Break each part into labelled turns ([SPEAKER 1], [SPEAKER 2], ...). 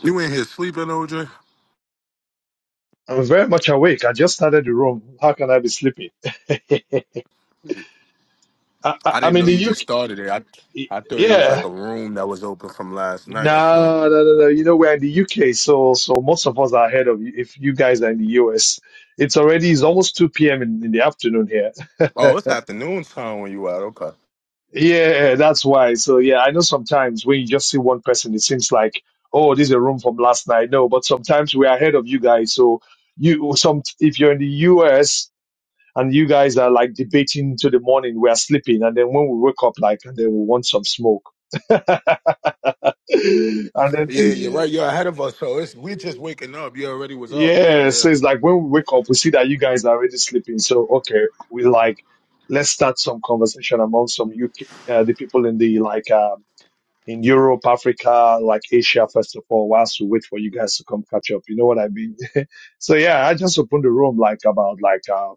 [SPEAKER 1] You in here sleeping, OJ?
[SPEAKER 2] I'm very much awake. I just started the room. How can I be sleeping? I, I,
[SPEAKER 1] I
[SPEAKER 2] I'm
[SPEAKER 1] didn't
[SPEAKER 2] in
[SPEAKER 1] know you
[SPEAKER 2] the
[SPEAKER 1] just
[SPEAKER 2] UK.
[SPEAKER 1] started it. I I thought it was like
[SPEAKER 2] Yeah.
[SPEAKER 1] a room that was open from last night or something.
[SPEAKER 2] No, no, no, no. You know, we're in the UK, so so most of us are ahead of you. If you guys are in the US, it's already it's almost 2 p.m. in, in the afternoon here.
[SPEAKER 1] Oh, it's afternoon time when you out. Okay.
[SPEAKER 2] Yeah, that's why. So yeah, I know sometimes when you just see one person, it seems like, oh, this is a room from last night. No, but sometimes we're ahead of you guys. So you some if you're in the US. and you guys are like debating to the morning. We are sleeping, and then when we wake up, like, and then we want some smoke, and then
[SPEAKER 1] Yeah, you're
[SPEAKER 2] eh,
[SPEAKER 1] right. You're ahead of us, so it's we just waking up. You already was up, so
[SPEAKER 2] yeah,
[SPEAKER 1] yeah.
[SPEAKER 2] so it's like when we wake up, we see that you guys are already sleeping. So okay, we like let's start some conversation among some UK uh, the people in the like. Um, in Europe, Africa, like Asia, first of all, whilst we wait for you guys to come catch up. You know what I mean? so yeah, I just opened the room like about like, uh,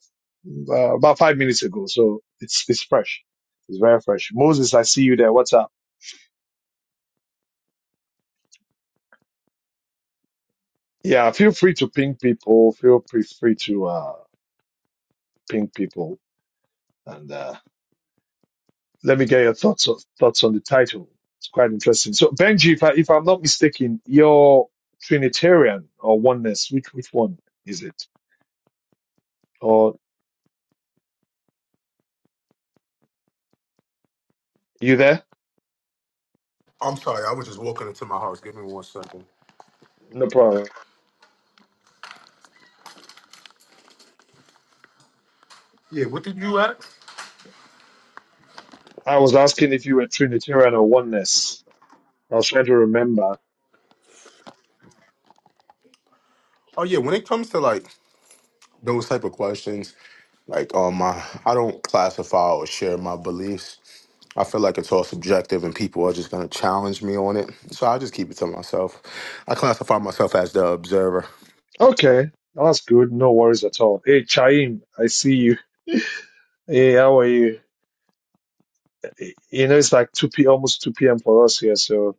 [SPEAKER 2] uh, about five minutes ago. So it's, it's fresh. It's very fresh. Moses, I see you there. What's up? Yeah. Feel free to ping people. Feel free, free to, uh, ping people and, uh, let me get your thoughts, on- thoughts on the title. It's quite interesting. So Benji, if I, if I'm not mistaken, you're Trinitarian or oneness. Which, which one is it? Or you there?
[SPEAKER 1] I'm sorry. I was just walking into my house. Give me one second.
[SPEAKER 2] No problem.
[SPEAKER 1] Yeah. What did you ask?
[SPEAKER 2] I was asking if you were Trinitarian or oneness. I was trying to remember.
[SPEAKER 1] Oh yeah. When it comes to like those type of questions, like um, my I don't classify or share my beliefs. I feel like it's all subjective, and people are just gonna challenge me on it. So I just keep it to myself. I classify myself as the observer.
[SPEAKER 2] Okay, that's good. No worries at all. Hey, Chaim, I see you. Hey, how are you? You know, it's like 2 p, almost 2 p.m. for us here, so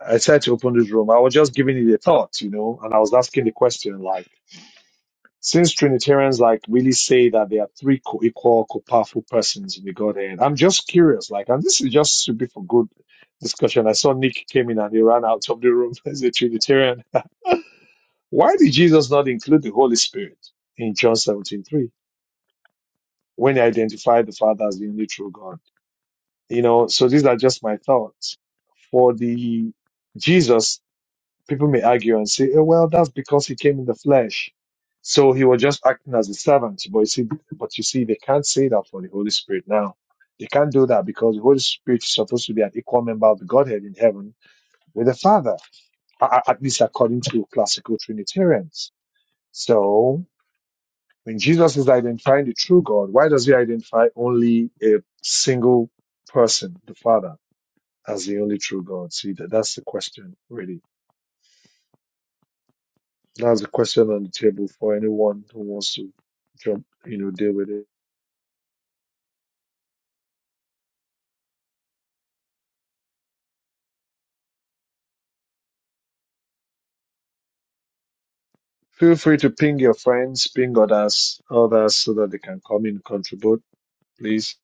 [SPEAKER 2] I tried to open this room. I was just giving it a thought, you know, and I was asking the question, like, since Trinitarians like really say that there are three co-equal, co-powerful persons in the Godhead, I'm just curious, like, and this is just should be for good discussion. I saw Nick came in and he ran out of the room as a Trinitarian. Why did Jesus not include the Holy Spirit in John 17 3 when he identified the Father as the only true God? You know, so these are just my thoughts. For the Jesus, people may argue and say, oh, well, that's because he came in the flesh. So he was just acting as a servant. But you see, but you see, they can't say that for the Holy Spirit now. They can't do that because the Holy Spirit is supposed to be an equal member of the Godhead in heaven with the Father, a- a- at least according to classical Trinitarians. So When Jesus is identifying the true God, why does he identify only a single person, the Father, as the only true God? See, that, that's the question, really. That's the question on the table for anyone who wants to jump, you know, deal with it. Feel free to ping your friends, ping others, others so that they can come in and contribute, please.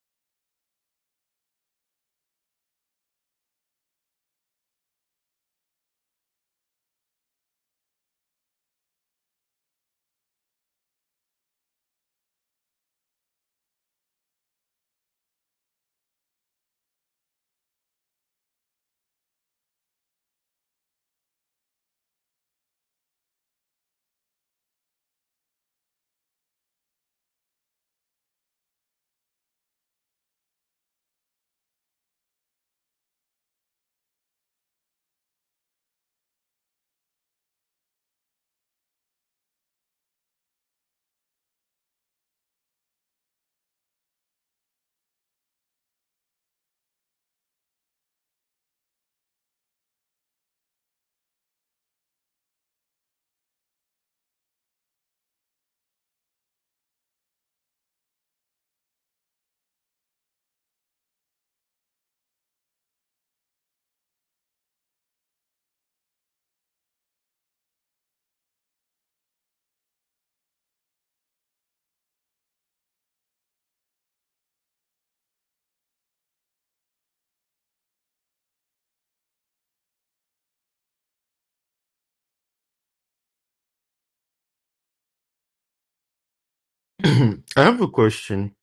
[SPEAKER 3] I have a question.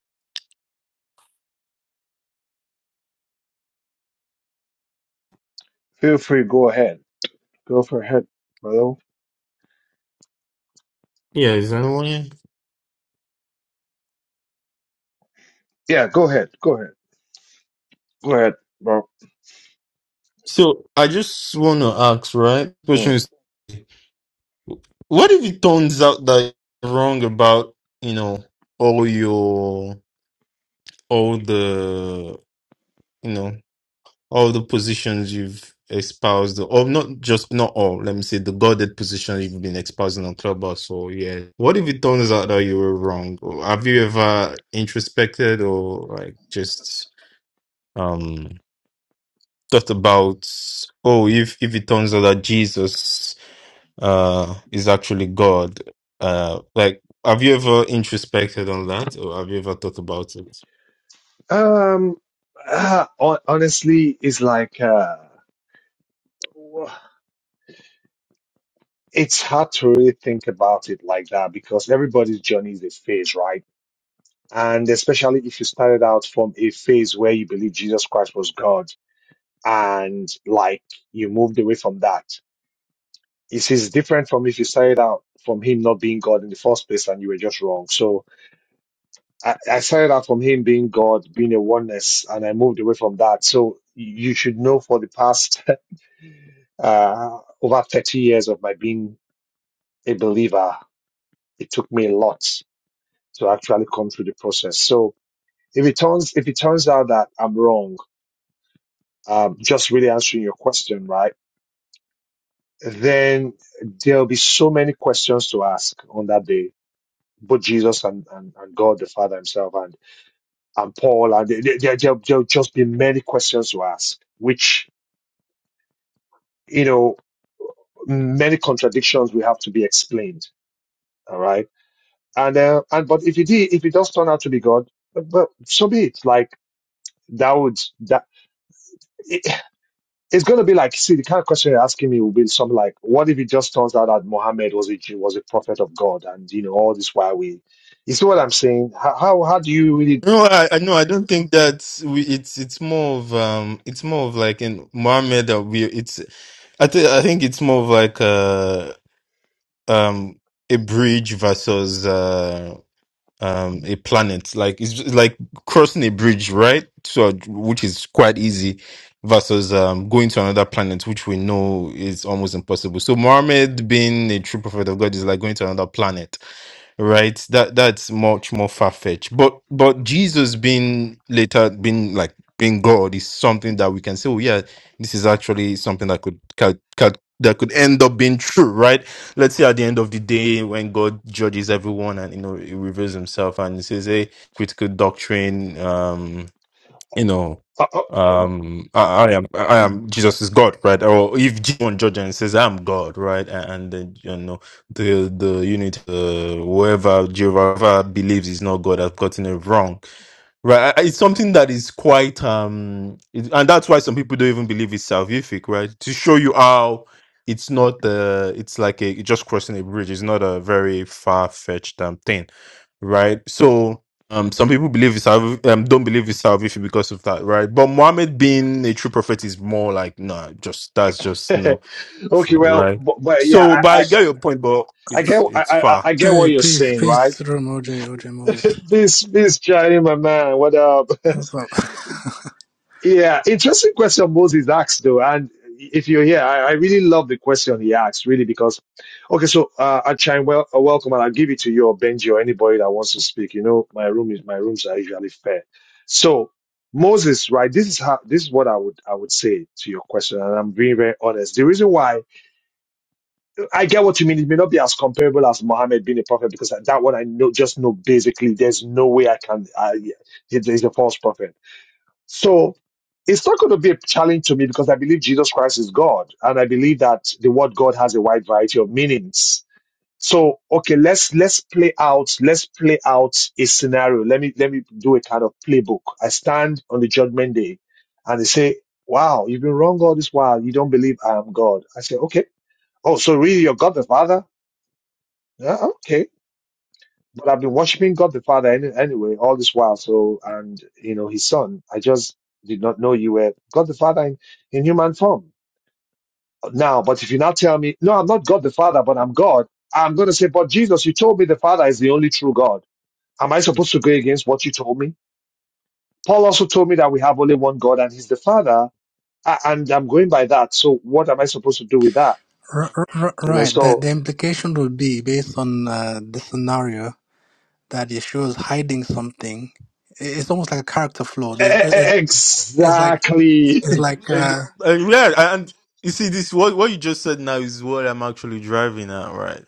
[SPEAKER 2] Feel free, go ahead. Go for ahead, bro.
[SPEAKER 3] Yeah, is anyone? here?
[SPEAKER 2] Yeah, go ahead. Go ahead. Go ahead, bro.
[SPEAKER 3] So I just want to ask, right? Question
[SPEAKER 2] Mm.
[SPEAKER 3] is, what if it turns out that you're wrong about you know all your all the you know all the positions you've espoused, or not just not all. Let me say the guarded position you've been espousing on Clubhouse. So yeah, what if it turns out that you were wrong? Or Have you ever introspected or like just? um? thought about oh if if it turns out that jesus uh is actually god uh like have you ever introspected on that or have you ever thought about it
[SPEAKER 2] Um, uh, hon- honestly, it's like, uh, Well, It's hard to really think about it like that because everybody's journey is a phase, right? And especially if you started out from a phase where you believe Jesus Christ was God and like you moved away from that. It is different from if you started out from him not being God in the first place and you were just wrong. So I, I started out from him being God, being a oneness, and I moved away from that. So you should know for the past uh, over 30 years of my being a believer, it took me a lot to actually come through the process. So if it turns if it turns out that I'm wrong, um, just really answering your question, right? Then there'll be so many questions to ask on that day. Both Jesus and, and, and God the Father Himself and and Paul and there, there, there- will there'll just be many questions to ask, which you know many contradictions will have to be explained. All right, and uh, and but if it did, if it does turn out to be God, well, so be it. Like that would that. it's going to be like, see, the kind of question you're asking me will be something like, what if it just turns out that Muhammad was a Jew, was a prophet of God, and you know all this while we, you see what I'm saying? How how, how do you really?
[SPEAKER 3] no i i no i don't think that we it's it's more of um it's more of like in muhammad that we it's i think i think it's more of like uh um a bridge versus uh um a planet like it's just like crossing a bridge right so which is quite easy versus um going to another planet which we know is almost impossible so muhammad being a true prophet of god is like going to another planet right that that's much more far-fetched but but jesus being later being like being god is something that we can say oh yeah this is actually something that could, could, could that could end up being true right let's say at the end of the day when god judges everyone and you know he reveals himself and he says hey critical doctrine um you know
[SPEAKER 2] Uh,
[SPEAKER 3] um i, I am i am jesus is god right or if jesus judges and says i'm god right and, and then you know the the unit uh whoever jehovah believes is not god has gotten it wrong Right, I- I- it's something that is quite um, it, and that's why some people don't even believe it's salvific, right? To show you how it's not uh, it's like a just crossing a bridge. It's not a very far fetched um thing, right? So um, some people believe it's salv- um don't believe it's salvific because of that, right? But Muhammad being a true prophet is more like nah, just that's just
[SPEAKER 2] uh,
[SPEAKER 3] no,
[SPEAKER 2] okay, well,
[SPEAKER 3] right?
[SPEAKER 2] but, but yeah,
[SPEAKER 3] So, but
[SPEAKER 2] I I,
[SPEAKER 3] I get your point, but
[SPEAKER 2] I
[SPEAKER 3] it's
[SPEAKER 2] get I,
[SPEAKER 3] it's
[SPEAKER 2] I
[SPEAKER 3] far.
[SPEAKER 2] I get what
[SPEAKER 4] Hey,
[SPEAKER 2] you're
[SPEAKER 4] peace,
[SPEAKER 2] saying, right?
[SPEAKER 4] peace to the room, OJ, Moses.
[SPEAKER 2] This this Chinese my man, what up?
[SPEAKER 4] What's up?
[SPEAKER 2] Yeah, interesting question Moses asked though, and if you're here, I, I really love the question he asked, really, because okay, so uh, I chime well, uh, welcome, and I'll give it to you or Benji or anybody that wants to speak. You know, my room is my rooms are usually fair. So Moses, right? This is how this is what I would I would say to your question, and I'm being very honest. The reason why I get what you mean, it may not be as comparable as Muhammad being a prophet because that one I know just know basically there's no way I can. I, he's a false prophet. So it's not going to be a challenge to me because I believe Jesus Christ is God, and I believe that the word God has a wide variety of meanings. So okay, let's let's play out let's play out a scenario. Let me let me do a kind of playbook. I stand on the judgment day, and they say, "Wow, you've been wrong all this while. You don't believe I am God." I say, "Okay. Oh, so really you're God the Father? Yeah, okay. But I've been worshiping God the Father any, anyway all this while. So, and you know, His Son. I just did not know you were God the Father in, in human form. Now, but if you now tell me, no, I'm not God the Father, but I'm God, I'm going to say, but Jesus, you told me the Father is the only true God. Am I supposed to go against what you told me? Paul also told me that we have only one God and He's the Father, a- and I'm going by that. So, what am I supposed to do with that?
[SPEAKER 4] R- r- r-
[SPEAKER 2] You know,
[SPEAKER 4] right, the,
[SPEAKER 2] so
[SPEAKER 4] the implication would be based on uh, the scenario that Yeshua is hiding something. I- It's almost like a character flaw.
[SPEAKER 2] e- e-
[SPEAKER 4] It's, it's,
[SPEAKER 2] e,
[SPEAKER 4] it's like,
[SPEAKER 2] exactly.
[SPEAKER 4] it's like,
[SPEAKER 3] And-
[SPEAKER 4] uh,
[SPEAKER 3] and yeah, and you see, this what what you just said now is what I'm actually driving at, right?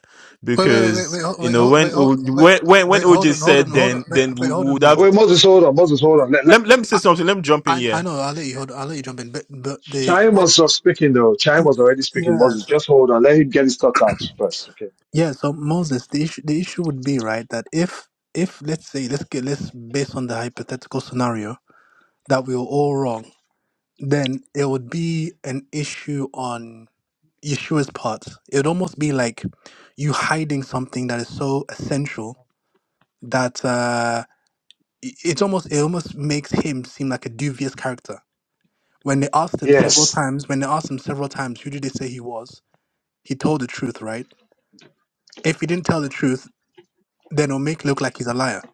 [SPEAKER 4] wait, wait, wait, wait,
[SPEAKER 3] Because
[SPEAKER 4] wait, hold-
[SPEAKER 3] you
[SPEAKER 4] wait,
[SPEAKER 3] know
[SPEAKER 4] hold- wait,
[SPEAKER 3] when
[SPEAKER 4] hold-
[SPEAKER 3] O-
[SPEAKER 4] wait,
[SPEAKER 3] when when when
[SPEAKER 4] wait, hold
[SPEAKER 3] OJ
[SPEAKER 4] on, hold on,
[SPEAKER 3] said,
[SPEAKER 4] hold on,
[SPEAKER 3] then
[SPEAKER 4] wait,
[SPEAKER 3] then we
[SPEAKER 4] wait hold on,
[SPEAKER 3] would have.
[SPEAKER 4] Moses.
[SPEAKER 2] Wait, Moses, hold on, Moses, hold on.
[SPEAKER 3] Let let me say
[SPEAKER 4] I,
[SPEAKER 3] something. Let me jump in
[SPEAKER 4] I, I
[SPEAKER 3] here.
[SPEAKER 4] know, I'll let you hold, I'll let you jump in, but, but the,
[SPEAKER 2] Chaim
[SPEAKER 4] what,
[SPEAKER 2] was just speaking though. Chaim was already speaking.
[SPEAKER 4] yeah,
[SPEAKER 2] Moses, just hold on. Let him get his thoughts out first. Okay.
[SPEAKER 4] Yeah, so Moses, the issue the issue would be right that if if let's say let's get let's based on the hypothetical scenario that we were all wrong, then it would be an issue on Yeshua's part. It would almost be like you hiding something that is so essential that uh, i- it's almost it almost makes him seem like a dubious character. When they asked him several
[SPEAKER 2] Yes.
[SPEAKER 4] times, when they asked him several times, who did they say he was? He told the truth, right? If he didn't tell the truth, then it'll make look like he's a liar.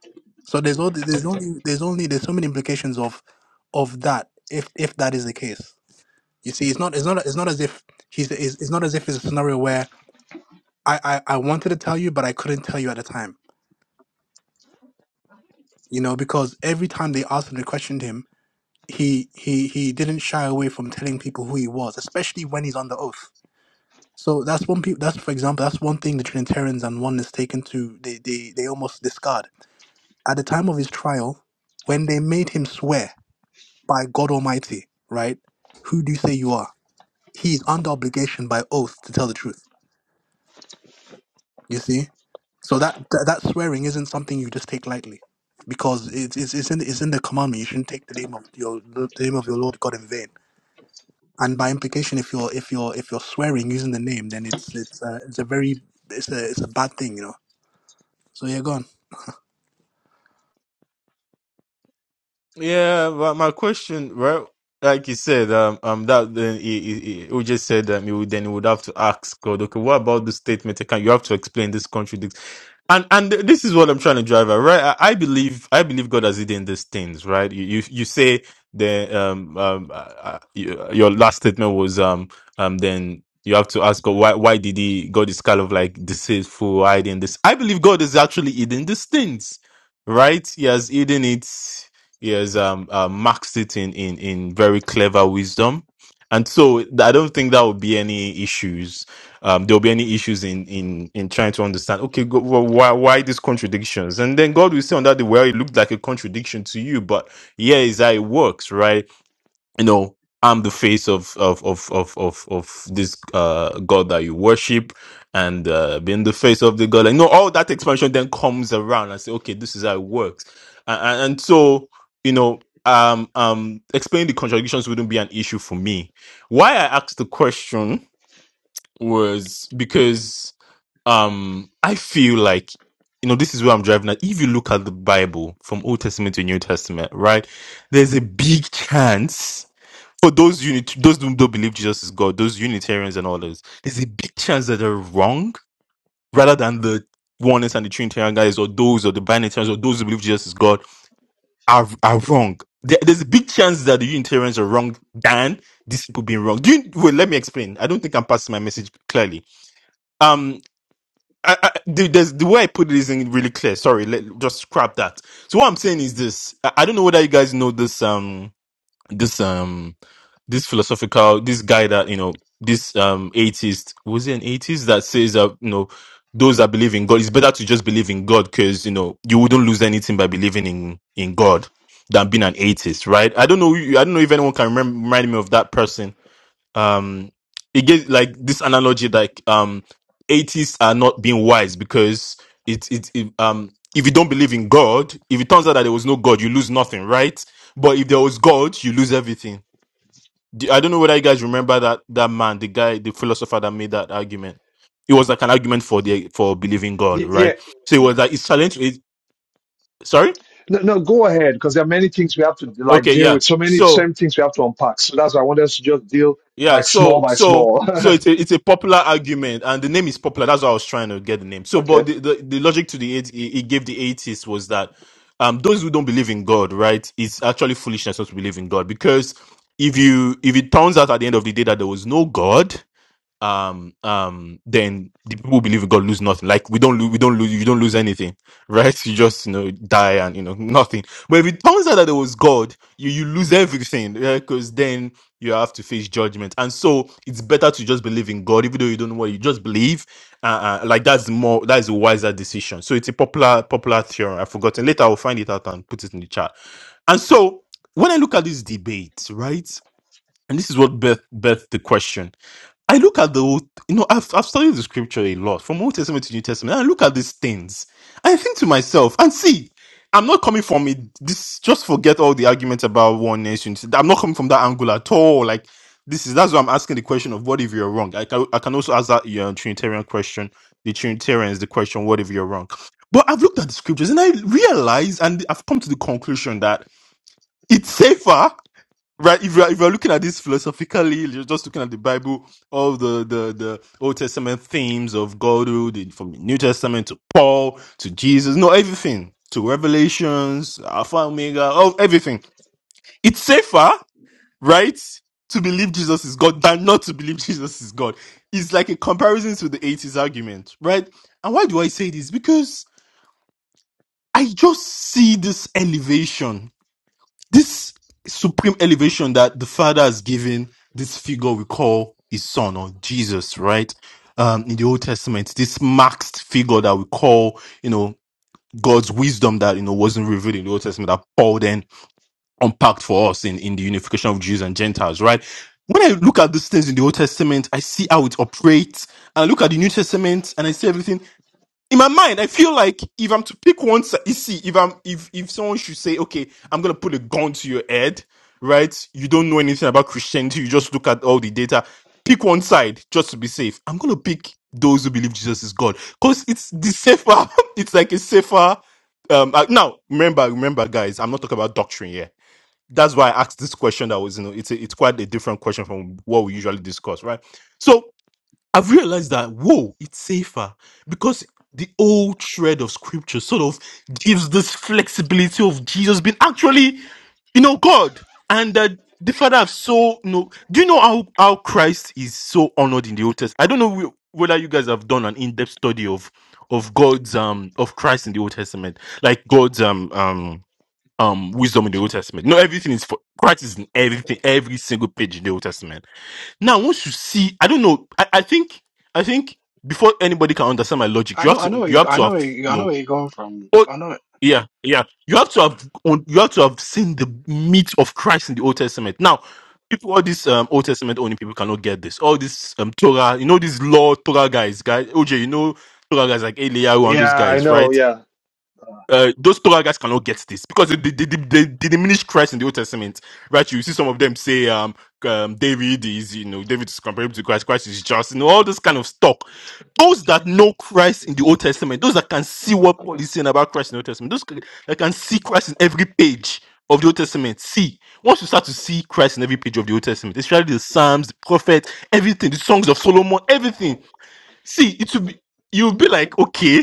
[SPEAKER 4] So there's all there's only there's only there's so many implications of of that if if that is the case. You see, it's not it's not it's not as if he's it's, it's not as if it's a scenario where I, I I wanted to tell you but I couldn't tell you at the time. You know, because every time they asked him, they questioned him, he he he didn't shy away from telling people who he was, especially when he's under oath. So that's one pe- that's for example that's one thing the Trinitarians and oneness taken to they, they they almost discard. At the time of his trial, when they made him swear. by God Almighty, right? Who do you say you are? He is under obligation by oath to tell the truth. You see, so that that, that swearing isn't something you just take lightly, because it's it's it's in it's in the commandment. You shouldn't take the name of your the name of your Lord God in vain. And by implication, if you're if you're if you're swearing using the name, then it's it's uh, it's a very it's a it's a bad thing, you know. So you're gone.
[SPEAKER 3] Yeah, but my question, right? Like you said, um, um, that then he, he, he who just said um, you then you would have to ask God, okay, what about the statement? You Can you have to explain this contradiction. And and this is what I'm trying to drive at, right? I, I believe I believe God has hidden these things, right? You you, you say the um um uh, uh, you- your last statement was um um then you have to ask God why why did he God is kind of like deceitful hiding this? I believe God is actually hidden these things, right? He has hidden it he has um, uh, marks it in, in, in very clever wisdom. And so th- I don't think that would be any issues. Um, there'll be any issues in, in, in trying to understand, okay, go, well, why, why these contradictions? And then God will say on that day, well, it looked like a contradiction to you, but here is how it works, right? you know i'm the face of of of of of, of this uh god that you worship and uh being the face of the god like no all that expansion then comes around and say okay this is how it works and, and, so you know um um explaining the contradictions wouldn't be an issue for me why i asked the question was because um i feel like you know this is where i'm driving at if you look at the bible from old testament to new testament right there's a big chance for those unit those who don't believe Jesus is God, those Unitarians and all those, there's a big chance that they're wrong rather than the oneness and the Trinitarian guys or those or the Binitarians or those who believe Jesus is God are are wrong. There- There's a big chance that the Unitarians are wrong than these people being wrong. Do you, well, let me explain. I don't think I'm passing my message clearly. Um, I, I, the, there's, the way I put it isn't really clear. Sorry, let, just scrap that. So what I'm saying is this: I, I don't know whether you guys know this. Um, this. um this philosophical this guy that you know this um atheist was he an atheist that says that you know those that believe in god it's better to just believe in god because you know you wouldn't lose anything by believing in in god than being an atheist right i don't know i don't know if anyone can remember, remind me of that person um it gives like this analogy like um atheists are not being wise because it it, it um if you don't believe in god if it turns out that there was no god you lose nothing right but if there was god you lose everything the- I don't know whether you guys remember that that man, the guy, the philosopher that made that argument. It was like an argument for the for believing God,
[SPEAKER 2] Y-
[SPEAKER 3] right?
[SPEAKER 2] yeah.
[SPEAKER 3] So it was like it's challenge. It, sorry.
[SPEAKER 2] No, no, go ahead because there are many things we have to like
[SPEAKER 3] Okay.
[SPEAKER 2] deal
[SPEAKER 3] Yeah.
[SPEAKER 2] with. So many
[SPEAKER 3] So
[SPEAKER 2] same things we have to unpack. So that's why I wanted us to just deal
[SPEAKER 3] yeah.
[SPEAKER 2] like small
[SPEAKER 3] So
[SPEAKER 2] by
[SPEAKER 3] so
[SPEAKER 2] small.
[SPEAKER 3] so it's a it's a popular argument, and the name is popular. That's why I was trying to get the name. So,
[SPEAKER 2] okay.
[SPEAKER 3] but the the, the logic to the it, it gave the atheists was that um those who don't believe in God, right, it's actually foolishness not to believe in God because if you if it turns out at the end of the day that there was no God um um then the people who believe in god lose nothing like we don't lose we don't lose you don't lose anything right you just you know die and you know nothing but if it turns out that it was god you you lose everything because then you have to face judgment and so it's better to just believe in god even though you don't know what you just believe uh, uh like that's more that's a wiser decision so it's a popular popular theory i've forgotten later i'll find it out and put it in the chat and so when i look at this debate right and this is what birth birthed the question. I look at the old, you know, I've, I've studied the scripture a lot from Old Testament to New Testament. And I look at these things. I think to myself, and see, I'm not coming from it. This just forget all the arguments about one nation. I'm not coming from that angle at all. Like this is that's why I'm asking the question of what if you're wrong. I can, I can also ask that you know, Trinitarian question. The Trinitarians the question, what if you're wrong? But I've looked at the scriptures and I realize, and I've come to the conclusion that it's safer right if you're, if you're looking at this philosophically you're just looking at the bible all the the the old testament themes of godhood from the new testament to paul to jesus no everything to revelations alpha omega all everything it's safer right to believe jesus is god than not to believe jesus is god it's like a comparison to the 80s argument right and why do i say this because i just see this elevation this supreme elevation that the Father has given this figure we call his son or Jesus, right? Um, in the Old Testament, this maxed figure that we call, you know, God's wisdom that, you know, wasn't revealed in the Old Testament that Paul then unpacked for us in, in the unification of Jews and Gentiles, right? When I look at these things in the Old Testament, I see how it operates. And I look at the New Testament and I see everything in my mind, I feel like if I'm to pick one, si- you see, if I'm if if someone should say, okay, I'm gonna put a gun to your head, right? You don't know anything about Christianity. You just look at all the data. Pick one side just to be safe. I'm gonna pick those who believe Jesus is God because it's the safer. it's like a safer. Um, uh, now remember, remember, guys, I'm not talking about doctrine here. That's why I asked this question. That was, you know, it's a, it's quite a different question from what we usually discuss, right? So I've realized that whoa, it's safer because the old shred of scripture sort of gives this flexibility of Jesus being actually, you know, God and that the Father have so you know. Do you know how how Christ is so honored in the Old Testament? I don't know wh- whether you guys have done an in depth study of of God's um of Christ in the Old Testament, like God's um um um wisdom in the Old Testament. No, everything is for Christ is in everything, every single page in the Old Testament now, once you see, I don't know. I, I think I think before anybody can understand my logic,
[SPEAKER 4] I
[SPEAKER 3] you have
[SPEAKER 4] know, I
[SPEAKER 3] to
[SPEAKER 4] know, where
[SPEAKER 3] you
[SPEAKER 4] you,
[SPEAKER 3] have
[SPEAKER 4] I
[SPEAKER 3] to
[SPEAKER 4] know,
[SPEAKER 3] have
[SPEAKER 4] where you,
[SPEAKER 3] you
[SPEAKER 4] I know
[SPEAKER 3] know.
[SPEAKER 4] where you're going from.
[SPEAKER 3] Oh,
[SPEAKER 4] I know.
[SPEAKER 3] yeah, yeah. You have to have on- you have to have seen the meat of Christ in the Old Testament. Now, people, all these um, Old Testament only people cannot get this. All this um, Torah, you know, these law Torah guys, guys. OJ, you know, Torah guys like Eliyahu and those
[SPEAKER 2] Yeah, I
[SPEAKER 3] guys,
[SPEAKER 2] know.
[SPEAKER 3] right?
[SPEAKER 2] Yeah.
[SPEAKER 3] uh, those Torah guys cannot get this because they, they, they, they, they diminish Christ in the Old Testament, right? You see some of them say, um, um, David is, you know, David is comparable to Christ, Christ is just, you know, all this kind of stuff. Those that know Christ in the Old Testament, those that can see what Paul is saying about Christ in the Old Testament, those c- that can see Christ in every page of the Old Testament, see, once you start to see Christ in every page of the Old Testament, especially the Psalms, the prophets, everything, the songs of Solomon, everything, see, it will be, you'll be like, okay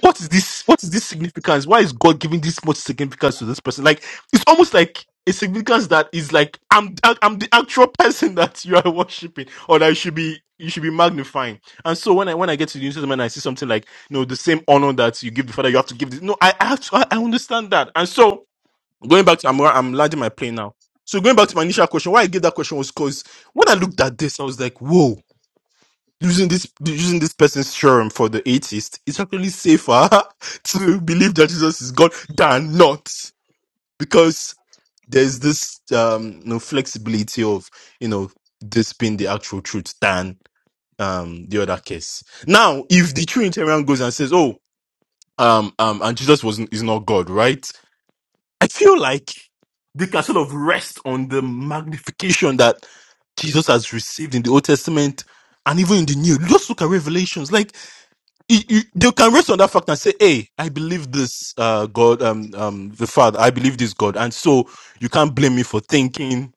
[SPEAKER 3] what is this what is this significance why is god giving this much significance to this person like it's almost like a significance that is like i'm i'm the actual person that you are worshiping or that you should be you should be magnifying and so when i when i get to the new testament and i see something like you know the same honor that you give the father you have to give this no i I have to i, I understand that and so going back to i'm i'm landing my plane now so going back to my initial question why i gave that question was because when i looked at this i was like whoa using this using this person's theorem for the atheist, it's actually safer to believe that Jesus is God than not, because there's this um you know, flexibility of you know this being the actual truth than um the other case. Now, if the Trinitarian goes and says, "Oh, um, um, and Jesus was is not God," right? I feel like they can sort of rest on the magnification that Jesus has received in the Old Testament and even in the New. Just look at Revelations, like you, you, they can rest on that fact and say, "Hey, I believe this uh, God, um, um, the Father. I believe this God," and so you can't blame me for thinking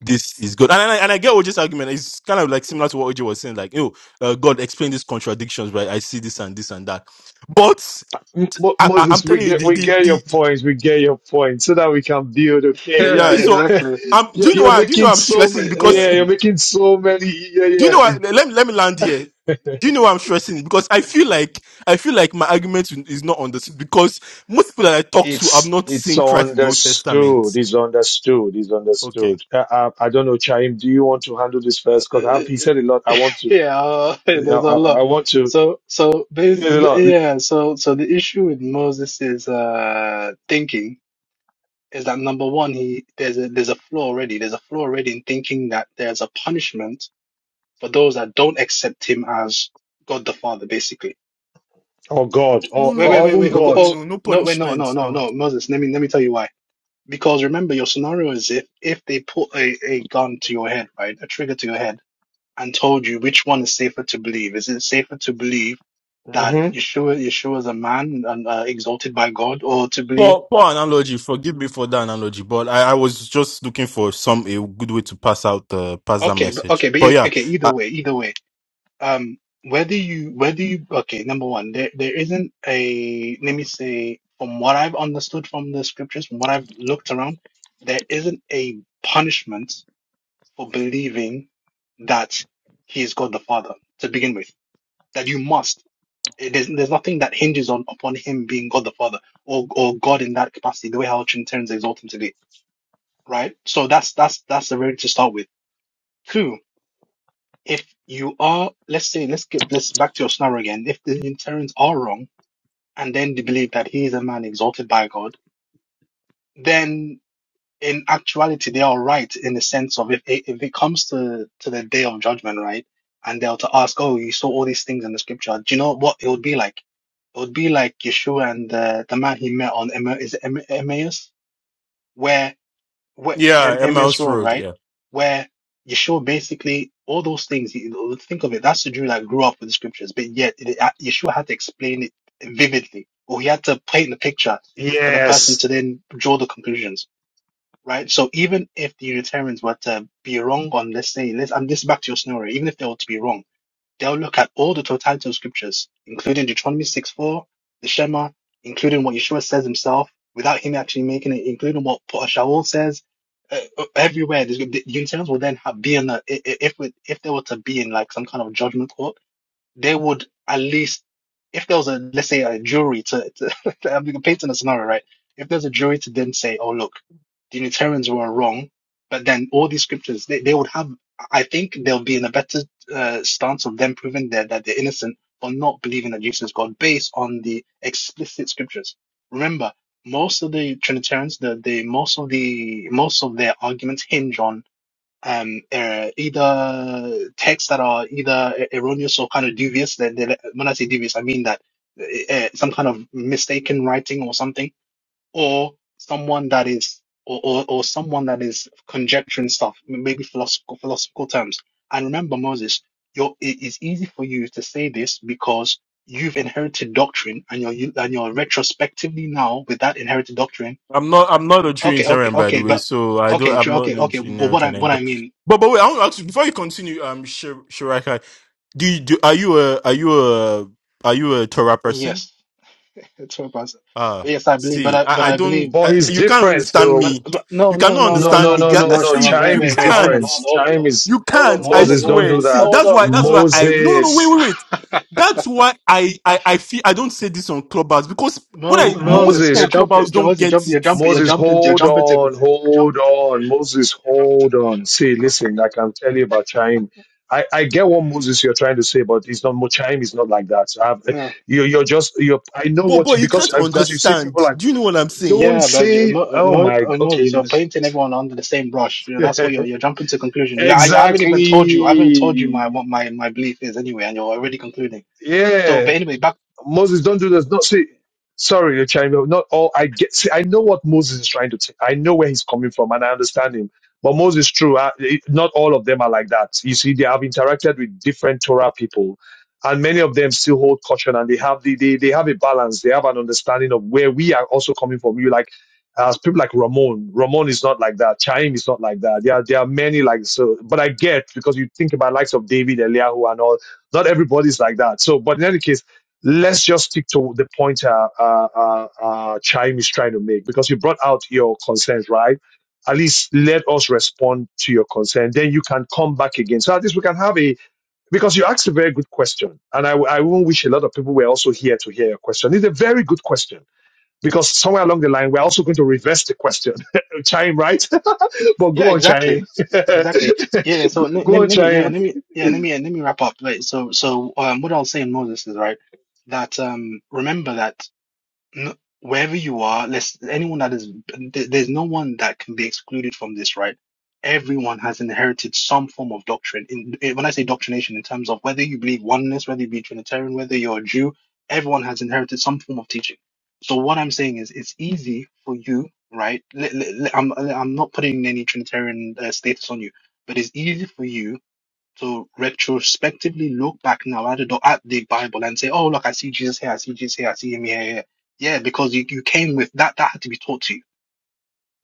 [SPEAKER 3] this is God. And, and, I and I get OJ's argument. It's kind of like similar to what OJ was saying, like, "You know, uh, God, explain these contradictions, right? I see this and this and that." But
[SPEAKER 2] M- Mo-
[SPEAKER 3] I, I, I'm
[SPEAKER 2] Moses, we
[SPEAKER 3] telling you,
[SPEAKER 2] get
[SPEAKER 3] the
[SPEAKER 2] we
[SPEAKER 3] the,
[SPEAKER 2] get your
[SPEAKER 3] the, the
[SPEAKER 2] points. We get your points so that we can build.
[SPEAKER 3] uh,
[SPEAKER 2] Okay.
[SPEAKER 3] yeah.
[SPEAKER 4] Yeah,
[SPEAKER 3] So
[SPEAKER 4] exactly.
[SPEAKER 3] um, do
[SPEAKER 2] you're,
[SPEAKER 3] you know
[SPEAKER 2] you're
[SPEAKER 3] why? Do you know
[SPEAKER 2] making
[SPEAKER 3] why I'm
[SPEAKER 2] so ma-
[SPEAKER 3] stressing? Because
[SPEAKER 2] yeah.
[SPEAKER 4] Uh,
[SPEAKER 2] You're making so many. Yeah,
[SPEAKER 3] Do you know what?
[SPEAKER 2] yeah.
[SPEAKER 3] Let me let me land here. Do you know why I'm stressing? it? Because I feel like I feel like my argument is not understood because most people that I talk to have
[SPEAKER 2] It's
[SPEAKER 3] not
[SPEAKER 2] it's
[SPEAKER 3] seen Christ in the Old Testament.
[SPEAKER 2] understood. It's understood. It's
[SPEAKER 3] Okay.
[SPEAKER 2] understood. Uh, uh, I don't know, Chaim. Do you want to handle this
[SPEAKER 4] uh,
[SPEAKER 2] first? Because he
[SPEAKER 4] uh,
[SPEAKER 2] said a lot. I want to.
[SPEAKER 4] Yeah, uh,
[SPEAKER 2] I,
[SPEAKER 4] there's a
[SPEAKER 2] I,
[SPEAKER 4] lot.
[SPEAKER 2] I want to.
[SPEAKER 4] So, so
[SPEAKER 2] he
[SPEAKER 4] bas
[SPEAKER 2] said A lot.
[SPEAKER 4] yeah, so so the issue with Moses is uh thinking is that number one, he there's a there's a flaw already. There's a flaw already in thinking that there's a punishment for those that don't accept him as God the Father, basically.
[SPEAKER 2] Oh God.
[SPEAKER 3] No,
[SPEAKER 2] Oh,
[SPEAKER 3] no,
[SPEAKER 4] Wait, wait,
[SPEAKER 2] oh oh,
[SPEAKER 3] no, no,
[SPEAKER 4] wait,
[SPEAKER 2] even
[SPEAKER 3] no,
[SPEAKER 4] wait. Oh,
[SPEAKER 3] no,
[SPEAKER 4] go-
[SPEAKER 2] God.
[SPEAKER 3] no,
[SPEAKER 4] oh
[SPEAKER 3] no, no
[SPEAKER 4] no, wait, no,
[SPEAKER 3] punishment.
[SPEAKER 4] no, no,
[SPEAKER 3] No.
[SPEAKER 4] no, Moses. Let me let me tell you why. Because remember, your scenario is if if they put a a gun to your head, right, a trigger to your head and told you which one is safer to believe. Is it safer to believe that
[SPEAKER 2] hmm
[SPEAKER 4] Yeshua Yeshua is a man and uh, exalted by God, or to believe?
[SPEAKER 3] Poor, poor analogy. Forgive me for that analogy, but I, I was just looking for some a good way to pass out uh, pass that
[SPEAKER 4] Okay, but
[SPEAKER 3] message.
[SPEAKER 4] okay, but
[SPEAKER 3] But
[SPEAKER 4] you-
[SPEAKER 3] yeah,
[SPEAKER 4] okay. Either
[SPEAKER 3] uh,
[SPEAKER 4] way, either way. Um, whether you whether you okay, number one, there there isn't a let me say from what I've understood from the scriptures, from what I've looked around, there isn't a punishment for believing that he is God the Father to begin with. That you must. It- There's, there's nothing that hinges on upon him being God the Father or or God in that capacity, the way how Trinitarians exalt him today, right? So that's that's that's the very to start with. Two, if you are, let's say, let's get let's back to your scenario again. If the Unitarians are wrong and then they believe that he is a man exalted by God, then in actuality they are right in the sense of if if it comes to to the day of judgment, right? And they're to ask, oh, you saw all these things in the scripture. Do you know what it would be like? It would be like Yeshua and the, the man he met on Emma, is it Emma, Emmaus, where, where Em-
[SPEAKER 3] yeah, a
[SPEAKER 4] Emmaus
[SPEAKER 3] mouse
[SPEAKER 4] Road,
[SPEAKER 3] Road. yeah.
[SPEAKER 4] right? Where Yeshua basically all those things. you- Think of it. That's the Jew that grew up with the scriptures, but yet it, Yeshua had to explain it vividly, or he had to paint the picture for the person to
[SPEAKER 2] Yes,
[SPEAKER 4] then draw the conclusions, right? So even if the Unitarians were to be wrong on, let's say, let's, and this is back to your scenario, even if they were to be wrong They'll look at all the totality of scriptures, including Deuteronomy 6 4, the Shema, including what Yeshua says himself, without him actually making it, including what Paul Shaul says. Uh, uh, everywhere, the Unitarians will then have, be in a, i- i- if we, if they were to be in like some kind of judgment court they would at least, if there was a, let's say a jury to, to I'm painting a scenario, right? If there's a jury to then say, oh, look, the Unitarians were wrong, but then all these scriptures, they, they would have, I think they'll be in a better uh, stance of them proving that, that they're innocent for not believing that Jesus is God based on the explicit scriptures. Remember, most of the Trinitarians, the, the most of the most of their arguments hinge on um, uh, either texts that are either er- erroneous or kind of dubious. Then they, when I say dubious, I mean that uh, some kind of mistaken writing or something, or someone that is, or, or, or someone that is conjecturing stuff, maybe philosophical philosophical terms. And remember, Moses, you're, it is easy for you to say this because you've inherited doctrine, and you're you- and you're retrospectively now with that inherited doctrine.
[SPEAKER 3] I'm not. I'm not a
[SPEAKER 4] Okay, okay,
[SPEAKER 3] Trinitarian, by the
[SPEAKER 4] okay,
[SPEAKER 3] way.
[SPEAKER 4] but
[SPEAKER 3] So I don't.
[SPEAKER 4] okay,
[SPEAKER 3] I'm
[SPEAKER 4] true,
[SPEAKER 3] not
[SPEAKER 4] okay,
[SPEAKER 3] a
[SPEAKER 4] okay. But what I
[SPEAKER 3] Trinitarian.
[SPEAKER 4] what I
[SPEAKER 3] But
[SPEAKER 4] mean,
[SPEAKER 3] but wait, I want to ask you before you continue. Um, Shir- Shiraka, do, you, do are you a are you a are you a Torah person?
[SPEAKER 4] yes Twelve percent.
[SPEAKER 3] Ah,
[SPEAKER 4] But yes, I believe. But
[SPEAKER 3] see,
[SPEAKER 4] I but
[SPEAKER 3] I, I
[SPEAKER 4] I
[SPEAKER 3] don't.
[SPEAKER 4] believe.
[SPEAKER 2] but
[SPEAKER 3] I,
[SPEAKER 2] he's
[SPEAKER 3] you can't
[SPEAKER 2] different
[SPEAKER 3] understand
[SPEAKER 2] though.
[SPEAKER 4] But,
[SPEAKER 3] me.
[SPEAKER 4] but no
[SPEAKER 3] You
[SPEAKER 4] no
[SPEAKER 3] cannot
[SPEAKER 4] no
[SPEAKER 2] No,
[SPEAKER 4] no
[SPEAKER 3] understand
[SPEAKER 2] no,
[SPEAKER 4] no
[SPEAKER 3] me.
[SPEAKER 4] no.
[SPEAKER 2] no,
[SPEAKER 3] Ga-
[SPEAKER 4] It's
[SPEAKER 2] no,
[SPEAKER 4] Marsh.
[SPEAKER 2] no.
[SPEAKER 4] I'm,
[SPEAKER 3] See,
[SPEAKER 4] wait
[SPEAKER 2] Chaim
[SPEAKER 3] you
[SPEAKER 2] is
[SPEAKER 4] wait wait. Hold
[SPEAKER 3] can't.
[SPEAKER 4] on
[SPEAKER 2] different.
[SPEAKER 4] hold on
[SPEAKER 2] Chaim is
[SPEAKER 3] You
[SPEAKER 4] hold on
[SPEAKER 3] can't. I
[SPEAKER 4] hold on
[SPEAKER 2] Moses.
[SPEAKER 4] hold
[SPEAKER 2] Don't
[SPEAKER 3] swear.
[SPEAKER 2] do
[SPEAKER 4] on
[SPEAKER 3] See,
[SPEAKER 2] that.
[SPEAKER 4] hold on hold on. hold
[SPEAKER 3] that's why.
[SPEAKER 4] on,
[SPEAKER 3] That's why
[SPEAKER 4] Mo, Mo.
[SPEAKER 3] I. No, no, no. Wait,
[SPEAKER 2] Moses.
[SPEAKER 3] wait, wait. That's why I I I feel I don't say this on Clubhouse because when I
[SPEAKER 2] M-
[SPEAKER 4] Moses,
[SPEAKER 3] no most
[SPEAKER 4] Moses,
[SPEAKER 3] people
[SPEAKER 2] Moses.
[SPEAKER 4] you're
[SPEAKER 3] on Clubhouse
[SPEAKER 4] jumping,
[SPEAKER 3] don't
[SPEAKER 4] Jones, you're
[SPEAKER 3] get
[SPEAKER 4] jumping, you're
[SPEAKER 3] it.
[SPEAKER 4] jumping, you're
[SPEAKER 2] Moses,
[SPEAKER 4] jumping, you're
[SPEAKER 2] hold
[SPEAKER 4] jumping to
[SPEAKER 2] on,
[SPEAKER 4] conclusion. You're
[SPEAKER 2] hold
[SPEAKER 4] jumping to
[SPEAKER 2] on,
[SPEAKER 4] conclusion.
[SPEAKER 2] Moses,
[SPEAKER 4] You're jumping
[SPEAKER 2] hold on. See, listen, I can tell you about Chaim. I, I get what Moses you're trying to say, but it's not more Chaim is not like that. i
[SPEAKER 4] to conclusion.
[SPEAKER 2] you, you're just you. I know
[SPEAKER 3] But
[SPEAKER 2] what you,
[SPEAKER 3] but you
[SPEAKER 2] because
[SPEAKER 3] can't
[SPEAKER 2] uh, because you see people
[SPEAKER 3] understand.
[SPEAKER 2] like
[SPEAKER 3] Do you know what I'm saying?
[SPEAKER 4] Yeah,
[SPEAKER 2] don't
[SPEAKER 4] yeah, but you-
[SPEAKER 2] say
[SPEAKER 4] Mo,
[SPEAKER 2] oh
[SPEAKER 4] Mo,
[SPEAKER 2] my
[SPEAKER 4] uh,
[SPEAKER 2] okay
[SPEAKER 4] Moses, you're painting everyone under the same brush. You know, that's what you're you're jumping to conclusion. Yeah, I, I haven't even told you. I haven't told you my
[SPEAKER 2] exactly
[SPEAKER 4] what my my belief is anyway, and you're already concluding. So,
[SPEAKER 2] yeah
[SPEAKER 4] but anyway, back.
[SPEAKER 2] Moses, don't do this. No, see, sorry, you chime in. Not all I get. See, I know what Moses is trying to say. I know where he's coming from, and I understand him. But Moses, true, I, it- not all of them are like that. You see, they have interacted with different Torah people, and many of them still hold caution, and they have the, they they have a balance. They have an understanding of where we are also coming from. You like. As people like Ramon, Ramon is not like that. Chaim is not like that. There are, there are many like so, but I get because you think about likes of David, Eliyahu, and all. Not everybody's like that. So, but in any case, let's just stick to the point uh, uh, uh, uh, Chaim is trying to make because you brought out your concerns, right? At least let us respond to your concern. Then you can come back again. So at least we can have a because you asked a very good question, and I I even wish a lot of people were also here to hear your question. It's a very good question because somewhere along the line we're also going to reverse the question. Chaim, right? but
[SPEAKER 4] Yeah,
[SPEAKER 2] go on,
[SPEAKER 4] exactly,
[SPEAKER 2] Chaim.
[SPEAKER 4] exactly. Yeah. yeah, So let, let,
[SPEAKER 2] go on,
[SPEAKER 4] let me. Yeah.
[SPEAKER 2] Chaim.
[SPEAKER 4] Let me. Yeah. Let me. Let me wrap up. Right. So so um, what I'll say in Moses is right that um remember that. n- wherever you are, let's anyone that is th- there's no one that can be excluded from this, right? Everyone has inherited some form of doctrine. In, in- when I say doctrination, in terms of whether you believe oneness, whether you be Trinitarian, whether you're a Jew, everyone has inherited some form of teaching. So what I'm saying is, it's easy for you, right? Let- let- let- I'm I'm not putting any Trinitarian uh, status on you, but it's easy for you to retrospectively look back now at the, at the Bible and say, oh, look, I see Jesus here, I see Jesus here, I see him here, here. Yeah, because you, you came with that, that had to be taught to you,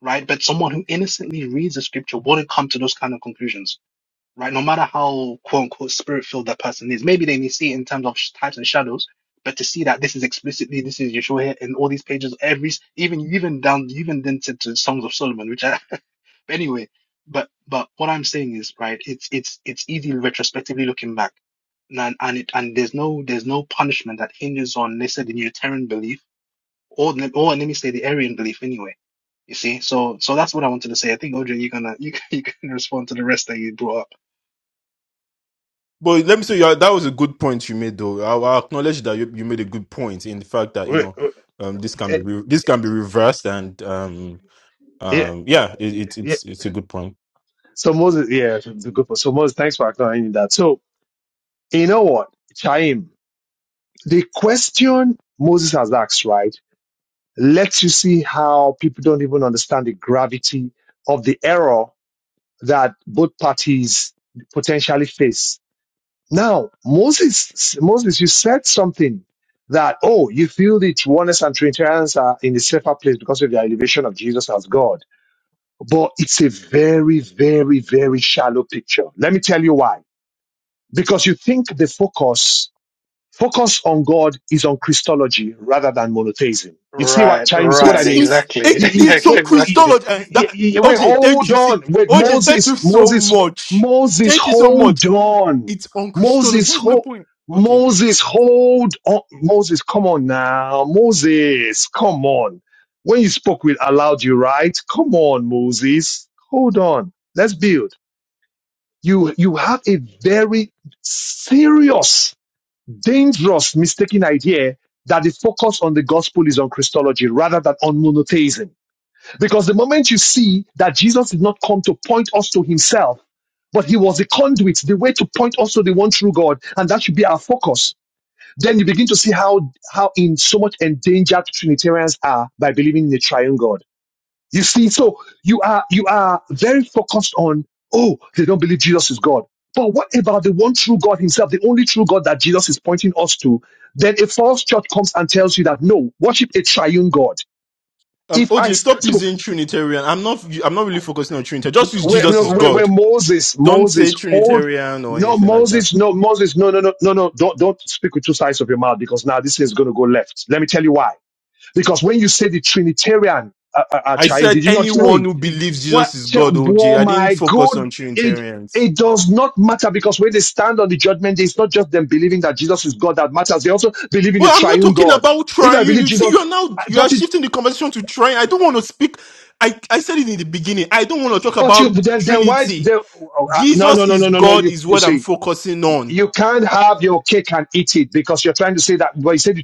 [SPEAKER 4] right? But someone who innocently reads the scripture wouldn't come to those kind of conclusions, right? No matter how quote unquote spirit filled that person is. Maybe they may see it in terms of sh- types and shadows, but to see that this is explicitly, this is Yeshua here in all these pages, every, even, even down, even then to, to Songs of Solomon, which I, anyway, but but what I'm saying is right. It's it's it's easy retrospectively looking back, and and it and there's no there's no punishment that hinges on let's say the Unitarian belief or the- or let me say the Arian belief anyway. You see, so so that's what I wanted to say. I think OJ, you're gonna you can, you can respond to the rest that you brought up.
[SPEAKER 3] But let me say, yeah, that was a good point you made, though. I, I acknowledge that you, you made a good point in the fact that you
[SPEAKER 2] Eh,
[SPEAKER 3] know um, this can
[SPEAKER 2] eh,
[SPEAKER 3] be re- this can be reversed, and um,
[SPEAKER 2] Yeah,
[SPEAKER 3] um, yeah, it, it's
[SPEAKER 2] yeah.
[SPEAKER 3] it's it's a good point.
[SPEAKER 2] So Moses, yeah, it's good for so Moses. Thanks for acknowledging that. So you know what, Chaim, the question Moses has asked, right, lets you see how people don't even understand the gravity of the error that both parties potentially face. Now, Moses, Moses, you said something that oh, you feel the oneness and Trinitarians are in a safer place because of the elevation of Jesus as God. but it's a very, very, very shallow picture. Let me tell you why. Because you think the focus focus on God is on Christology rather than monotheism. You see what
[SPEAKER 4] Right,
[SPEAKER 2] Chaim, you see what I
[SPEAKER 3] It
[SPEAKER 4] right,
[SPEAKER 2] mean?
[SPEAKER 3] is
[SPEAKER 4] exactly,
[SPEAKER 2] You,
[SPEAKER 3] it,
[SPEAKER 2] you-
[SPEAKER 3] it's
[SPEAKER 2] wait,
[SPEAKER 3] some
[SPEAKER 4] exactly.
[SPEAKER 2] you-
[SPEAKER 3] Christology and
[SPEAKER 2] you-
[SPEAKER 3] that
[SPEAKER 2] you- wait,
[SPEAKER 3] OJ, thank
[SPEAKER 2] hold
[SPEAKER 3] you. See,
[SPEAKER 2] on. Wait,
[SPEAKER 3] OJ, thank
[SPEAKER 2] Moses,
[SPEAKER 3] you so
[SPEAKER 2] Moses,
[SPEAKER 3] much.
[SPEAKER 2] Moses,
[SPEAKER 3] Thank you so much.
[SPEAKER 2] hold on.
[SPEAKER 3] It's on Christology.
[SPEAKER 2] Moses,
[SPEAKER 3] That's my
[SPEAKER 2] ho-
[SPEAKER 3] point. Okay,
[SPEAKER 2] Moses, hold on. Moses, come on now. Moses, come on. When you spoke with allowed you, right? Come on, Moses. Hold on. Let's build. You you have a very serious dangerous mistaken idea that the focus on the gospel is on Christology rather than on monotheism. Because the moment you see that Jesus did not come to point us to himself, but he was the conduit, the way to point us to the one true God, and that should be our focus. Then you begin to see how how in so much endangered Trinitarians are by believing in the triune God. You see, so you are you are very focused on oh they don't believe Jesus is God. But what about the one true God Himself, the only true God that Jesus is pointing us to? Then a false church comes and tells you that no, worship a triune God.
[SPEAKER 3] um,
[SPEAKER 2] If I
[SPEAKER 3] OJ, stop
[SPEAKER 2] so
[SPEAKER 3] using Trinitarian. I'm not I'm not really focusing on Trinitarian. Just use
[SPEAKER 2] where
[SPEAKER 3] Jesus is
[SPEAKER 2] where,
[SPEAKER 3] God.
[SPEAKER 2] where Moses
[SPEAKER 3] Don't say
[SPEAKER 2] Moses hold
[SPEAKER 3] Trinitarian or
[SPEAKER 2] no
[SPEAKER 3] anything like that.
[SPEAKER 2] Moses no Moses no no no no no don't don't speak with two sides of your mouth because now this is going to go left. Let me tell you why. Because when you say the Trinitarian uh, uh, uh,
[SPEAKER 3] I
[SPEAKER 2] triune,
[SPEAKER 3] said
[SPEAKER 2] did you not hear
[SPEAKER 3] anyone
[SPEAKER 2] him?
[SPEAKER 3] who believes
[SPEAKER 2] What?
[SPEAKER 3] Jesus is God,
[SPEAKER 2] Oh
[SPEAKER 3] OJ. I didn't
[SPEAKER 2] my
[SPEAKER 3] focus
[SPEAKER 2] God!
[SPEAKER 3] on
[SPEAKER 2] It
[SPEAKER 3] Trinitarians.
[SPEAKER 2] it does not matter because when they stand on the judgment day, it's not just them believing that Jesus is God that matters. They also believe in a
[SPEAKER 3] But I'm not
[SPEAKER 2] triune
[SPEAKER 3] talking
[SPEAKER 2] God.
[SPEAKER 3] about
[SPEAKER 2] If I
[SPEAKER 3] triune.
[SPEAKER 2] believe
[SPEAKER 3] You see,
[SPEAKER 2] Jesus,
[SPEAKER 3] you're now
[SPEAKER 2] I-
[SPEAKER 3] you are
[SPEAKER 2] but it,
[SPEAKER 3] shifting the conversation to triune. I don't want to speak. I, I said it in the beginning. I don't want to talk
[SPEAKER 2] but you
[SPEAKER 3] about
[SPEAKER 2] then then why?
[SPEAKER 3] Trinity.
[SPEAKER 2] Then, oh, uh, no no
[SPEAKER 3] Jesus
[SPEAKER 2] no
[SPEAKER 3] is
[SPEAKER 2] no no no.
[SPEAKER 3] God
[SPEAKER 2] You
[SPEAKER 3] is
[SPEAKER 2] you
[SPEAKER 3] what I'm
[SPEAKER 2] see,
[SPEAKER 3] focusing on.
[SPEAKER 2] you can't have your cake and eat it because you're trying to say that. Well, you say the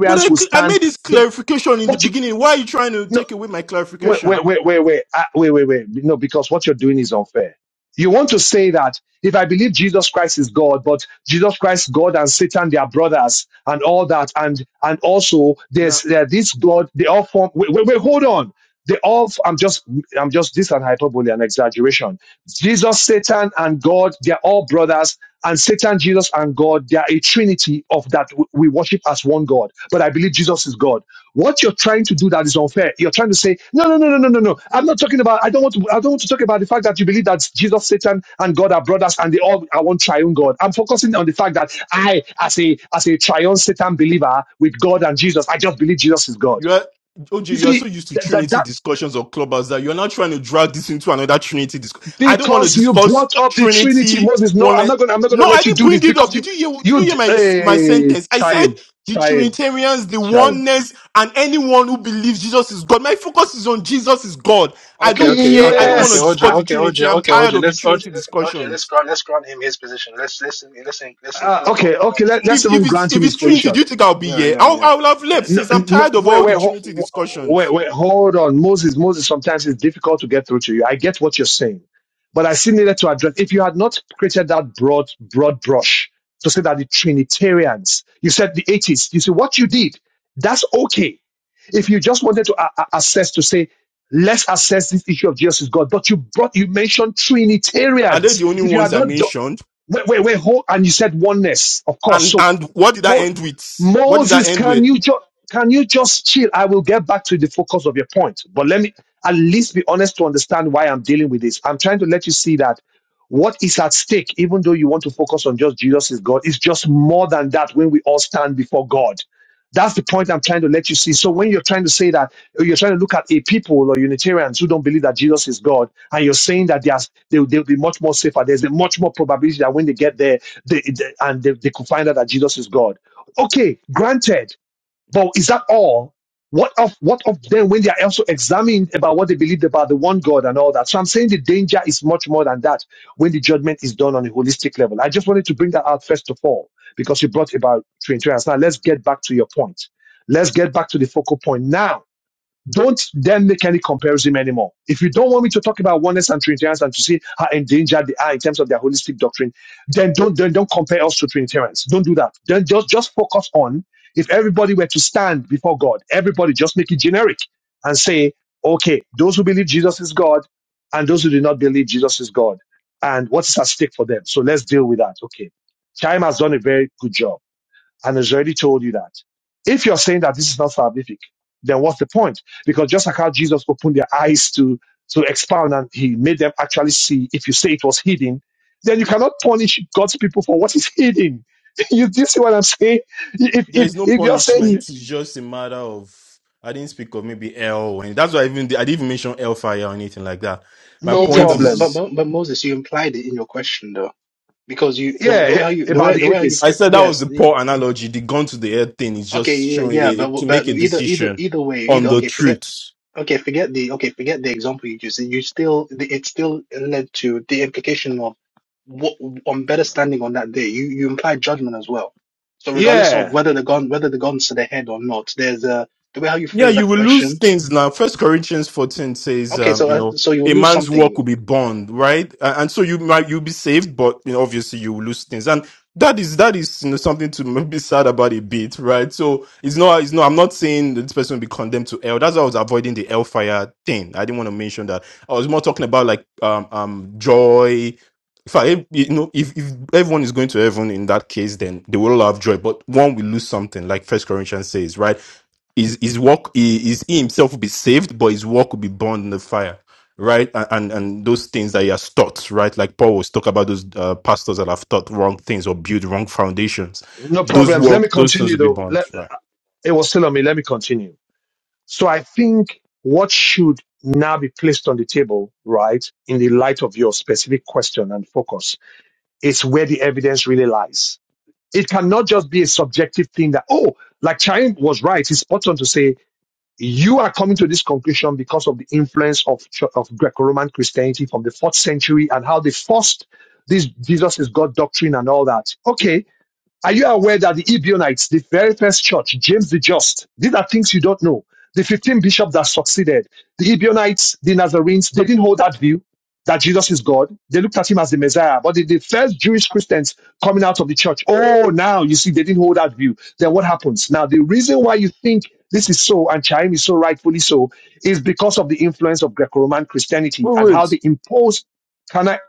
[SPEAKER 3] But I,
[SPEAKER 2] will
[SPEAKER 3] cl- I
[SPEAKER 2] stand.
[SPEAKER 3] made this
[SPEAKER 2] There,
[SPEAKER 3] clarification in the
[SPEAKER 2] but you.
[SPEAKER 3] beginning. Why are you trying to
[SPEAKER 2] No,
[SPEAKER 3] take away my
[SPEAKER 2] wait,
[SPEAKER 3] clarification?
[SPEAKER 2] wait, wait, wait, wait, Ah, wait, wait, wait. No, because what you're doing is unfair. You want to say that if I believe Jesus Christ is God, but Jesus Christ, God and Satan, they are brothers and all that, and and also there's uh, this God, they all form. Wait, wait, wait, hold on. They all. f- I'm just. I'm just. This is an hyperbole, an exaggeration. Jesus, Satan, and God, they're all brothers, and Satan, Jesus, and God, they are a trinity of that w- we worship as one God. But I believe Jesus is God. What you're trying to do that is unfair. You're trying to say, no, no, no, no, no, no, no. I'm not talking about. I don't want to. I don't want to talk about the fact that you believe that Jesus, Satan, and God are brothers, and they all are one triune God. I'm focusing on the fact that I, as a as a triune Satan believer with God and Jesus, I just believe Jesus is God.
[SPEAKER 3] You are OJ,
[SPEAKER 2] You
[SPEAKER 3] you are
[SPEAKER 2] see.
[SPEAKER 3] so used to
[SPEAKER 2] that.
[SPEAKER 3] Trinity discussions or clubbers that you're now trying to drag this into another Trinity discussion. I don't want to
[SPEAKER 2] because you
[SPEAKER 3] discuss
[SPEAKER 2] brought up the Trinity,
[SPEAKER 3] Trinity
[SPEAKER 2] Moses. No,
[SPEAKER 3] one.
[SPEAKER 2] I'm
[SPEAKER 3] e,
[SPEAKER 2] not gonna. I'm not gonna
[SPEAKER 3] No, I
[SPEAKER 2] let you
[SPEAKER 3] didn't
[SPEAKER 2] do
[SPEAKER 3] bring
[SPEAKER 2] this
[SPEAKER 3] it up.
[SPEAKER 2] because you,
[SPEAKER 3] Did you hear did
[SPEAKER 2] you,
[SPEAKER 3] you hear my my
[SPEAKER 2] uh,
[SPEAKER 3] sentence? I said
[SPEAKER 2] chime,
[SPEAKER 3] the
[SPEAKER 2] chime,
[SPEAKER 3] Trinitarians, the
[SPEAKER 2] chime.
[SPEAKER 3] oneness, and anyone who believes Jesus is God. My focus is on Jesus is God. I
[SPEAKER 4] Okay,
[SPEAKER 3] don't
[SPEAKER 4] okay,
[SPEAKER 3] care. I
[SPEAKER 4] okay,
[SPEAKER 3] don't want
[SPEAKER 4] okay,
[SPEAKER 3] to
[SPEAKER 2] Yes.
[SPEAKER 4] OJ,
[SPEAKER 2] I,
[SPEAKER 3] discuss the
[SPEAKER 4] okay, OJ,
[SPEAKER 3] Trinity. I'm
[SPEAKER 4] okay,
[SPEAKER 3] tired
[SPEAKER 4] OJ.
[SPEAKER 3] of the
[SPEAKER 4] Let's OJ,
[SPEAKER 3] Trinity
[SPEAKER 4] let's OJ, let's
[SPEAKER 3] discussions.
[SPEAKER 4] grant let's grant him his position. Let's let's let's in- let's
[SPEAKER 2] uh,
[SPEAKER 4] include all
[SPEAKER 2] okay.
[SPEAKER 4] the
[SPEAKER 2] Okay.
[SPEAKER 4] ones that
[SPEAKER 2] Let,
[SPEAKER 4] are
[SPEAKER 2] let's
[SPEAKER 3] If
[SPEAKER 2] even
[SPEAKER 3] if
[SPEAKER 4] on his
[SPEAKER 3] it's
[SPEAKER 4] side.
[SPEAKER 2] grant him
[SPEAKER 3] if
[SPEAKER 2] his
[SPEAKER 3] it's Trinity,
[SPEAKER 2] position.
[SPEAKER 3] do you think I'll be
[SPEAKER 4] Yeah,
[SPEAKER 3] here?
[SPEAKER 4] yeah,
[SPEAKER 3] I'll
[SPEAKER 4] yeah.
[SPEAKER 3] I'll have left
[SPEAKER 2] No,
[SPEAKER 3] since I'm
[SPEAKER 2] no,
[SPEAKER 3] tired of
[SPEAKER 2] wait,
[SPEAKER 3] all the
[SPEAKER 2] wait, ho-
[SPEAKER 3] Trinity discussions.
[SPEAKER 2] wait, wait, hold on. Moses, Moses, sometimes it's difficult to get through to you. I get what you're saying, but I still needed to address, if you had not created that broad, broad brush to say that the Trinitarians, you said the 80s. you see what you did, that's okay. If you just wanted to a- a- assess to say, let's assess this issue of Jesus is God, but you brought, you mentioned
[SPEAKER 3] Are they
[SPEAKER 2] Trinitarians.
[SPEAKER 3] the only
[SPEAKER 2] If you had
[SPEAKER 3] ones I
[SPEAKER 2] not done,
[SPEAKER 3] mentioned?
[SPEAKER 2] wait, wait, wait, hold, and you said oneness, of course.
[SPEAKER 3] And
[SPEAKER 2] So
[SPEAKER 3] and what did I
[SPEAKER 2] Mo-
[SPEAKER 3] end with? What did I
[SPEAKER 2] Moses,
[SPEAKER 3] end
[SPEAKER 2] can
[SPEAKER 3] with?
[SPEAKER 2] you just can you just chill? I will get back to the focus of your point, but let me at least be honest to understand why I'm dealing with this. I'm trying to let you see that what is at stake, even though you want to focus on just Jesus is God, is just more than that when we all stand before God. That's the point I'm trying to let you see. So when you're trying to say that or you're trying to look at a people or Unitarians who don't believe that Jesus is God, and you're saying that they are, they, they'll be much more safer. There's a much more probability that when they get there, they, they- and they, they could find out that Jesus is God. Okay, granted, but is that all? What of what of them when they are also examined about what they believed about the one God and all that? So I'm saying the danger is much more than that when the judgment is done on a holistic level. I just wanted to bring that out first of all because you brought about Trinitarians. Now let's get back to your point. Let's get back to the focal point now don't then make any comparison anymore. If you don't want me to talk about oneness and Trinitarians and to see how endangered they are in terms of their holistic doctrine, then don't then don't compare us to Trinitarians. Don't do that. Then just just focus on if everybody were to stand before God, everybody just make it generic and say, okay, those who believe Jesus is God and those who do not believe Jesus is God, and what's at stake for them. So let's deal with that. Okay, Chaim has done a very good job and has already told you that. If you're saying that this is not salvific, then what's the point? Because just like how Jesus opened their eyes to, to expound and he made them actually see, if you say it was hidden, then you cannot punish God's people for what is hidden. you, do you see what I'm saying? If,
[SPEAKER 3] There
[SPEAKER 2] if,
[SPEAKER 3] is no
[SPEAKER 2] if you're saying,
[SPEAKER 3] punishment.
[SPEAKER 2] he-
[SPEAKER 3] This is just a matter of I didn't speak of maybe hell. or any- That's why I even I didn't even mention hellfire or anything like that. My
[SPEAKER 2] no
[SPEAKER 4] Y- Yeah,
[SPEAKER 3] point
[SPEAKER 4] but Mo-
[SPEAKER 2] problem.
[SPEAKER 4] but
[SPEAKER 3] is,
[SPEAKER 4] Mo- but Moses, you implied it in your question though, because you the
[SPEAKER 2] Yeah,
[SPEAKER 4] the way
[SPEAKER 2] eh,
[SPEAKER 4] how you the
[SPEAKER 2] about
[SPEAKER 4] way the
[SPEAKER 2] the
[SPEAKER 4] way how you
[SPEAKER 3] I
[SPEAKER 2] atheist.
[SPEAKER 4] phr-
[SPEAKER 3] said that was
[SPEAKER 4] yes,
[SPEAKER 3] the
[SPEAKER 4] the,
[SPEAKER 3] poor analogy. The gun to the head thing is
[SPEAKER 4] okay,
[SPEAKER 3] just
[SPEAKER 4] yeah,
[SPEAKER 3] showing
[SPEAKER 4] yeah,
[SPEAKER 3] a,
[SPEAKER 4] but
[SPEAKER 3] to
[SPEAKER 4] but
[SPEAKER 3] make a
[SPEAKER 4] either either
[SPEAKER 3] decision
[SPEAKER 4] either way,
[SPEAKER 3] on
[SPEAKER 4] either
[SPEAKER 3] the
[SPEAKER 4] okay, forget
[SPEAKER 3] truth.
[SPEAKER 4] okay, forget the okay, forget the example you used. You still the- it still led to the implication of what on better standing on that day. You you implied judgment as well. So regardless of
[SPEAKER 2] Yeah,
[SPEAKER 4] whether
[SPEAKER 2] eh,
[SPEAKER 4] the gun whether the gun's to the head or not, there's a the way how you
[SPEAKER 3] Yeah,
[SPEAKER 4] phrase
[SPEAKER 3] you
[SPEAKER 4] that
[SPEAKER 3] will lose
[SPEAKER 4] question.
[SPEAKER 3] things now. First Corinthians 14 says,
[SPEAKER 4] Okay,
[SPEAKER 3] um,
[SPEAKER 4] so
[SPEAKER 3] you
[SPEAKER 4] uh,
[SPEAKER 3] know,
[SPEAKER 4] so you'll
[SPEAKER 3] a
[SPEAKER 4] lose
[SPEAKER 3] man's work
[SPEAKER 4] something
[SPEAKER 3] will be burned, right? Uh, and so you might you'll be saved, but you know, obviously you will lose things. And that is that is you know something to m- be sad about a bit, right? So it's not it's not I'm not saying that this person will be condemned to hell. That's why I was avoiding the hellfire thing. I didn't want to mention that. I was more talking about like um um joy. If I you know if, if everyone is going to heaven in that case, then they will all have joy, but one will lose something, like First Corinthians says, right? his his work he, his, he himself will be saved, but his work will be burned in the fire, right? And and, and those things that he has taught, right? Like Paul was talking about those uh, pastors that have taught wrong things or built wrong foundations.
[SPEAKER 2] no
[SPEAKER 3] Those
[SPEAKER 2] problems. Let
[SPEAKER 3] work,
[SPEAKER 2] me
[SPEAKER 3] those things
[SPEAKER 2] continue
[SPEAKER 3] will be
[SPEAKER 2] though.
[SPEAKER 3] burned,
[SPEAKER 2] Let,
[SPEAKER 3] right?
[SPEAKER 2] it was still on me. Let me continue. So I think what should now be placed on the table, right, in the light of your specific question and focus is where the evidence really lies. It cannot just be a subjective thing that, oh, like Chaim was right. He's spot on to say, you are coming to this conclusion because of the influence of, Ch- of Greco-Roman Christianity from the fourth century and how they forced this Jesus is God doctrine and all that. Okay are you aware that the Ebionites, the very first church, James the Just, these are things you don't know. The 15 bishops that succeeded, the Ebionites, the Nazarenes, they didn't hold that view that Jesus is God. They looked at him as the Messiah. But the, the first Jewish Christians coming out of the church, oh, now you see, they didn't hold that view. Then what happens? Now, the reason why you think this is so, and Chaim is so rightfully so, is because of the influence of Greco Roman Christianity and
[SPEAKER 3] Wait,
[SPEAKER 2] how
[SPEAKER 3] wait.
[SPEAKER 2] they imposed. Can I?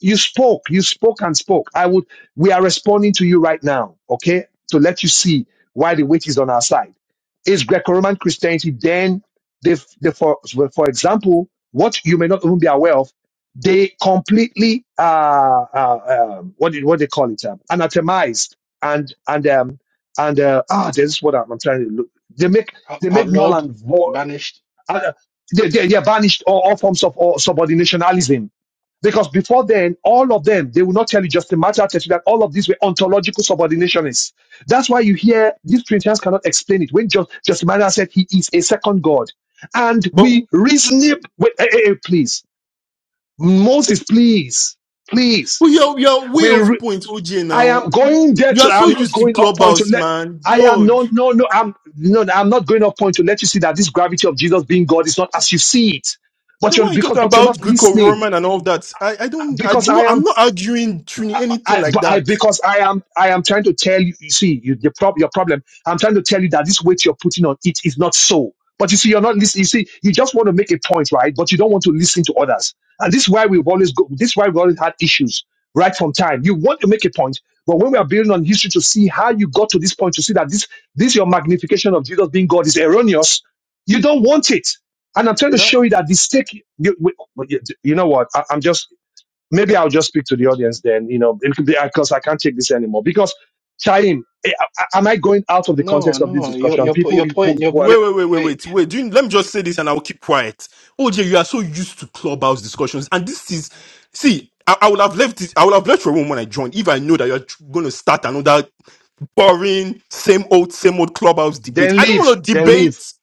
[SPEAKER 2] you spoke you spoke and spoke i would we are responding to you right now okay to let you see why the weight is on our side is greco-roman christianity then they, they for, well, for example what you may not even be aware of they completely uh, uh um, what do what they call it um, anathemized and and um and uh ah this is what i'm, I'm trying to look they make
[SPEAKER 4] Out-
[SPEAKER 2] they made null
[SPEAKER 4] outlawed,
[SPEAKER 2] and void
[SPEAKER 4] banished.
[SPEAKER 2] uh, they, they, they banished all, all forms of all subordinationalism because before then, all of them, they will not tell you just a matter of that all of these were ontological subordinationists. That's why you hear these Trinitarians cannot explain it. When just just Martyr said he is a second God. And
[SPEAKER 3] But,
[SPEAKER 2] we reason with, eh, eh, eh, please, Moses, please, please.
[SPEAKER 3] but your your way
[SPEAKER 2] We
[SPEAKER 3] of
[SPEAKER 2] re-
[SPEAKER 3] point, OJ.
[SPEAKER 2] I am
[SPEAKER 3] Now
[SPEAKER 2] going there
[SPEAKER 3] you
[SPEAKER 2] to,
[SPEAKER 3] are so
[SPEAKER 2] I'm not
[SPEAKER 3] used to
[SPEAKER 2] going up point to
[SPEAKER 3] clubhouse,
[SPEAKER 2] let,
[SPEAKER 3] man.
[SPEAKER 2] I am
[SPEAKER 3] God.
[SPEAKER 2] no, no, no, I'm, no, no, I'm not going up point to let you see that this gravity of Jesus being God is not as you see it. But
[SPEAKER 3] The
[SPEAKER 2] you're,
[SPEAKER 3] one you talk
[SPEAKER 2] because, but you're
[SPEAKER 3] about
[SPEAKER 2] not listening.
[SPEAKER 3] Greco-Roman and all that, I, I don't, I
[SPEAKER 2] Because I
[SPEAKER 3] no, I'm
[SPEAKER 2] am
[SPEAKER 3] not arguing Trini anything
[SPEAKER 2] I,
[SPEAKER 3] like
[SPEAKER 2] but I,
[SPEAKER 3] that.
[SPEAKER 2] because I am, I am trying to tell you. You see, you, your, prob- your problem. I'm trying to tell you that this weight you're putting on it is not so. But you see, you're not listening. You see, you just want to make a point, right? But you don't want to listen to others, and this is why we've always go. This is why we've always had issues right from time. You want to make a point, but when we are building on history to see how you got to this point, to see that this, this your magnification of Jesus being God is erroneous, you don't want it. And I'm trying to show you that the stake. You, we- you know what? I, am just maybe I'll just speak to the audience then, you know, because I can't take this anymore. Because, Chaim, eh, am I going out of the
[SPEAKER 4] No,
[SPEAKER 2] context of this
[SPEAKER 4] no, your
[SPEAKER 2] discussion?
[SPEAKER 4] your po-
[SPEAKER 2] People
[SPEAKER 4] your
[SPEAKER 2] who,
[SPEAKER 4] point, your
[SPEAKER 2] who
[SPEAKER 3] Wait,
[SPEAKER 2] are,
[SPEAKER 4] your
[SPEAKER 3] wait, wait, wait,
[SPEAKER 4] wait,
[SPEAKER 3] wait, wait. Do you, let me just say this and I will keep quiet. OJ, you are so used to clubhouse discussions. And this is, see, I, I would have left it, I would have left your room when I joined if I knew that you're going to start another boring, same old, same old clubhouse debate.
[SPEAKER 2] then
[SPEAKER 3] I don't
[SPEAKER 2] leave,
[SPEAKER 3] want to
[SPEAKER 2] then leave,
[SPEAKER 3] debate.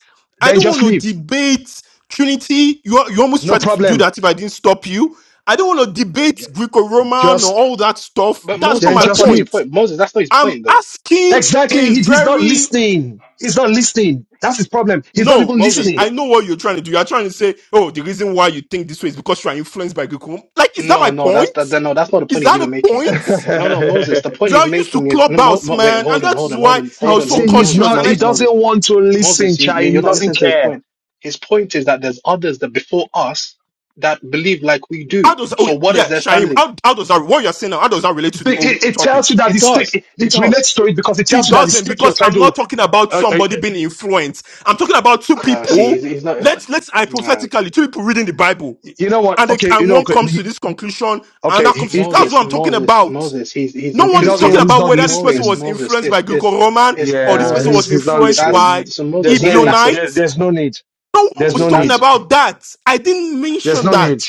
[SPEAKER 3] I
[SPEAKER 2] then
[SPEAKER 3] don't
[SPEAKER 2] just
[SPEAKER 3] want to
[SPEAKER 2] leave.
[SPEAKER 3] debate Trinity. You, are- you almost
[SPEAKER 2] No
[SPEAKER 3] tried to do
[SPEAKER 2] problem.
[SPEAKER 3] that if I didn't stop you. I don't want to debate Greco Roman or
[SPEAKER 2] Just,
[SPEAKER 3] all that stuff.
[SPEAKER 4] but
[SPEAKER 3] That's not
[SPEAKER 4] Moses,
[SPEAKER 2] then
[SPEAKER 3] my
[SPEAKER 4] that's
[SPEAKER 2] just
[SPEAKER 4] not his
[SPEAKER 2] leave.
[SPEAKER 3] point.
[SPEAKER 4] point. Moses, that's not his
[SPEAKER 3] I'm
[SPEAKER 4] point though.
[SPEAKER 3] asking
[SPEAKER 2] Exactly.
[SPEAKER 3] a
[SPEAKER 2] He, he's not
[SPEAKER 3] very
[SPEAKER 2] listening. He's not listening. That's his problem. He's not
[SPEAKER 3] No,
[SPEAKER 2] even
[SPEAKER 3] see,
[SPEAKER 4] Moses,
[SPEAKER 2] listening.
[SPEAKER 4] th-
[SPEAKER 3] I know what you're trying to do. You're trying to say, oh, the reason why you think this way is because you are influenced by Goku. Like, is that my
[SPEAKER 4] no, no,
[SPEAKER 3] point?
[SPEAKER 4] that's that, that no, that's not the
[SPEAKER 3] Is
[SPEAKER 4] point he's
[SPEAKER 3] that
[SPEAKER 4] even
[SPEAKER 3] the
[SPEAKER 4] making.
[SPEAKER 3] point?
[SPEAKER 4] No, no, Moses, the point
[SPEAKER 3] You
[SPEAKER 4] he's
[SPEAKER 3] are used to
[SPEAKER 4] making is no, mo,
[SPEAKER 3] clubhouse,
[SPEAKER 4] mo, wait,
[SPEAKER 3] man, and
[SPEAKER 4] hold on,
[SPEAKER 3] that
[SPEAKER 4] hold
[SPEAKER 3] is
[SPEAKER 4] on, hold
[SPEAKER 3] why
[SPEAKER 4] on,
[SPEAKER 3] I
[SPEAKER 2] see,
[SPEAKER 4] hold
[SPEAKER 3] was
[SPEAKER 4] on,
[SPEAKER 3] so
[SPEAKER 2] see,
[SPEAKER 4] hold on,
[SPEAKER 2] he's
[SPEAKER 4] Moses,
[SPEAKER 3] cautious.
[SPEAKER 2] not,
[SPEAKER 3] And I,
[SPEAKER 2] he
[SPEAKER 4] Moses,
[SPEAKER 2] doesn't
[SPEAKER 4] Moses,
[SPEAKER 2] want to listen,
[SPEAKER 4] Moses, you, you
[SPEAKER 2] Chaim.
[SPEAKER 4] you're
[SPEAKER 2] He
[SPEAKER 4] not
[SPEAKER 2] doesn't
[SPEAKER 4] listening to his
[SPEAKER 2] care.
[SPEAKER 4] point. His point is that there's others that before us that believe like we
[SPEAKER 3] how
[SPEAKER 4] do.
[SPEAKER 3] does, oh
[SPEAKER 4] So what is
[SPEAKER 3] yeah,
[SPEAKER 4] their
[SPEAKER 3] Shaim,
[SPEAKER 4] standing?
[SPEAKER 3] how, how does that, what you're saying now, how does that relate to
[SPEAKER 2] Be-
[SPEAKER 3] the old
[SPEAKER 2] It, it tells you
[SPEAKER 3] topic?
[SPEAKER 2] that
[SPEAKER 4] It
[SPEAKER 2] the stick,
[SPEAKER 4] does,
[SPEAKER 2] it,
[SPEAKER 4] it
[SPEAKER 2] it
[SPEAKER 4] does.
[SPEAKER 2] relates to it because it tells
[SPEAKER 3] It
[SPEAKER 2] you that the
[SPEAKER 3] doesn't
[SPEAKER 2] stick you're
[SPEAKER 3] because
[SPEAKER 2] trying
[SPEAKER 3] I'm
[SPEAKER 2] to
[SPEAKER 3] not talking about
[SPEAKER 2] uh, uh,
[SPEAKER 3] somebody being influenced. I'm talking about two
[SPEAKER 4] No, see,
[SPEAKER 3] people.
[SPEAKER 4] he's, he's not,
[SPEAKER 3] Let's, let's
[SPEAKER 4] man.
[SPEAKER 3] hypothetically, two people reading the Bible
[SPEAKER 2] you know what?
[SPEAKER 3] and, they,
[SPEAKER 2] Okay, you
[SPEAKER 3] and
[SPEAKER 2] know,
[SPEAKER 3] one
[SPEAKER 2] okay,
[SPEAKER 3] comes
[SPEAKER 2] he,
[SPEAKER 3] to this conclusion and
[SPEAKER 2] okay,
[SPEAKER 3] that
[SPEAKER 2] he,
[SPEAKER 3] comes to,
[SPEAKER 2] he, he
[SPEAKER 3] that's
[SPEAKER 4] Moses,
[SPEAKER 3] what I'm talking
[SPEAKER 4] Moses,
[SPEAKER 3] about.
[SPEAKER 4] Moses. He's he's
[SPEAKER 3] No
[SPEAKER 2] he
[SPEAKER 3] one is
[SPEAKER 4] include
[SPEAKER 2] doesn't
[SPEAKER 3] talking
[SPEAKER 2] want,
[SPEAKER 4] he's
[SPEAKER 2] he's
[SPEAKER 3] about
[SPEAKER 2] not
[SPEAKER 3] whether this person
[SPEAKER 4] Moses,
[SPEAKER 2] listening.
[SPEAKER 3] was
[SPEAKER 4] Moses.
[SPEAKER 3] influenced by
[SPEAKER 4] It's it's
[SPEAKER 3] Greco-Roman
[SPEAKER 4] it's
[SPEAKER 3] or this
[SPEAKER 2] Yeah,
[SPEAKER 3] person
[SPEAKER 2] he's,
[SPEAKER 4] Moses.
[SPEAKER 3] was
[SPEAKER 2] he's not
[SPEAKER 3] influenced
[SPEAKER 4] That's
[SPEAKER 2] listening.
[SPEAKER 3] by
[SPEAKER 4] so
[SPEAKER 2] There's
[SPEAKER 4] Moses.
[SPEAKER 2] no
[SPEAKER 4] Even
[SPEAKER 2] need.
[SPEAKER 4] that's a
[SPEAKER 2] There,
[SPEAKER 3] Ebionites.
[SPEAKER 2] there's no need.
[SPEAKER 3] No one
[SPEAKER 2] There's
[SPEAKER 3] was
[SPEAKER 2] no
[SPEAKER 4] Moses.
[SPEAKER 3] talking
[SPEAKER 2] need.
[SPEAKER 4] That's
[SPEAKER 3] about that. I didn't
[SPEAKER 2] There's
[SPEAKER 3] mention
[SPEAKER 2] no
[SPEAKER 3] that.
[SPEAKER 2] need.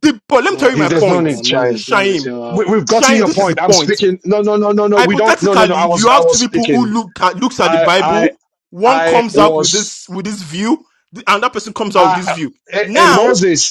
[SPEAKER 3] The, but let me tell
[SPEAKER 4] Mo,
[SPEAKER 3] you
[SPEAKER 2] He,
[SPEAKER 3] my
[SPEAKER 4] ugh,
[SPEAKER 2] there's no
[SPEAKER 3] point.
[SPEAKER 2] need,
[SPEAKER 4] Mo-
[SPEAKER 2] Chime.
[SPEAKER 4] Moses, Moses.
[SPEAKER 3] Shaim.
[SPEAKER 4] You're,
[SPEAKER 2] We, we've gotten
[SPEAKER 3] Shaim,
[SPEAKER 2] your
[SPEAKER 3] this is the
[SPEAKER 2] point. I'm
[SPEAKER 3] point.
[SPEAKER 2] speaking. No, no, no, no, no. We don't. No, no, no.
[SPEAKER 3] Hypothetically,
[SPEAKER 2] I
[SPEAKER 3] you
[SPEAKER 2] was, I
[SPEAKER 3] have two
[SPEAKER 2] was
[SPEAKER 3] people who
[SPEAKER 2] speaking.
[SPEAKER 3] look at, looks at the
[SPEAKER 2] I, I,
[SPEAKER 3] Bible. One
[SPEAKER 2] I
[SPEAKER 3] comes up with this
[SPEAKER 2] was,
[SPEAKER 3] with this view, the, and that person comes out with this
[SPEAKER 2] I,
[SPEAKER 3] view. Now,
[SPEAKER 2] and,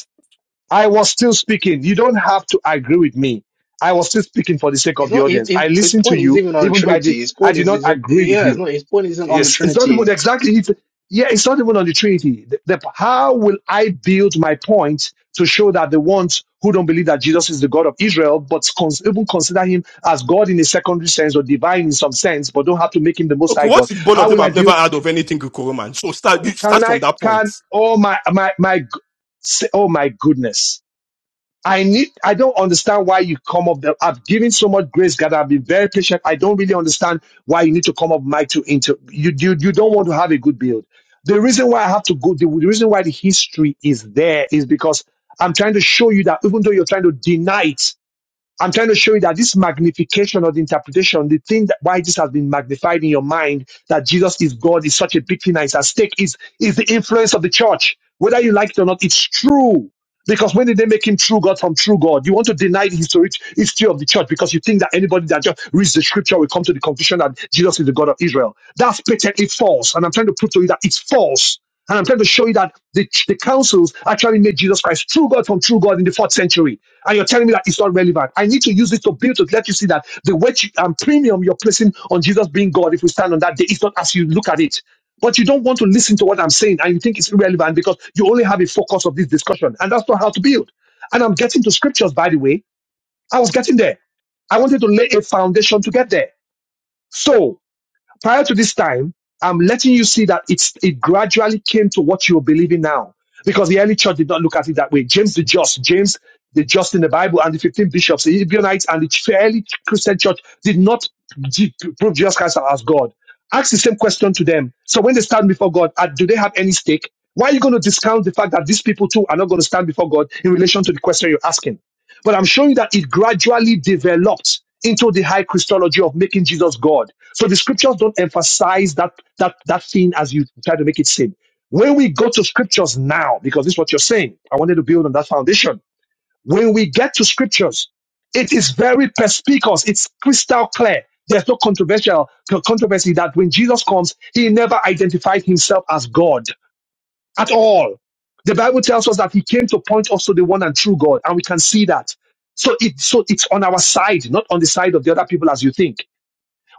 [SPEAKER 2] I was still speaking. You don't have to agree with me. I was still speaking for the sake
[SPEAKER 4] it's
[SPEAKER 2] of the
[SPEAKER 4] not his,
[SPEAKER 2] audience.
[SPEAKER 4] his
[SPEAKER 2] I
[SPEAKER 4] his
[SPEAKER 2] listened to
[SPEAKER 4] point is
[SPEAKER 2] you,
[SPEAKER 4] even on the
[SPEAKER 2] even though I did,
[SPEAKER 4] Trinity. His
[SPEAKER 2] I
[SPEAKER 4] point
[SPEAKER 2] did
[SPEAKER 4] is
[SPEAKER 2] not
[SPEAKER 4] is
[SPEAKER 2] agree with
[SPEAKER 4] yeah. It's
[SPEAKER 2] you.
[SPEAKER 4] not his point isn't on the
[SPEAKER 2] Yes, it's not even
[SPEAKER 4] Trinity.
[SPEAKER 2] exactly. It's, yeah, it's not even on the Trinity. The, the, how will I build my point to show that the ones who don't believe that Jesus is the God of Israel, but cons- even consider him as God in a secondary sense or divine in some sense, but don't have to make him the Most High
[SPEAKER 3] okay,
[SPEAKER 2] God?
[SPEAKER 3] what if both of
[SPEAKER 2] How
[SPEAKER 3] them
[SPEAKER 2] will I
[SPEAKER 3] have never
[SPEAKER 2] build?
[SPEAKER 3] heard of anything Greco-Roman? So start you
[SPEAKER 2] Oh, can
[SPEAKER 3] start
[SPEAKER 2] I?
[SPEAKER 3] from that
[SPEAKER 2] Can?
[SPEAKER 3] point.
[SPEAKER 2] Oh my my my! g- s- Oh my goodness! I need, I don't understand why you come up. There. I've given so much grace, God. I've been very patient. I don't really understand why you need to come up mic to inter. You, you, you don't want to have a good build. The reason why I have to go, the, the reason why the history is there is because I'm trying to show you that even though you're trying to deny it, I'm trying to show you that this magnification or the interpretation, the thing that why this has been magnified in your mind that Jesus is God is such a big thing that is at stake is, is the influence of the church. Whether you like it or not, it's true. Because when did they make him true God from true God? You want to deny the historic history of the church because you think that anybody that just reads the scripture will come to the conclusion that Jesus is the God of Israel. That's patently false. And I'm trying to prove to you that it's false. And I'm trying to show you that the, the councils actually made Jesus Christ true God from true God in the fourth century. And you're telling me that it's not relevant. I need to use this to build to let you see that the weight and premium you're placing on Jesus being God, if we stand on that day, it's not as you look at it. But you don't want to listen to what I'm saying and you think it's irrelevant because you only have a focus of this discussion. And that's not how to build. And I'm getting to scriptures, by the way. I was getting there. I wanted to lay a foundation to get there. So prior to this time, I'm letting you see that it's it gradually came to what you're believing now. Because the early church did not look at it that way. James the Just, James the Just in the Bible, and the 15 bishops, the Ebionites, and the early Christian church did not g- prove Jesus Christ as God. Ask the same question to them. So when they stand before God, uh, do they have any stake? Why are you going to discount the fact that these people too are not going to stand before God in relation to the question you're asking? But I'm showing that it gradually developed into the high Christology of making Jesus God. So the scriptures don't emphasize that that that thing as you try to make it seem. When we go to scriptures now, because this is what you're saying, I wanted to build on that foundation. When we get to scriptures, it is very perspicuous. It's crystal clear. There's no controversial controversy that when Jesus comes, he never identifies himself as God at all. The Bible tells us that he came to point us to the one and true God, and we can see that. So it so it's on our side, not on the side of the other people as you think.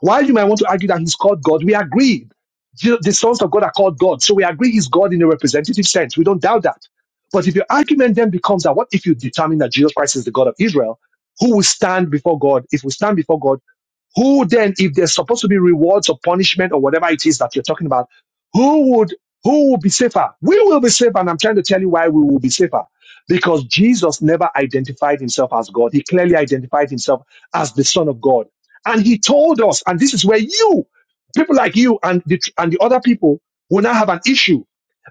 [SPEAKER 2] While you might want to argue that he's called God, we agree. The the sons of God are called God. So we agree he's God in a representative sense. We don't doubt that. But if your argument then becomes that what if you determine that Jesus Christ is the God of Israel, who will stand before God? If we stand before God, who then if there's supposed to be rewards or punishment or whatever it is that you're talking about who would who will be safer we will be safer and i'm trying to tell you why we will be safer because jesus never identified himself as god he clearly identified himself as the son of god and he told us and this is where you people like you and the, and the other people will now have an issue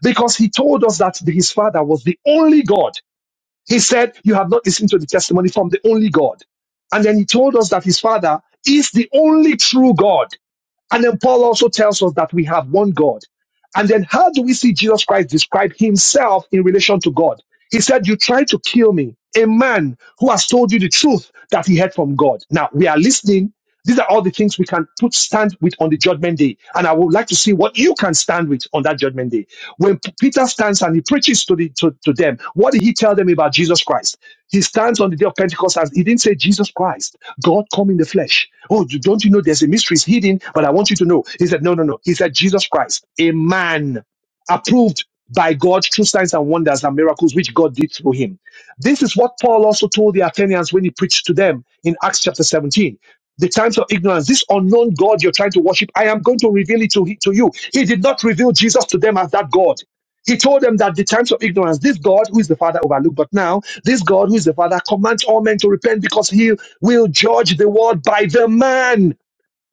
[SPEAKER 2] because he told us that his father was the only god he said, You have not listened to the testimony from the only God. And then he told us that his father is the only true God. And then Paul also tells us that we have one God. And then how do we see Jesus Christ describe himself in relation to God? He said, You try to kill me, a man who has told you the truth that he heard from God. Now we are listening. These are all the things we can put stand with on the judgment day. And I would like to see what you can stand with on on that judgment day. When P- Peter stands and he preaches to, the, to, to them, what did he tell them about Jesus Christ? He stands on the day of Pentecost and he didn't say Jesus Christ, God come in the flesh. Oh, you- don't you know there's a mystery is hidden, but I want you to know. He said, no, no, no. He said, Jesus Christ, a man approved by God through signs and wonders and miracles which God did through him. This is what Paul also told the Athenians when he preached to them in Acts chapter 17 the times of ignorance, this unknown God you're trying to worship, I am going to reveal it to, he- to you. He did not reveal Jesus to them as that God. He told them that the times of ignorance, this God who is the Father overlooked, but now this God who is the Father commands all men to repent because he will judge the world by the man.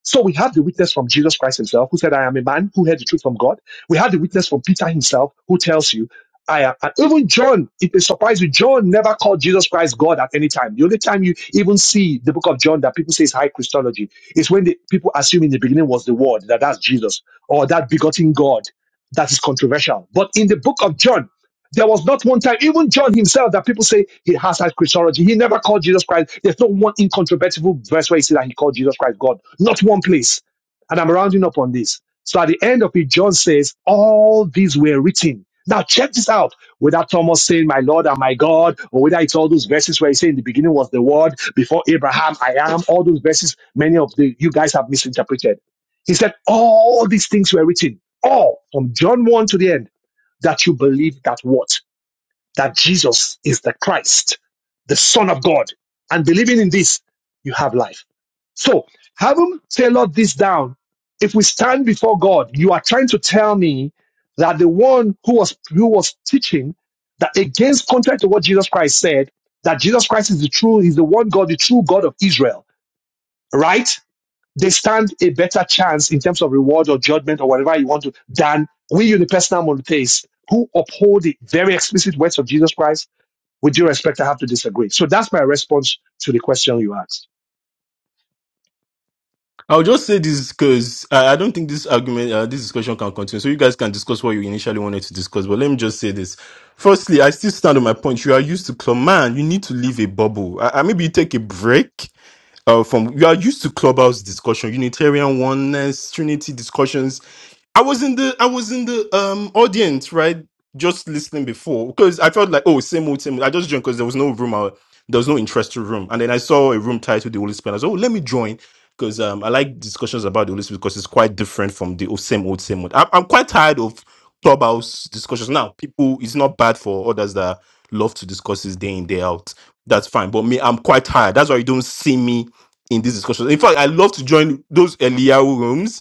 [SPEAKER 2] So we have the witness from Jesus Christ himself, who said, I am a man who heard the truth from God. We have the witness from Peter himself, who tells you, I am. And even John, it is surprising, John never called Jesus Christ God at any time. The only time you even see the book of John that people say is high Christology is when the people assume in the beginning was the word, that that's Jesus, or that begotten God. That is controversial. But in the book of John, there was not one time, even John himself, that people say he has had Christology. He never called Jesus Christ. There's not one incontrovertible verse where he said that he called Jesus Christ God. Not one place. And I'm rounding up on this. So at the end of it, John says, All these were written. Now check this out. Without Thomas saying, My Lord and my God, or whether it's all those verses where he said in the beginning was the word, before Abraham, I am, all those verses, many of the you guys have misinterpreted. He said, All these things were written, all from John 1 to the end, that you believe that what? that Jesus is the Christ, the Son of God. And believing in this, you have life. So, having tailored this down, if we stand before God, you are trying to tell me that the one who was who was teaching that against contrary to what Jesus Christ said, that Jesus Christ is the true, is the one God, the true God of Israel, right? They stand a better chance in terms of reward or judgment or whatever you want to than we unipersonal monotheists who uphold the very explicit words of Jesus Christ with due respect, I have to disagree. So that's my response to the question you asked.
[SPEAKER 3] I'll just say this because I, I don't think this argument, uh, this discussion can continue. So you guys can discuss what you initially wanted to discuss. But let me just say this. Firstly, I still stand on my point. You are used to club, man. You need to leave a bubble. I, I maybe you take a break. Uh, from you are used to clubhouse discussion, Unitarian oneness, Trinity discussions. I was in the I was in the um audience, right? Just listening before because I felt like oh same old same. old. I just joined because there was no room, uh, there was no interest to room, and then I saw a room titled the Holy Spirit. I was like, oh let me join because um I like discussions about the Holy Spirit because it's quite different from the oh, same old same old. I'm, I'm quite tired of clubhouse discussions now. People, it's not bad for others that love to discuss this day in day out. That's fine, but me, I'm quite tired. That's why you don't see me in these discussions. In fact, I love to join those Eliyahu rooms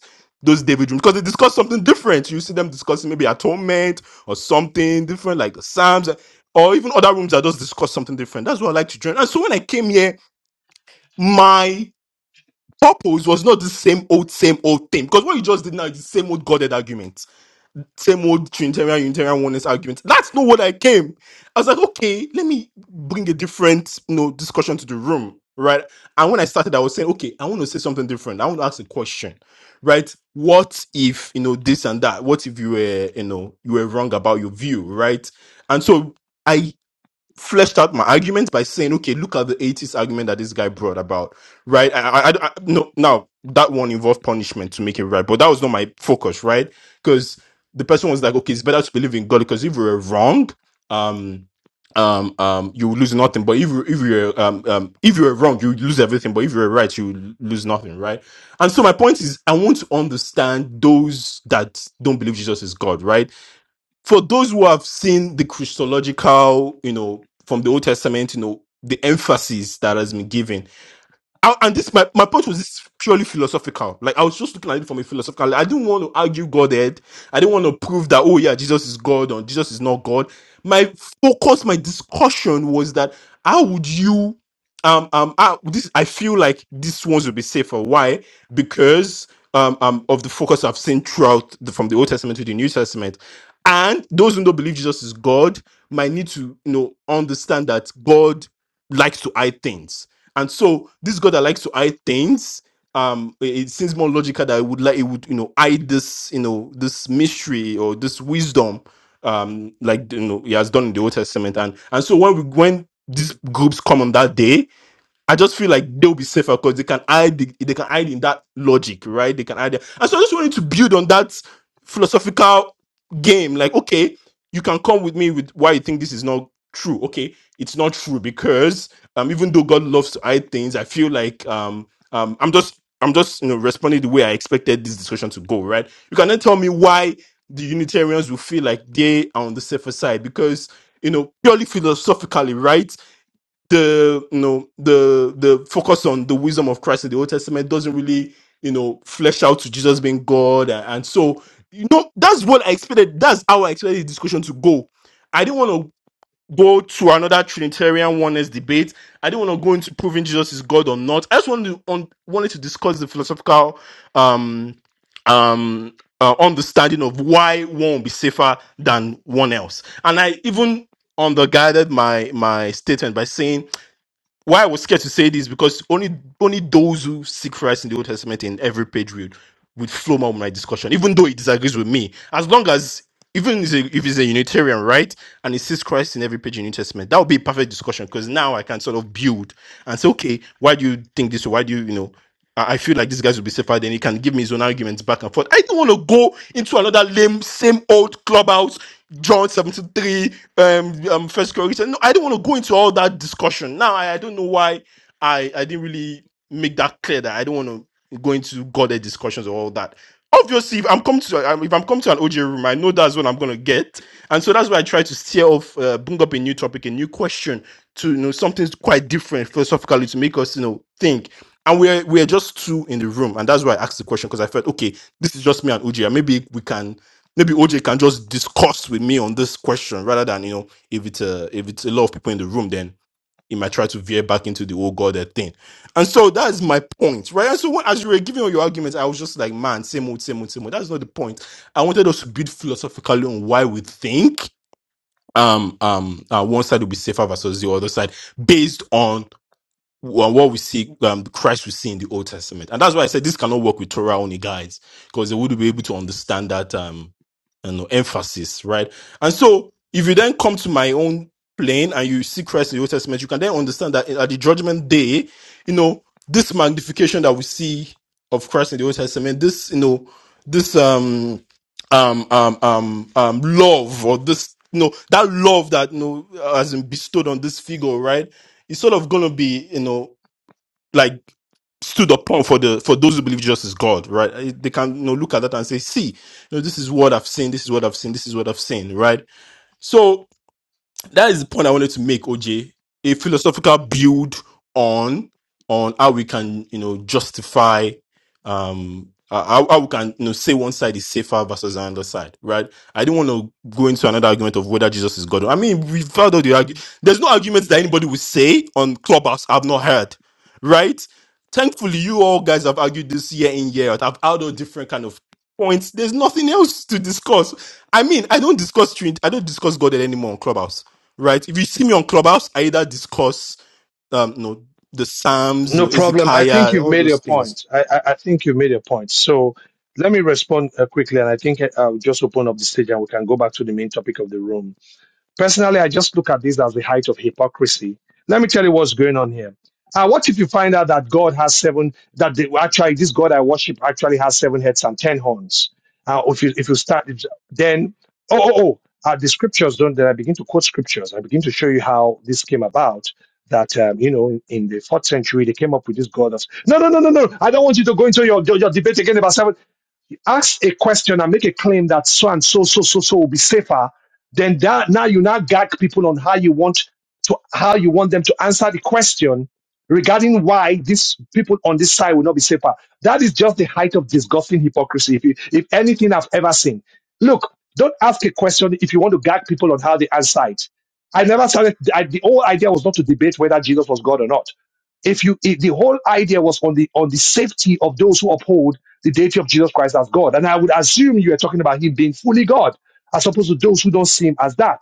[SPEAKER 3] those David rooms because they discuss something different. You see them discussing maybe atonement or something different, like the Psalms, or even other rooms that just discuss something different. That's what I like to join. And so when I came here, my purpose was not the same old, same old thing. Because what you just did now is the same old godhead argument same old Trinitarian Unitarian oneness argument. That's not what I came. I was like, okay, let me bring a different you know discussion to the room, right? And when I started, I was saying, okay, I want to say something different. I want to ask a question, right? What if you know this and that? What if you were you know you were wrong about your view, right? And so. I fleshed out my argument by saying, okay, look at the 80s argument that this guy brought about, right? I, I, I- I- no, now that one involved punishment to make it right, but that was not my focus, right? Because the person was like, okay, it's better to believe in God because if you were wrong, um, um, um, you would lose nothing. But if you if you're um, um, if you're wrong, you would lose everything. But if you're right, you would lose nothing, right? And so my point is, I want to understand those that don't believe Jesus is God, right? for those who have seen the Christological, you know, from the Old Testament, you know, the emphasis that has been given, I, and this my, my point was this purely philosophical. Like I was just looking at it from a philosophical. Like, I didn't want to argue Godhead. I didn't want to prove that oh yeah, Jesus is God or Jesus is not God. My focus, my discussion was that how would you um um I, this I feel like these ones will be safer. Why? Because um um of the focus I've seen throughout the, from the Old Testament to the New Testament, and those who don't believe Jesus is God might need to you know understand that God likes to hide things and so this God that likes to hide things, um, it it seems more logical that it would like it would, you know, hide this, you know, this mystery or this wisdom, um, like you know, he has done in the Old Testament. And and so when we when these groups come on that day, I just feel like they'll be safer because they can hide the, they can hide in that logic, right? They can hide there. And so I just wanted to build on that philosophical game. Like, okay, you can come with me with why you think this is not true. Okay, it's not true because um even though God loves to hide things, I feel like um um I'm just I'm just you know responding the way I expected this discussion to go, right? You can then tell me why the Unitarians will feel like they are on the safer side because you know purely philosophically, right? the you know the the focus on the wisdom of Christ in the Old Testament doesn't really you know flesh out to Jesus being God and, and so you know that's what I expected that's how I expected the discussion to go. I didn't want to go to another Trinitarian oneness debate. I didn't want to go into proving Jesus is God or not. I just wanted to on, wanted to discuss the philosophical um um uh, understanding of why one will be safer than one else. And I even underguided my my statement by saying why I was scared to say this because only only those who seek Christ in the Old Testament in every page would would flow more my discussion, even though it disagrees with me. As long as even if he's a if he's a Unitarian, right, and he sees Christ in every page in New Testament, that would be a perfect discussion because now I can sort of build and say, okay, why do you think this? Why do you, you know, I I feel like these guys will be safer. Then he can give me his own arguments back and forth. I don't want to go into another lame, same old clubhouse, John 73, um, um First Corinthians. No, I don't want to go into all that discussion. Now I, I don't know why I I didn't really make that clear that I don't want to going to godly discussions or all that. Obviously, if I'm coming to um, if I'm coming to an OJ room, I know that's what I'm gonna get, and so that's why I try to steer off, uh, bring up a new topic, a new question to you know something quite different philosophically to make us you know think. And we're we're just two in the room, and that's why I asked the question because I felt okay, this is just me and OJ, and maybe we can maybe OJ can just discuss with me on this question rather than you know if it's a if it's a lot of people in the room, then he might try to veer back into the old godhead thing. And so that's my point, right? And so when, as you were giving all your arguments, I was just like, man, same old, same old, same old. That's not the point. I wanted us to build philosophically on why we think um um uh, one side will be safer versus the other side based on well, what we see, um, Christ we see in the Old Testament, and that's why I said this cannot work with Torah only guides because they wouldn't be able to understand that um, you know, emphasis, right? And so, if you then come to my own plane and you see Christ in the Old Testament, you can then understand that at the Judgment Day, you know, this magnification that we see of Christ in the Old Testament, this, you know, this um, um, um, um, um, love or this, you know, that love that you know has been bestowed on this figure, right? it's sort of gonna be you know like stood upon for the for those who believe Jesus is God, right? Eh, They can you know look at that and say, see, you know, this is what I've seen, this is what I've seen, this is what I've seen, right? So that is the point I wanted to make, OJ. A philosophical build on on how we can, you know, justify um uh, how, how we can you know say one side is safer versus another side, right? I didn't want to go into another argument of whether Jesus is God. I mean, we've heard all the argument. There's no arguments that anybody would say on Clubhouse I've not heard, right? Thankfully, you all guys have argued this year in year out. I've had all different kind of points. There's nothing else to discuss. I mean, I don't discuss Trinity. I don't discuss God anymore on Clubhouse right? If you see me on Clubhouse, I either discuss, um, you know, the Psalms,
[SPEAKER 2] No
[SPEAKER 3] you know,
[SPEAKER 2] problem. I think
[SPEAKER 3] Ezekiah,
[SPEAKER 2] you've
[SPEAKER 3] all
[SPEAKER 2] made your
[SPEAKER 3] those things.
[SPEAKER 2] point. I, I, I think you have made your point. So let me respond uh, quickly, and I think I- I'll just open up the stage and we can go back to the main topic of the room. Personally, I just look at this as the height of hypocrisy. Let me tell you what's going on here. Uh, what if you find out that God has seven, that the, actually this God I worship actually has seven heads and ten horns? Uh, if you if you start, then oh oh oh, uh, the scriptures don't. Then I begin to quote scriptures. I begin to show you how this came about. That um, you know, in, in the fourth century, they came up with this god of no, no, no, no, no. I don't want you to go into your your, your debate again about seven ask a question and make a claim that so and so, so, so, so will be safer, then that now you now gag people on how you want to how you want them to answer the question regarding why these people on this side will not be safer. That is just the height of disgusting hypocrisy. If you, if anything I've ever seen. Look, don't ask a question if you want to gag people on how they answer it. I never started. I, the whole idea was not to debate whether Jesus was God or not if you if the whole idea was on the on the safety of those who uphold the deity of Jesus Christ as God. And I would assume you are talking about him being fully God, as opposed to those who don't see him as that.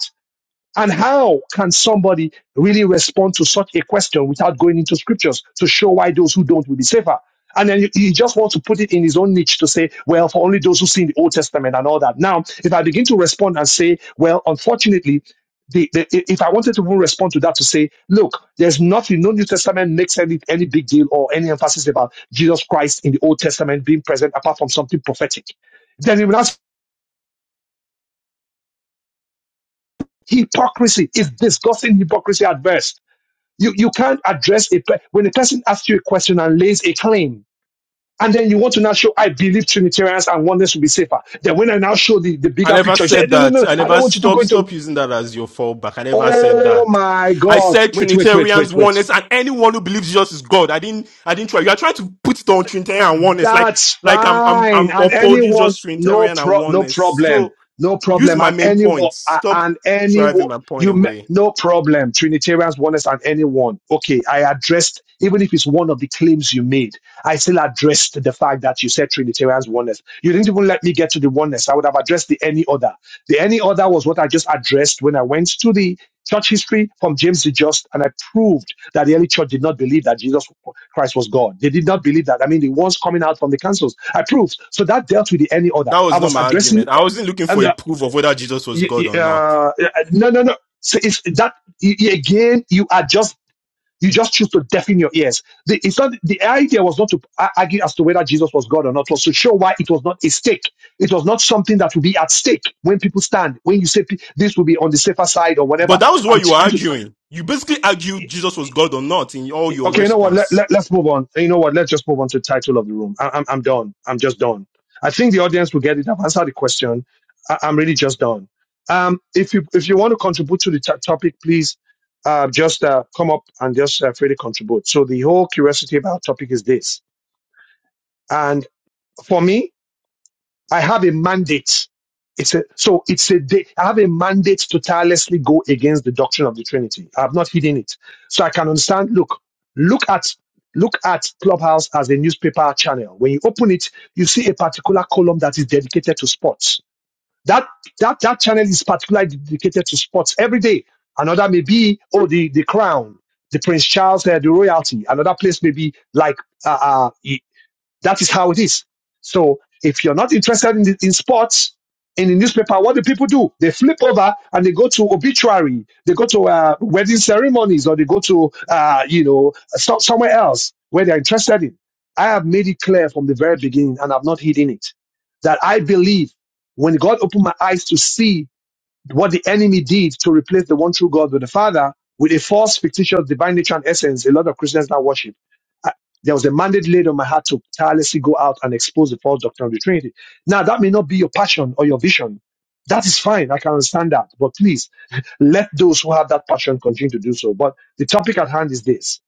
[SPEAKER 2] And how can somebody really respond to such a question without going into scriptures to show why those who don't will be safer? And then he he just wants to put it in his own niche to say, well, for only those who see in the Old Testament and all that. Now, if I begin to respond and say, well, unfortunately, the, the, i- if I wanted to even respond to that to say, look, there's nothing, no New Testament makes any, any big deal or any emphasis about Jesus Christ in the Old Testament being present apart from something prophetic. Then he would ask, hypocrisy is discussing hypocrisy adverse. You you can't address a pe- when a person asks you a question and lays a claim, and then you want to now show I believe Trinitarians and oneness will be safer. Then when I now show the, the
[SPEAKER 3] I
[SPEAKER 2] bigger
[SPEAKER 3] never
[SPEAKER 2] picture, you say
[SPEAKER 3] said
[SPEAKER 2] no no
[SPEAKER 3] that.
[SPEAKER 2] no,
[SPEAKER 3] I
[SPEAKER 2] I don't
[SPEAKER 3] never
[SPEAKER 2] want you to go
[SPEAKER 3] stop
[SPEAKER 2] into.
[SPEAKER 3] stop using that as your fallback. I never said
[SPEAKER 2] Oh
[SPEAKER 3] that.
[SPEAKER 2] my
[SPEAKER 3] I
[SPEAKER 2] God!
[SPEAKER 3] said
[SPEAKER 2] Wait wait wait
[SPEAKER 3] Trinitarians,
[SPEAKER 2] wait wait.
[SPEAKER 3] oneness, and anyone who believes Jesus is God. I didn't. I didn't try. You are trying to put it on Trinitarian and oneness, like
[SPEAKER 2] That's
[SPEAKER 3] like I'm I'm I'm
[SPEAKER 2] fine. And
[SPEAKER 3] upholding
[SPEAKER 2] anyone,
[SPEAKER 3] just
[SPEAKER 2] no
[SPEAKER 3] Trinitarian
[SPEAKER 2] pro,
[SPEAKER 3] and
[SPEAKER 2] no
[SPEAKER 3] oneness.
[SPEAKER 2] problem,
[SPEAKER 3] So
[SPEAKER 2] no
[SPEAKER 3] use
[SPEAKER 2] problem.
[SPEAKER 3] my
[SPEAKER 2] And
[SPEAKER 3] main
[SPEAKER 2] anyone,
[SPEAKER 3] point.
[SPEAKER 2] a-
[SPEAKER 3] Stop
[SPEAKER 2] and
[SPEAKER 3] driving
[SPEAKER 2] anyone,
[SPEAKER 3] my point
[SPEAKER 2] you ma-
[SPEAKER 3] away.
[SPEAKER 2] no problem. Trinitarians, oneness, and anyone. Okay, I addressed even if it's one of the claims you made. I still addressed the fact that you said Trinitarians, oneness. You didn't even let me get to the oneness. I would have addressed the any other. The any other was what I just addressed when I went to the Church history from James the Just, and I proved that the early church did not believe that Jesus Christ was God. They did not believe that. I mean, the ones coming out from the councils, I proved. So that dealt with the any other.
[SPEAKER 3] That was
[SPEAKER 2] I
[SPEAKER 3] not
[SPEAKER 2] was
[SPEAKER 3] my
[SPEAKER 2] addressing,
[SPEAKER 3] argument. I wasn't looking for
[SPEAKER 2] and
[SPEAKER 3] a
[SPEAKER 2] uh,
[SPEAKER 3] proof of whether Jesus was God or
[SPEAKER 2] uh,
[SPEAKER 3] not.
[SPEAKER 2] uh, no, no, no. So it's that y- y- again. You are just you just choose to deafen your ears. The, it's not the idea was not to a- argue as to whether Jesus was God or not. It Was to show why it was not a stake. It was not something that would be at stake when people stand. When you say pe- this will be on the safer side or whatever.
[SPEAKER 3] But that was
[SPEAKER 2] I'm
[SPEAKER 3] what you were
[SPEAKER 2] trying
[SPEAKER 3] arguing. You basically argued Jesus was God or not in all your
[SPEAKER 2] Okay, you know what? Let,
[SPEAKER 3] response.
[SPEAKER 2] let, let's move on. You know what? Let's just move on to the title of the room. I, I'm, I'm done. I'm just done. I think the audience will get it. I've answered the question. I, I'm really just done. Um, if you if you want to contribute to the to- topic, please uh, just uh, come up and just uh, freely contribute. So the whole curiosity about topic is this, and for me, I have a mandate. It's a, so it's a day. I have a mandate to tirelessly go against the doctrine of the Trinity. I have not hidden it. So I can understand. Look, look at, look at Clubhouse as a newspaper channel. When you open it, you see a particular column that is dedicated to sports. That, that, that channel is particularly dedicated to sports every day. Another may be, oh, the, the crown, the Prince Charles, uh, the royalty. Another place may be like, uh, uh, that is how it is. So if you're not interested in, the, in sports, in the newspaper, what do people do? They flip over and they go to obituary, they go to uh, wedding ceremonies, or they go to uh, you know so- somewhere else where they're interested in. I have made it clear from the very beginning, and I've not hidden it, that I believe when God opened my eyes to see what the enemy did to replace the one true God with the Father with a false, fictitious divine nature and essence a lot of Christians now worship. I- There was a mandate laid on my heart to tirelessly go out and expose the false doctrine of the Trinity. Now, that may not be your passion or your vision. That is fine. I can understand that. But please, let those who have that passion continue to do so. But the topic at hand is this.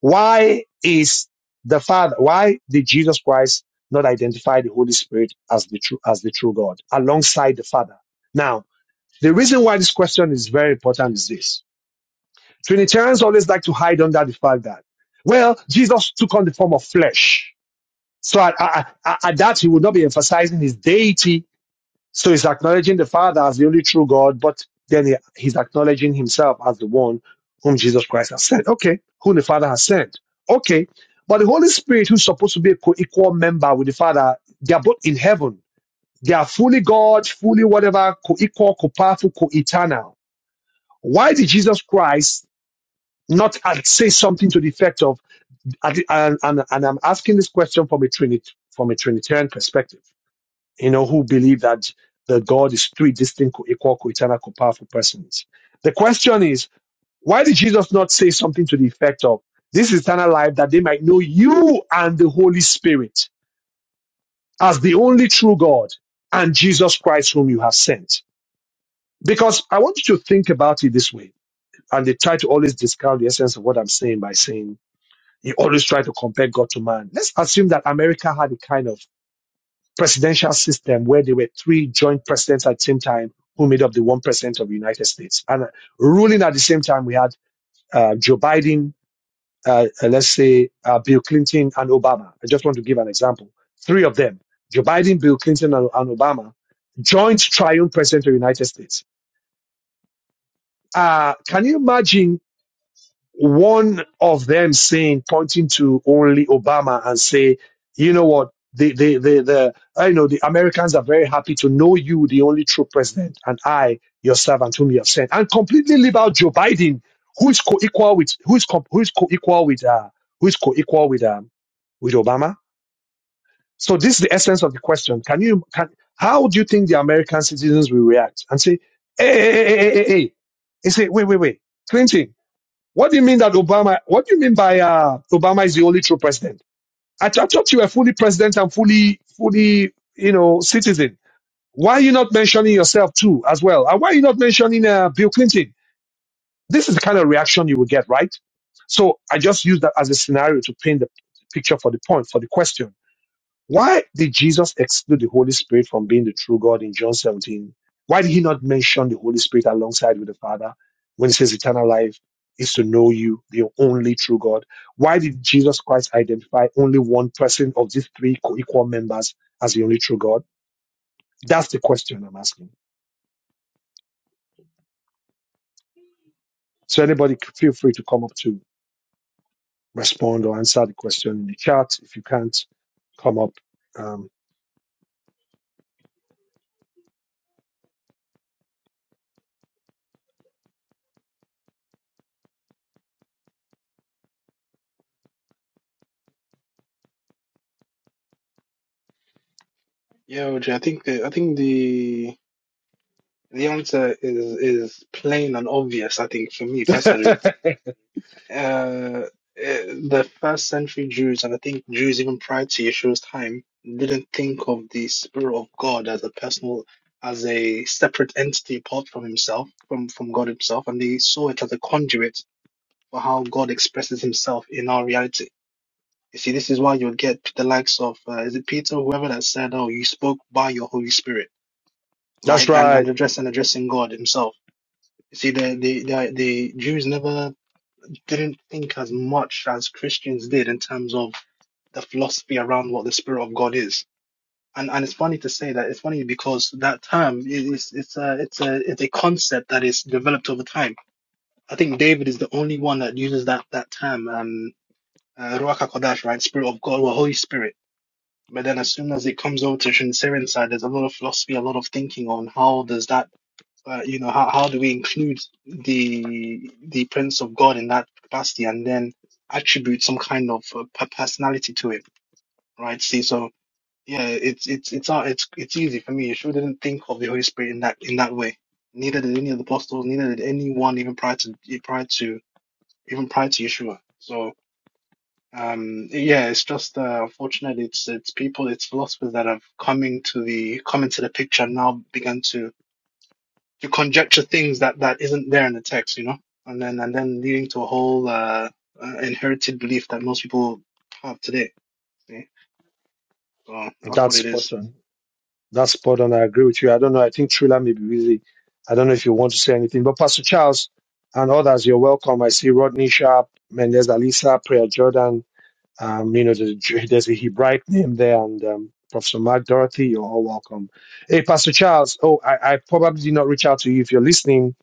[SPEAKER 2] Why is the Father, why did Jesus Christ not identify the Holy Spirit as the true, as the true God alongside the Father? Now, the reason why this question is very important is this. Trinitarians always like to hide under the fact that, well, Jesus took on the form of flesh. So at, at, at that, he would not be emphasizing his deity. So he's acknowledging the Father as the only true God, but then he, he's acknowledging himself as the one whom Jesus Christ has sent. Okay, whom the Father has sent. Okay, but the Holy Spirit, who's supposed to be a co-equal member with the Father, they are both in heaven. They are fully God, fully whatever, co-equal, co-powerful, co-eternal why did Jesus Christ not say something to the effect of, and, and, and I'm asking this question from a, Trinit, from a Trinitarian perspective, you know, who believe that the God is three distinct, equal, co-eternal, co-powerful persons. The question is, why did Jesus not say something to the effect of, this is eternal life that they might know you and the Holy Spirit as the only true God and Jesus Christ whom you have sent? Because I want you to think about it this way And they try to always discount the essence of what I'm saying by saying you always try to compare God to man. Let's assume that America had a kind of presidential system where there were three joint presidents at the same time who made up the one president of the United States. And uh, ruling at the same time, we had uh, Joe Biden, uh, uh, let's say uh, Bill Clinton and Obama. I just want to give an example. Three of them, Joe Biden, Bill Clinton, and, and Obama, joint triumph president of the United States. Uh, can you imagine one of them saying, pointing to only Obama and say, you know what, the, the, the, the, I know the Americans are very happy to know you, the only true president, and I, your servant whom you have sent, and completely leave out Joe Biden, who is co-equal with, who is, co- who is co-equal with, uh, who is co-equal with, um, with Obama. So this is the essence of the question. Can you, can, how do you think the American citizens will react and say, hey, hey, hey, hey, hey, hey, hey, say, wait, wait, wait, Clinton, what do you mean that Obama? What do you mean by uh, Obama is the only true president? I, th- I thought you were fully president and fully, fully, you know, citizen. Why are you not mentioning yourself too as well? And why are you not mentioning uh, Bill Clinton? This is the kind of reaction you will get, right? So I just use that as a scenario to paint the picture for the point for the question. Why did Jesus exclude the Holy Spirit from being the true God in John 17? Why did he not mention the Holy Spirit alongside with the Father when he says eternal life is to know you, the only true God? Why did Jesus Christ identify only one person of these three co-equal members as the only true God? That's the question I'm asking. So anybody c- feel free to come up to respond or answer the question in the chat. If you can't come up, um,
[SPEAKER 4] Yeah, OJ, I think the I think the the answer is is plain and obvious. I think for me personally. uh, uh, the first century Jews, and I think Jews even prior to Yeshua's time, didn't think of the Spirit of God as a personal, as a separate entity apart from himself, from, from God himself, and they saw it as a conduit for how God expresses himself in our reality. You see, this is why you'll get the likes of, uh, is it Peter, whoever that said, oh, you spoke by your Holy Spirit,
[SPEAKER 2] that's
[SPEAKER 4] right? And,
[SPEAKER 2] right.
[SPEAKER 4] and address and addressing God himself. You see, the, the, the, the Jews never didn't think as much as Christians did in terms of the philosophy around what the Spirit of God is. And and it's funny to say that. It's funny because that term is it's a it's a it's a concept that is developed over time. I think David is the only one that uses that that term, um, uh, Ruach Hakodesh, right, Spirit of God or Holy Spirit. But then as soon as it comes over to Shinserian side, there's a lot of philosophy, a lot of thinking on how does that uh, you know, how, how do we include the the presence of God in that capacity and then attribute some kind of uh, per- personality to it, right? See, so yeah, it's it's it's uh, it's it's easy for me. You sure didn't think of the Holy Spirit in that in that way. Neither did any of the apostles. Neither did anyone even prior to prior to even prior to Yeshua. So um yeah it's just uh, unfortunate it's it's people it's philosophers that have coming to the come into the picture and now began to you conjecture things that that isn't there in the text, you know, and then and then leading to a whole uh, uh, inherited belief that most people have today. See? So that's what
[SPEAKER 2] That's
[SPEAKER 4] it
[SPEAKER 2] spot
[SPEAKER 4] is.
[SPEAKER 2] on. That's spot on. I agree with you. I don't know. I think Trula may be busy. I don't know if you want to say anything, but Pastor Charles and others, you're welcome. I see Rodney Sharp, Mendez Alisa, Prayer Jordan. Um, you know, there's, there's a Hebraic name there, and um, Professor Mark Dorothy, you're all welcome. Hey, Pastor Charles. Oh, I, I probably did not reach out to you if you're listening.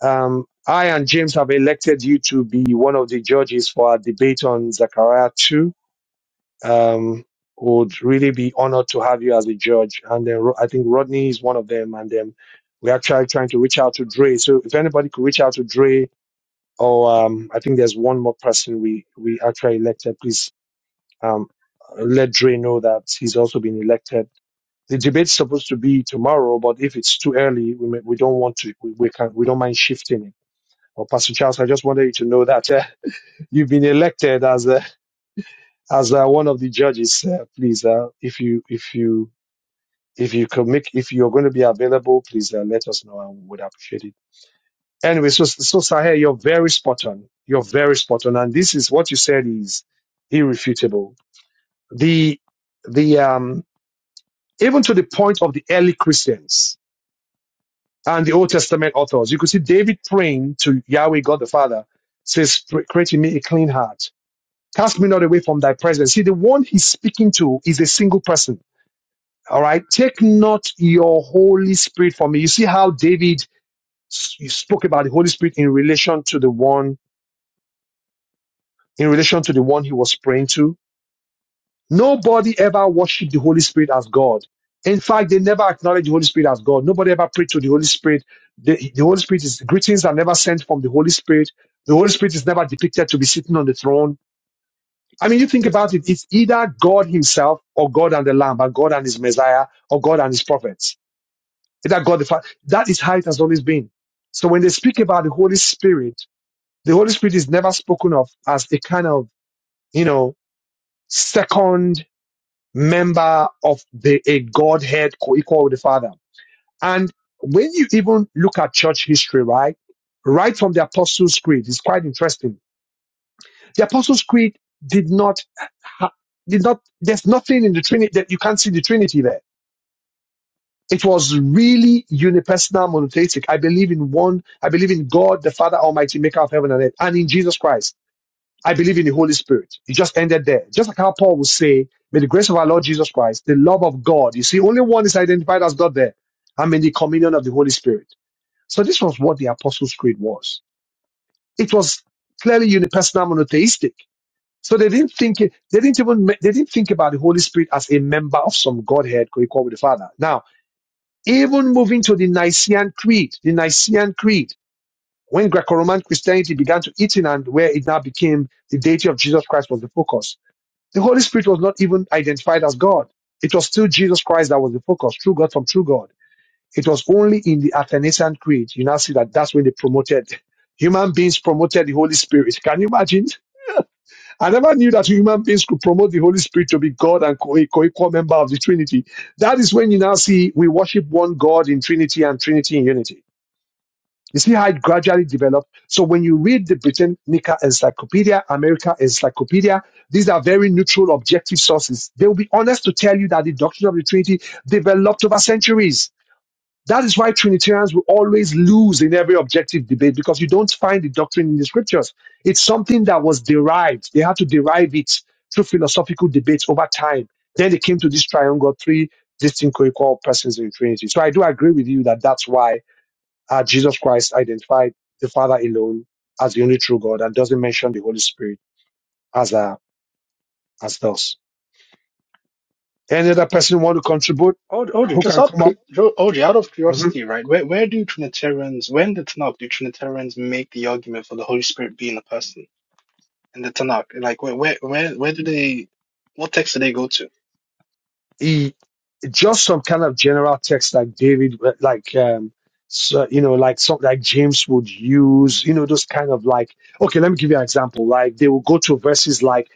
[SPEAKER 2] Um, I and James have elected you to be one of the judges for our debate on Zechariah 2 um, would really be honored to have you as a judge. And then Ro- I think Rodney is one of them. And then we're actually trying to reach out to Dre. So if anybody could reach out to Dre, or um, I think there's one more person we we actually elected. Please um, let Dre know that he's also been elected. The debate's supposed to be tomorrow, but if it's too early, we may, we don't want to. We, we can we don't mind shifting it. Well, Pastor Charles, I just wanted you to know that uh, you've been elected as a as uh, one of the judges, uh, please, uh, if you if you if you can make if you're going to be available, please uh, let us know, and we would appreciate it. Anyway, so so Sahel, you're very spot on. You're very spot on, and this is what you said is irrefutable. The the um even to the point of the early Christians and the Old Testament authors, you could see David praying to Yahweh God the Father, says, "Create in me a clean heart, cast me not away from Thy presence." See, the one he's speaking to is a single person All right. Take not your Holy Spirit from me. You see how David s- spoke about the Holy Spirit in relation to the one, in relation to the one he was praying to. Nobody ever worshiped the Holy Spirit as God. In fact, they never acknowledged the Holy Spirit as God. Nobody ever prayed to the Holy Spirit. The, the Holy Spirit is, greetings are never sent from the Holy Spirit. The Holy Spirit is never depicted to be sitting on the throne. I mean, you think about it, it's either God himself or God and the Lamb, and God and his Messiah or God and his prophets. Is that God the Father? That is how it has always been. So when they speak about the Holy Spirit, the Holy Spirit is never spoken of as a kind of, you know, second member of the a Godhead co-equal with the Father. And when you even look at church history, right? Right from the Apostles' Creed, it's quite interesting. The Apostles' Creed did not ha- did not there's nothing in the Trinity that you can't see the Trinity there It was really unipersonal monotheistic. I believe in one, I believe in God, the Father Almighty, maker of heaven and earth, and in Jesus Christ. I believe in the Holy Spirit. It just ended there. Just like how Paul would say, May the grace of our Lord Jesus Christ, the love of God. You see, only one is identified as God there. I'm in the communion of the Holy Spirit. So this was what the Apostles' Creed was. It was clearly unipersonal monotheistic. So they didn't think they didn't even they didn't think about the Holy Spirit as a member of some Godhead co-equal with the Father. Now even moving to the Nicene Creed, the Nicene Creed, when Greco-Roman Christianity began to eat in and where it now became the deity of Jesus Christ was the focus, the Holy Spirit was not even identified as God. It was still Jesus Christ that was the focus, true God from true God. It was only in the Athanasian Creed. You now see that that's when they promoted human beings promoted the Holy Spirit. Can you imagine? I never knew that human beings could promote the Holy Spirit to be God and co- a co-equal member of the Trinity. That is when you now see we worship one God in Trinity and Trinity in unity. You see how it gradually developed. So when you read the Britannica Encyclopedia, America Encyclopedia, these are very neutral, objective sources. They will be honest to tell you that the doctrine of the Trinity developed over centuries. That is why Trinitarians will always lose in every objective debate because you don't find the doctrine in the scriptures. It's something that was derived. They had to derive it through philosophical debates over time. Then they came to this triangle, three distinct co-equal persons in the Trinity. So I do agree with you that that's why uh, Jesus Christ identified the Father alone as the only true God and doesn't mention the Holy Spirit as a as those. Any other person want to contribute?
[SPEAKER 4] Aud- Audrey,
[SPEAKER 2] Who
[SPEAKER 4] just
[SPEAKER 2] can
[SPEAKER 4] out of
[SPEAKER 2] come up?
[SPEAKER 4] cu- Jo- Audrey, out of
[SPEAKER 2] Mm-hmm.
[SPEAKER 4] curiosity, right? Where where do Trinitarians, when the Tanakh, do Trinitarians make the argument for the Holy Spirit being a person in the Tanakh? Like where where where where do they? What text do they go to?
[SPEAKER 2] he just some kind of general text like David, uh, like um, so, you know, like something like James would use, you know, those kind of like. Okay, let me give you an example. Like they will go to verses like,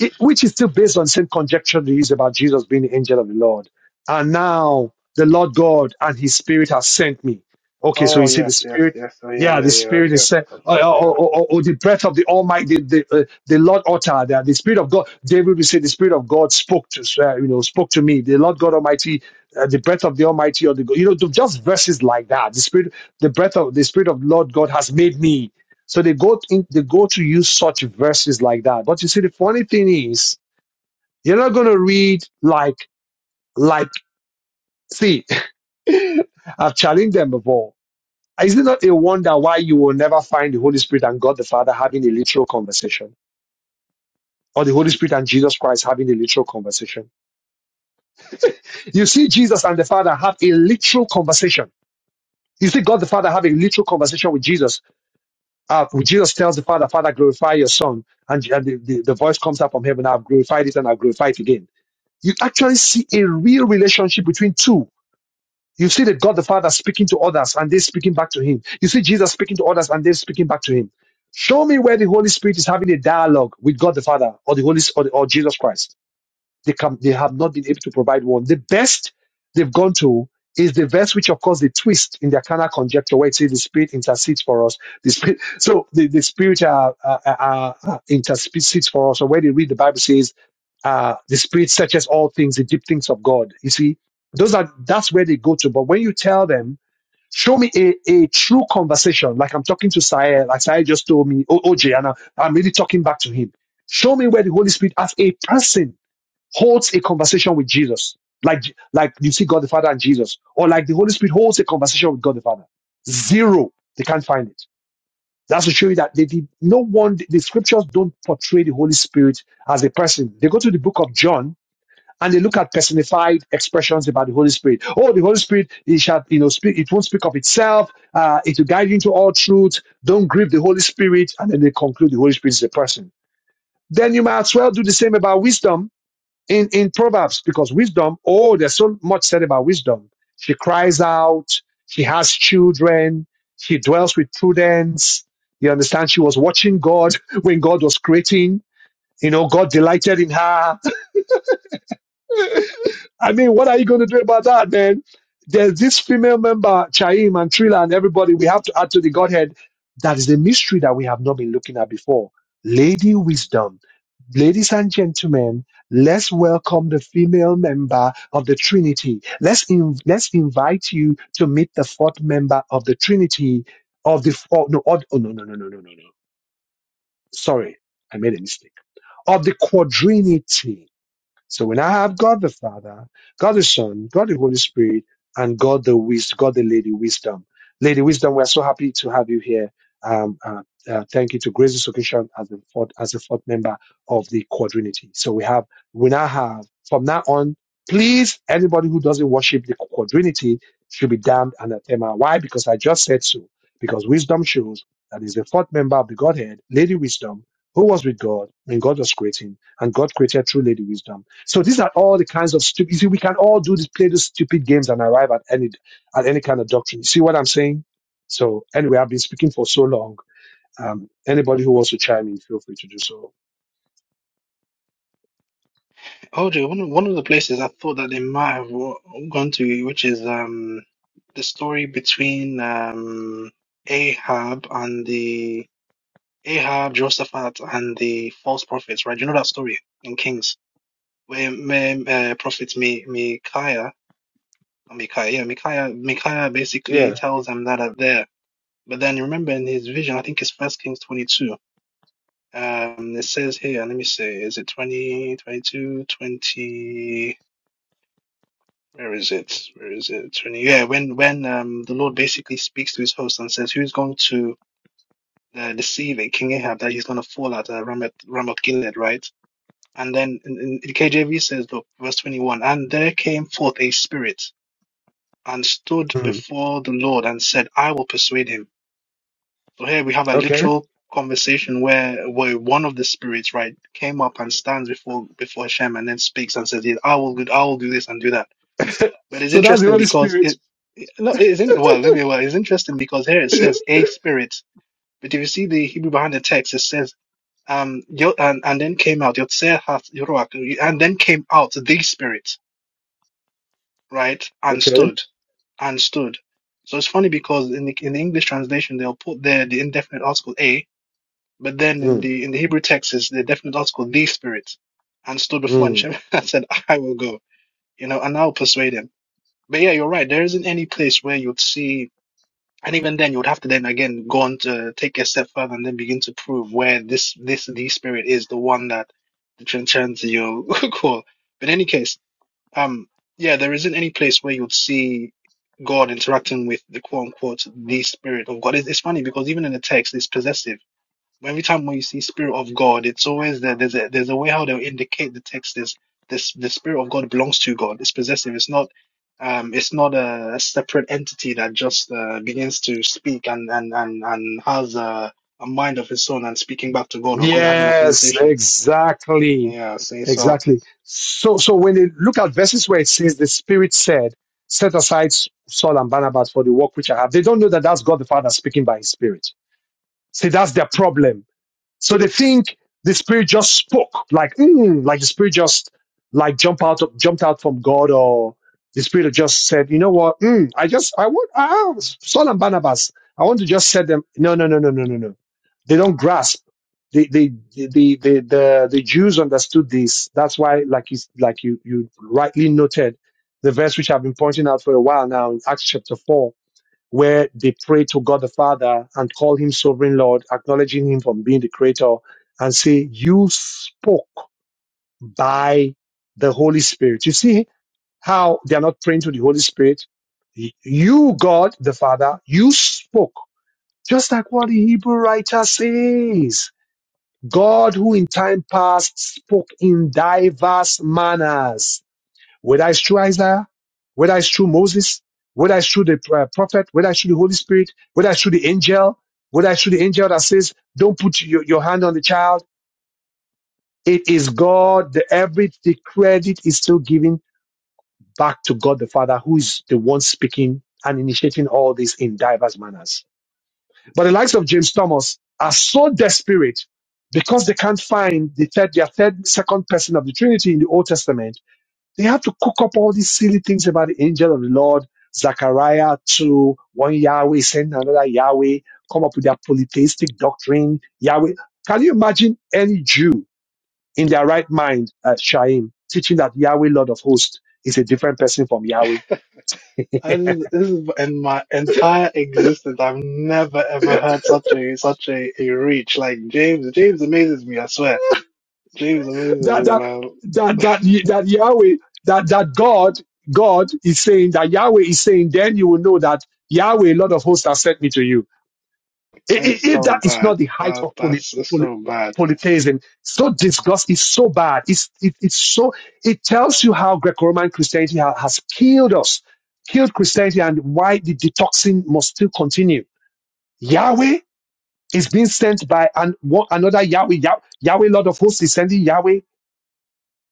[SPEAKER 2] it, which is still based on same conjecture they use about Jesus being the angel of the Lord, and now the Lord God and His Spirit has sent me. Okay, so you
[SPEAKER 4] Oh
[SPEAKER 2] see the
[SPEAKER 4] yes,
[SPEAKER 2] Spirit yeah, the Spirit is
[SPEAKER 4] yeah,
[SPEAKER 2] sent, or,
[SPEAKER 4] yeah.
[SPEAKER 2] or, or- or the breath of the Almighty, the the, uh, the Lord uttered that the Spirit of God. David would say, "The Spirit of God spoke to uh, you know spoke to me." The Lord God Almighty, uh, the breath of the Almighty, or the you know just verses like that. The Spirit, the breath of the Spirit of Lord God has made me. So they go in, they go to use such verses like that. But you see, the funny thing is, you're not going to read like like see. I've challenged them before is it not a wonder why you will never find the Holy Spirit and God the Father having a literal conversation? Or the Holy Spirit and Jesus Christ having a literal conversation? You see Jesus and the Father have a literal conversation. You see God the Father have a literal conversation with Jesus. Uh, Jesus tells the Father, Father, glorify your Son. And, and the, the, the voice comes out from heaven, I've glorified it and I'll glorify it again. You actually see a real relationship between two. You see that God the Father speaking to others and they are speaking back to him. You see Jesus speaking to others and they are speaking back to him. Show me where the Holy Spirit is having a dialogue with God the Father or the Holy or, the, or Jesus Christ. They can they have not been able to provide one. The best they've gone to is the verse which of course they twist in their carnal conjecture where it says the spirit intercedes for us. The spirit so the, the spirit uh, uh, uh, uh, intercedes for us, or where they read the Bible says uh, the spirit searches all things, the deep things of God. You see, those are that's where they go to. But when you tell them, show me a, a true conversation, like I'm talking to Sae, like Sae just told me, O- OJ, and I, I'm really talking back to him. Show me where the Holy Spirit as a person holds a conversation with Jesus, like like you see God the Father and Jesus, or like the Holy Spirit holds a conversation with God the Father. Zero, they can't find it. That's to show you that they did no one. The scriptures don't portray the Holy Spirit as a person. They go to the book of John and they look at personified expressions about the Holy Spirit. Oh, the Holy Spirit, it shall you know speak. It won't speak of itself. Uh, it will guide you into all truth. Don't grieve the Holy Spirit, and then they conclude the Holy Spirit is a person. Then you might as well do the same about wisdom in in proverbs because wisdom oh there's so much said about wisdom she cries out she has children she dwells with prudence you understand she was watching god when god was creating you know god delighted in her I mean, what are you going to do about that, man? There's this female member, Chaim and Trila and everybody we have to add to the Godhead. That is a mystery that we have not been looking at before. Lady Wisdom. Ladies and gentlemen, let's welcome the female member of the Trinity. Let's, in, let's invite you to meet the fourth member of the Trinity of the, oh, no, oh, no, no, no, no, no, no, no. Sorry, I made a mistake. Of the Quadrinity. So when I have God the Father, God the Son, God the Holy Spirit, and God the Wisdom, God the Lady Wisdom. Lady Wisdom, we're so happy to have you here. Um, uh, uh, thank you to Grace this occasion as the fourth as the fourth member of the quadrinity. So we have we now have from now on, please anybody who doesn't worship the quadrinity should be damned anathema. Why? Because I just said so. Because wisdom shows that is the fourth member of the Godhead, Lady Wisdom, who was with God when God was creating, and God created through Lady Wisdom so these are all the kinds of stupid. You see, we can all do this, play these stupid games, and arrive at any at any kind of doctrine. You see what I'm saying? So anyway, I've been speaking for so long. Um, anybody who wants to chime in, feel free to do so.
[SPEAKER 4] OJ, one of, one of the places I thought that they might have wa- gone to, which is um the story between um Ahab and the Ahab, Jehoshaphat, and the false prophets, right? You know that story in Kings where me, uh, prophet Mi, Micaiah, or Micaiah, yeah, Micaiah, Micaiah basically
[SPEAKER 2] Yeah.
[SPEAKER 4] tells them that are there. But then you remember in his vision, I think it's First Kings 22. Um, it says here, let me see, is it 20, 22, 20? Where is it? Where is it? When- Yeah, when when um the Lord basically speaks to his host and says, "Who's going to uh, deceive a King Ahab that he's going to fall at uh, Ramoth Ramoth Gilead, right?" And then in, in the KJV says, "Look, verse twenty-one, and there came forth a spirit and stood
[SPEAKER 2] Mm.
[SPEAKER 4] before the Lord and said, I will persuade him." So here we have a
[SPEAKER 2] Okay.
[SPEAKER 4] literal conversation where where one of the spirits, right, came up and stands before before Hashem and then speaks and says, "Yes, I will good, I will do this and do that." But it's
[SPEAKER 2] so that's the
[SPEAKER 4] interesting
[SPEAKER 2] Holy
[SPEAKER 4] because
[SPEAKER 2] Spirit.
[SPEAKER 4] it it- no, it isn't well, let me well, it's interesting because here it says a spirit. But if you see the Hebrew behind the text, it says um yo, and, and then came out Yotzer hath Yoruach, and then came out the spirit, right? And
[SPEAKER 2] okay.
[SPEAKER 4] stood and stood. So it's funny because in the in the English translation they'll put there the indefinite article a, but then in
[SPEAKER 2] Mm.
[SPEAKER 4] the in the Hebrew text is the definite article the spirit and stood before and
[SPEAKER 2] Mm.
[SPEAKER 4] Shem and said, I will go, you know, and I'll persuade him. But yeah, you're right. There isn't any place where you'd see And even then, you would have to then again go on to take a step further and then begin to prove where this this the spirit is the one that the Trinitarians call. But in any case, um, yeah, there isn't any place where you'd see God interacting with the quote unquote the spirit of God. It's, it's funny because even in the text, it's possessive Every time when you see Spirit of God, it's always there. There's a there's a way how they'll indicate the text is this the Spirit of God belongs to God. It's possessive. It's not um it's not a, a separate entity that just uh, begins to speak and and and and has a, a mind of its own and speaking back to God or God having a
[SPEAKER 2] Yes.
[SPEAKER 4] conversation.
[SPEAKER 2] Exactly.
[SPEAKER 4] Yeah, see, so
[SPEAKER 2] Exactly. So so when you look at verses where it says the Spirit said, "Set aside Saul and Barnabas for the work which I have," they don't know that that's God the Father speaking by His Spirit See, that's their problem. So they think the spirit just spoke, like, mm, like the spirit just like jump out of, jumped out from God, or the spirit just said, you know what? Mm, I just I want ah, Saul and Barnabas. I want to just set them. No, no, no, no, no, no, no. They don't grasp. The the the the the, the, the Jews understood this. That's why, like you like you you rightly noted, the verse which I've been pointing out for a while now in Acts chapter four where they pray to God the Father and call him sovereign Lord, acknowledging him from being the creator, and say, You spoke by the Holy Spirit. You see how they are not praying to the Holy Spirit? You, God the Father, you spoke, just like what the Hebrew writer says. God, who in time past spoke in diverse manners whether it's through Isaiah, whether it's through Moses, whether it's through the uh, prophet, whether it's through the Holy Spirit, whether it's through the angel, whether it's through the angel that says, don't put your, your hand on the child. It is God. The, every, the credit is still given back to God the Father, who is the one speaking and initiating all this in diverse manners. But the likes of James Thomas are so desperate because they can't find the third, their third, second person of the Trinity in the Old Testament they have to cook up all these silly things about the angel of the Lord, Zechariah 2, one Yahweh send another Yahweh, come up with their polytheistic doctrine, Yahweh. Can you imagine any Jew in their right mind, uh, Shaim, teaching that Yahweh, Lord of hosts, is a different person from Yahweh? that
[SPEAKER 4] and this is in my entire existence, I've never ever heard such a such a, a reach. Like James, James amazes me. I swear, James amazes me,
[SPEAKER 2] that
[SPEAKER 4] man.
[SPEAKER 2] that that, that Yahweh that that God God is saying that Yahweh is saying then you will know that Yahweh Lord of hosts has sent me to you I- i-
[SPEAKER 4] It's
[SPEAKER 2] If
[SPEAKER 4] so
[SPEAKER 2] that is
[SPEAKER 4] bad.
[SPEAKER 2] not the height
[SPEAKER 4] That
[SPEAKER 2] of poly,
[SPEAKER 4] that's it's
[SPEAKER 2] poly,
[SPEAKER 4] so bad.
[SPEAKER 2] polytheism, so disgust is so bad. It's it, it's so it tells you how Greco-Roman Christianity ha- has killed us, killed Christianity, and why the detoxing must still continue. Yahweh is being sent by an, one, another Yahweh, Yah, Yahweh Lord of Hosts is sending Yahweh,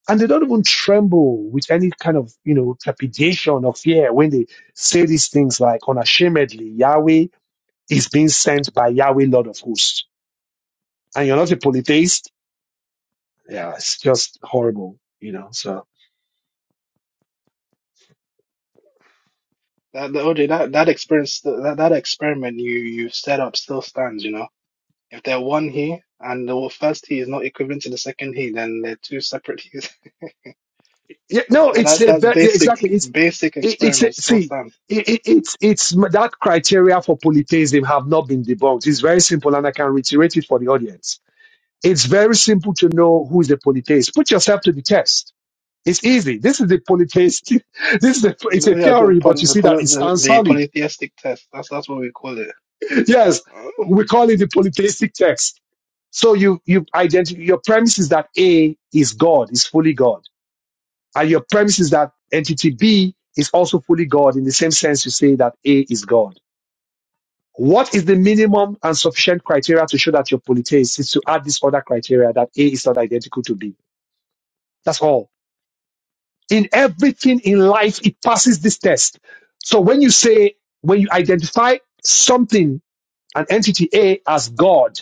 [SPEAKER 2] and they don't even tremble with any kind of you know trepidation or fear when they say these things like unashamedly Yahweh is being sent by Yahweh Lord of Hosts and you're not a polytheist, yeah, it's just horrible, you know. So
[SPEAKER 4] That the OJ that that experience that that experiment you you set up still stands. You know, if they're one he and the first he is not equivalent to the second he, then they're two separate he's.
[SPEAKER 2] yeah, no,
[SPEAKER 4] Now
[SPEAKER 2] it's
[SPEAKER 4] that
[SPEAKER 2] a
[SPEAKER 4] that
[SPEAKER 2] ve- yeah,
[SPEAKER 4] basic
[SPEAKER 2] exactly. It's
[SPEAKER 4] basic
[SPEAKER 2] it, it's a,
[SPEAKER 4] experiment still
[SPEAKER 2] see,
[SPEAKER 4] stands.
[SPEAKER 2] it, it, it's it's that criteria for polytheism have not been debunked. It's very simple, and I can reiterate it for the audience. It's very simple to know who is a polytheist. Put yourself to the test. It's easy. This is the polytheist. This is the, it's a
[SPEAKER 4] Yeah, the
[SPEAKER 2] theory, but you
[SPEAKER 4] poly, the,
[SPEAKER 2] see that
[SPEAKER 4] poly,
[SPEAKER 2] it
[SPEAKER 4] the
[SPEAKER 2] stands
[SPEAKER 4] the
[SPEAKER 2] solid.
[SPEAKER 4] polytheistic test. That's that's what we call it.
[SPEAKER 2] Yes,
[SPEAKER 4] Uh,
[SPEAKER 2] we call it the polytheistic text. So you you identify your premise is that A is God, is fully God. And your premise is that entity B is also fully God in the same sense you say that A is God. What is the minimum and sufficient criteria to show that your polytheist is to add this other criteria that A is not identical to B? That's all. In everything in life, it passes this test. So when you say, when you identify something, an entity A as God,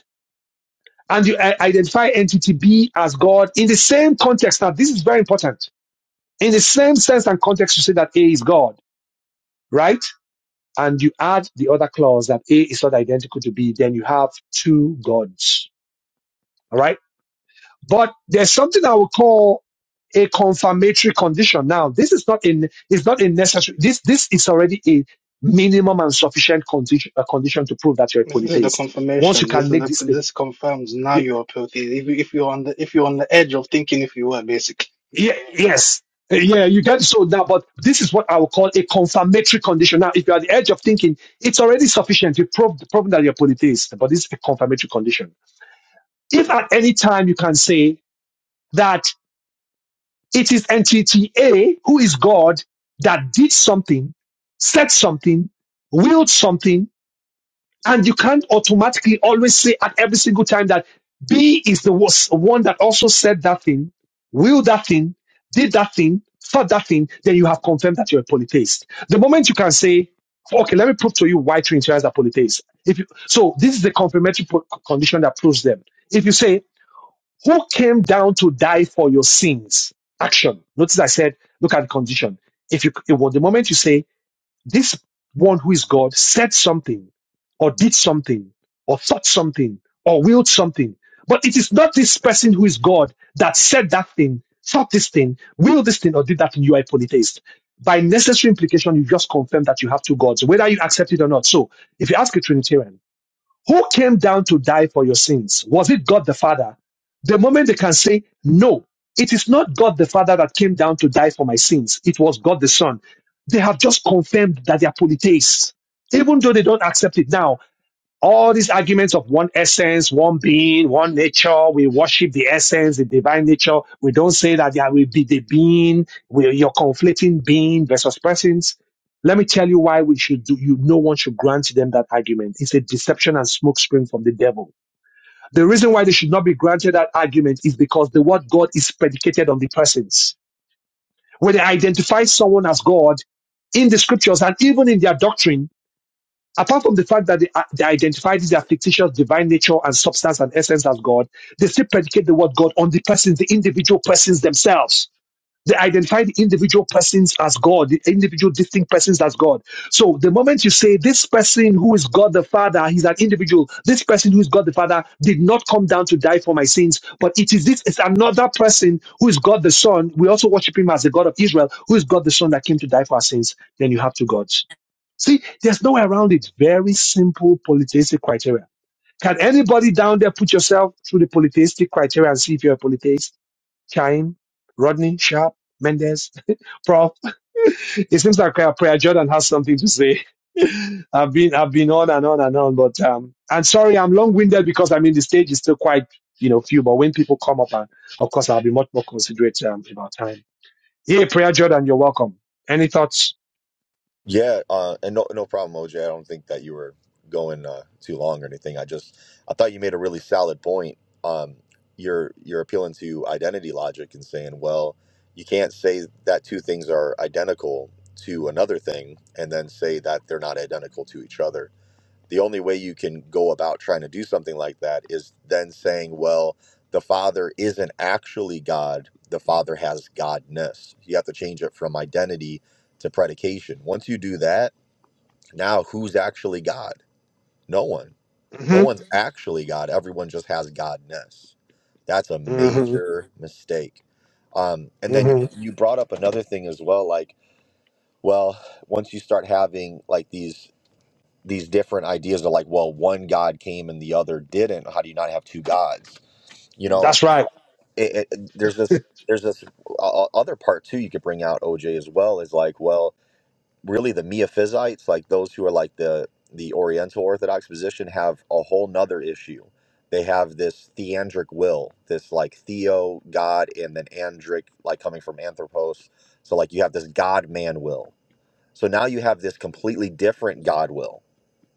[SPEAKER 2] and you i- identify entity B as God in the same context, now this is very important. In the same sense and context, you say that A is God, right? and you add the other clause that A is not identical to B, then you have two gods. All right. But there's something I would call a confirmatory condition. Now, this is not in, it's not a necessary. This, this is already a minimum and sufficient condition, a condition to prove that you're a
[SPEAKER 4] This, this is the
[SPEAKER 2] polytheist. Once you
[SPEAKER 4] confirmation.
[SPEAKER 2] can
[SPEAKER 4] This is
[SPEAKER 2] make
[SPEAKER 4] the
[SPEAKER 2] this statement.
[SPEAKER 4] this confirms now
[SPEAKER 2] y-
[SPEAKER 4] you are polytheist. If you, if you're on the if you're on the edge of thinking if you were basically.
[SPEAKER 2] Yeah, yes. uh, Yeah, you get so now, but this is what I would call a confirmatory condition. Now, if you're at the edge of thinking, it's already sufficient. you prove proved, proven that you're a polytheist, but it's a confirmatory condition. if at any time you can say that it is entity A who is God that did something, said something, willed something, and you can't automatically always say at every single time that B is the was- one that also said that thing, willed that thing, did that thing, thought that thing, then you have confirmed that you're a polytheist. The moment you can say, okay, let me prove to you why Trinitarians are polytheists. If you, so this is the confirmatory po- condition that proves them. If you say who came down to die for your sins. Action. Notice I said, look at the condition. If you, if was the moment you say, this one who is God said something, or did something, or thought something, or willed something, but it is not this person who is God that said that thing, thought this thing, willed this thing, or did that thing. You are a polytheist. By necessary implication, you just confirm that you have two gods, whether you accept it or not. So, if you ask a Trinitarian, who came down to die for your sins? Was it God the Father? The moment they can say, no, it is not God the Father that came down to die for my sins. It was God the Son. They have just confirmed that they are polytheists, even though they don't accept it now all these arguments of one essence, one being, one nature, we worship the essence, the divine nature. We don't say that there will be the being, we, you're conflating being versus persons. Let me tell you why we should do, you, no one should grant them that argument. It's a deception and smokescreen from the devil. The reason why they should not be granted that argument is because the word God is predicated on the persons. When they identify someone as God in the scriptures and even in their doctrine, Apart from the fact that they, uh, they identify this their fictitious divine nature and substance and essence as God, they still predicate the word God on the persons, the individual persons themselves. They identify the individual persons as God, the individual distinct persons as God. So the moment you say this person who is God the Father, he's an individual, this person who is God the Father did not come down to die for my sins, but it is this it's another person who is God the Son. We also worship him as the God of Israel, who is God the Son that came to die for our sins. Then you have two gods. See, there's no way around it. Very simple polytheistic criteria. Can anybody down there put yourself through the polytheistic criteria and see if you're a polytheist? Chaim, Rodney, Sharp, Mendez, Prof. it seems like uh, Prayer Jordan has something to say. I've been I've been on and on and on, but um, and sorry I'm long-winded because I mean the stage is still quite you know few, but when people come up, and of course I'll be much more considerate um, about time. Yeah, Prayer Jordan, you're welcome. Any thoughts?
[SPEAKER 5] Yeah, uh, and no, no problem, OJ. I don't think that you were going uh, too long or anything. I just, I thought you made a really solid point. Um, you're you're appealing to identity logic and saying, well, you can't say that two things are identical to another thing and then say that they're not identical to each other the only way you can go about trying to do something like that is then saying, well, the Father isn't actually God, the Father has Godness. You have to change it from identity to predication. Once you do that, now who's actually God? No one. No
[SPEAKER 2] hmm
[SPEAKER 5] one's Mhm. actually God. Everyone just has Godness. That's a
[SPEAKER 2] hmm
[SPEAKER 5] major Mhm. mistake. Um, and then
[SPEAKER 2] hmm
[SPEAKER 5] you Mhm. brought up another thing as well, like, well, once you start having like these these different ideas of like, well, one God came and the other didn't. How do you not have two gods? You know,
[SPEAKER 2] That's right.
[SPEAKER 5] it, it, there's this there's this uh, other part too you could bring out OJ as well is like, well, really the Miaphysites, like those who are like the the Oriental Orthodox position, have a whole nother issue. They have this theandric will, this like theo God and then andric, like coming from anthropos. So like you have this God man will. So now you have this completely different God will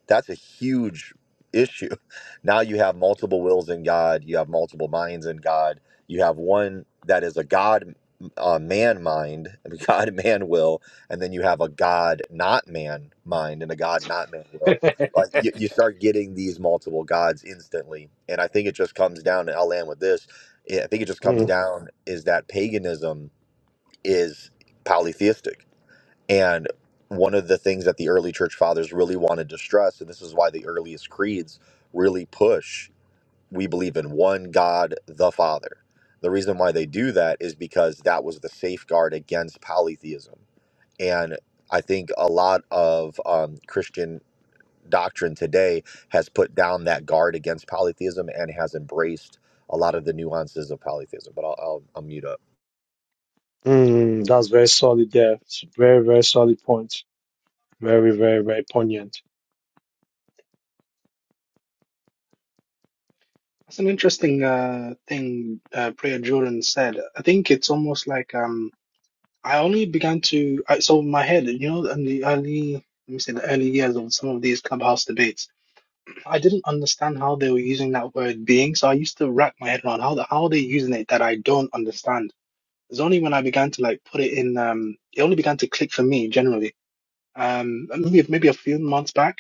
[SPEAKER 5] that's a huge issue. Now you have multiple wills in God, you have multiple minds in God, you have one that is a God uh, man mind, a God man will, and then you have a God not man mind and a God not man will. Like you, you start getting these multiple gods instantly, and I think it just comes down. And I'll land with this. I think it just comes
[SPEAKER 2] Mm,
[SPEAKER 5] down is that paganism is polytheistic and one of the things that the early church fathers really wanted to stress, and this is why the earliest creeds really push, we believe in one God, the Father. The reason why they do that is because that was the safeguard against polytheism. And I think a lot of um, Christian doctrine today has put down that guard against polytheism and has embraced a lot of the nuances of polytheism. But I'll, I'll, I'll mute up.
[SPEAKER 2] mm, that's very solid there. It's a very, very solid point. Very, very, very poignant.
[SPEAKER 4] That's an interesting uh, thing uh, Priya Jordan said. I think it's almost like um, I only began to I, so in my head, you know, in the early let me say the early years of some of these clubhouse debates, I didn't understand how they were using that word being. So I used to wrap my head around how the, how are they using it that I don't understand. It's only when I began to like put it in, um, it only began to click for me generally um maybe maybe a few months back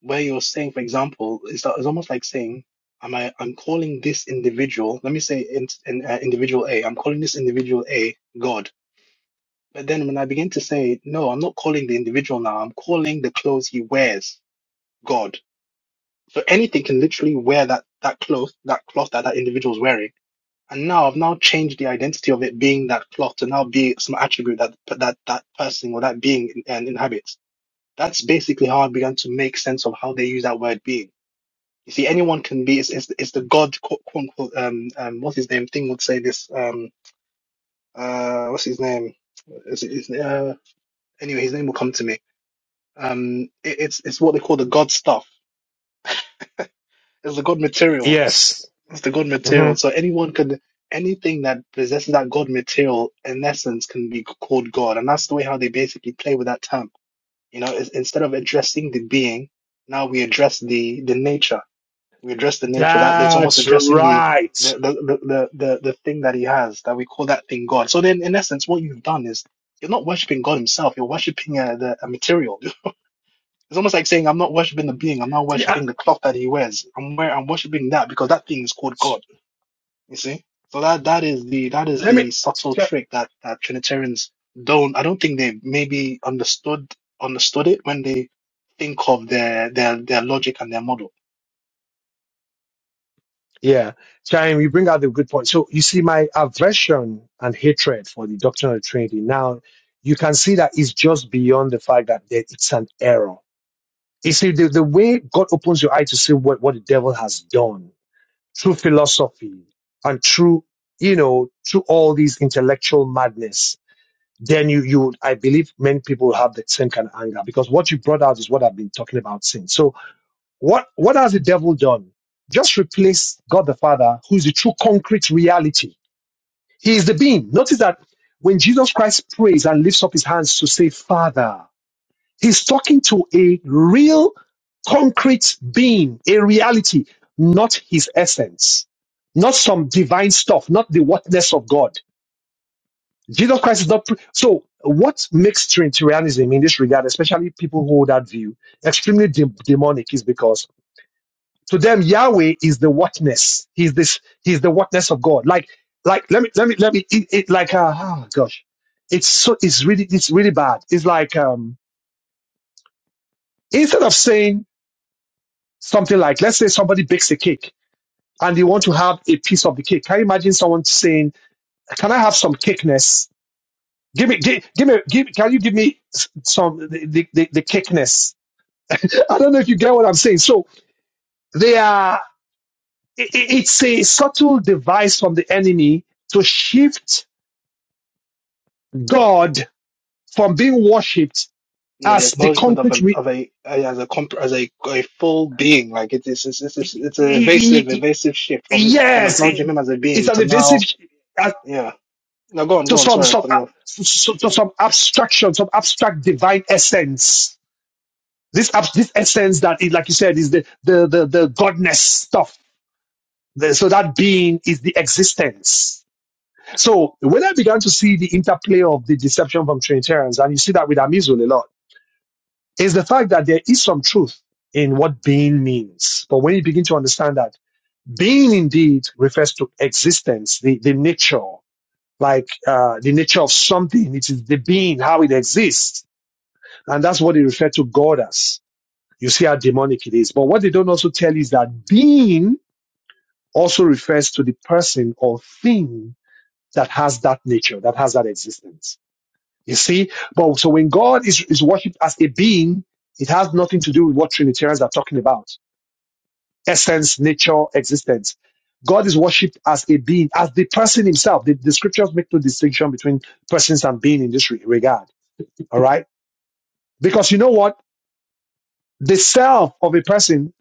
[SPEAKER 4] where you're saying for example it's, it's almost like saying am i i'm calling this individual let me say in, in uh, individual a i'm calling this individual a god but then when i begin to say no i'm not calling the individual now i'm calling the clothes he wears god so anything can literally wear that that cloth that cloth that that individual's wearing and now i've now changed the identity of it being that cloth to now be some attribute that that that person or that being uh, inhabits that's basically how I began to make sense of how they use that word being. You see, anyone can be. It's, it's, it's the God, quote, unquote. Um, um, what's his name? Thing would say this. Um, uh, what's his name? Is it, is, uh, anyway, his name will come to me. Um, it, it's it's what they call the God stuff. It's the God material.
[SPEAKER 2] Yes.
[SPEAKER 4] It's the God
[SPEAKER 2] hmm
[SPEAKER 4] material. So anyone can anything that possesses that God material in essence can be called God, and that's the way how they basically play with that term. You know, it's, instead of addressing the being, now we address the the nature We address the nature that it's almost
[SPEAKER 2] That's
[SPEAKER 4] addressing the the
[SPEAKER 2] right.
[SPEAKER 4] the the the, the, thing that he has that we call that thing God. So then, in essence, what you've done is you're not worshiping God Himself. You're worshiping a, the, a material. It's almost like saying, "I'm not worshiping the being. I'm not
[SPEAKER 2] Yeah,
[SPEAKER 4] worshiping the cloth that he wears. I'm wear, I'm worshiping that because that thing is called God." You see. So that that is the that is
[SPEAKER 2] Let me,
[SPEAKER 4] the subtle trick that that Trinitarians don't. I don't think they maybe understood understood it when they think of their their their logic and their model.
[SPEAKER 2] yeah, Chaim, you bring out the good point. So you see my aversion and hatred for the doctrine of the Trinity. Now you can see that it's just beyond the fact that there- it's an error. You see, the, the way God opens your eye to see what, what the devil has done, through philosophy and through, you know, through all these intellectual madness, then you, you, I believe many people have the same kind of anger because what you brought out is what I've been talking about since. So what, what has the devil done? Just replace God the Father, who is the true concrete reality. He is the being. Notice that when Jesus Christ prays and lifts up his hands to say, Father, He's talking to a real concrete being, a reality, not his essence, not some divine stuff, not the whatness of God. Jesus Christ is not. Pre- so, what makes Trinitarianism in this regard, especially people who hold that view, extremely de- demonic is because to them Yahweh is the whatness. He's this. He's the whatness of God. Like, like let me let me let me. It, it, like, uh, oh gosh, it's so it's really it's really bad. It's like um instead of saying Something like, let's say somebody bakes a cake and they want to have a piece of the cake. Can you imagine someone saying, can I have some cakeness? Give me, give, give me, give, can you give me some, the, the, the, cakeness? I don't know if you get what I'm saying. So they are, i it's a subtle device from the enemy to shift God from being worshipped
[SPEAKER 4] yeah, the
[SPEAKER 2] as the
[SPEAKER 4] acknowledgement of
[SPEAKER 2] concrete.
[SPEAKER 4] a
[SPEAKER 2] Re-
[SPEAKER 4] of a as a comp as a, a full being, like it is it's it's it's it's a evasive evasive shift from it from
[SPEAKER 2] yes,
[SPEAKER 4] acknowledging him as a
[SPEAKER 2] it's
[SPEAKER 4] being
[SPEAKER 2] an
[SPEAKER 4] to
[SPEAKER 2] evasive.
[SPEAKER 4] now, yeah. Now go on,
[SPEAKER 2] to
[SPEAKER 4] go on.
[SPEAKER 2] some
[SPEAKER 4] Sorry, I
[SPEAKER 2] some
[SPEAKER 4] cut
[SPEAKER 2] uh,
[SPEAKER 4] you off.
[SPEAKER 2] s- to some abstraction, some abstract divine essence. This ab- this essence that is, like you said, is the the the, the godness stuff. The- so that being is the existence. So when I began to see the interplay of the deception from Trinitarians, and you see that with Amizul a lot, is the fact that there is some truth in what being means. But when you begin to understand that being indeed refers to existence, the, the nature. like uh, the nature of something. It is the being, how it exists. And that's what they refer to God as. You see how demonic it is. But what they don't also tell is that being also refers to the person or thing that has that nature, that has that existence. You see? But so when God is, is worshipped as a being, it has nothing to do with what Trinitarians are talking about. Essence, nature, existence. God is worshipped as a being, as the person himself. The, the scriptures make no distinction between persons and being in this re- regard All right. Because you know what? The self of a person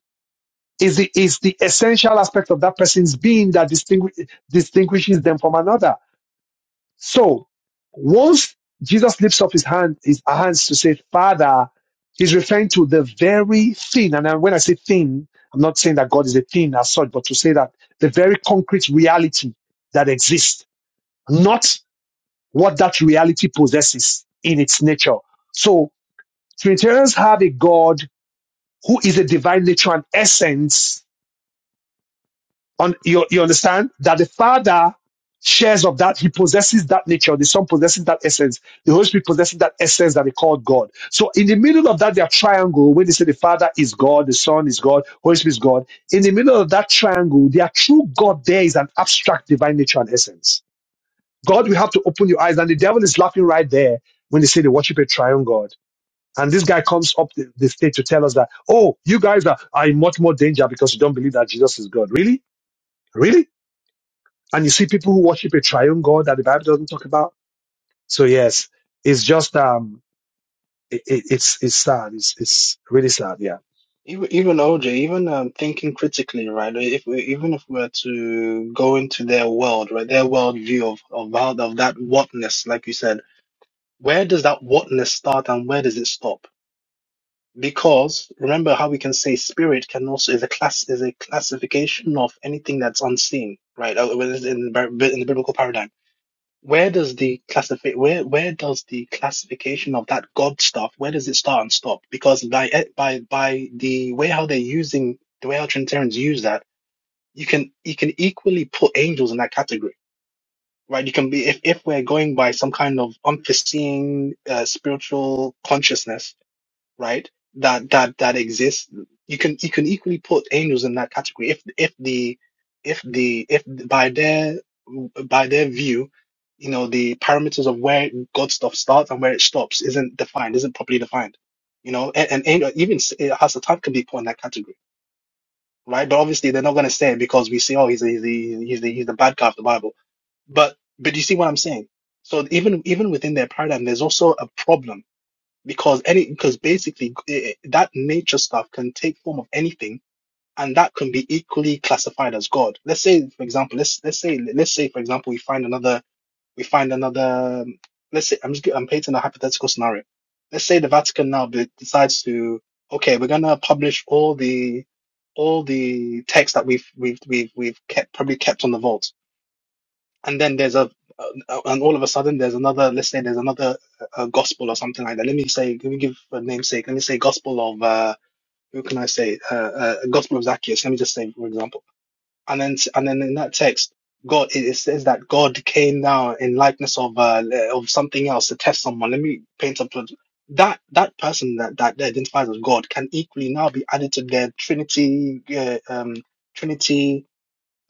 [SPEAKER 2] is the is the essential aspect of that person's being that distinguish, distinguishes them from another. So once Jesus lifts up his hand, his hands to say, Father, he's referring to the very thing. And then when I say thing, I'm not saying that God is a thing as such, but to say that the very concrete reality that exists, not what that reality possesses in its nature. So Trinitarians have a God who is a divine nature and essence. On you, you understand that the Father shares of that, he possesses that nature, the Son possesses that essence, the Holy Spirit possesses that essence that they call God. So in the middle of that, their triangle, when they say the Father is God, the Son is God, Holy Spirit is God, in the middle of that triangle, their true God there is an abstract divine nature and essence. God, we have to open your eyes, and the devil is laughing right there when they say they worship a triune God. And this guy comes up the, the stage to tell us that, oh, you guys are, are in much more danger because you don't believe that Jesus is God. Really? Really? And you see people who worship a triune God that the Bible doesn't talk about. So yes, it's just, um, it, it, it's, it's sad. It's, it's really sad. Yeah.
[SPEAKER 4] Even even OJ, even um, thinking critically, right? If we, even if we're to go into their world, right, their world view of of how of that whatness, like you said. Where does that whatness start and where does it stop? Because remember how we can say spirit can also is a class is a classification of anything that's unseen, right? Uh, whether it's In the Bi- in the biblical paradigm, where does the classify where where does the classification of that God stuff where does it start and stop? Because by it- by by the way how they're using the way how Trinitarians use that, you can you can equally put angels in that category right? You can be if if we're going by some kind of unforeseen uh, spiritual consciousness, right? That that that exists. You can you can equally put angels in that category if if the if the if by their by their view, you know, the parameters of where God stuff starts and where it stops isn't defined, isn't properly defined. You know, and, and angel even s- uh, Hasatan can be put in that category, right? But obviously they're not going to say it because we say, oh, he's a, he's the he's the he's the bad guy of the Bible but but you see what I'm saying? So even even within their paradigm, there's also a problem because any because basically eh, eh, that nature stuff can take form of anything, and that can be equally classified as God. Let's say, for example, let's let's say let's say for example we find another we find another um, let's say I'm just gi- I'm painting a hypothetical scenario. Let's say the Vatican now be- decides to okay we're gonna publish all the all the texts that we've we've we've we've kept probably kept on the vault and then there's a uh, and all of a sudden there's another let's say there's another uh, gospel or something like that let me say let me give a namesake let me say gospel of uh who can i say uh, uh gospel of zacchaeus let me just say for example and then and then in that text god it, it says that god came down in likeness of uh of something else to test someone let me paint up with- that that person that that they identifies as god can equally now be added to their trinity uh, um trinity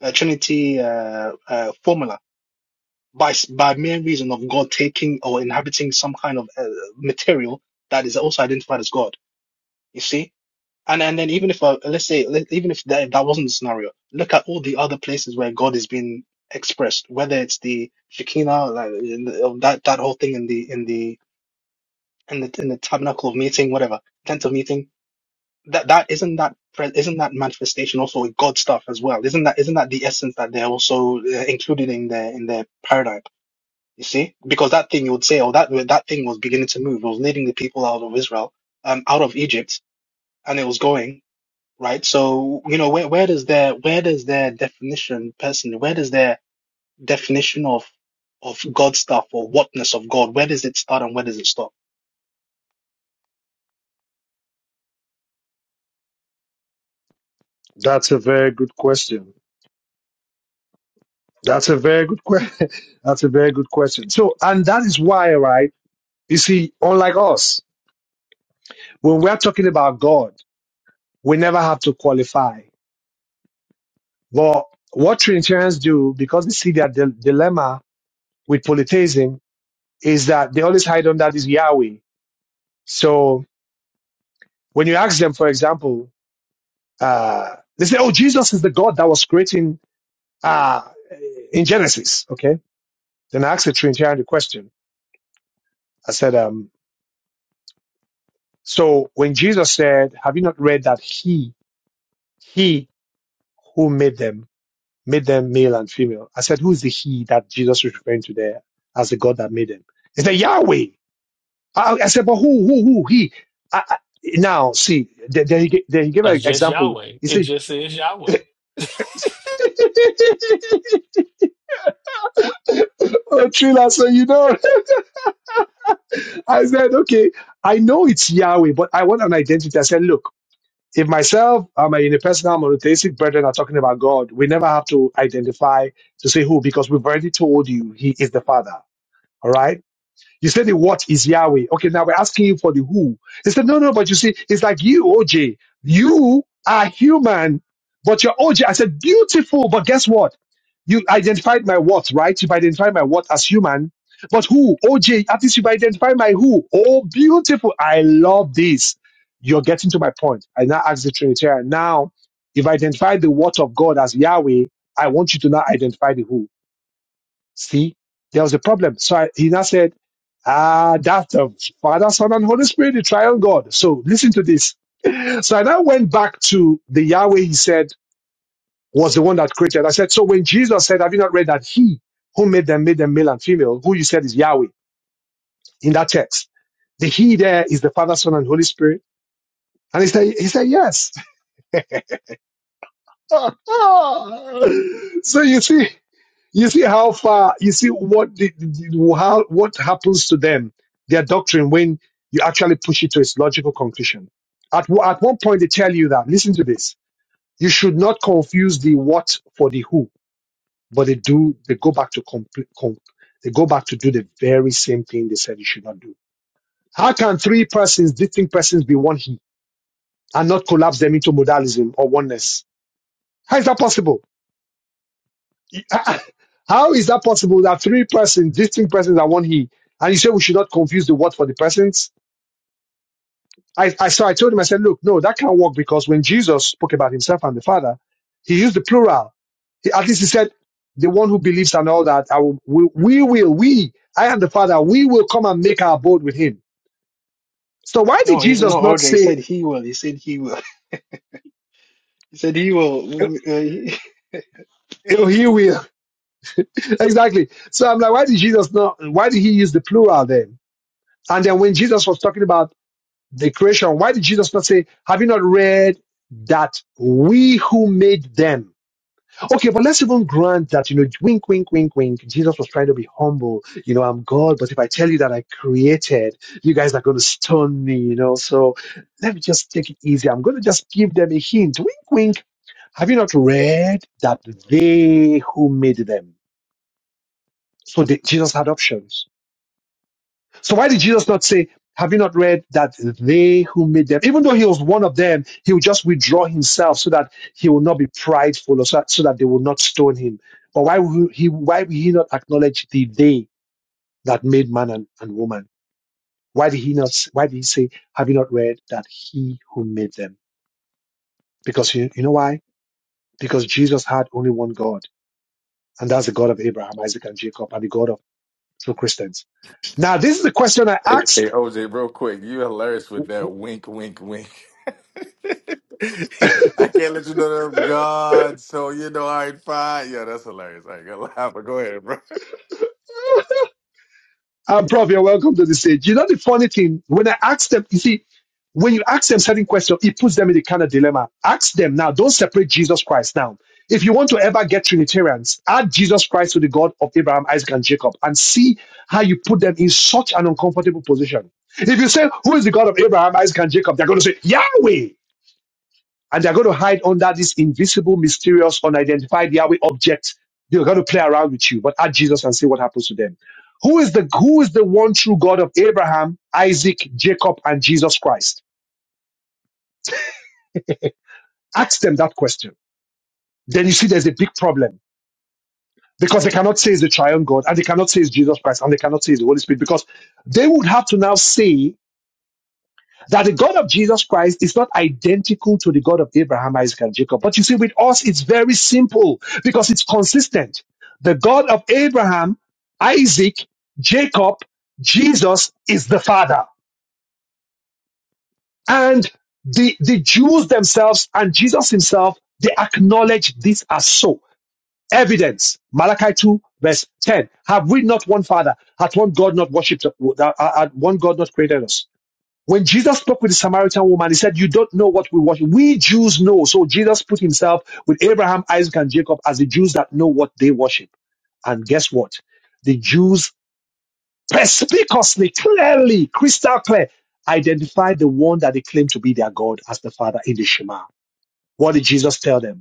[SPEAKER 4] uh, trinity uh, uh formula by s- by mere reason of God taking or inhabiting some kind of uh, material that is also identified as God. You see, and and then even if uh, let's say let, even if that, if that wasn't the scenario, look at all the other places where God is being expressed, whether it's the Shekinah, like in the, of that that whole thing in the in the in the in the tabernacle of meeting, whatever tent of meeting. That that isn't that pre- isn't that manifestation also with God stuff as well? Isn't that isn't that the essence that they're also uh, included in their in their paradigm? You see, because that thing you would say, oh, that that thing was beginning to move, it was leading the people out of Israel, um, out of Egypt, and it was going right. So you know, where where does their where does their definition personally? Where does their definition of of God stuff or whatness of God? Where does it start and where does it stop?
[SPEAKER 2] That's a very good question. That's a very good question. That's a very good question. So, and that is why, right? You see, unlike us, when we're talking about God, we never have to qualify But what Trinitarians do, because they see their dil- dilemma with polytheism, is that they always hide under this Yahweh. So when you ask them, for example, uh, they say, "Oh, Jesus is the God that was creating uh, in Genesis." Okay. Then I asked the Trinitarian the question. I said, um, "So when Jesus said, have you not read that He, He who made them, made them male and female?" I said, "Who is the He that Jesus is referring to there as the God that made them?" He said, "Yahweh." I, I said, but who, who, who? He. I, I, now, see, then then he, gi- then he gave an
[SPEAKER 6] It's just
[SPEAKER 2] example.
[SPEAKER 6] Yahweh.
[SPEAKER 2] He
[SPEAKER 6] It
[SPEAKER 2] said,
[SPEAKER 6] just is
[SPEAKER 2] oh,
[SPEAKER 6] Yahweh.
[SPEAKER 2] Trilla, so you know. I said, okay, I know it's Yahweh, but I want an identity. I said, look, if myself, I in a personal monotheistic brethren are talking about God, we never have to identify to say who, because we've already told you he is the Father. All right? You said the what is Yahweh. Okay, now we're asking you for the who. He said, no, no, but you see, it's like you, OJ. You are human, but you're OJ. I said, beautiful, but guess what? You identified my what, right? You've identified my what as human. But who? OJ, at least you've identified my who. Oh, beautiful. I love this. You're getting to my point. I now ask the Trinitarian. Now, if I identified the what of God as Yahweh, I want you to now identify the who. See, there was a problem. So I, he now said, Ah, that uh, Father, Son, and Holy Spirit, the triune God. So listen to this. So I now went back to the Yahweh he said was the one that created. I said, so when Jesus said, have you not read that he who made them made them male and female, who you said is Yahweh in that text? The he there is the Father, Son, and Holy Spirit. And he said, he said, yes. so you see, You see how far, you see what the, the, the- how, what happens to them, their doctrine, when you actually push it to its logical conclusion. At, wo- at one point, they tell you that, listen to this, you should not confuse the what for the who, but they do, they go back to complete, com, they go back to do the very same thing they said you should not do. How can three persons, distinct persons be one he and not collapse them into modalism or oneness? How is that possible? How is that possible that three persons, distinct persons are one he? And you say we should not confuse the word for the persons? I, I so I told him, I said, look, no, that can't work because when Jesus spoke about himself and the Father, he used the plural. He, at least he said, the one who believes and all that, I will, we, we will, we, I and the Father, we will come and make our abode with him. So why did
[SPEAKER 4] No, he's
[SPEAKER 2] Jesus
[SPEAKER 4] not
[SPEAKER 2] not
[SPEAKER 4] OJ. He
[SPEAKER 2] say,
[SPEAKER 4] said he will. He said he will. He said he will.
[SPEAKER 2] "Oh,
[SPEAKER 4] Uh, he-
[SPEAKER 2] oh, he will? exactly. So I'm like, why did Jesus not, why did he use the plural then? And then when Jesus was talking about the creation. Why did Jesus not say, have you not read that we who made them? Okay, but let's even grant that, you know, wink, wink, wink, wink. Jesus was trying to be humble. You know, I'm God, but if I tell you that I created, you guys are going to stone me, you know. So let me just take it easy. I'm going to just give them a hint. Wink, wink. Have you not read that they who made them? So the, Jesus had options So why did Jesus not say, have you not read that they who made them, even though he was one of them, he will just withdraw himself so that he will not be prideful or so, so that they will not stone him. But why would he, why would he not acknowledge the they that made man and, and woman? Why did he not, s- why did he say, have you not read that he who made them? Because you, you know why? Because Jesus had only one God, and that's the God of Abraham, Isaac, and Jacob, and the God of true Christians. Now, this is the question I
[SPEAKER 7] Hey, hey,
[SPEAKER 2] asked
[SPEAKER 7] OJ, real quick, you hilarious with that wink, wink, wink. I can't let you know that I'm God, so you know, all right, fine. Yeah, that's hilarious. I ain't gonna lie, but go ahead, bro.
[SPEAKER 2] Uh, Prof, you're welcome to the stage. You know the funny thing, when I ask them, you see, when you ask them certain questions, it puts them in the kind of dilemma. Ask them now, don't separate Jesus Christ now. If you want to ever get Trinitarians, add Jesus Christ to the God of Abraham, Isaac, and Jacob and see how you put them in such an uncomfortable position. If you say, Who is the God of Abraham, Isaac, and Jacob? They're going to say, Yahweh and they're going to hide under this invisible, mysterious, unidentified Yahweh object. They're going to play around with you, but add Jesus and see what happens to them. Who is the who is the one true God of Abraham, Isaac, Jacob, and Jesus Christ? Ask them that question. Then you see there's a big problem because they cannot say it's the triune God, and they cannot say it's Jesus Christ, and they cannot say it's the Holy Spirit because they would have to now say that the God of Jesus Christ is not identical to the God of Abraham, Isaac, and Jacob. But you see, with us, it's very simple because it's consistent. The God of Abraham, Isaac, Jacob, Jesus is the Father. And the, the Jews themselves and Jesus himself, they acknowledge this as so. Evidence, Malachi 2, verse 10. Have we not one Father? Hath one God not worshipped, uh, uh, uh, one God not created us? When Jesus spoke with the Samaritan woman, he said, You don't know what we worship. We Jews know. So Jesus put himself with Abraham, Isaac, and Jacob as the Jews that know what they worship. And guess what? The Jews perspicuously, clearly, crystal clear, identified the one that they claim to be their God as the Father in the Shema. What did Jesus tell them?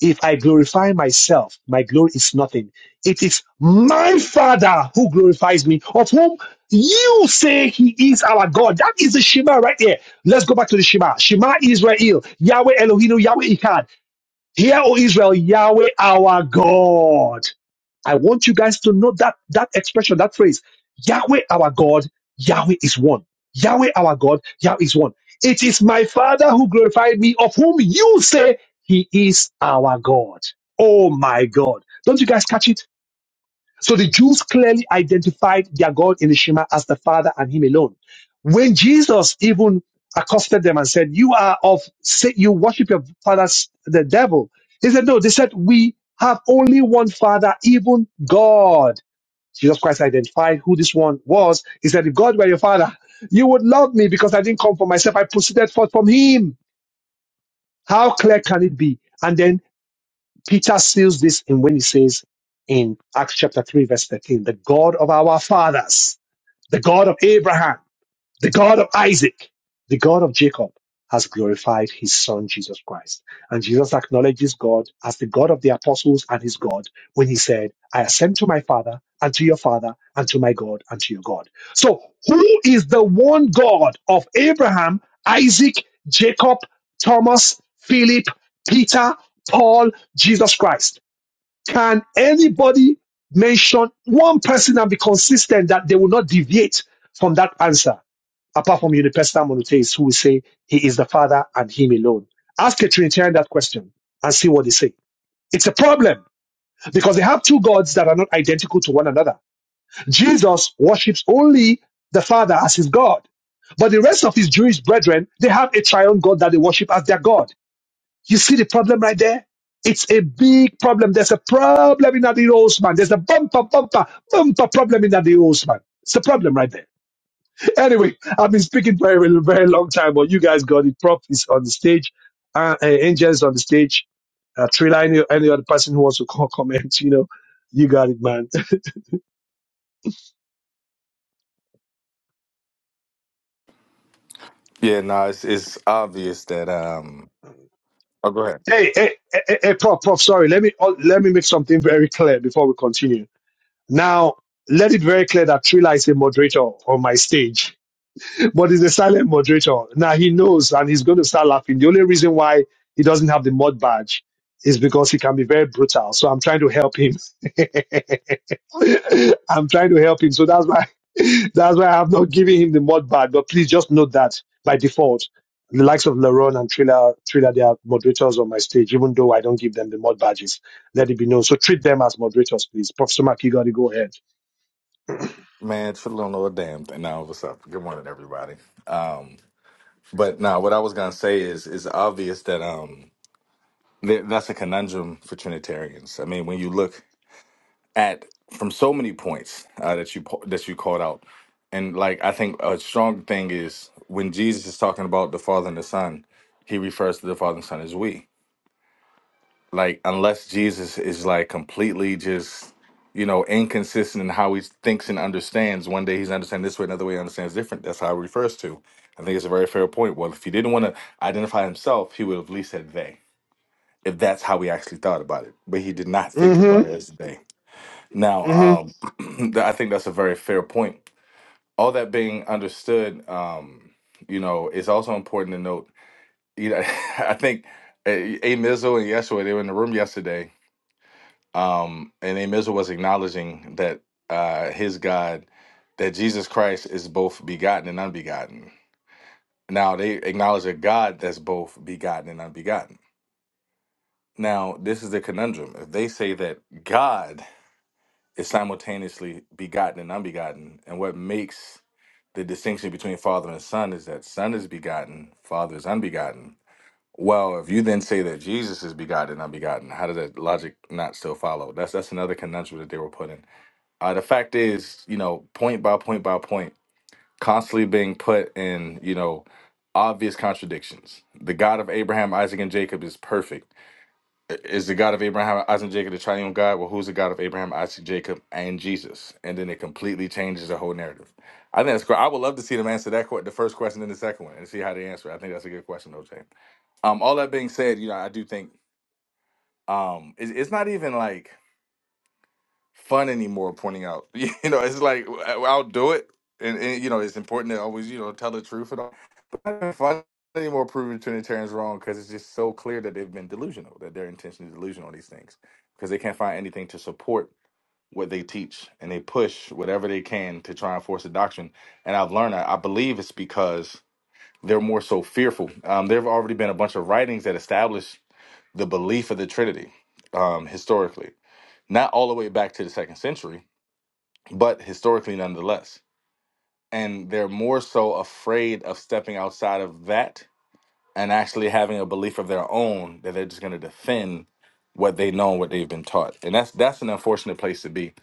[SPEAKER 2] If I glorify myself, my glory is nothing. It is my Father who glorifies me, of whom you say he is our God. That is the Shema right there. Let's go back to the Shema. Shema Israel, Yahweh Elohim, Yahweh Echad. Hear, O Israel, Yahweh our God. I want you guys to know that that expression, that phrase, Yahweh our God, Yahweh is one. Yahweh our God, Yahweh is one. It is my Father who glorified me, of whom you say he is our God. Oh my God. Don't you guys catch it? So the Jews clearly identified their God in the Shema as the Father and Him alone. When Jesus even accosted them and said, "You are of say you worship your father, the devil," he said, "No." They said, "We have only one Father, even God." Jesus Christ identified who this one was. He said, "If God were your Father, you would love me because I didn't come for myself; I proceeded forth from Him." How clear can it be? And then Peter seals this in when he says in Acts chapter 3, verse 13, the God of our fathers, the God of Abraham. The God of Isaac, the God of Jacob, has glorified his son Jesus Christ. And Jesus acknowledges God as the God of the apostles and his God when he said, I ascend to my Father and to your Father and to my God and to your God. So, who is the one God of Abraham, Isaac, Jacob, Thomas, Philip, Peter, Paul, Jesus Christ? Can anybody mention one person and be consistent that they will not deviate from that answer? apart from universal monotheists who will say he is the Father and him alone. Ask a Trinitarian that question and see what they say. It's a problem because they have two gods that are not identical to one another. Jesus worships only the Father as his God, but the rest of his Jewish brethren, they have a triune God that they worship as their God. You see the problem right there? It's a big problem. There's a problem in Adi Osman. There's a bumper, bumper, bumper problem in Adi Osman. It's a problem right there. Anyway, I've been speaking for a very very long time, but you guys got it. Prop is on the stage. Uh, uh, Angel's on the stage. Uh, Trilla, any, any other person who wants to call, comment, you know, you got it, man.
[SPEAKER 7] Yeah, no, it's it's obvious that um. Oh, go ahead,
[SPEAKER 2] Hey, hey, hey, hey, hey, Prof, Prof, sorry. Let me uh, let me make something very clear before we continue. Now, let it very clear that Trilla is a moderator on my stage. but he's a silent moderator. Now he knows and he's going to start laughing. The only reason why he doesn't have the mod badge is because he can be very brutal. So I'm trying to help him. I'm trying to help him. So that's why that's why I have not given him the mod badge. But please just note that by default, the likes of Laron and Triller, Triller, they are moderators on my stage, even though I don't give them the mod badges. Let it be known. So treat them as moderators, please. Professor Maki, you got to go ahead.
[SPEAKER 7] man. Truly don't know a damn thing. Now, what's up? Good morning, everybody. Um, but now, what I was gonna say is, it's obvious that um, th- that's a conundrum for Trinitarians. I mean, when you look at from so many points uh, that you po- that you called out, and like I think a strong thing is when Jesus is talking about the Father and the Son, he refers to the Father and Son as we. Like unless Jesus is like completely just you know inconsistent in how he thinks and understands. One day he's understanding this way, another way he understands different. That's how he refers to. I think it's a very fair point. Well, if he didn't want to identify himself, he would have at least said they. If that's how he actually thought about it, but he did not think
[SPEAKER 2] Mm-hmm.
[SPEAKER 7] about it as they.
[SPEAKER 2] Mm-hmm.
[SPEAKER 7] Now, um, I think that's a very fair point. All that being understood, um, you know, it's also important to note. You know, I think A A- Mizzle and Yeshua they were in the room yesterday, um, and A Mizzle was acknowledging that uh, his God, that Jesus Christ is both begotten and unbegotten. Now they acknowledge a God that's both begotten and unbegotten. Now this is the conundrum. If they say that God is simultaneously begotten and unbegotten. And what makes the distinction between father and son is that son is begotten, father is unbegotten. Well, if you then say that Jesus is begotten and unbegotten, how does that logic not still follow? That's that's another conundrum that they were put in. Uh, the fact is, you know, point by point by point, constantly being put in, you know, obvious contradictions. The God of Abraham, Isaac, and Jacob is perfect is the God of Abraham, Isaac, and Jacob the triune God? Well, who's the God of Abraham, Isaac, Jacob, and Jesus? And then it completely changes the whole narrative. I think that's great. I would love to see them answer that que- the first question and the second one, and see how they answer. it. I think that's a good question, OJ. Um, all that being said, you know, I do think um, it's, it's not even like fun anymore pointing out you know it's like i i'll do it and, and, you know it's important to always you know tell the truth and all but it's not fun anymore proving trinitarians wrong because it's just so clear that they've been delusional that their intention is delusional on these things because they can't find anything to support what they teach and they push whatever they can to try and force a doctrine and i've learned that i believe it's because they're more so fearful um, there have already been a bunch of writings that establish the belief of the trinity um, historically not all the way back to the second century but historically nonetheless. And they're more so afraid of stepping outside of that and actually having a belief of their own that they're just going to defend what they know and what they've been taught. And that's that's an unfortunate place to be.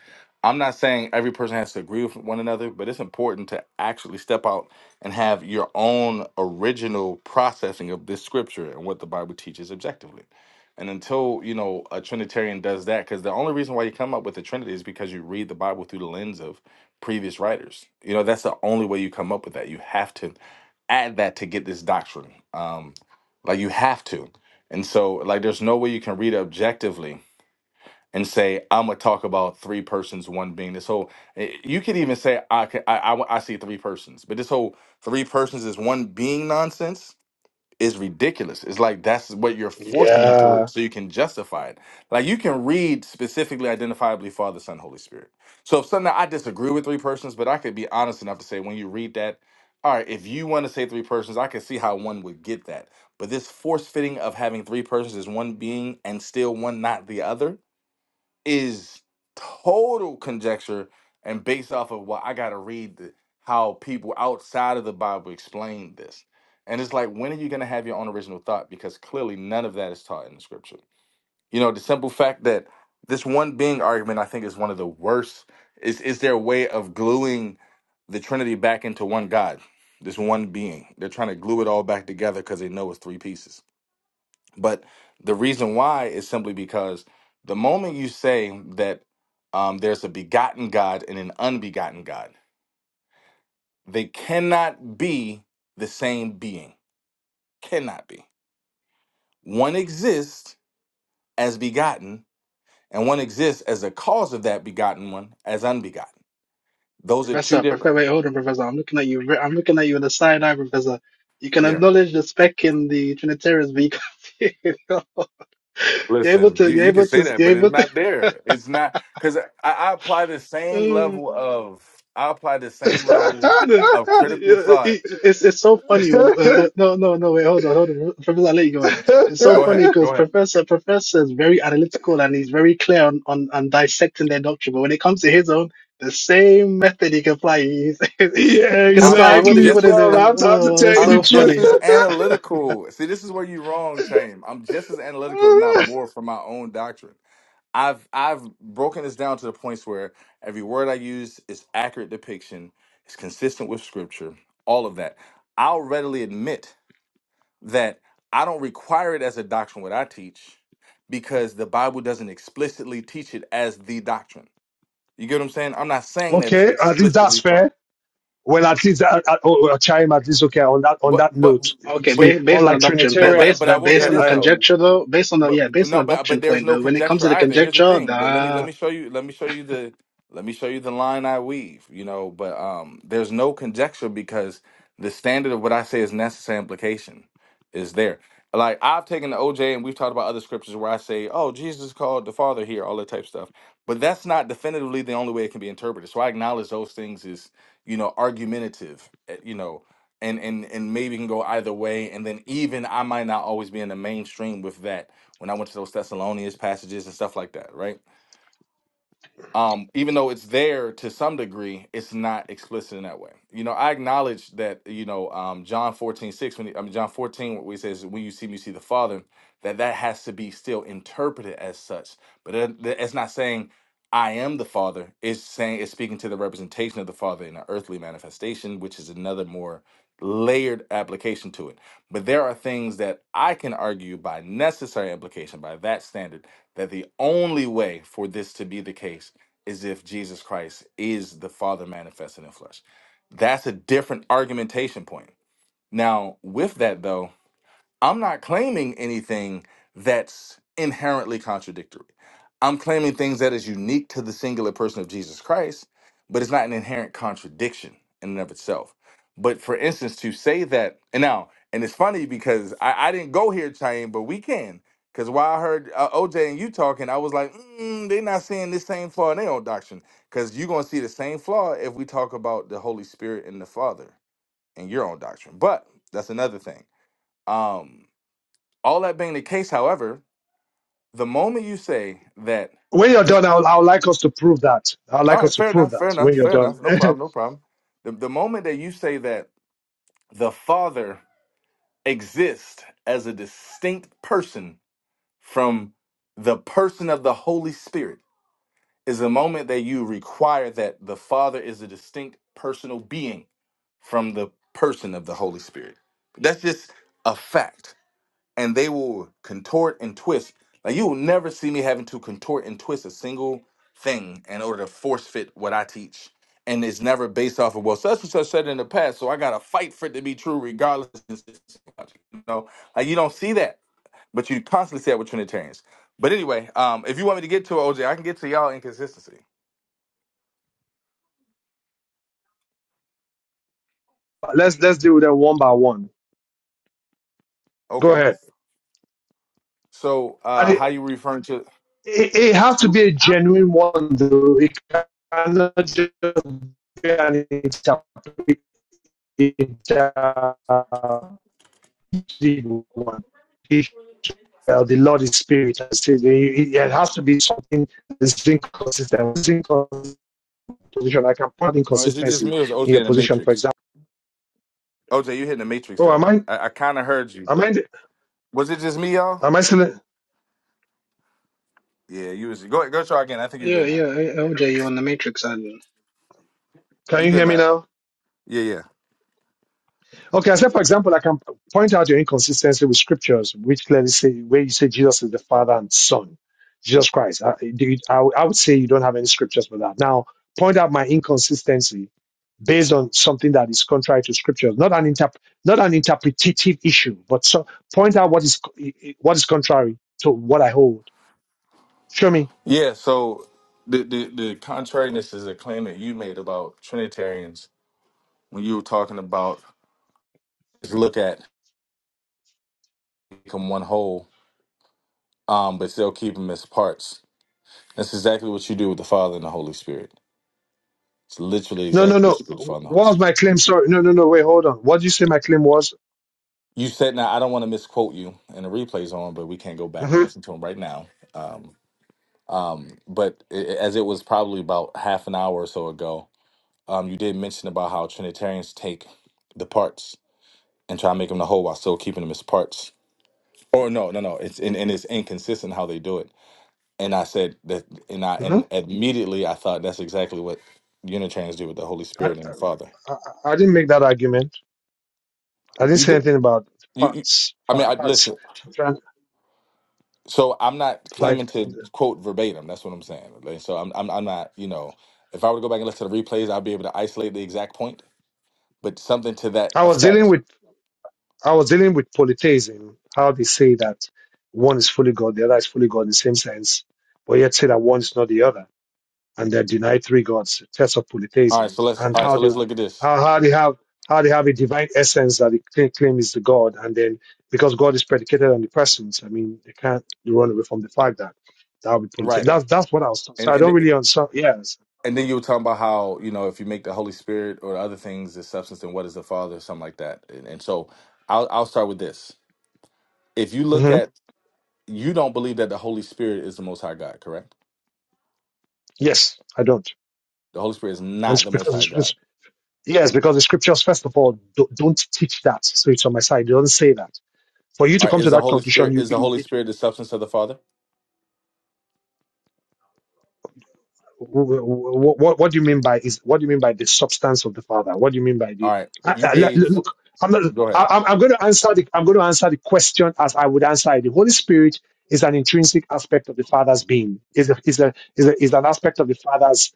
[SPEAKER 7] I'm not saying every person has to agree with one another, but it's important to actually step out and have your own original processing of this scripture and what the Bible teaches objectively. And until, you know, a Trinitarian does that, because the only reason why you come up with the Trinity is because you read the Bible through the lens of previous writers. You know, that's the only way you come up with that. You have to add that to get this doctrine. Um, like you have to. And so like there's no way you can read it objectively and say I'm gonna talk about three persons, one being this whole. eh, You could even say I can I, I I see three persons, but this whole three persons is one being nonsense is ridiculous. It's like that's what you're forcing Yeah. into
[SPEAKER 2] Yeah.
[SPEAKER 7] it so you can justify it. Like you can read specifically identifiably Father, Son, Holy Spirit. So if something I disagree with three persons, but I could be honest enough to say when you read that, all right, if you want to say three persons, I can see how one would get that. But this force fitting of having three persons is one being and still one not the other is total conjecture and based off of what I got to read the, how people outside of the Bible explain this. And it's like, when are you going to have your own original thought? Because clearly none of that is taught in the scripture. You know, the simple fact that this one being argument, I think, is one of the worst. Is, is their way of gluing the Trinity back into one God, this one being. They're trying to glue it all back together because they know it's three pieces. But the reason why is simply because the moment you say that um, there's a begotten God and an unbegotten God, they cannot be the same being. Cannot be. One exists as begotten, and one exists as a cause of that begotten one as unbegotten. Those are two
[SPEAKER 4] Professor,
[SPEAKER 7] different.
[SPEAKER 4] Professor, wait, hold on, Professor. I'm looking at you. re- I'm looking at you with a side eye, Professor. You can
[SPEAKER 7] Yeah.
[SPEAKER 4] acknowledge the spec in the Trinitarians, but you can't. you're able
[SPEAKER 7] Listen,
[SPEAKER 4] to.
[SPEAKER 7] you,
[SPEAKER 4] You're
[SPEAKER 7] you can
[SPEAKER 4] able
[SPEAKER 7] say
[SPEAKER 4] to.
[SPEAKER 7] that,
[SPEAKER 4] You're
[SPEAKER 7] but it's
[SPEAKER 4] able to.
[SPEAKER 7] not there. It's not because I, I apply the same
[SPEAKER 4] Mm,
[SPEAKER 7] level of I apply the same level
[SPEAKER 4] no,
[SPEAKER 7] of critical thought.
[SPEAKER 4] it- it's it's so funny.
[SPEAKER 2] yeah,
[SPEAKER 4] Uh, uh, no, no, no. Wait, hold on, hold on, Professor. I'll let you go on. It's so
[SPEAKER 7] Go
[SPEAKER 4] funny
[SPEAKER 7] ahead. Go
[SPEAKER 4] because
[SPEAKER 7] ahead.
[SPEAKER 4] Professor Professor is very analytical and he's very clear on, on on dissecting their doctrine. But when it comes to his own, the same method he can apply. He's, he can
[SPEAKER 7] I'm
[SPEAKER 4] apply. He
[SPEAKER 7] I'm
[SPEAKER 4] wouldn't.
[SPEAKER 2] exactly,
[SPEAKER 4] He
[SPEAKER 7] just
[SPEAKER 4] wouldn't.
[SPEAKER 7] as
[SPEAKER 2] bro.
[SPEAKER 7] I-
[SPEAKER 2] I'm
[SPEAKER 4] Uh,
[SPEAKER 2] time to
[SPEAKER 4] well,
[SPEAKER 2] tell
[SPEAKER 4] it's
[SPEAKER 2] you the
[SPEAKER 7] I'm
[SPEAKER 4] so
[SPEAKER 7] just
[SPEAKER 2] truth.
[SPEAKER 4] funny.
[SPEAKER 7] as analytical. See, this is where you're wrong, Tame. I'm just as analytical, if not more, from my own doctrine. I've I've broken this down to the points where every word I use is accurate depiction, It's consistent with scripture, all of that. I'll readily admit that I don't require it as a doctrine what I teach because the Bible doesn't explicitly teach it as the doctrine. You get what I'm saying? I'm not saying that it's
[SPEAKER 2] okay, at least that's
[SPEAKER 7] explicitly
[SPEAKER 2] fair.
[SPEAKER 7] taught.
[SPEAKER 2] Well, at least I, I, oh, chime. At least okay. On that on
[SPEAKER 7] But
[SPEAKER 2] that
[SPEAKER 7] but
[SPEAKER 2] note, you
[SPEAKER 4] Okay,
[SPEAKER 7] but
[SPEAKER 2] see,
[SPEAKER 4] based based on
[SPEAKER 2] unlike
[SPEAKER 4] the doctrine,
[SPEAKER 7] But
[SPEAKER 4] but
[SPEAKER 2] Trinitarian,
[SPEAKER 7] but
[SPEAKER 4] based
[SPEAKER 7] but I
[SPEAKER 4] but
[SPEAKER 7] will
[SPEAKER 4] based
[SPEAKER 2] yeah.
[SPEAKER 7] say
[SPEAKER 4] on the
[SPEAKER 7] this
[SPEAKER 2] Uh,
[SPEAKER 7] though.
[SPEAKER 4] conjecture though, based on the
[SPEAKER 7] But
[SPEAKER 4] yeah, based on
[SPEAKER 7] no,
[SPEAKER 4] the
[SPEAKER 7] but
[SPEAKER 4] doctrine
[SPEAKER 7] but there's
[SPEAKER 4] point
[SPEAKER 7] no
[SPEAKER 4] though, when it comes
[SPEAKER 7] conjecture
[SPEAKER 4] to the
[SPEAKER 7] either. Here's the
[SPEAKER 4] conjecture,
[SPEAKER 7] thing. Let, let me let
[SPEAKER 4] the
[SPEAKER 7] me show you. Let me show you the let me show you the line I weave. You know, but um, there's no conjecture because the standard of what I say is necessary implication is there. Like I've taken the OJ and we've talked about other scriptures where I say, "Oh, Jesus called the Father here," all that type of stuff. But that's not definitively the only way it can be interpreted. So I acknowledge those things is you know argumentative. eh, You know, and and and maybe can go either way. And then even I might not always be in the mainstream with that when I went to those Thessalonians passages and stuff like that, right? um, even though it's there to some degree, it's not explicit in that way. You know, I acknowledge that, you know, um, John 14 6. when, he- I mean, John 14, what he says, when you see me, you see the Father, that that has to be still interpreted as such. But it, th- it's not saying, I am the Father. It's saying, it's speaking to the representation of the Father in an earthly manifestation, which is another more layered application to it. But there are things that I can argue by necessary implication, by that standard, that the only way for this to be the case is if Jesus Christ is the Father manifested in flesh. That's a different argumentation point. Now, with that though, I'm not claiming anything that's inherently contradictory. I'm claiming things that is unique to the singular person of Jesus Christ, but it's not an inherent contradiction in and of itself. But for instance, to say that, and now, and it's funny because I, I didn't go here, Chaim, but we can. Because while I heard uh, OJ and you talking, I was like, mm, they're not seeing this same flaw in their own doctrine. Because you're going to see the same flaw if we talk about the Holy Spirit and the Father in your own doctrine. But that's another thing. Um, all that being the case, however, the moment you say that,
[SPEAKER 2] when you're
[SPEAKER 7] 'cause-
[SPEAKER 2] done, I'll, I'll like us to prove that. I'll
[SPEAKER 7] all
[SPEAKER 2] like
[SPEAKER 7] right,
[SPEAKER 2] us to
[SPEAKER 7] fair
[SPEAKER 2] prove
[SPEAKER 7] enough,
[SPEAKER 2] that
[SPEAKER 7] fair
[SPEAKER 2] when
[SPEAKER 7] enough,
[SPEAKER 2] you're
[SPEAKER 7] fair
[SPEAKER 2] done.
[SPEAKER 7] enough, no problem, no problem. The, the moment that you say that the Father exists as a distinct person from the person of the Holy Spirit is the moment that you require that the Father is a distinct personal being from the person of the Holy Spirit. That's just a fact and they will contort and twist. Like you will never see me having to contort and twist a single thing in order to force fit what I teach. And it's never based off of well, such and such said in the past, so I gotta fight for it to be true regardless. You know, like you don't see that, but you constantly see that with Trinitarians. But anyway, um, if you want me to get to it, OJ, I can get to y'all inconsistency.
[SPEAKER 2] let's let's deal with them one by one. Go
[SPEAKER 7] Okay.
[SPEAKER 2] ahead.
[SPEAKER 7] So
[SPEAKER 2] And
[SPEAKER 7] uh
[SPEAKER 2] it,
[SPEAKER 7] how you referring to
[SPEAKER 2] it, it has to
[SPEAKER 7] you
[SPEAKER 2] be a genuine one, though. It cannot just be an interpretation Uh, the Lord is spirit. I say it, has to be something that's inconsistent. It's inconsistent position. I can point
[SPEAKER 7] or is it just
[SPEAKER 2] inconsistencies
[SPEAKER 7] me or is
[SPEAKER 2] in
[SPEAKER 7] OJ
[SPEAKER 2] your
[SPEAKER 7] in the
[SPEAKER 2] position, for
[SPEAKER 7] Matrix?
[SPEAKER 2] example.
[SPEAKER 7] OJ, you hitting the Matrix
[SPEAKER 2] Oh, am
[SPEAKER 7] though.
[SPEAKER 2] I?
[SPEAKER 7] I, I kinda heard you, but
[SPEAKER 2] Am I?
[SPEAKER 7] Was it just me, y'all?
[SPEAKER 2] Am I still?
[SPEAKER 7] Yeah, you was go go try again. I think you
[SPEAKER 4] yeah
[SPEAKER 7] good now.
[SPEAKER 4] yeah eh, OJ, you're on the matrix and
[SPEAKER 2] Can
[SPEAKER 7] You
[SPEAKER 2] you
[SPEAKER 7] good
[SPEAKER 2] hear me
[SPEAKER 7] now. bro.
[SPEAKER 2] now?
[SPEAKER 7] Yeah, yeah.
[SPEAKER 2] Okay, I said, for example, I can point out your inconsistency with scriptures, which clearly say where you say Jesus is the Father and Son, Jesus Christ. I, I, would I would say you don't have any scriptures for that. Now, point out my inconsistency based on something that is contrary to scriptures, not an interp- not an interpretative issue, but so, point out what is co- i- i- what is contrary to what I hold. Show me.
[SPEAKER 7] Yeah, so the, the the contrariness is a claim that you made about Trinitarians when you were talking about just look at them one whole, um, but still keep them as parts. That's exactly what you do with the Father and the Holy Spirit. It's literally
[SPEAKER 2] No, no,
[SPEAKER 7] exactly what
[SPEAKER 2] no.
[SPEAKER 7] you do with the Father and the Holy
[SPEAKER 2] What was
[SPEAKER 7] Spirit.
[SPEAKER 2] my claim? Sorry, no, no, no. Wait, hold on. What did you say my claim was?
[SPEAKER 7] You said now I don't want to misquote you, and the replay's on, but we can't go back and
[SPEAKER 2] hmm
[SPEAKER 7] listen to them right now. Um, um, but i i- as it was probably about half an hour or so ago, Um, you did mention about how Trinitarians take the parts and try to make them the whole while still keeping them as parts. Or no, no, no. It's and, and it's inconsistent how they do it. And I said that, and I
[SPEAKER 2] hmm
[SPEAKER 7] and immediately I thought that's exactly what Unitarians do with the Holy
[SPEAKER 2] I,
[SPEAKER 7] Spirit and the Father.
[SPEAKER 2] I, I didn't make that argument. I didn't
[SPEAKER 7] You
[SPEAKER 2] say
[SPEAKER 7] did.
[SPEAKER 2] anything about
[SPEAKER 7] You. you
[SPEAKER 2] parts.
[SPEAKER 7] I mean,
[SPEAKER 2] pa-
[SPEAKER 7] I
[SPEAKER 2] Parts.
[SPEAKER 7] listen.
[SPEAKER 2] I'm trying,
[SPEAKER 7] So I'm not
[SPEAKER 2] like
[SPEAKER 7] claiming to quote verbatim. That's what I'm saying. Like, so I'm, I'm, I'm not. You know, if I were to go back and listen to the replays, I'd be able to isolate the exact point, but something to that
[SPEAKER 2] I was dealing
[SPEAKER 7] effect.
[SPEAKER 2] with I was dealing with polytheism. How they say that one is fully God, the other is fully God in the same sense, but yet say that one is not the other, and they deny three gods. Test of
[SPEAKER 7] All right.
[SPEAKER 2] polytheism
[SPEAKER 7] So let's.
[SPEAKER 2] and
[SPEAKER 7] All right.
[SPEAKER 2] how
[SPEAKER 7] So
[SPEAKER 2] they
[SPEAKER 7] let's look at this.
[SPEAKER 2] how, how they have how they have a divine essence that they cla- claim is the God, and then because God is predicated on the persons, I mean they can't run away from the fact that that would be polytheism.
[SPEAKER 7] Right.
[SPEAKER 2] That's that's what I was.
[SPEAKER 7] And
[SPEAKER 2] So I don't
[SPEAKER 7] and
[SPEAKER 2] really understand. Yes.
[SPEAKER 7] and then you were talking about how you know if you make the Holy Spirit or other things the substance, then what is the Father, or something like that. And, and so I'll I'll start with this. If you
[SPEAKER 2] Mm-hmm.
[SPEAKER 7] look at you don't believe that the Holy Spirit is the Most High God, correct?
[SPEAKER 2] Yes, I don't.
[SPEAKER 7] The Holy Spirit is
[SPEAKER 2] And it's
[SPEAKER 7] not the Most
[SPEAKER 2] because
[SPEAKER 7] High
[SPEAKER 2] it's, it's-
[SPEAKER 7] God.
[SPEAKER 2] yes, because the scriptures first of all do, don't teach that, so it's on my side. It doesn't say that. For you
[SPEAKER 7] All
[SPEAKER 2] to
[SPEAKER 7] right,
[SPEAKER 2] come to
[SPEAKER 7] is the
[SPEAKER 2] that
[SPEAKER 7] Holy
[SPEAKER 2] conclusion,
[SPEAKER 7] Spirit
[SPEAKER 2] you,
[SPEAKER 7] is the
[SPEAKER 2] you
[SPEAKER 7] Holy
[SPEAKER 2] it,
[SPEAKER 7] Spirit the substance of the Father?
[SPEAKER 2] what, what, what do you mean by is what do you mean by the substance of the father what do you mean by
[SPEAKER 7] All
[SPEAKER 2] the
[SPEAKER 7] right,
[SPEAKER 2] I,
[SPEAKER 7] you
[SPEAKER 2] I- le-
[SPEAKER 7] gave.
[SPEAKER 2] look i'm not
[SPEAKER 7] Go ahead.
[SPEAKER 2] I, i'm I'm going to answer the i'm going to answer the question as i would answer it the holy spirit is an intrinsic aspect of the father's being is a, is a, is, a, is an aspect of the father's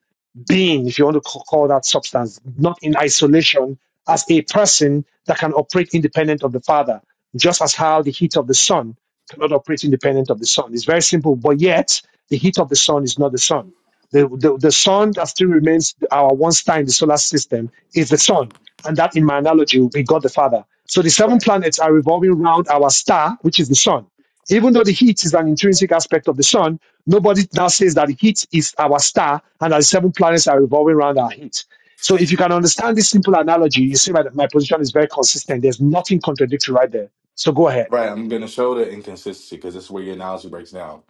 [SPEAKER 2] being if you want to ca- call that substance not in isolation as a person that can operate independent of the father just as how the heat of the sun cannot operate independent of the sun it's very simple but yet the heat of the sun is not the sun the, the, the sun that still remains our one star in the solar system is the sun. And that, in my analogy, will be God the Father. So the seven planets are revolving around our star, which is the sun. Even though the heat is an intrinsic aspect of the sun, nobody now says that the heat is our star and that the seven planets are revolving around our heat. So if you can understand this simple analogy, you see my, my position is very consistent. There's nothing contradictory right there. So go ahead.
[SPEAKER 7] Right, I'm going to show the inconsistency because this is where your analogy breaks down.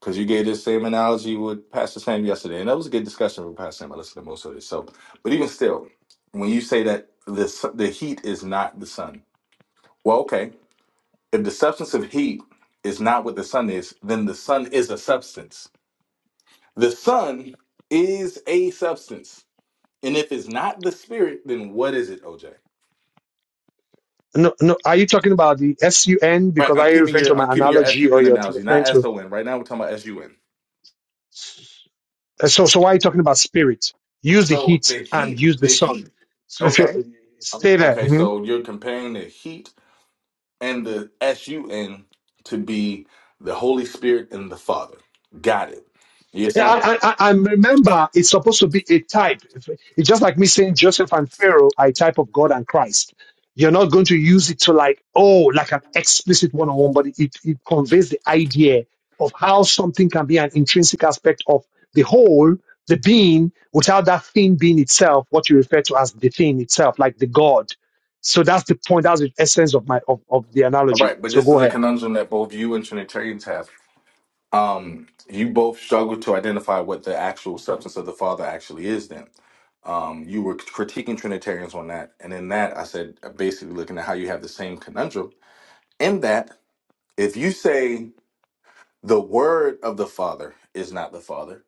[SPEAKER 7] Because you gave this same analogy with Pastor Sam yesterday, and that was a good discussion with Pastor Sam. I listened to most of it. So, but even still, when you say that the su- the heat is not the sun, well, okay, if the substance of heat is not what the sun is, then the sun is a substance. The sun is a substance, and if it's not the spirit, then what is it, OJ?
[SPEAKER 2] No, no. Are you talking about the S U N?
[SPEAKER 7] Right.
[SPEAKER 2] Because
[SPEAKER 7] I'm
[SPEAKER 2] are you
[SPEAKER 7] keeping
[SPEAKER 2] referring to
[SPEAKER 7] your I'm
[SPEAKER 2] my
[SPEAKER 7] keeping your
[SPEAKER 2] analogy or
[SPEAKER 7] SUN
[SPEAKER 2] you're
[SPEAKER 7] analogy,
[SPEAKER 2] referring
[SPEAKER 7] not
[SPEAKER 2] to?
[SPEAKER 7] SON. Right now, we're talking about SUN.
[SPEAKER 2] Uh, So, so why are you talking about spirit? Use the
[SPEAKER 7] So
[SPEAKER 2] heat
[SPEAKER 7] the
[SPEAKER 2] and
[SPEAKER 7] heat,
[SPEAKER 2] use the
[SPEAKER 7] the
[SPEAKER 2] sun.
[SPEAKER 7] heat.
[SPEAKER 2] So if you
[SPEAKER 7] Okay. Um,
[SPEAKER 2] stay there,
[SPEAKER 7] Okay.
[SPEAKER 2] Mm-hmm.
[SPEAKER 7] So you're comparing the heat and the S U N to be the Holy Spirit and the Father. Got it. Yes,
[SPEAKER 2] Yeah,
[SPEAKER 7] saying
[SPEAKER 2] I, I, I and remember it's supposed to be a type. It's just like me saying Joseph and Pharaoh are a type of God and Christ. You're not going to use it to like, oh, like an explicit one on one, but it, it conveys the idea of how something can be an intrinsic aspect of the whole, the being, without that thing being itself, what you refer to as the thing itself, like the God. So that's the point. That's the essence of my of, of the
[SPEAKER 7] All
[SPEAKER 2] analogy.
[SPEAKER 7] right, but
[SPEAKER 2] So
[SPEAKER 7] this
[SPEAKER 2] go
[SPEAKER 7] is a
[SPEAKER 2] ahead.
[SPEAKER 7] conundrum that both you and Trinitarians have. Um, you both struggle to identify what the actual substance of the Father actually is. Then, um, you were critiquing Trinitarians on that, and in that, I said uh, basically looking at how you have the same conundrum. In that, if you say the Word of the Father is not the Father,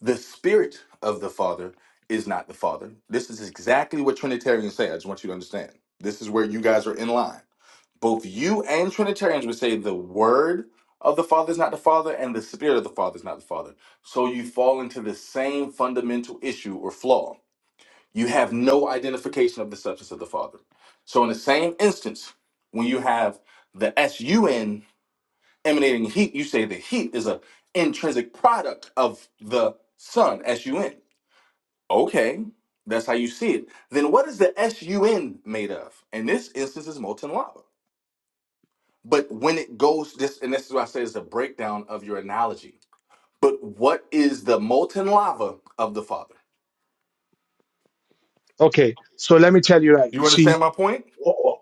[SPEAKER 7] the spirit of the Father is not the Father. This is exactly what Trinitarians say. I just want you to understand. This is where you guys are in line. Both you and Trinitarians would say the word of the Father is not the Father and the spirit of the Father is not the Father. So you fall into the same fundamental issue or flaw. You have no identification of the substance of the Father. So, in the same instance, when you have the sun emanating heat, you say the heat is a intrinsic product of the sun, sun. Okay, that's how you see it. Then what is the SUN made of? In this instance, is molten lava. But when it goes, this and this is why I say it's a breakdown of your analogy. But what is the molten lava of the Father?
[SPEAKER 2] Okay. So let me tell you, right? You
[SPEAKER 7] You
[SPEAKER 2] see,
[SPEAKER 7] understand my point?
[SPEAKER 2] Oh,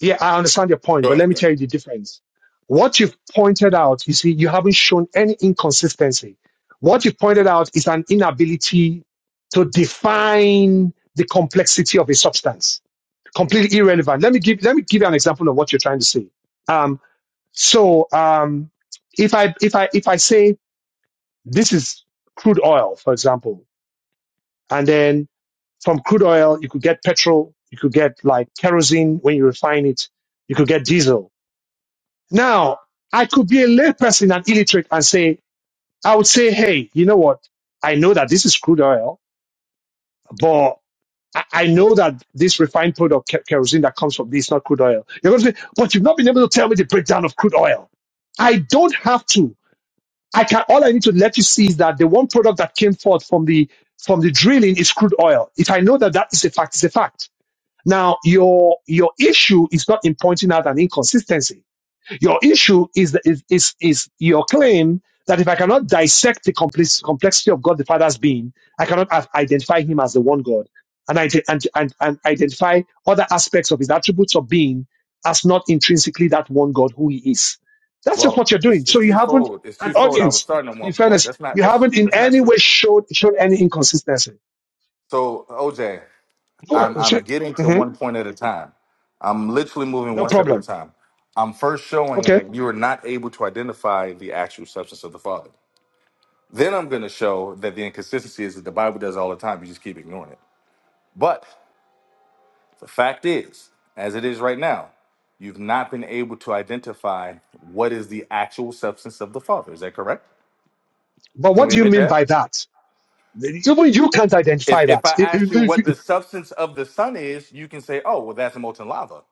[SPEAKER 2] Yeah, I understand your point,
[SPEAKER 7] Go
[SPEAKER 2] but
[SPEAKER 7] ahead.
[SPEAKER 2] let me
[SPEAKER 7] Greg.
[SPEAKER 2] tell you the difference. What you've pointed out, you see, you haven't shown any inconsistency. What you've pointed out is an inability to define the complexity of a substance. Completely irrelevant. Let me give let me give you an example of what you're trying to say. Um, so um, if I if I if I say this is crude oil, for example, and then. From crude oil, you could get petrol, you could get like kerosene when you refine it, you could get diesel. Now, I could be a layperson and illiterate and say, I would say, hey, you know what? I know that this is crude oil, but I I know that this refined product, ke- kerosene that comes from this, is not crude oil. You're going to say, but you've not been able to tell me the breakdown of crude oil. I don't have to. I can. All I need to let you see is that the one product that came forth from the from the drilling is crude oil. If I know that that is a fact, it's a fact. Now, your your issue is not in pointing out an inconsistency. Your issue is the, is, is is your claim that if I cannot dissect the complex, complexity of God the Father's being, I cannot af- identify Him as the one God, and, ide- and and and identify other aspects of His attributes of being as not intrinsically that one God who He is. That's just what
[SPEAKER 7] Well,
[SPEAKER 2] you're doing.
[SPEAKER 7] it's it's
[SPEAKER 2] So you haven't
[SPEAKER 7] twofold. It's
[SPEAKER 2] an
[SPEAKER 7] twofold. I was
[SPEAKER 2] audience.
[SPEAKER 7] starting at
[SPEAKER 2] In
[SPEAKER 7] one point.
[SPEAKER 2] fairness,
[SPEAKER 7] That's
[SPEAKER 2] you
[SPEAKER 7] not that's
[SPEAKER 2] haven't in
[SPEAKER 7] that's not
[SPEAKER 2] any
[SPEAKER 7] true.
[SPEAKER 2] way showed showed any inconsistency.
[SPEAKER 7] So OJ,
[SPEAKER 2] Oh,
[SPEAKER 7] I'm I'm
[SPEAKER 2] shit.
[SPEAKER 7] getting to
[SPEAKER 2] Mhm.
[SPEAKER 7] one point at a time. I'm literally moving
[SPEAKER 2] No
[SPEAKER 7] one step at a
[SPEAKER 2] problem.
[SPEAKER 7] time. I'm first showing
[SPEAKER 2] Okay.
[SPEAKER 7] that you are not able to identify the actual substance of the Father. Then I'm going to show that the inconsistency is that the Bible does all the time. You just keep ignoring it. But the fact is, as it is right now, you've not been able to identify what is the actual substance of the Father. Is that correct?
[SPEAKER 2] But
[SPEAKER 7] Can
[SPEAKER 2] what
[SPEAKER 7] we
[SPEAKER 2] do you
[SPEAKER 7] admit
[SPEAKER 2] mean
[SPEAKER 7] that?
[SPEAKER 2] by that? Even you can't
[SPEAKER 7] If
[SPEAKER 2] identify
[SPEAKER 7] if I
[SPEAKER 2] that. If-
[SPEAKER 7] ask you
[SPEAKER 2] if-
[SPEAKER 7] what the
[SPEAKER 2] if-
[SPEAKER 7] substance of the sun is, you can say, "Oh, well, that's molten lava,"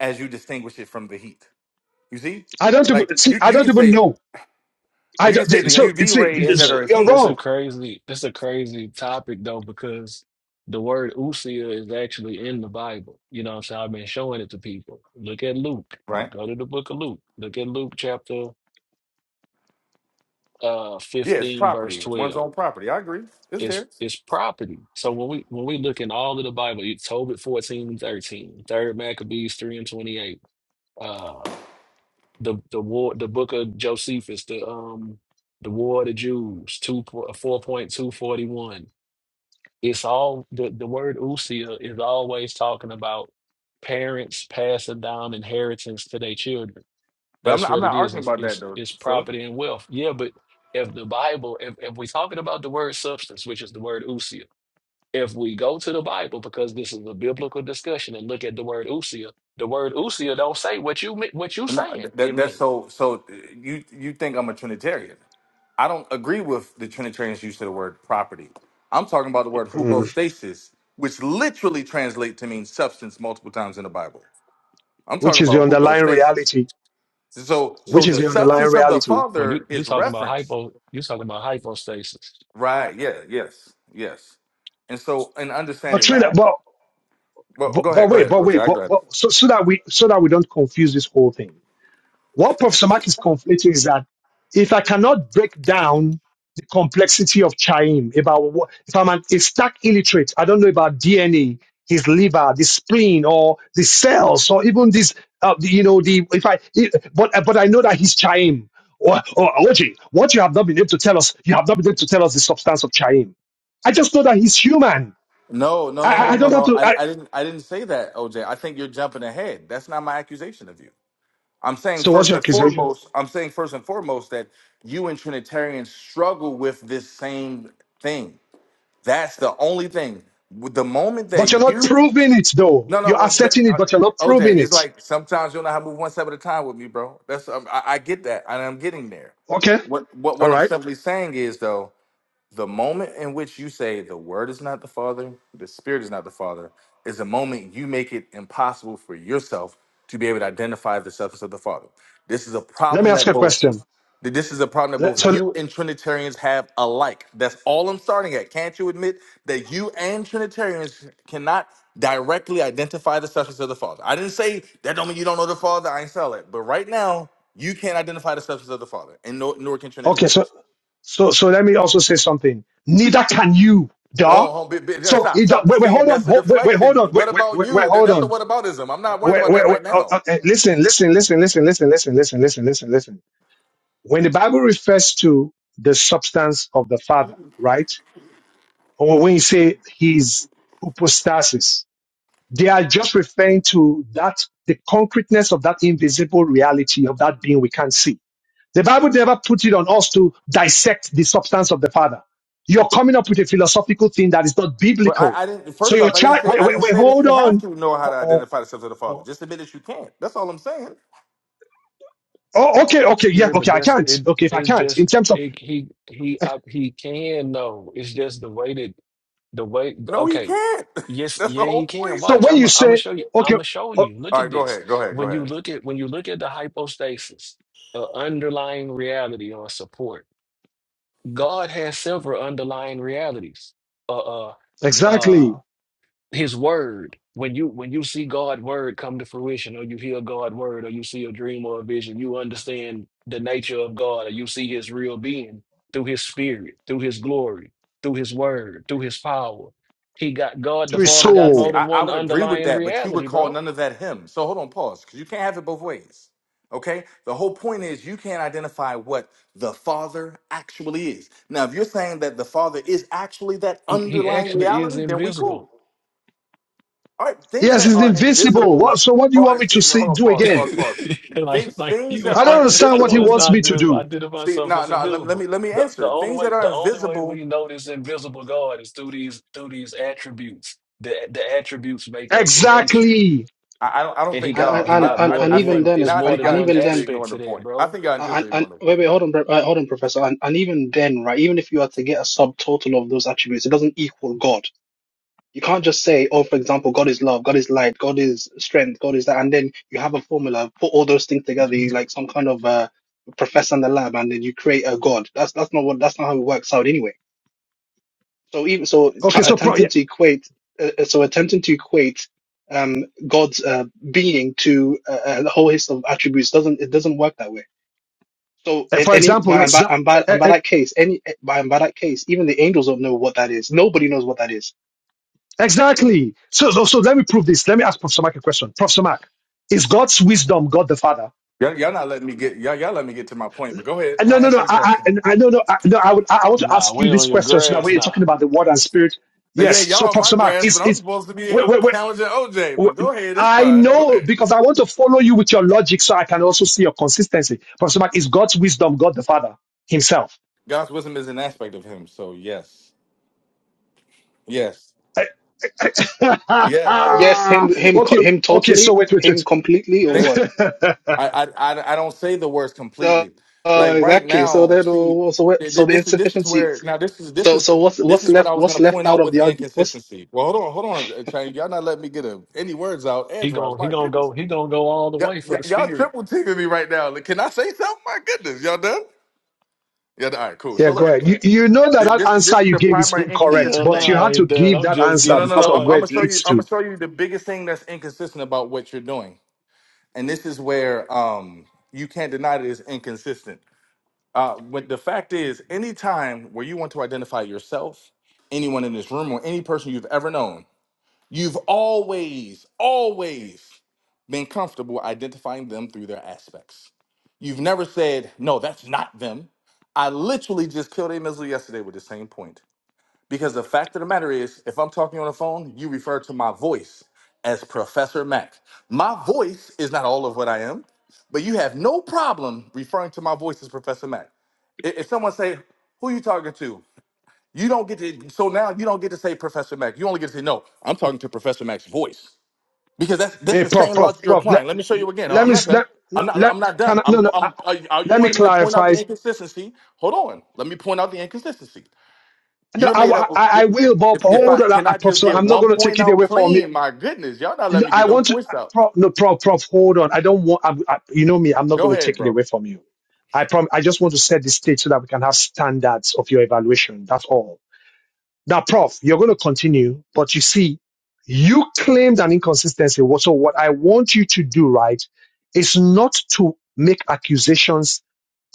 [SPEAKER 7] as you distinguish it from the heat. You see,
[SPEAKER 2] I don't
[SPEAKER 7] like
[SPEAKER 2] even see.
[SPEAKER 7] you
[SPEAKER 2] I
[SPEAKER 7] you
[SPEAKER 2] don't
[SPEAKER 7] can
[SPEAKER 2] even
[SPEAKER 7] say
[SPEAKER 2] know. I
[SPEAKER 7] you can
[SPEAKER 2] don't,
[SPEAKER 7] say
[SPEAKER 6] See
[SPEAKER 7] the
[SPEAKER 6] that
[SPEAKER 2] so
[SPEAKER 7] UV
[SPEAKER 2] see. It
[SPEAKER 7] rays
[SPEAKER 6] that's
[SPEAKER 7] that
[SPEAKER 2] is,
[SPEAKER 7] are
[SPEAKER 6] a
[SPEAKER 7] in
[SPEAKER 2] you're
[SPEAKER 7] heat,
[SPEAKER 6] that's a
[SPEAKER 2] wrong.
[SPEAKER 6] crazy that's a crazy topic though because the word usia is actually in the Bible. You know what I'm saying? I've been showing it to people. Look at Luke.
[SPEAKER 7] right?
[SPEAKER 6] Go to the book of Luke. Look at Luke chapter uh
[SPEAKER 7] Yeah, it's
[SPEAKER 6] 15 verse
[SPEAKER 7] property, one's
[SPEAKER 6] 12.
[SPEAKER 7] own property. I agree, it's
[SPEAKER 6] It's
[SPEAKER 7] theirs.
[SPEAKER 6] it's property. So when we when we look in all of the Bible, you Tobit 14 and 13, Third Maccabees 3 and 28, uh the the war the book of Josephus, the um the War of the Jews, two four point two forty one. It's all the, the word usia is always talking about parents passing down inheritance to their children.
[SPEAKER 7] But I'm
[SPEAKER 6] That's
[SPEAKER 7] not I'm
[SPEAKER 6] what it
[SPEAKER 7] not
[SPEAKER 6] is.
[SPEAKER 7] arguing
[SPEAKER 6] It's,
[SPEAKER 7] about that
[SPEAKER 6] it's
[SPEAKER 7] though,
[SPEAKER 6] it's
[SPEAKER 7] Philip.
[SPEAKER 6] property and wealth. Yeah, but if the Bible, if if we're talking about the word substance, which is the word usia, if we go to the Bible because this is a biblical discussion and look at the word usia, the word usia don't say what you me- what you
[SPEAKER 7] No, th-
[SPEAKER 6] saying
[SPEAKER 7] that
[SPEAKER 6] it means.
[SPEAKER 7] that's so so. uh, You you think I'm a Trinitarian? I don't agree with the Trinitarians' use of the word property. I'm talking about the word
[SPEAKER 2] Mm.
[SPEAKER 7] hypostasis, which literally translates to mean substance multiple times in the Bible. I'm talking
[SPEAKER 2] Which is the
[SPEAKER 7] about
[SPEAKER 2] underlying
[SPEAKER 7] hypostasis.
[SPEAKER 2] reality?
[SPEAKER 7] So, so
[SPEAKER 2] Which is
[SPEAKER 7] the
[SPEAKER 2] the underlying
[SPEAKER 7] substance of the
[SPEAKER 2] reality?
[SPEAKER 6] Well, you
[SPEAKER 7] Father
[SPEAKER 6] you
[SPEAKER 7] is
[SPEAKER 6] talking about
[SPEAKER 7] referenced.
[SPEAKER 6] hypo? You talking about hypostasis?
[SPEAKER 7] Right. Yeah. Yes. Yes. And so, in
[SPEAKER 2] But
[SPEAKER 7] understanding
[SPEAKER 2] Trina,
[SPEAKER 7] that,
[SPEAKER 2] but
[SPEAKER 7] well,
[SPEAKER 2] but,
[SPEAKER 7] go
[SPEAKER 2] but
[SPEAKER 7] ahead. Go
[SPEAKER 2] wait,
[SPEAKER 7] ahead,
[SPEAKER 2] but
[SPEAKER 7] OJ.
[SPEAKER 2] wait,
[SPEAKER 7] I
[SPEAKER 2] but,
[SPEAKER 7] got it.
[SPEAKER 2] but so so that we so that we don't confuse this whole thing. What Professor Mark is conflating is that if I cannot break down the complexity of Chaim, about what, if I'm an, a stack illiterate, I don't know about DNA, his liver, the spleen, or the cells, or even this, uh, the- you know, the if I, it- but but I know that he's Chaim. Or, or OJ, what you have not been able to tell us, you have not been able to tell us the substance of Chaim. I just know that he's human.
[SPEAKER 7] No, no,
[SPEAKER 2] I,
[SPEAKER 7] no,
[SPEAKER 2] I I
[SPEAKER 7] no, no,
[SPEAKER 2] don't
[SPEAKER 7] no.
[SPEAKER 2] have to.
[SPEAKER 7] I,
[SPEAKER 2] I,
[SPEAKER 7] I didn't. I didn't say that, OJ. I think you're jumping ahead. That's not my accusation of you. I'm saying
[SPEAKER 2] so what's
[SPEAKER 7] first
[SPEAKER 2] your
[SPEAKER 7] and
[SPEAKER 2] accusation?
[SPEAKER 7] foremost. I'm saying first and foremost that you and Trinitarians struggle with this same thing. That's the only thing. With The moment
[SPEAKER 2] But you're
[SPEAKER 7] that
[SPEAKER 2] not
[SPEAKER 7] you
[SPEAKER 2] proving it, though.
[SPEAKER 7] No, no,
[SPEAKER 2] You're
[SPEAKER 7] well, but,
[SPEAKER 2] asserting it,
[SPEAKER 7] uh,
[SPEAKER 2] but you're not
[SPEAKER 7] OJ,
[SPEAKER 2] proving
[SPEAKER 7] it's
[SPEAKER 2] it.
[SPEAKER 7] like sometimes you don't know how to move one step at a time with me, bro. That's um, I, I get that, and I'm getting there.
[SPEAKER 2] Okay.
[SPEAKER 7] What what
[SPEAKER 2] All
[SPEAKER 7] what I'm
[SPEAKER 2] right.
[SPEAKER 7] simply saying is though. The moment in which you say the word is not the Father, the Spirit is not the Father, is the moment you make it impossible for yourself to be able to identify the substance of the Father. This is a
[SPEAKER 2] Let me
[SPEAKER 7] problem
[SPEAKER 2] ask
[SPEAKER 7] that
[SPEAKER 2] you a
[SPEAKER 7] both
[SPEAKER 2] question.
[SPEAKER 7] that this is a problem that
[SPEAKER 2] Let-
[SPEAKER 7] both
[SPEAKER 2] So,
[SPEAKER 7] you and Trinitarians have alike. That's all I'm starting at. Can't you admit that you and Trinitarians cannot directly identify the substance of the Father? I didn't say that don't mean you don't know the Father. I ain't sell it. But right now, you can't identify the substance of the Father, and nor, nor can
[SPEAKER 2] okay.
[SPEAKER 7] Trinitarians.
[SPEAKER 2] So, so, so let me also say something. Neither can you, duh.
[SPEAKER 7] Oh, oh, bi- bi- yeah,
[SPEAKER 2] So,
[SPEAKER 7] stop,
[SPEAKER 2] it, don't-
[SPEAKER 7] stop.
[SPEAKER 2] wait, wait,
[SPEAKER 7] See,
[SPEAKER 2] hold on.
[SPEAKER 7] that's a
[SPEAKER 2] Hold, wait, wait, hold
[SPEAKER 7] deflection.
[SPEAKER 2] on.
[SPEAKER 7] What
[SPEAKER 2] Wait, wait,
[SPEAKER 7] about
[SPEAKER 2] wait, wait
[SPEAKER 7] you? That-
[SPEAKER 2] hold
[SPEAKER 7] That's a
[SPEAKER 2] on.
[SPEAKER 7] what aboutism. I'm not worried
[SPEAKER 2] Wait,
[SPEAKER 7] about
[SPEAKER 2] wait,
[SPEAKER 7] that
[SPEAKER 2] wait.
[SPEAKER 7] right
[SPEAKER 2] oh, oh,
[SPEAKER 7] now.
[SPEAKER 2] eh, listen, listen, listen, listen, listen, listen, listen, listen, listen, listen. When the Bible refers to the substance of the Father, right? Or when you say his hypostasis, they are just referring to that, the concreteness of that invisible reality of that being we can't see The Bible never put it on us to dissect the substance of the Father. You're coming up with a philosophical thing that is not
[SPEAKER 7] But
[SPEAKER 2] biblical.
[SPEAKER 7] I, I didn't.
[SPEAKER 2] So
[SPEAKER 7] First
[SPEAKER 2] your
[SPEAKER 7] off, I didn't
[SPEAKER 2] child,
[SPEAKER 7] say
[SPEAKER 2] wait,
[SPEAKER 7] I
[SPEAKER 2] wait,
[SPEAKER 7] didn't
[SPEAKER 2] wait,
[SPEAKER 7] say that
[SPEAKER 2] hold
[SPEAKER 7] you have
[SPEAKER 2] on.
[SPEAKER 7] to know how
[SPEAKER 2] Oh,
[SPEAKER 7] to
[SPEAKER 2] oh,
[SPEAKER 7] identify the sons of the Father.
[SPEAKER 2] oh.
[SPEAKER 7] Just admit that you can't. That's all I'm saying.
[SPEAKER 2] Oh, okay, okay, yeah,
[SPEAKER 6] Yeah, but
[SPEAKER 2] okay, I
[SPEAKER 6] that's
[SPEAKER 2] can't.
[SPEAKER 6] it.
[SPEAKER 2] Okay, if I
[SPEAKER 6] It
[SPEAKER 2] can't, in
[SPEAKER 6] just
[SPEAKER 2] terms of,
[SPEAKER 6] it, he he uh, he can know. It's just the way that the way.
[SPEAKER 7] No, he
[SPEAKER 6] Okay,
[SPEAKER 7] can't.
[SPEAKER 6] yes,
[SPEAKER 7] that's the
[SPEAKER 6] yeah,
[SPEAKER 7] whole
[SPEAKER 6] he can.
[SPEAKER 7] point.
[SPEAKER 2] so
[SPEAKER 6] Watch,
[SPEAKER 2] when
[SPEAKER 6] I'm
[SPEAKER 2] you
[SPEAKER 6] I'm gonna
[SPEAKER 2] say,
[SPEAKER 6] show you. I'm
[SPEAKER 2] okay,
[SPEAKER 6] gonna show
[SPEAKER 2] oh,
[SPEAKER 6] you. Look
[SPEAKER 7] All
[SPEAKER 6] at
[SPEAKER 7] right, go
[SPEAKER 6] this.
[SPEAKER 7] ahead. Go ahead. Go
[SPEAKER 6] When you
[SPEAKER 7] ahead.
[SPEAKER 6] look at when you look at the hypostasis, the underlying reality or support. God has several underlying realities. Uh uh. uh
[SPEAKER 2] exactly,
[SPEAKER 6] his word when you when you see God's word come to fruition or you hear God's word or you see a dream or a vision you understand the nature of God or you see his real being through his spirit through his glory through his word through his power he got God
[SPEAKER 2] to
[SPEAKER 6] the
[SPEAKER 2] his
[SPEAKER 6] Father
[SPEAKER 7] I,
[SPEAKER 6] got
[SPEAKER 7] see,
[SPEAKER 6] more than
[SPEAKER 2] soul.
[SPEAKER 7] I, I
[SPEAKER 6] one
[SPEAKER 7] would agree with
[SPEAKER 6] underlying
[SPEAKER 7] that, but you
[SPEAKER 6] reality
[SPEAKER 7] would call
[SPEAKER 6] bro
[SPEAKER 7] none of that him. So hold on, pause, because you can't have it both ways. Okay? The whole point is you can't identify what the Father actually is. Now, if you're saying that the Father is actually that
[SPEAKER 6] he, he
[SPEAKER 7] underlying
[SPEAKER 6] actually is
[SPEAKER 7] reality, then we
[SPEAKER 6] invisible
[SPEAKER 7] cool. All right, things
[SPEAKER 2] Yes,
[SPEAKER 7] that
[SPEAKER 2] it's
[SPEAKER 7] are
[SPEAKER 2] invisible.
[SPEAKER 7] invisible.
[SPEAKER 2] What, so what do you
[SPEAKER 7] Oh,
[SPEAKER 2] want me to
[SPEAKER 7] excuse me.
[SPEAKER 2] see,
[SPEAKER 7] Hold on,
[SPEAKER 2] do
[SPEAKER 7] pause,
[SPEAKER 2] again?
[SPEAKER 7] pause, pause.
[SPEAKER 6] like
[SPEAKER 7] Things,
[SPEAKER 6] like
[SPEAKER 7] things
[SPEAKER 6] you
[SPEAKER 7] that
[SPEAKER 2] I
[SPEAKER 7] are
[SPEAKER 2] don't
[SPEAKER 6] I I
[SPEAKER 2] understand what he
[SPEAKER 6] want to
[SPEAKER 7] invisible.
[SPEAKER 2] wants me
[SPEAKER 6] start
[SPEAKER 2] to
[SPEAKER 6] to
[SPEAKER 2] do.
[SPEAKER 6] identify
[SPEAKER 7] See,
[SPEAKER 6] myself
[SPEAKER 7] no,
[SPEAKER 6] that's
[SPEAKER 7] no. Let, let
[SPEAKER 6] invisible.
[SPEAKER 7] me let me
[SPEAKER 6] The the
[SPEAKER 7] answer.
[SPEAKER 6] only
[SPEAKER 7] Things that
[SPEAKER 6] way
[SPEAKER 7] are
[SPEAKER 6] the only way
[SPEAKER 7] invisible
[SPEAKER 6] we know this invisible God is through these through these attributes. The the attributes make up the nature.
[SPEAKER 2] Exactly.
[SPEAKER 7] I, I don't. I don't
[SPEAKER 6] And he
[SPEAKER 7] think
[SPEAKER 4] and
[SPEAKER 6] got
[SPEAKER 7] y'all.
[SPEAKER 6] he
[SPEAKER 7] I,
[SPEAKER 4] and
[SPEAKER 6] got
[SPEAKER 4] and,
[SPEAKER 7] I.
[SPEAKER 6] more
[SPEAKER 4] and
[SPEAKER 7] I
[SPEAKER 6] than
[SPEAKER 4] even
[SPEAKER 7] think
[SPEAKER 6] one
[SPEAKER 4] then
[SPEAKER 6] it's
[SPEAKER 7] now.
[SPEAKER 4] it's
[SPEAKER 7] I
[SPEAKER 6] more
[SPEAKER 4] and,
[SPEAKER 7] think
[SPEAKER 6] than
[SPEAKER 4] and
[SPEAKER 7] y'all
[SPEAKER 6] one
[SPEAKER 4] even
[SPEAKER 7] intentionally
[SPEAKER 4] then
[SPEAKER 6] aspect
[SPEAKER 7] ignoring the
[SPEAKER 6] to that,
[SPEAKER 7] point. I
[SPEAKER 6] bro.
[SPEAKER 7] think y'all
[SPEAKER 4] and,
[SPEAKER 7] intentionally
[SPEAKER 4] and
[SPEAKER 7] ignoring the
[SPEAKER 4] wait
[SPEAKER 7] point
[SPEAKER 4] wait
[SPEAKER 7] now.
[SPEAKER 4] hold on bro- uh, hold on professor and, and even then right even if you are to get a subtotal of those attributes, it doesn't equal God You can't just say, oh, for example, God is love, God is light, God is strength, God is that, and then you have a formula, put all those things together, you like some kind of uh, professor in the lab, and then you create a God. That's that's not what that's not how it works out anyway. So even so, tr
[SPEAKER 2] Okay, so pro-
[SPEAKER 4] attempting to
[SPEAKER 2] yeah,
[SPEAKER 4] equate, uh, uh, so attempting to equate um, God's uh, being to uh, uh, the whole list of attributes doesn't it doesn't work that way. So at
[SPEAKER 2] for
[SPEAKER 4] any
[SPEAKER 2] example,
[SPEAKER 4] by, and by,
[SPEAKER 2] exa-
[SPEAKER 4] and by,
[SPEAKER 2] e-
[SPEAKER 4] and
[SPEAKER 2] e-
[SPEAKER 4] by that case, any by, and by that case, even the angels don't know what that is. Nobody knows what that is
[SPEAKER 2] Exactly. So, so so let me prove this. Let me ask Professor Mark a question. Professor Mark, is God's wisdom God the Father?
[SPEAKER 7] Y'all, y'all not letting me get. Y'all, y'all let me get to my point. But go ahead.
[SPEAKER 2] And no,
[SPEAKER 7] I
[SPEAKER 2] no,
[SPEAKER 7] answer
[SPEAKER 2] no.
[SPEAKER 7] the
[SPEAKER 2] I,
[SPEAKER 7] question.
[SPEAKER 2] I, I no, no, I, no. I would, I, I want to
[SPEAKER 6] Nah,
[SPEAKER 2] ask you
[SPEAKER 6] we
[SPEAKER 2] this
[SPEAKER 6] on your
[SPEAKER 2] question so that when
[SPEAKER 6] grass
[SPEAKER 2] you're
[SPEAKER 6] nah.
[SPEAKER 2] talking about the Word and Spirit,
[SPEAKER 7] Uh, Yeah,
[SPEAKER 2] yes. So,
[SPEAKER 7] y'all on my
[SPEAKER 2] Professor Mark,
[SPEAKER 7] grass,
[SPEAKER 2] is
[SPEAKER 7] but I'm
[SPEAKER 2] is
[SPEAKER 7] supposed to be
[SPEAKER 2] wait, wait, wait,
[SPEAKER 7] challenging OJ. But go
[SPEAKER 2] wait.
[SPEAKER 7] ahead. It's
[SPEAKER 2] I
[SPEAKER 7] fine. Go
[SPEAKER 2] know
[SPEAKER 7] ahead.
[SPEAKER 2] because I want to follow you with your logic, so I can also see your consistency. Professor Mark, is God's wisdom God the Father Himself?
[SPEAKER 7] God's wisdom is an aspect of Him. So yes, yes,
[SPEAKER 2] okay,
[SPEAKER 7] yes.
[SPEAKER 4] Yes, him, him, co- him,
[SPEAKER 2] okay. So
[SPEAKER 4] totally,
[SPEAKER 2] wait, wait,
[SPEAKER 4] him
[SPEAKER 2] wait.
[SPEAKER 4] completely, or
[SPEAKER 7] Think.
[SPEAKER 4] what?
[SPEAKER 7] I, I I I don't say the words
[SPEAKER 4] Uh,
[SPEAKER 7] completely.
[SPEAKER 4] uh,
[SPEAKER 7] Like right
[SPEAKER 4] exactly. So
[SPEAKER 7] now,
[SPEAKER 4] then,
[SPEAKER 7] see,
[SPEAKER 4] uh, so what,
[SPEAKER 7] th-
[SPEAKER 4] so
[SPEAKER 7] th-
[SPEAKER 4] the
[SPEAKER 7] this is this is
[SPEAKER 4] insufficiency.
[SPEAKER 7] where now this is this
[SPEAKER 4] So, so
[SPEAKER 7] is
[SPEAKER 4] what's
[SPEAKER 7] this
[SPEAKER 4] what's
[SPEAKER 7] is what
[SPEAKER 4] left?
[SPEAKER 7] I was
[SPEAKER 4] What's
[SPEAKER 7] gonna
[SPEAKER 4] left
[SPEAKER 7] point
[SPEAKER 4] out
[SPEAKER 7] out
[SPEAKER 4] of
[SPEAKER 7] with
[SPEAKER 4] the
[SPEAKER 7] the
[SPEAKER 4] argument? What's
[SPEAKER 7] inconsistency. Well, hold on, hold on, uh, Chain. Y'all not letting me get a, any words out
[SPEAKER 6] He
[SPEAKER 7] edgewise.
[SPEAKER 6] gon' he
[SPEAKER 7] My
[SPEAKER 6] gonna
[SPEAKER 7] goodness,
[SPEAKER 6] go he gonna go all the
[SPEAKER 7] y'all,
[SPEAKER 6] way for
[SPEAKER 7] y-
[SPEAKER 6] the
[SPEAKER 7] y'all
[SPEAKER 6] spirit.
[SPEAKER 7] triple teaming me right now. Like, Can I say something? My goodness, y'all done? Yeah, all right, cool.
[SPEAKER 2] Yeah,
[SPEAKER 7] So
[SPEAKER 2] go
[SPEAKER 7] look,
[SPEAKER 2] ahead. You, you know that
[SPEAKER 7] th-
[SPEAKER 2] that
[SPEAKER 7] this is
[SPEAKER 2] answer
[SPEAKER 7] this is
[SPEAKER 2] you
[SPEAKER 7] the
[SPEAKER 2] gave is
[SPEAKER 7] primary
[SPEAKER 2] incorrect,
[SPEAKER 6] Hell
[SPEAKER 7] inconsistent
[SPEAKER 2] but you
[SPEAKER 7] thing.
[SPEAKER 6] nah, I
[SPEAKER 2] had to
[SPEAKER 6] ain't done.
[SPEAKER 2] give
[SPEAKER 6] I'm
[SPEAKER 2] that
[SPEAKER 6] just
[SPEAKER 7] No,
[SPEAKER 2] answer
[SPEAKER 6] getting
[SPEAKER 7] no, no, no.
[SPEAKER 2] because of
[SPEAKER 7] I'm, I'm
[SPEAKER 2] where
[SPEAKER 6] started.
[SPEAKER 7] gonna
[SPEAKER 2] it
[SPEAKER 7] show you.
[SPEAKER 2] leads
[SPEAKER 7] I'm
[SPEAKER 2] to.
[SPEAKER 7] gonna show you the biggest thing that's inconsistent about what you're doing, and this is where um you can't deny that it's inconsistent Uh, but the fact is, any time where you want to identify yourself, anyone in this room, or any person you've ever known, you've always, always been comfortable identifying them through their aspects. You've never said, no, that's not them. I literally just killed a missile yesterday with the same point. Because the fact of the matter is, if I'm talking on the phone, you refer to my voice as Professor Mac. My voice is not all of what I am, but you have no problem referring to my voice as Professor Mac. If if someone say, "Who you talking to?" You don't get to. So now you don't get to say Professor Max. You only get to say, "No, I'm talking to Professor Max's voice," because that's that's
[SPEAKER 2] Hey,
[SPEAKER 7] the
[SPEAKER 2] prof,
[SPEAKER 7] same
[SPEAKER 2] prof,
[SPEAKER 7] logic you're
[SPEAKER 2] prof. Let,
[SPEAKER 7] applying. Let me show you again. No,
[SPEAKER 2] let
[SPEAKER 7] I'm
[SPEAKER 2] me
[SPEAKER 7] not
[SPEAKER 2] s-
[SPEAKER 7] done.
[SPEAKER 2] let no,
[SPEAKER 7] I'm not.
[SPEAKER 2] let
[SPEAKER 7] I'm not
[SPEAKER 2] can
[SPEAKER 7] done.
[SPEAKER 2] I, no
[SPEAKER 7] I'm.
[SPEAKER 2] no. I,
[SPEAKER 7] I'm.
[SPEAKER 2] I-
[SPEAKER 7] Are you
[SPEAKER 2] let me
[SPEAKER 7] wanted me to point out
[SPEAKER 2] clarify.
[SPEAKER 7] the inconsistency? Hold on. Let me point out the inconsistency.
[SPEAKER 2] No,
[SPEAKER 7] You're made
[SPEAKER 2] I,
[SPEAKER 7] up of.
[SPEAKER 2] I, I will, but
[SPEAKER 7] If, if
[SPEAKER 2] hold
[SPEAKER 7] I
[SPEAKER 2] on, I,
[SPEAKER 7] can
[SPEAKER 2] I-
[SPEAKER 7] I
[SPEAKER 2] prof.
[SPEAKER 7] just
[SPEAKER 2] So
[SPEAKER 7] get
[SPEAKER 2] I'm not
[SPEAKER 7] one
[SPEAKER 2] going to take
[SPEAKER 7] point
[SPEAKER 2] it
[SPEAKER 7] out
[SPEAKER 2] away from you.
[SPEAKER 7] clean, my goodness, y'all not let
[SPEAKER 2] No,
[SPEAKER 7] me
[SPEAKER 2] I
[SPEAKER 7] get no
[SPEAKER 2] want to,
[SPEAKER 7] points out.
[SPEAKER 2] prof, no, prof, prof. Hold on. I don't want. I, I, you know me. I'm not
[SPEAKER 7] Go
[SPEAKER 2] going to
[SPEAKER 7] ahead,
[SPEAKER 2] take it
[SPEAKER 7] bro.
[SPEAKER 2] away from you. I prom- I just want to set the stage so that we can have standards of your evaluation. That's all. That prof, you're going to continue, but you see, you claimed an inconsistency. What- So what I want you to do, right, is not to make accusations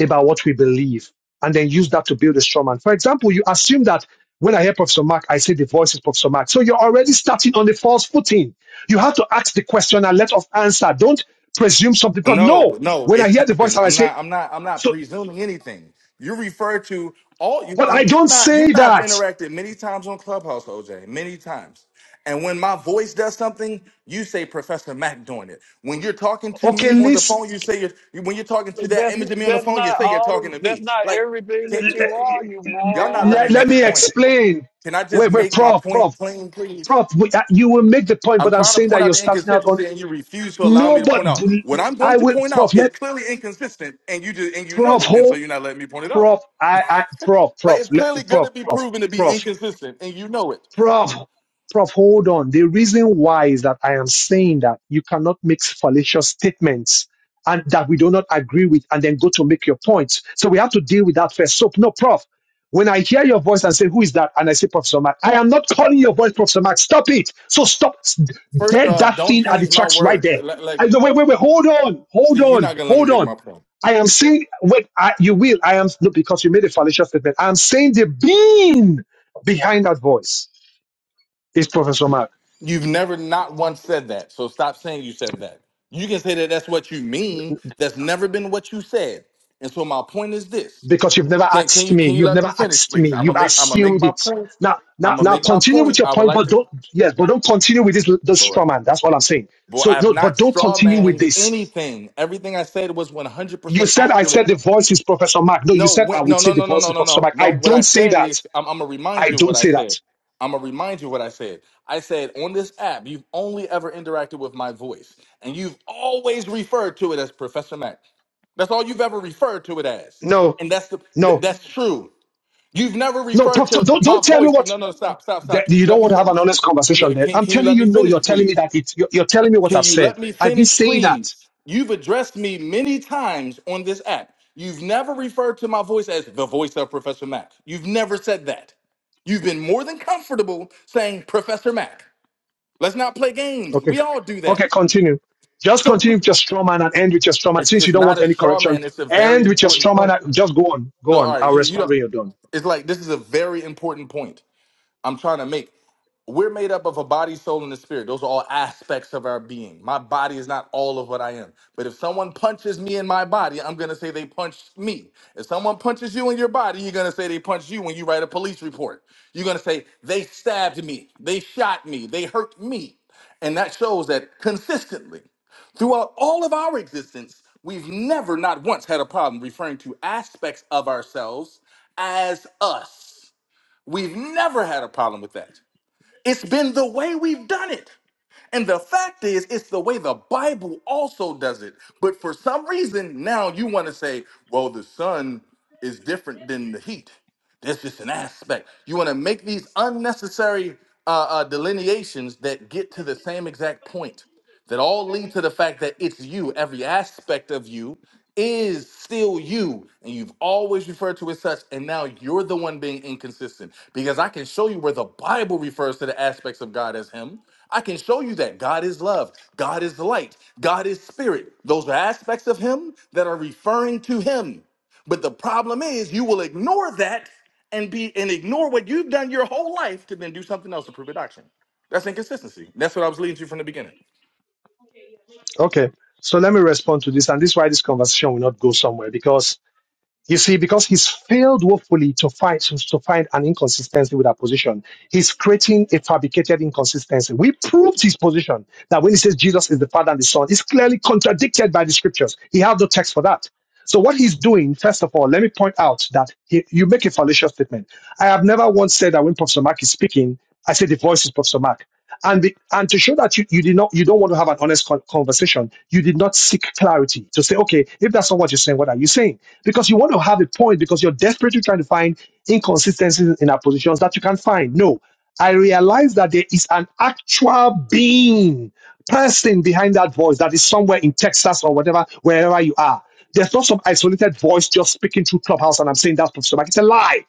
[SPEAKER 2] about what we believe and then use that to build a straw man. For example, you assume that when I hear Professor Mark, I say the voice is Professor Mark. So you're already starting on the false footing. You have to ask the question and let off answer. Don't presume something. Because no,
[SPEAKER 7] No, no,
[SPEAKER 2] when I
[SPEAKER 7] it's
[SPEAKER 2] hear the voice
[SPEAKER 7] happened.
[SPEAKER 2] and I
[SPEAKER 7] I'm
[SPEAKER 2] say,
[SPEAKER 7] not. I'm not. I'm not
[SPEAKER 2] so,
[SPEAKER 7] presuming anything. You refer to all you.
[SPEAKER 2] but
[SPEAKER 7] You
[SPEAKER 2] I
[SPEAKER 7] you
[SPEAKER 2] don't
[SPEAKER 7] and I. You and
[SPEAKER 2] say
[SPEAKER 7] I have
[SPEAKER 2] that.
[SPEAKER 7] interacted many times on Clubhouse, OJ. Many times. And when my voice does something, you say Professor Mac doing it. When you're talking to
[SPEAKER 2] Okay,
[SPEAKER 7] me on the
[SPEAKER 2] Liz,
[SPEAKER 7] phone, you say you're. you- When you're talking to that
[SPEAKER 6] That's
[SPEAKER 7] image of me on the
[SPEAKER 6] that's
[SPEAKER 7] phone, you
[SPEAKER 6] not
[SPEAKER 7] say you're
[SPEAKER 6] all
[SPEAKER 7] talking
[SPEAKER 6] the
[SPEAKER 7] to
[SPEAKER 6] that's
[SPEAKER 7] me.
[SPEAKER 6] not
[SPEAKER 7] Like,
[SPEAKER 6] everything
[SPEAKER 7] can,
[SPEAKER 6] that
[SPEAKER 7] can,
[SPEAKER 6] you are, you
[SPEAKER 7] y'all not let
[SPEAKER 6] moron.
[SPEAKER 2] let,
[SPEAKER 7] me
[SPEAKER 2] let
[SPEAKER 7] make a
[SPEAKER 2] me
[SPEAKER 7] point.
[SPEAKER 2] explain.
[SPEAKER 7] Can I just
[SPEAKER 2] Wait, wait,
[SPEAKER 7] make my
[SPEAKER 2] prof,
[SPEAKER 7] point
[SPEAKER 2] prof,
[SPEAKER 7] plain, please?
[SPEAKER 2] prof. we- uh, You will make the point,
[SPEAKER 7] I'm
[SPEAKER 2] but I'm
[SPEAKER 7] trying to
[SPEAKER 2] saying
[SPEAKER 7] point
[SPEAKER 2] that
[SPEAKER 7] out
[SPEAKER 2] you're
[SPEAKER 7] the
[SPEAKER 2] starting out on
[SPEAKER 7] inconsistency, and you refuse to allow
[SPEAKER 2] no.
[SPEAKER 7] me to
[SPEAKER 2] But
[SPEAKER 7] point out what I'm going
[SPEAKER 2] I
[SPEAKER 7] to
[SPEAKER 2] will,
[SPEAKER 7] point
[SPEAKER 2] prof.
[SPEAKER 7] out is
[SPEAKER 2] Let
[SPEAKER 7] clearly inconsistent, and you just and you know
[SPEAKER 2] prof
[SPEAKER 7] it, and so
[SPEAKER 2] hold,
[SPEAKER 7] you're not letting me point it out.
[SPEAKER 2] prof. I, I, prof,
[SPEAKER 7] Like
[SPEAKER 2] prof,
[SPEAKER 7] it's
[SPEAKER 2] let,
[SPEAKER 7] clearly
[SPEAKER 2] prof,
[SPEAKER 7] gonna be
[SPEAKER 2] prof,
[SPEAKER 7] proven to be
[SPEAKER 2] prof.
[SPEAKER 7] inconsistent, and you know it.
[SPEAKER 2] Prof, Prof, hold on. The reason why is that I am saying that you cannot make fallacious statements and that we do not agree with and then go to make your points. So we have to deal with that first. So, no, Prof, when I hear your voice and say, Who is that? And I say, Professor Mark, I am not calling your voice, Professor Mark. Stop it. So stop s-
[SPEAKER 7] First
[SPEAKER 2] dead
[SPEAKER 7] off,
[SPEAKER 2] that
[SPEAKER 7] don't
[SPEAKER 2] thing at the
[SPEAKER 7] change my
[SPEAKER 2] tracks right
[SPEAKER 7] words.
[SPEAKER 2] there.
[SPEAKER 7] Like, like
[SPEAKER 2] I, no, wait, wait, wait. Hold on. Hold
[SPEAKER 7] see, you're not
[SPEAKER 2] on.
[SPEAKER 7] gonna let me
[SPEAKER 2] Hold
[SPEAKER 7] make
[SPEAKER 2] on.
[SPEAKER 7] my point.
[SPEAKER 2] I am saying, wait, I, you will. I am, no, because you made a fallacious statement. I am saying the being behind that voice is Professor Mark,
[SPEAKER 7] You've never not once said that, so stop saying you said that. You can say that that's what you mean. That's never been what you said, and so my point is this:
[SPEAKER 2] because you've never
[SPEAKER 7] can can
[SPEAKER 2] asked
[SPEAKER 7] you
[SPEAKER 2] me.
[SPEAKER 7] can you
[SPEAKER 2] You've
[SPEAKER 7] let
[SPEAKER 2] never
[SPEAKER 7] me finish,
[SPEAKER 2] asked me.
[SPEAKER 7] please? I'm gonna
[SPEAKER 2] You've
[SPEAKER 7] make I'm gonna make
[SPEAKER 2] assumed
[SPEAKER 7] my
[SPEAKER 2] it.
[SPEAKER 7] point.
[SPEAKER 2] Now, now,
[SPEAKER 7] I'm gonna
[SPEAKER 2] now,
[SPEAKER 7] make my
[SPEAKER 2] continue
[SPEAKER 7] point.
[SPEAKER 2] with your
[SPEAKER 7] I would
[SPEAKER 2] point,
[SPEAKER 7] like
[SPEAKER 2] but
[SPEAKER 7] to.
[SPEAKER 2] don't. Yes, but don't continue with this this straw
[SPEAKER 7] Lord.
[SPEAKER 2] man. That's all I'm saying.
[SPEAKER 7] Boy,
[SPEAKER 2] So,
[SPEAKER 7] I've
[SPEAKER 2] no,
[SPEAKER 7] not
[SPEAKER 2] but don't continue with
[SPEAKER 7] strawmanned
[SPEAKER 2] this.
[SPEAKER 7] anything. Everything I said was
[SPEAKER 2] You
[SPEAKER 7] 100%
[SPEAKER 2] said I said
[SPEAKER 7] accurate.
[SPEAKER 2] the voice is Professor Mark. No, you
[SPEAKER 7] No,
[SPEAKER 2] said I
[SPEAKER 7] when,
[SPEAKER 2] would
[SPEAKER 7] no,
[SPEAKER 2] say
[SPEAKER 7] no,
[SPEAKER 2] the
[SPEAKER 7] no, no,
[SPEAKER 2] voice
[SPEAKER 7] no,
[SPEAKER 2] is
[SPEAKER 7] no,
[SPEAKER 2] Professor
[SPEAKER 7] no.
[SPEAKER 2] Mark.
[SPEAKER 7] No,
[SPEAKER 2] I
[SPEAKER 7] what
[SPEAKER 2] don't
[SPEAKER 7] I
[SPEAKER 2] say
[SPEAKER 7] said
[SPEAKER 2] that.
[SPEAKER 7] is, I'm, I'm going to remind
[SPEAKER 2] I
[SPEAKER 7] you of what
[SPEAKER 2] don't
[SPEAKER 7] I
[SPEAKER 2] say that.
[SPEAKER 7] said. I'm going to remind you what I said. I said, on this app, you've only ever interacted with my voice, and you've always referred to it as Professor Mac. That's all you've ever referred to it as.
[SPEAKER 2] No,
[SPEAKER 7] And that's the th-
[SPEAKER 2] no,
[SPEAKER 7] that's true. You've never
[SPEAKER 2] no,
[SPEAKER 7] referred
[SPEAKER 2] Professor.
[SPEAKER 7] to
[SPEAKER 2] Don't
[SPEAKER 7] my
[SPEAKER 2] don't tell me
[SPEAKER 7] voice.
[SPEAKER 2] what
[SPEAKER 7] No, no, stop, stop, stop.
[SPEAKER 2] that
[SPEAKER 7] Can you
[SPEAKER 2] you
[SPEAKER 7] let
[SPEAKER 2] don't
[SPEAKER 7] me
[SPEAKER 2] want to have an
[SPEAKER 7] finish?
[SPEAKER 2] honest conversation. Then
[SPEAKER 7] Can,
[SPEAKER 2] I'm
[SPEAKER 7] can you
[SPEAKER 2] telling
[SPEAKER 7] let
[SPEAKER 2] you,
[SPEAKER 7] me
[SPEAKER 2] no.
[SPEAKER 7] finish,
[SPEAKER 2] You're telling me
[SPEAKER 7] please?
[SPEAKER 2] that it. You're, you're telling me what
[SPEAKER 7] Can
[SPEAKER 2] I've
[SPEAKER 7] you let
[SPEAKER 2] said.
[SPEAKER 7] me
[SPEAKER 2] I didn't
[SPEAKER 7] finish,
[SPEAKER 2] say that.
[SPEAKER 7] please? You've addressed me many times on this app. You've never referred to my voice as the voice of Professor Mack. You've never said that. You've been more than comfortable saying Professor Mack. Let's not play games.
[SPEAKER 2] Okay.
[SPEAKER 7] We all do
[SPEAKER 2] Okay,
[SPEAKER 7] that.
[SPEAKER 2] continue. Just
[SPEAKER 7] So
[SPEAKER 2] continue
[SPEAKER 7] we-
[SPEAKER 2] with your straw man and end with your straw man.
[SPEAKER 7] it's,
[SPEAKER 2] Since you
[SPEAKER 7] it's
[SPEAKER 2] don't
[SPEAKER 7] not
[SPEAKER 2] want
[SPEAKER 7] a
[SPEAKER 2] any
[SPEAKER 7] straw
[SPEAKER 2] correction,
[SPEAKER 7] man. It's a very
[SPEAKER 2] end with your
[SPEAKER 7] important
[SPEAKER 2] straw man.
[SPEAKER 7] point.
[SPEAKER 2] and- Just go on. Go
[SPEAKER 7] So
[SPEAKER 2] on.
[SPEAKER 7] all right,
[SPEAKER 2] I'll
[SPEAKER 7] you, you
[SPEAKER 2] respond
[SPEAKER 7] don't.
[SPEAKER 2] when you're done.
[SPEAKER 7] It's like this is a very important point I'm trying to make. we're made up of a body, soul, and a spirit. Those are all aspects of our being. My body is not all of what I am. But if someone punches me in my body, I'm going to say they punched me. If someone punches you in your body, you're going to say they punched you when you write a police report. You're going to say they stabbed me, they shot me, they hurt me. And that shows that consistently throughout all of our existence, we've never, not once, had a problem referring to aspects of ourselves as us. We've never had a problem with that. It's been the way we've done it. And the fact is, it's the way the Bible also does it. But for some reason, now you want to say, well, the sun is different than the heat. That's just an aspect. You want to make these unnecessary uh, uh, delineations that get to the same exact point that all lead to the fact that it's you, every aspect of you, is still you and you've always referred to it as such and now you're the one being inconsistent because i can show you where the bible refers to the aspects of god as him i can show you that god is love god is light god is spirit those are aspects of him that are referring to him but the problem is you will ignore that and be and ignore what you've done your whole life to then do something else to prove a doctrine that's inconsistency that's what i was leading to from the beginning
[SPEAKER 2] Okay. So let me respond to this. And this is why this conversation will not go somewhere because you see, because he's failed woefully to find, to, to find an inconsistency with our position. He's creating a fabricated inconsistency. We proved his position that when he says Jesus is the Father and the Son, it's clearly contradicted by the scriptures. He has no text for that. So what he's doing, first of all, let me point out that he, you make a fallacious statement. I have never once said that when Professor Mark is speaking, I say the voice is Professor Mark. And the, and to show that you, you did not you don't want to have an honest con- conversation, you did not seek clarity to say, okay, if that's not what you're saying, what are you saying? Because you want to have a point because you're desperately trying to find inconsistencies in our positions that you can find. No, I realize that there is an actual being, person behind that voice that is somewhere in Texas or whatever, wherever you are there's not some isolated voice just speaking through Clubhouse and I'm saying that's problematic. It's a lie.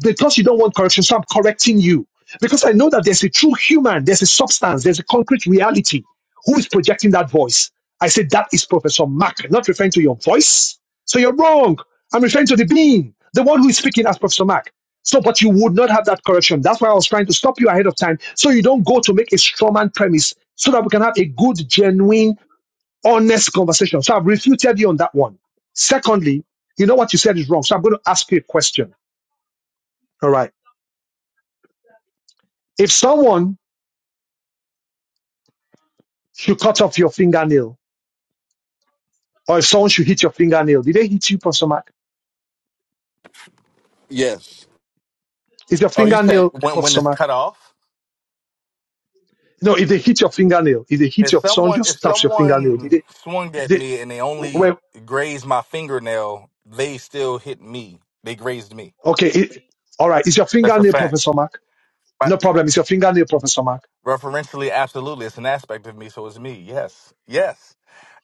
[SPEAKER 2] Because you don't want correction, so I'm correcting you. Because I know that there's a true human, there's a substance, there's a concrete reality who is projecting that voice. I said that is Professor Mac, not referring to your voice. So you're wrong. I'm referring to the being, the one who is speaking as Professor Mac. So, but you would not have that correction. That's why I was trying to stop you ahead of time so you don't go to make a strawman premise so that we can have a good, genuine honest conversation. So I've refuted you on that one. Secondly, you know what you said is wrong. So I'm going to ask you a question. All right. If someone should cut off your fingernail or if someone should hit your fingernail, did they hit you, Professor Mark?
[SPEAKER 7] Yes.
[SPEAKER 2] Is your
[SPEAKER 7] oh you said
[SPEAKER 2] fingernail,
[SPEAKER 7] when when
[SPEAKER 2] Professor
[SPEAKER 7] it's
[SPEAKER 2] Mark?
[SPEAKER 7] cut off
[SPEAKER 2] No, if they hit your fingernail, if they hit
[SPEAKER 7] If
[SPEAKER 2] your, someone
[SPEAKER 7] someone
[SPEAKER 2] just
[SPEAKER 7] if
[SPEAKER 2] stabs your fingernail, did
[SPEAKER 7] someone
[SPEAKER 2] they,
[SPEAKER 7] swung at
[SPEAKER 2] they
[SPEAKER 7] me and they only
[SPEAKER 2] well,
[SPEAKER 7] grazed my fingernail, they still hit me. They grazed me.
[SPEAKER 2] okay. It, all right. Is your
[SPEAKER 7] That's a
[SPEAKER 2] fingernail,
[SPEAKER 7] fact.
[SPEAKER 2] Professor Mark?
[SPEAKER 7] But
[SPEAKER 2] No problem. It's your fingernail, Professor Mark.
[SPEAKER 7] referentially, absolutely, it's an aspect of me, so it's me. Yes, yes.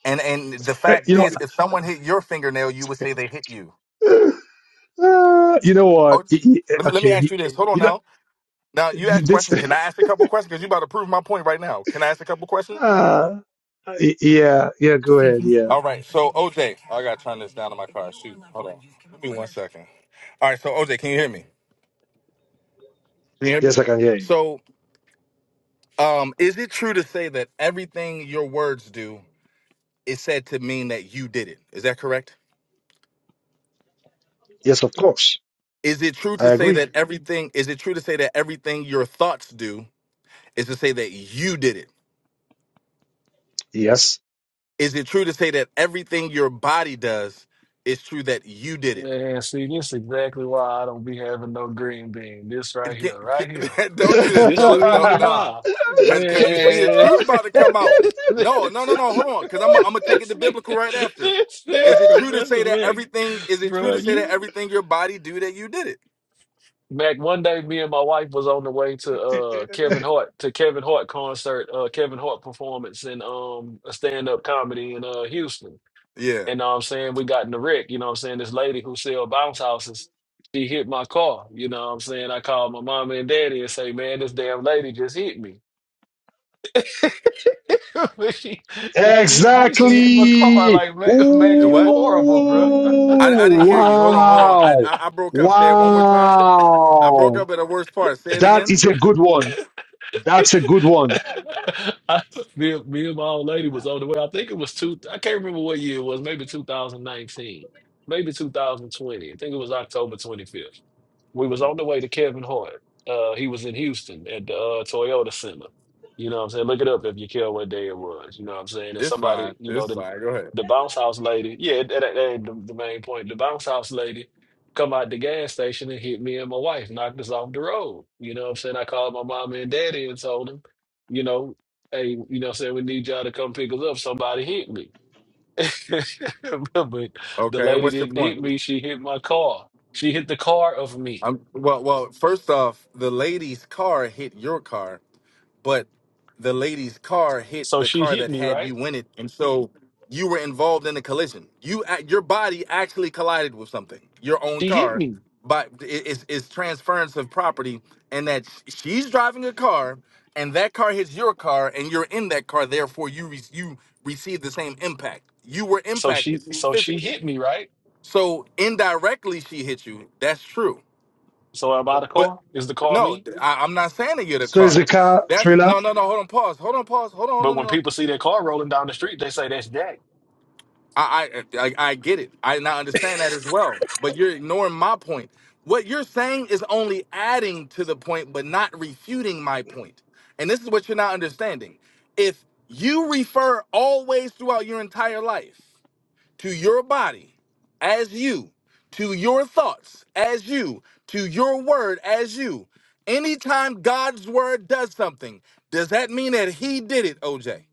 [SPEAKER 7] And and the fact
[SPEAKER 2] you know,
[SPEAKER 7] is, if someone hit your fingernail, you would say they hit you.
[SPEAKER 2] uh, you know what?
[SPEAKER 7] Oh,
[SPEAKER 2] He- he-
[SPEAKER 7] let me let me
[SPEAKER 2] okay.
[SPEAKER 7] ask
[SPEAKER 2] he-
[SPEAKER 7] you this. Hold on
[SPEAKER 2] you know,
[SPEAKER 7] now. Now you ask
[SPEAKER 2] this,
[SPEAKER 7] questions. Can I ask a couple questions? Because you about to prove my point right now. Can I ask a couple questions?
[SPEAKER 2] uh, Y- Yeah, yeah, go ahead. Yeah.
[SPEAKER 7] All right, so OJ, I gotta turn this down to my car. Shoot, hold on. Give me one second. All right, so OJ, can you hear me? Can you hear me?
[SPEAKER 2] Yes, I can hear you.
[SPEAKER 7] So, um, is it true to say that everything your words do is said to mean that you did it? Is that correct?
[SPEAKER 2] Yes, of course.
[SPEAKER 7] Is it true
[SPEAKER 2] I
[SPEAKER 7] to say
[SPEAKER 2] agree.
[SPEAKER 7] that everything? Is it true to say that everything your thoughts do is to say that you did it?
[SPEAKER 2] Yes.
[SPEAKER 7] Is it true to say that everything your body does is true that you did it?
[SPEAKER 6] Man, see, this is exactly why I don't be having no green bean. This right here,
[SPEAKER 7] Get-
[SPEAKER 6] right here.
[SPEAKER 7] get- don't do this,
[SPEAKER 6] This the
[SPEAKER 7] Trilla. Don't
[SPEAKER 6] reason
[SPEAKER 7] nah.
[SPEAKER 6] why.
[SPEAKER 7] Cause cause you see the
[SPEAKER 6] Man.
[SPEAKER 7] truth about to come out. No, no,
[SPEAKER 6] this,
[SPEAKER 7] no, no. Hold on. Cause I'm I'm gonna take it
[SPEAKER 6] this
[SPEAKER 7] to biblical right
[SPEAKER 6] nigga,
[SPEAKER 7] after.
[SPEAKER 6] this there,
[SPEAKER 7] Is it true to say
[SPEAKER 6] Professor
[SPEAKER 7] that
[SPEAKER 6] Mac.
[SPEAKER 7] everything is it true
[SPEAKER 6] Bro,
[SPEAKER 7] to say that
[SPEAKER 6] you.
[SPEAKER 7] everything your body do that you did it?
[SPEAKER 6] Mac, one day me and my wife was on the way to uh Kevin Hart, to Kevin Hart concert, uh Kevin Hart performance in um a stand-up comedy in uh Houston.
[SPEAKER 7] Yeah.
[SPEAKER 6] And know what I'm saying? We got in the wreck, you know what I'm saying? This lady who sell bounce houses, she hit my car. You know what I'm saying? I called my mama and daddy and say, man, this damn lady just hit me. but she she didn't hit me, she hit my car.
[SPEAKER 2] exactly.
[SPEAKER 6] Like, Mac, Mac
[SPEAKER 7] And
[SPEAKER 6] you
[SPEAKER 7] what?
[SPEAKER 6] horrible, bro.
[SPEAKER 7] I, I didn't
[SPEAKER 2] Ooh,
[SPEAKER 7] hear you. Hold on, hold on. I,
[SPEAKER 2] wow.
[SPEAKER 7] I I broke up. Say it one more time. I broke
[SPEAKER 2] Wow.
[SPEAKER 7] up at the worst part. Say it
[SPEAKER 2] That
[SPEAKER 7] again.
[SPEAKER 2] is a good one. That's a good one.
[SPEAKER 6] I, me, and- me and my old lady was on the way. I think it was two, I can't remember what year it was, maybe 2019, maybe 2020. I think it was October 25th. we was on the way to Kevin Hart. Uh, he was in Houston at the uh, Toyota Center. You know what I'm saying? Look it up if you care what day it was. You know what I'm saying? And
[SPEAKER 7] It's
[SPEAKER 6] somebody,
[SPEAKER 7] fine.
[SPEAKER 6] you know,
[SPEAKER 7] It's
[SPEAKER 6] the
[SPEAKER 7] fine. Go ahead.
[SPEAKER 6] the bounce house lady, yeah, that, that ain't the, the main point. The bounce house lady come out the gas station and hit me and my wife, knocked us off the road. You know what I'm saying? I called my mama and daddy and told them, you know, hey, you know what I'm saying? We need y'all to come pick us up. Somebody hit me. but the
[SPEAKER 7] Okay,
[SPEAKER 6] lady
[SPEAKER 7] what's your
[SPEAKER 6] didn't
[SPEAKER 7] point?
[SPEAKER 6] hit me. She hit my car. She hit the car of me.
[SPEAKER 7] I'm well well, first off, the lady's car hit your car. but the lady's car hit
[SPEAKER 6] So
[SPEAKER 7] the
[SPEAKER 6] she
[SPEAKER 7] car
[SPEAKER 6] hit
[SPEAKER 7] that
[SPEAKER 6] me,
[SPEAKER 7] had
[SPEAKER 6] right?
[SPEAKER 7] you in it, and so you were involved in a collision. You, ac- your body actually collided with something, your own
[SPEAKER 6] She hit
[SPEAKER 7] car.
[SPEAKER 6] me.
[SPEAKER 7] But it- it's, it's transference of property, and that sh- she's driving a car, and that car hits your car, and you're in that car. Therefore, you re- you receive the same impact. You were
[SPEAKER 6] So
[SPEAKER 7] impacted
[SPEAKER 6] she so she
[SPEAKER 7] physically.
[SPEAKER 6] hit me, right?
[SPEAKER 7] So indirectly, she hit you. That's true.
[SPEAKER 6] So am I the car? Is the car
[SPEAKER 7] No,
[SPEAKER 6] me?
[SPEAKER 7] th- I, am not saying to get a
[SPEAKER 2] So is the
[SPEAKER 7] car.
[SPEAKER 2] car
[SPEAKER 7] That's
[SPEAKER 2] trailer.
[SPEAKER 7] no, no, no. Hold on, pause. Hold on, pause. Hold on, no,
[SPEAKER 6] But
[SPEAKER 7] no,
[SPEAKER 6] when
[SPEAKER 7] no.
[SPEAKER 6] people see that car rolling down the street, they say that's Jack.
[SPEAKER 7] I, I, I, I get it. I not understand that as well. But you're ignoring my point. What you're saying is only adding to the point, but not refuting my point. And this is what you're not understanding. If you refer always throughout your entire life. to your body as you, to your thoughts as you, to your word as you. Anytime God's word does something, does that mean that He did it, OJ?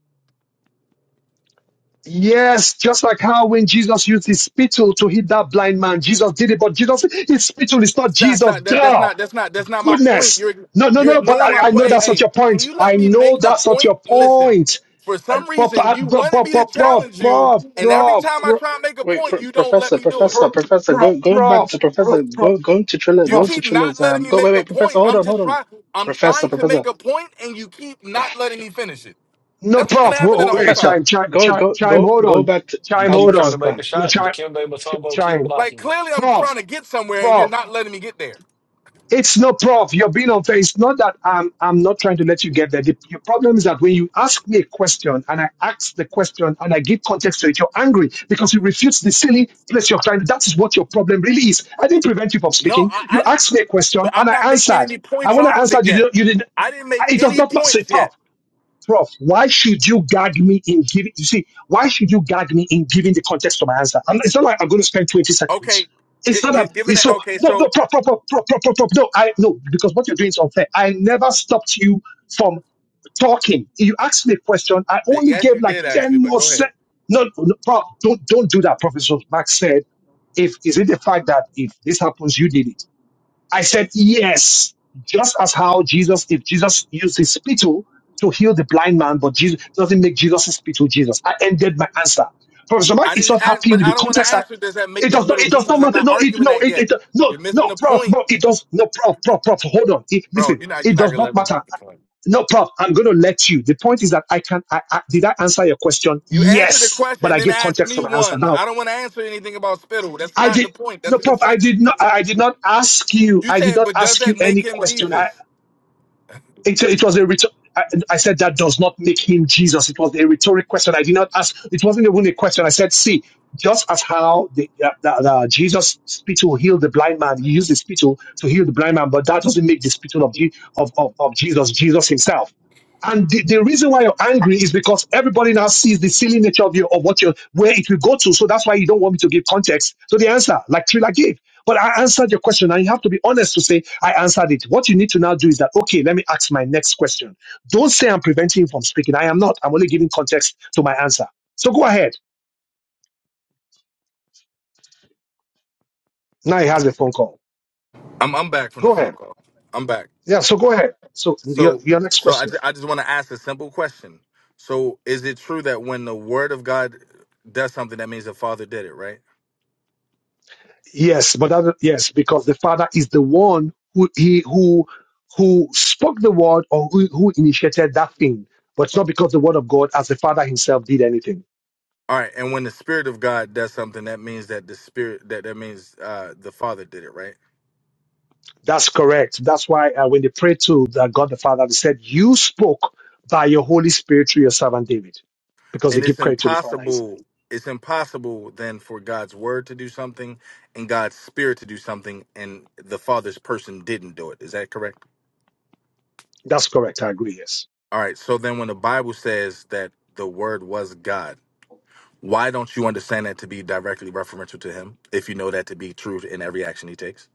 [SPEAKER 2] Yes, just like how when Jesus used his spittle to hit that blind man, Jesus did it, but Jesus, his spittle is not
[SPEAKER 7] Stop,
[SPEAKER 2] Jesus.
[SPEAKER 7] stop. That, that's
[SPEAKER 2] Duh!
[SPEAKER 7] not. That's not. That's not my point.
[SPEAKER 2] Goodness.
[SPEAKER 7] You're
[SPEAKER 2] No, no,
[SPEAKER 7] you're
[SPEAKER 2] no, but
[SPEAKER 7] ignoring my
[SPEAKER 2] I, I
[SPEAKER 7] point.
[SPEAKER 2] know
[SPEAKER 7] Hey,
[SPEAKER 2] that's not
[SPEAKER 7] hey,
[SPEAKER 2] your
[SPEAKER 7] can
[SPEAKER 2] point.
[SPEAKER 7] you let
[SPEAKER 2] I
[SPEAKER 7] me
[SPEAKER 2] know
[SPEAKER 7] make a
[SPEAKER 2] that's not
[SPEAKER 7] point?
[SPEAKER 2] your
[SPEAKER 7] Listen.
[SPEAKER 2] point.
[SPEAKER 7] For some
[SPEAKER 2] But,
[SPEAKER 7] reason,
[SPEAKER 2] but,
[SPEAKER 7] you
[SPEAKER 2] but,
[SPEAKER 7] wanted
[SPEAKER 2] but,
[SPEAKER 7] me to
[SPEAKER 2] but prof,
[SPEAKER 7] challenge you,
[SPEAKER 2] prof,
[SPEAKER 7] and every
[SPEAKER 2] prof,
[SPEAKER 7] time I
[SPEAKER 2] prof,
[SPEAKER 7] try and make a
[SPEAKER 4] wait, pr
[SPEAKER 7] point, you don't let
[SPEAKER 4] professor,
[SPEAKER 7] me do it.
[SPEAKER 4] professor, professor?
[SPEAKER 2] prof,
[SPEAKER 4] Go, going back to
[SPEAKER 2] prof, prof,
[SPEAKER 4] professor. Go,
[SPEAKER 2] prof,
[SPEAKER 4] going to Triller.
[SPEAKER 7] You
[SPEAKER 4] Going
[SPEAKER 2] prof.
[SPEAKER 4] to
[SPEAKER 7] keep not
[SPEAKER 4] Triller's.
[SPEAKER 7] letting
[SPEAKER 4] Um,
[SPEAKER 7] me
[SPEAKER 4] go. Wait,
[SPEAKER 7] make a
[SPEAKER 4] wait, professor.
[SPEAKER 7] point.
[SPEAKER 4] Hold
[SPEAKER 7] I'm
[SPEAKER 4] on,
[SPEAKER 7] just
[SPEAKER 4] hold on.
[SPEAKER 7] trying. I'm
[SPEAKER 4] Professor,
[SPEAKER 7] trying to
[SPEAKER 4] professor.
[SPEAKER 7] make a point, and you keep not letting me finish it.
[SPEAKER 2] No,
[SPEAKER 7] That's what's been
[SPEAKER 2] prof. Whoa,
[SPEAKER 7] happening
[SPEAKER 2] whoa,
[SPEAKER 7] the whole
[SPEAKER 2] wait,
[SPEAKER 4] Professor,
[SPEAKER 7] time.
[SPEAKER 2] chime, chime,
[SPEAKER 4] go
[SPEAKER 2] chime,
[SPEAKER 4] go
[SPEAKER 2] chime,
[SPEAKER 4] go
[SPEAKER 2] hold
[SPEAKER 4] go
[SPEAKER 2] on.
[SPEAKER 4] back to.
[SPEAKER 6] You
[SPEAKER 2] Chime,
[SPEAKER 4] I was
[SPEAKER 6] keep
[SPEAKER 2] hold
[SPEAKER 4] gonna.
[SPEAKER 6] trying to
[SPEAKER 4] s-
[SPEAKER 2] on.
[SPEAKER 6] make
[SPEAKER 4] Uh,
[SPEAKER 6] a
[SPEAKER 2] No,
[SPEAKER 6] shot,
[SPEAKER 2] chime,
[SPEAKER 6] Dikembe
[SPEAKER 2] ch-
[SPEAKER 6] Mutombo keep
[SPEAKER 2] chime.
[SPEAKER 7] Like
[SPEAKER 6] blocking you.
[SPEAKER 7] clearly, I'm
[SPEAKER 2] Prof,
[SPEAKER 7] trying to get somewhere, and
[SPEAKER 2] prof.
[SPEAKER 7] you're not letting me get there.
[SPEAKER 2] It's no prof. You're being unfair. It's not that I'm I'm not trying to let you get there. The, your problem is that when you ask me a question and I ask the question and I give context to it, you're angry because you refute the silly place you're trying. That is what your problem really is. I didn't prevent you from
[SPEAKER 7] No,
[SPEAKER 2] speaking.
[SPEAKER 7] I,
[SPEAKER 2] You
[SPEAKER 7] I didn't.
[SPEAKER 2] asked me a
[SPEAKER 7] But
[SPEAKER 2] question and
[SPEAKER 7] I'm
[SPEAKER 2] I
[SPEAKER 7] not making
[SPEAKER 2] answered.
[SPEAKER 7] any
[SPEAKER 2] And
[SPEAKER 7] points
[SPEAKER 2] when I
[SPEAKER 7] off of it
[SPEAKER 2] answered, you
[SPEAKER 7] yet.
[SPEAKER 2] did, you did.
[SPEAKER 7] I didn't
[SPEAKER 2] not
[SPEAKER 7] make
[SPEAKER 2] It does
[SPEAKER 7] any
[SPEAKER 2] not say
[SPEAKER 7] points
[SPEAKER 2] prof.
[SPEAKER 7] yet.
[SPEAKER 2] Prof, why should you gag me in giving, you see, why should you gag me in giving the context of my answer? I'm, it's not like I'm going to spend 20
[SPEAKER 7] Okay,
[SPEAKER 2] seconds. It's
[SPEAKER 7] gi-
[SPEAKER 2] not
[SPEAKER 7] gi-
[SPEAKER 2] that,
[SPEAKER 7] given
[SPEAKER 2] it's
[SPEAKER 7] that.
[SPEAKER 2] so,
[SPEAKER 7] Okay,
[SPEAKER 2] no, no,
[SPEAKER 7] so
[SPEAKER 2] prof, prof, prof, prof, prof, prof, no, I, no, because what you're doing is unfair. I never stopped you from talking. You asked me a question. I only
[SPEAKER 7] yes,
[SPEAKER 2] gave
[SPEAKER 7] you
[SPEAKER 2] like
[SPEAKER 7] did actually.
[SPEAKER 2] 10
[SPEAKER 7] But
[SPEAKER 2] more
[SPEAKER 7] go ahead.
[SPEAKER 2] seconds. No, no, prof, don't, don't do that, Professor Max said. If, is it the fact that if this happens, you did it? I said, yes, just as how Jesus did. Jesus used his spittle to heal the blind man, but Jesus doesn't make Jesus' spittle Jesus. I ended my answer. Professor Mark
[SPEAKER 7] I
[SPEAKER 2] is
[SPEAKER 7] didn't
[SPEAKER 2] not
[SPEAKER 7] ask,
[SPEAKER 2] happy
[SPEAKER 7] but
[SPEAKER 2] with
[SPEAKER 7] I
[SPEAKER 2] the
[SPEAKER 7] don't want to
[SPEAKER 2] context. I,
[SPEAKER 7] answer. Does that make
[SPEAKER 2] it
[SPEAKER 7] the
[SPEAKER 2] does not.
[SPEAKER 7] spittle
[SPEAKER 2] It does not
[SPEAKER 7] Jesus? I'm
[SPEAKER 2] matter.
[SPEAKER 7] not
[SPEAKER 2] No, it
[SPEAKER 7] arguing
[SPEAKER 2] no.
[SPEAKER 7] that
[SPEAKER 2] It,
[SPEAKER 7] yet.
[SPEAKER 2] it no
[SPEAKER 7] You're missing
[SPEAKER 2] no.
[SPEAKER 7] the
[SPEAKER 2] Prof,
[SPEAKER 7] point,
[SPEAKER 2] no. It does no. Prof, prof, prof. Hold on. It,
[SPEAKER 7] bro.
[SPEAKER 2] listen.
[SPEAKER 7] You're not.
[SPEAKER 2] It
[SPEAKER 7] You're not
[SPEAKER 2] does
[SPEAKER 7] gonna
[SPEAKER 2] not
[SPEAKER 7] let me
[SPEAKER 2] matter.
[SPEAKER 7] make the point.
[SPEAKER 2] No, prof. I'm going to let you. The point is that I can. I, I, did I answer your question?
[SPEAKER 7] You answer the
[SPEAKER 2] Yes, but
[SPEAKER 7] question,
[SPEAKER 2] I
[SPEAKER 7] then
[SPEAKER 2] gave
[SPEAKER 7] ask
[SPEAKER 2] context to
[SPEAKER 7] me
[SPEAKER 2] my answer.
[SPEAKER 7] one.
[SPEAKER 2] Now
[SPEAKER 7] I don't want to answer anything about spittle. That's
[SPEAKER 2] I
[SPEAKER 7] not the
[SPEAKER 2] did
[SPEAKER 7] point. That's
[SPEAKER 2] no
[SPEAKER 7] a
[SPEAKER 2] prof. I
[SPEAKER 7] deflection.
[SPEAKER 2] did not. I did not ask you.
[SPEAKER 7] You
[SPEAKER 2] I did
[SPEAKER 7] said,
[SPEAKER 2] not
[SPEAKER 7] but does
[SPEAKER 2] ask you
[SPEAKER 7] that make
[SPEAKER 2] any
[SPEAKER 7] him
[SPEAKER 2] question. I
[SPEAKER 7] Jesus?
[SPEAKER 2] it, it was a rhetor- I, I said that does not make him Jesus. It was a rhetoric question. I did not ask. It wasn't even a question. I said, see, just as how the, the, the, the Jesus spittle healed the blind man, he used the spittle to heal the blind man, but that doesn't make the spittle of, Je- of, of, of Jesus, Jesus himself. And the, the reason why you're angry is because everybody now sees the silly nature of your of what you're where it will go to. So that's why you don't want me to give context. So the answer, like Trilla gave. But I answered your question, and you have to be honest to say, I answered it. What you need to now do is that, okay, let me ask my next question. Don't say I'm preventing him from speaking. I am not. I'm only giving context to my answer. So go ahead. Now he has a phone call.
[SPEAKER 7] I'm I'm back from
[SPEAKER 2] Go
[SPEAKER 7] the phone
[SPEAKER 2] ahead.
[SPEAKER 7] call. I'm back.
[SPEAKER 2] Yeah, so go ahead. So your,
[SPEAKER 7] So
[SPEAKER 2] your next
[SPEAKER 7] so I,
[SPEAKER 2] question.
[SPEAKER 7] ju- I just want to ask a simple question. So is it true that when the Word of God does something, that means the Father did it, right?
[SPEAKER 2] Yes, but that, yes, because the father is the one who he who who spoke the word or who, who initiated that thing, but it's not because the word of God as the father himself did anything.
[SPEAKER 7] All right, and when the Spirit of God does something, that means that the Spirit that that means uh, the Father did it, right?
[SPEAKER 2] That's correct. That's why uh, when they prayed to the God the Father, they said, "You spoke by your Holy Spirit through your servant David," because they
[SPEAKER 7] and it's
[SPEAKER 2] give credit to the Father. He's-
[SPEAKER 7] impossible it's impossible then for god's word to do something and god's spirit to do something and the father's person didn't do it is that correct
[SPEAKER 2] That's correct. I agree. Yes.
[SPEAKER 7] all right so then when the bible says that the word was god why don't you understand that to be directly referential to him if you know that to be true in every action he takes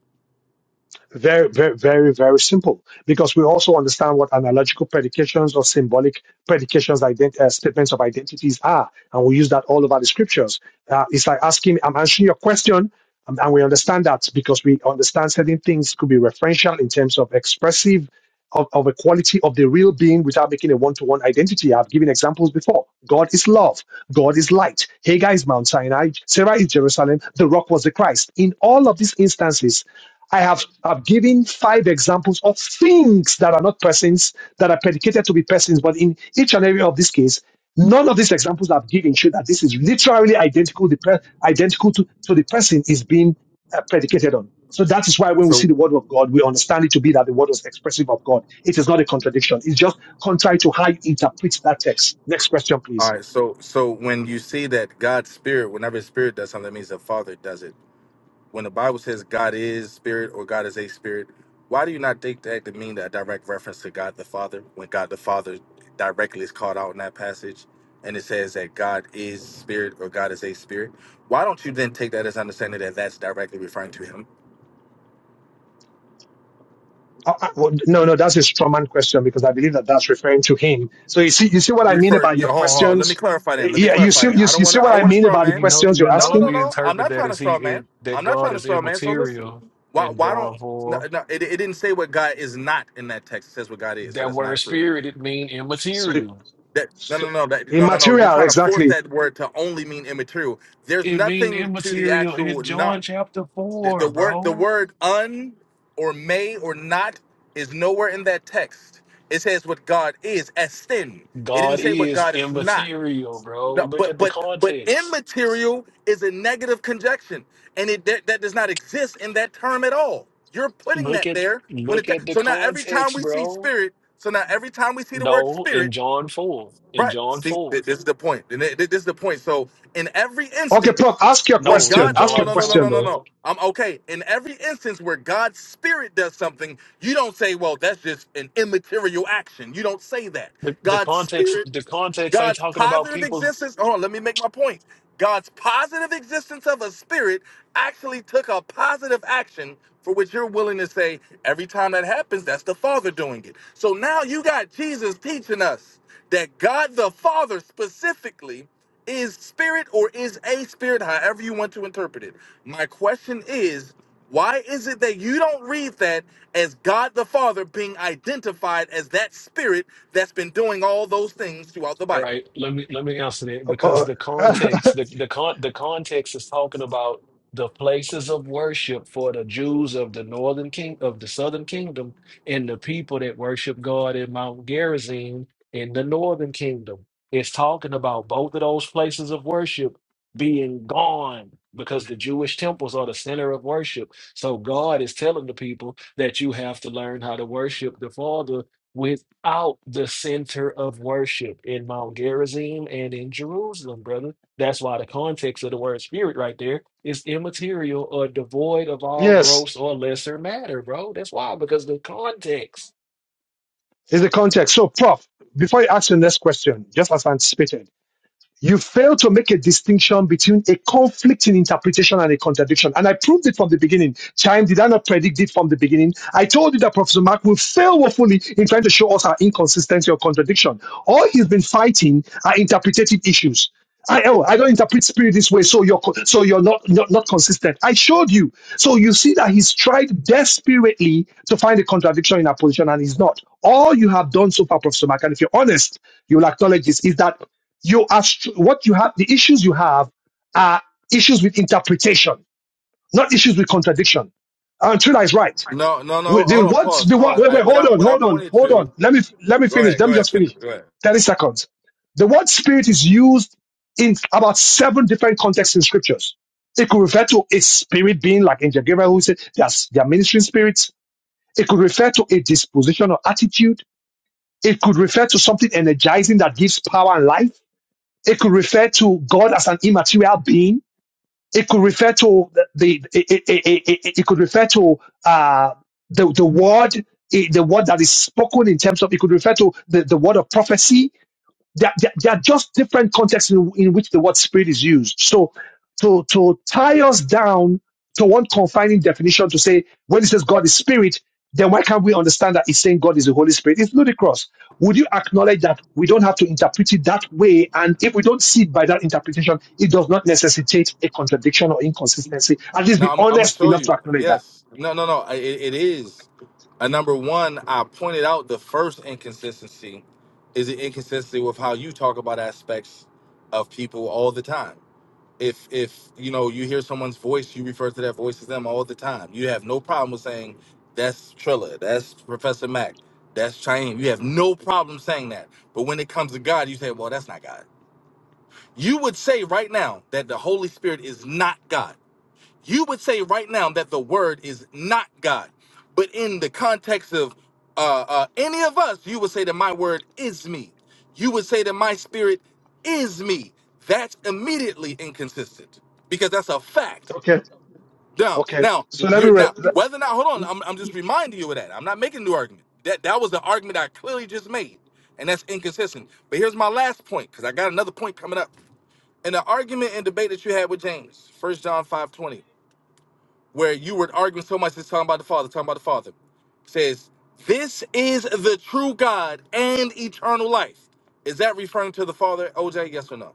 [SPEAKER 2] Very, very, very, very simple. Because we also understand what analogical predications or symbolic predications, ident- uh, statements of identities are, and we use that all over the scriptures. Uh, it's like asking, "I'm answering your question," um, and we understand that because we understand certain things could be referential in terms of expressive of, of a quality of the real being without making a one-to-one identity. I've given examples before. God is love. God is light. Hagar is Mount Sinai. Sarah is Jerusalem. The rock was the Christ. In all of these instances, I have I've given five examples of things that are not persons, that are predicated to be persons, but in each and every of these cases, none of these examples I've given show that this is literally identical, the per, identical to, to the person is being uh, predicated on. So that is why when we see
[SPEAKER 7] so
[SPEAKER 2] the word of God, we understand it to be that the word was expressive of God. It is not a contradiction. It's just contrary to how you interpret that text. Next question,
[SPEAKER 7] all
[SPEAKER 2] please.
[SPEAKER 7] right so so when you see that god's spirit whenever his spirit does something that means the father does it when the Bible says God is spirit or God is a spirit, why do you not take that to mean that direct reference to God the Father when God the Father directly is called out in that passage and it says that God is spirit or God is a spirit? Why don't you then take that as understanding that that's directly referring to him?
[SPEAKER 2] Uh, uh, well, no, no, that's a Strawman question because I believe that that's referring to him. So you see, you see what I mean
[SPEAKER 7] Refer
[SPEAKER 2] about
[SPEAKER 7] yeah,
[SPEAKER 2] your
[SPEAKER 7] hold on, hold on. let me
[SPEAKER 2] questions.
[SPEAKER 7] clarify
[SPEAKER 2] Uh,
[SPEAKER 7] then. Let me
[SPEAKER 2] Yeah, you
[SPEAKER 7] clarify
[SPEAKER 2] see, you,
[SPEAKER 7] that.
[SPEAKER 2] you
[SPEAKER 7] I don't want
[SPEAKER 2] see
[SPEAKER 7] to
[SPEAKER 2] what
[SPEAKER 7] I don't
[SPEAKER 2] I
[SPEAKER 7] want to
[SPEAKER 2] mean
[SPEAKER 7] straw
[SPEAKER 2] about the
[SPEAKER 6] You
[SPEAKER 7] man.
[SPEAKER 6] know,
[SPEAKER 2] questions
[SPEAKER 6] you
[SPEAKER 2] you're
[SPEAKER 7] No,
[SPEAKER 6] know
[SPEAKER 7] no, no,
[SPEAKER 2] asking.
[SPEAKER 6] we
[SPEAKER 7] no. I'm
[SPEAKER 6] interpret
[SPEAKER 7] not
[SPEAKER 6] that
[SPEAKER 7] trying to
[SPEAKER 6] as he
[SPEAKER 7] straw man.
[SPEAKER 6] it, that
[SPEAKER 7] I'm not
[SPEAKER 6] God
[SPEAKER 7] trying to
[SPEAKER 6] is
[SPEAKER 7] straw man. So listen.
[SPEAKER 6] immaterial
[SPEAKER 7] Why
[SPEAKER 6] in
[SPEAKER 7] why don't
[SPEAKER 6] John
[SPEAKER 7] no,
[SPEAKER 6] 4.
[SPEAKER 7] no it, it didn't say what God is not in that text. It says what God is. So
[SPEAKER 6] That
[SPEAKER 7] that's not
[SPEAKER 6] word
[SPEAKER 7] true.
[SPEAKER 6] spirit, it mean
[SPEAKER 2] So,
[SPEAKER 6] immaterial.
[SPEAKER 7] That no
[SPEAKER 2] so
[SPEAKER 7] no no that no no no you're
[SPEAKER 2] immaterial,
[SPEAKER 7] trying to force
[SPEAKER 2] exactly.
[SPEAKER 7] that word to only mean immaterial. There's
[SPEAKER 6] It mean
[SPEAKER 7] nothing to the
[SPEAKER 6] immaterial in
[SPEAKER 7] actual not
[SPEAKER 6] John chapter
[SPEAKER 7] the, the
[SPEAKER 6] 4,
[SPEAKER 7] word the
[SPEAKER 6] bro.
[SPEAKER 7] word un or may or not is nowhere in that text. It says what God is as sin. It didn't
[SPEAKER 6] God
[SPEAKER 7] say what
[SPEAKER 6] is
[SPEAKER 7] God is not.
[SPEAKER 6] immaterial, bro.
[SPEAKER 7] No,
[SPEAKER 6] Look
[SPEAKER 7] but
[SPEAKER 6] at the
[SPEAKER 7] but but
[SPEAKER 6] context.
[SPEAKER 7] immaterial is a negative conjunction, and it that, that does not exist in that term at all. You're putting
[SPEAKER 6] Look
[SPEAKER 7] that
[SPEAKER 6] at
[SPEAKER 7] there when
[SPEAKER 6] look
[SPEAKER 7] it
[SPEAKER 6] at the
[SPEAKER 7] so now every time
[SPEAKER 6] context,
[SPEAKER 7] we see
[SPEAKER 6] bro.
[SPEAKER 7] spirit, so now every time we see the word
[SPEAKER 6] No,
[SPEAKER 7] spirit
[SPEAKER 6] in John 4. In
[SPEAKER 7] Right.
[SPEAKER 6] John
[SPEAKER 7] See,
[SPEAKER 6] 4.
[SPEAKER 7] th- this is the point. And th- th- This is the point. So, in every
[SPEAKER 2] Okay, Prof,
[SPEAKER 7] instance,
[SPEAKER 2] ask your
[SPEAKER 7] when
[SPEAKER 6] No,
[SPEAKER 2] question.
[SPEAKER 7] God,
[SPEAKER 6] in
[SPEAKER 7] oh,
[SPEAKER 2] Ask
[SPEAKER 7] no,
[SPEAKER 2] your
[SPEAKER 6] John
[SPEAKER 7] no, no, no,
[SPEAKER 6] 4,
[SPEAKER 2] question
[SPEAKER 7] no, no,
[SPEAKER 2] though.
[SPEAKER 7] no.
[SPEAKER 6] bro.
[SPEAKER 7] I'm okay. In every instance where God's spirit does something, you don't say, well, that's just an immaterial action. You don't say that.
[SPEAKER 6] The, the
[SPEAKER 7] God's
[SPEAKER 6] context
[SPEAKER 7] spirit
[SPEAKER 6] the context ain't
[SPEAKER 7] God's
[SPEAKER 6] talking about
[SPEAKER 7] positive
[SPEAKER 6] people
[SPEAKER 7] existence, hold on, let me make my point. God's positive existence of a spirit actually took a positive action for which you're willing to say, every time that happens, that's the Father doing it. So now you got Jesus teaching us that God the Father specifically is spirit or is a spirit, however you want to interpret it. My question is, why is it that you don't read that as God the Father being identified as that spirit that's been doing all those things throughout the
[SPEAKER 6] All
[SPEAKER 7] Bible?
[SPEAKER 6] right, let me let me answer that
[SPEAKER 2] Uh,
[SPEAKER 6] because the
[SPEAKER 2] uh,
[SPEAKER 6] context, the the con the context is talking about the places of worship for the Jews of the northern king of the southern kingdom and the people that worship God in Mount Gerizim in the northern kingdom. It's talking about both of those places of worship being gone because the Jewish temples are the center of worship. So God is telling the people that you have to learn how to worship the Father without the center of worship in Mount Gerizim and in Jerusalem, brother. That's why the context of the word spirit right there is immaterial or devoid of all
[SPEAKER 2] yes.
[SPEAKER 6] gross or lesser matter, bro. That's why, because the context.
[SPEAKER 2] It's the context. So, Prof, before you ask your next question, just as anticipated, you fail to make a distinction between a conflict in interpretation and a contradiction. And I proved it from the beginning. Chime, did I not predict it from the beginning? I told you that Professor Mark will fail woefully in trying to show us our inconsistency or contradiction. All he's been fighting are interpretative issues. I, oh, I don't interpret spirit this way, so you're co- so you're not, not not consistent. I showed you. So you see that he's tried desperately to find a contradiction in our position, and he's not. All you have done so far, Professor Mark, and if you're honest, you'll acknowledge this, is that you are str- what you have the issues you have are issues with interpretation not issues with contradiction and Trina is right
[SPEAKER 7] No, no,
[SPEAKER 2] we,
[SPEAKER 7] no.
[SPEAKER 2] the,
[SPEAKER 7] Hold on.
[SPEAKER 2] what
[SPEAKER 7] Pause.
[SPEAKER 2] the one
[SPEAKER 7] Pause.
[SPEAKER 2] wait
[SPEAKER 7] I,
[SPEAKER 2] wait
[SPEAKER 7] what
[SPEAKER 2] hold
[SPEAKER 7] I
[SPEAKER 2] on
[SPEAKER 7] what I
[SPEAKER 2] hold on
[SPEAKER 7] pointed
[SPEAKER 2] hold on
[SPEAKER 7] to.
[SPEAKER 2] let me let me
[SPEAKER 7] Go
[SPEAKER 2] finish
[SPEAKER 7] ahead.
[SPEAKER 2] let
[SPEAKER 7] Go
[SPEAKER 2] me
[SPEAKER 7] ahead.
[SPEAKER 2] just
[SPEAKER 7] Finish.
[SPEAKER 2] finish
[SPEAKER 7] Go ahead.
[SPEAKER 2] 30 seconds the word spirit is used in about seven different contexts in scriptures it could refer to a spirit being like angel Gabriel who said there's they are ministering spirits it could refer to a disposition or attitude it could refer to something energizing that gives power and life it could refer to God as an immaterial being. It could refer to the, the it, it, it, it, it could refer to uh, the the word eh, the word that is spoken in terms of it could refer to the, the word of prophecy there, there, there are just different contexts in, in which the word spirit is used. So to, to tie us down to one confining definition to say, when it says God is spirit, then why can't we understand that it's saying God is the Holy Spirit? It's ludicrous. Would you acknowledge that we don't have to interpret it that way? And if we don't see it by that interpretation, it does not necessitate a contradiction or inconsistency. At least
[SPEAKER 7] No,
[SPEAKER 2] be
[SPEAKER 7] I'm, I'm gonna
[SPEAKER 2] honest
[SPEAKER 7] show
[SPEAKER 2] enough to
[SPEAKER 7] you.
[SPEAKER 2] acknowledge that.
[SPEAKER 7] Yes. No, no, no. I- It, it is. Uh, number one, I pointed out the first inconsistency is the inconsistency with how you talk about aspects of people all the time. If if you know you hear someone's voice, you refer to that voice as them all the time. You have no problem with saying that's Trilla, that's Professor Mac, that's Chaim. You have no problem saying that. But when it comes to God, you say, well, that's not God. You would say right now that the Holy Spirit is not God you would say right now that the word is not God. But in the context of uh, uh, any of us, you would say that my word is me. You would say that my spirit is me. That's immediately inconsistent because that's a fact.
[SPEAKER 2] Okay.
[SPEAKER 7] Now,
[SPEAKER 2] Okay.
[SPEAKER 7] now,
[SPEAKER 2] So let me
[SPEAKER 7] you're,
[SPEAKER 2] read.
[SPEAKER 7] now, whether or not, hold on, I'm, I'm just reminding you of that. I'm not making a new argument. That that was the argument I clearly just made, and that's inconsistent. But here's my last point because I got another point coming up. In the argument and debate that you had with James, First John 5:20 where you were arguing so much, it's talking about the Father, talking about the Father. It says, This is the true God and eternal life. Is that referring to the Father, OJ? Yes or no?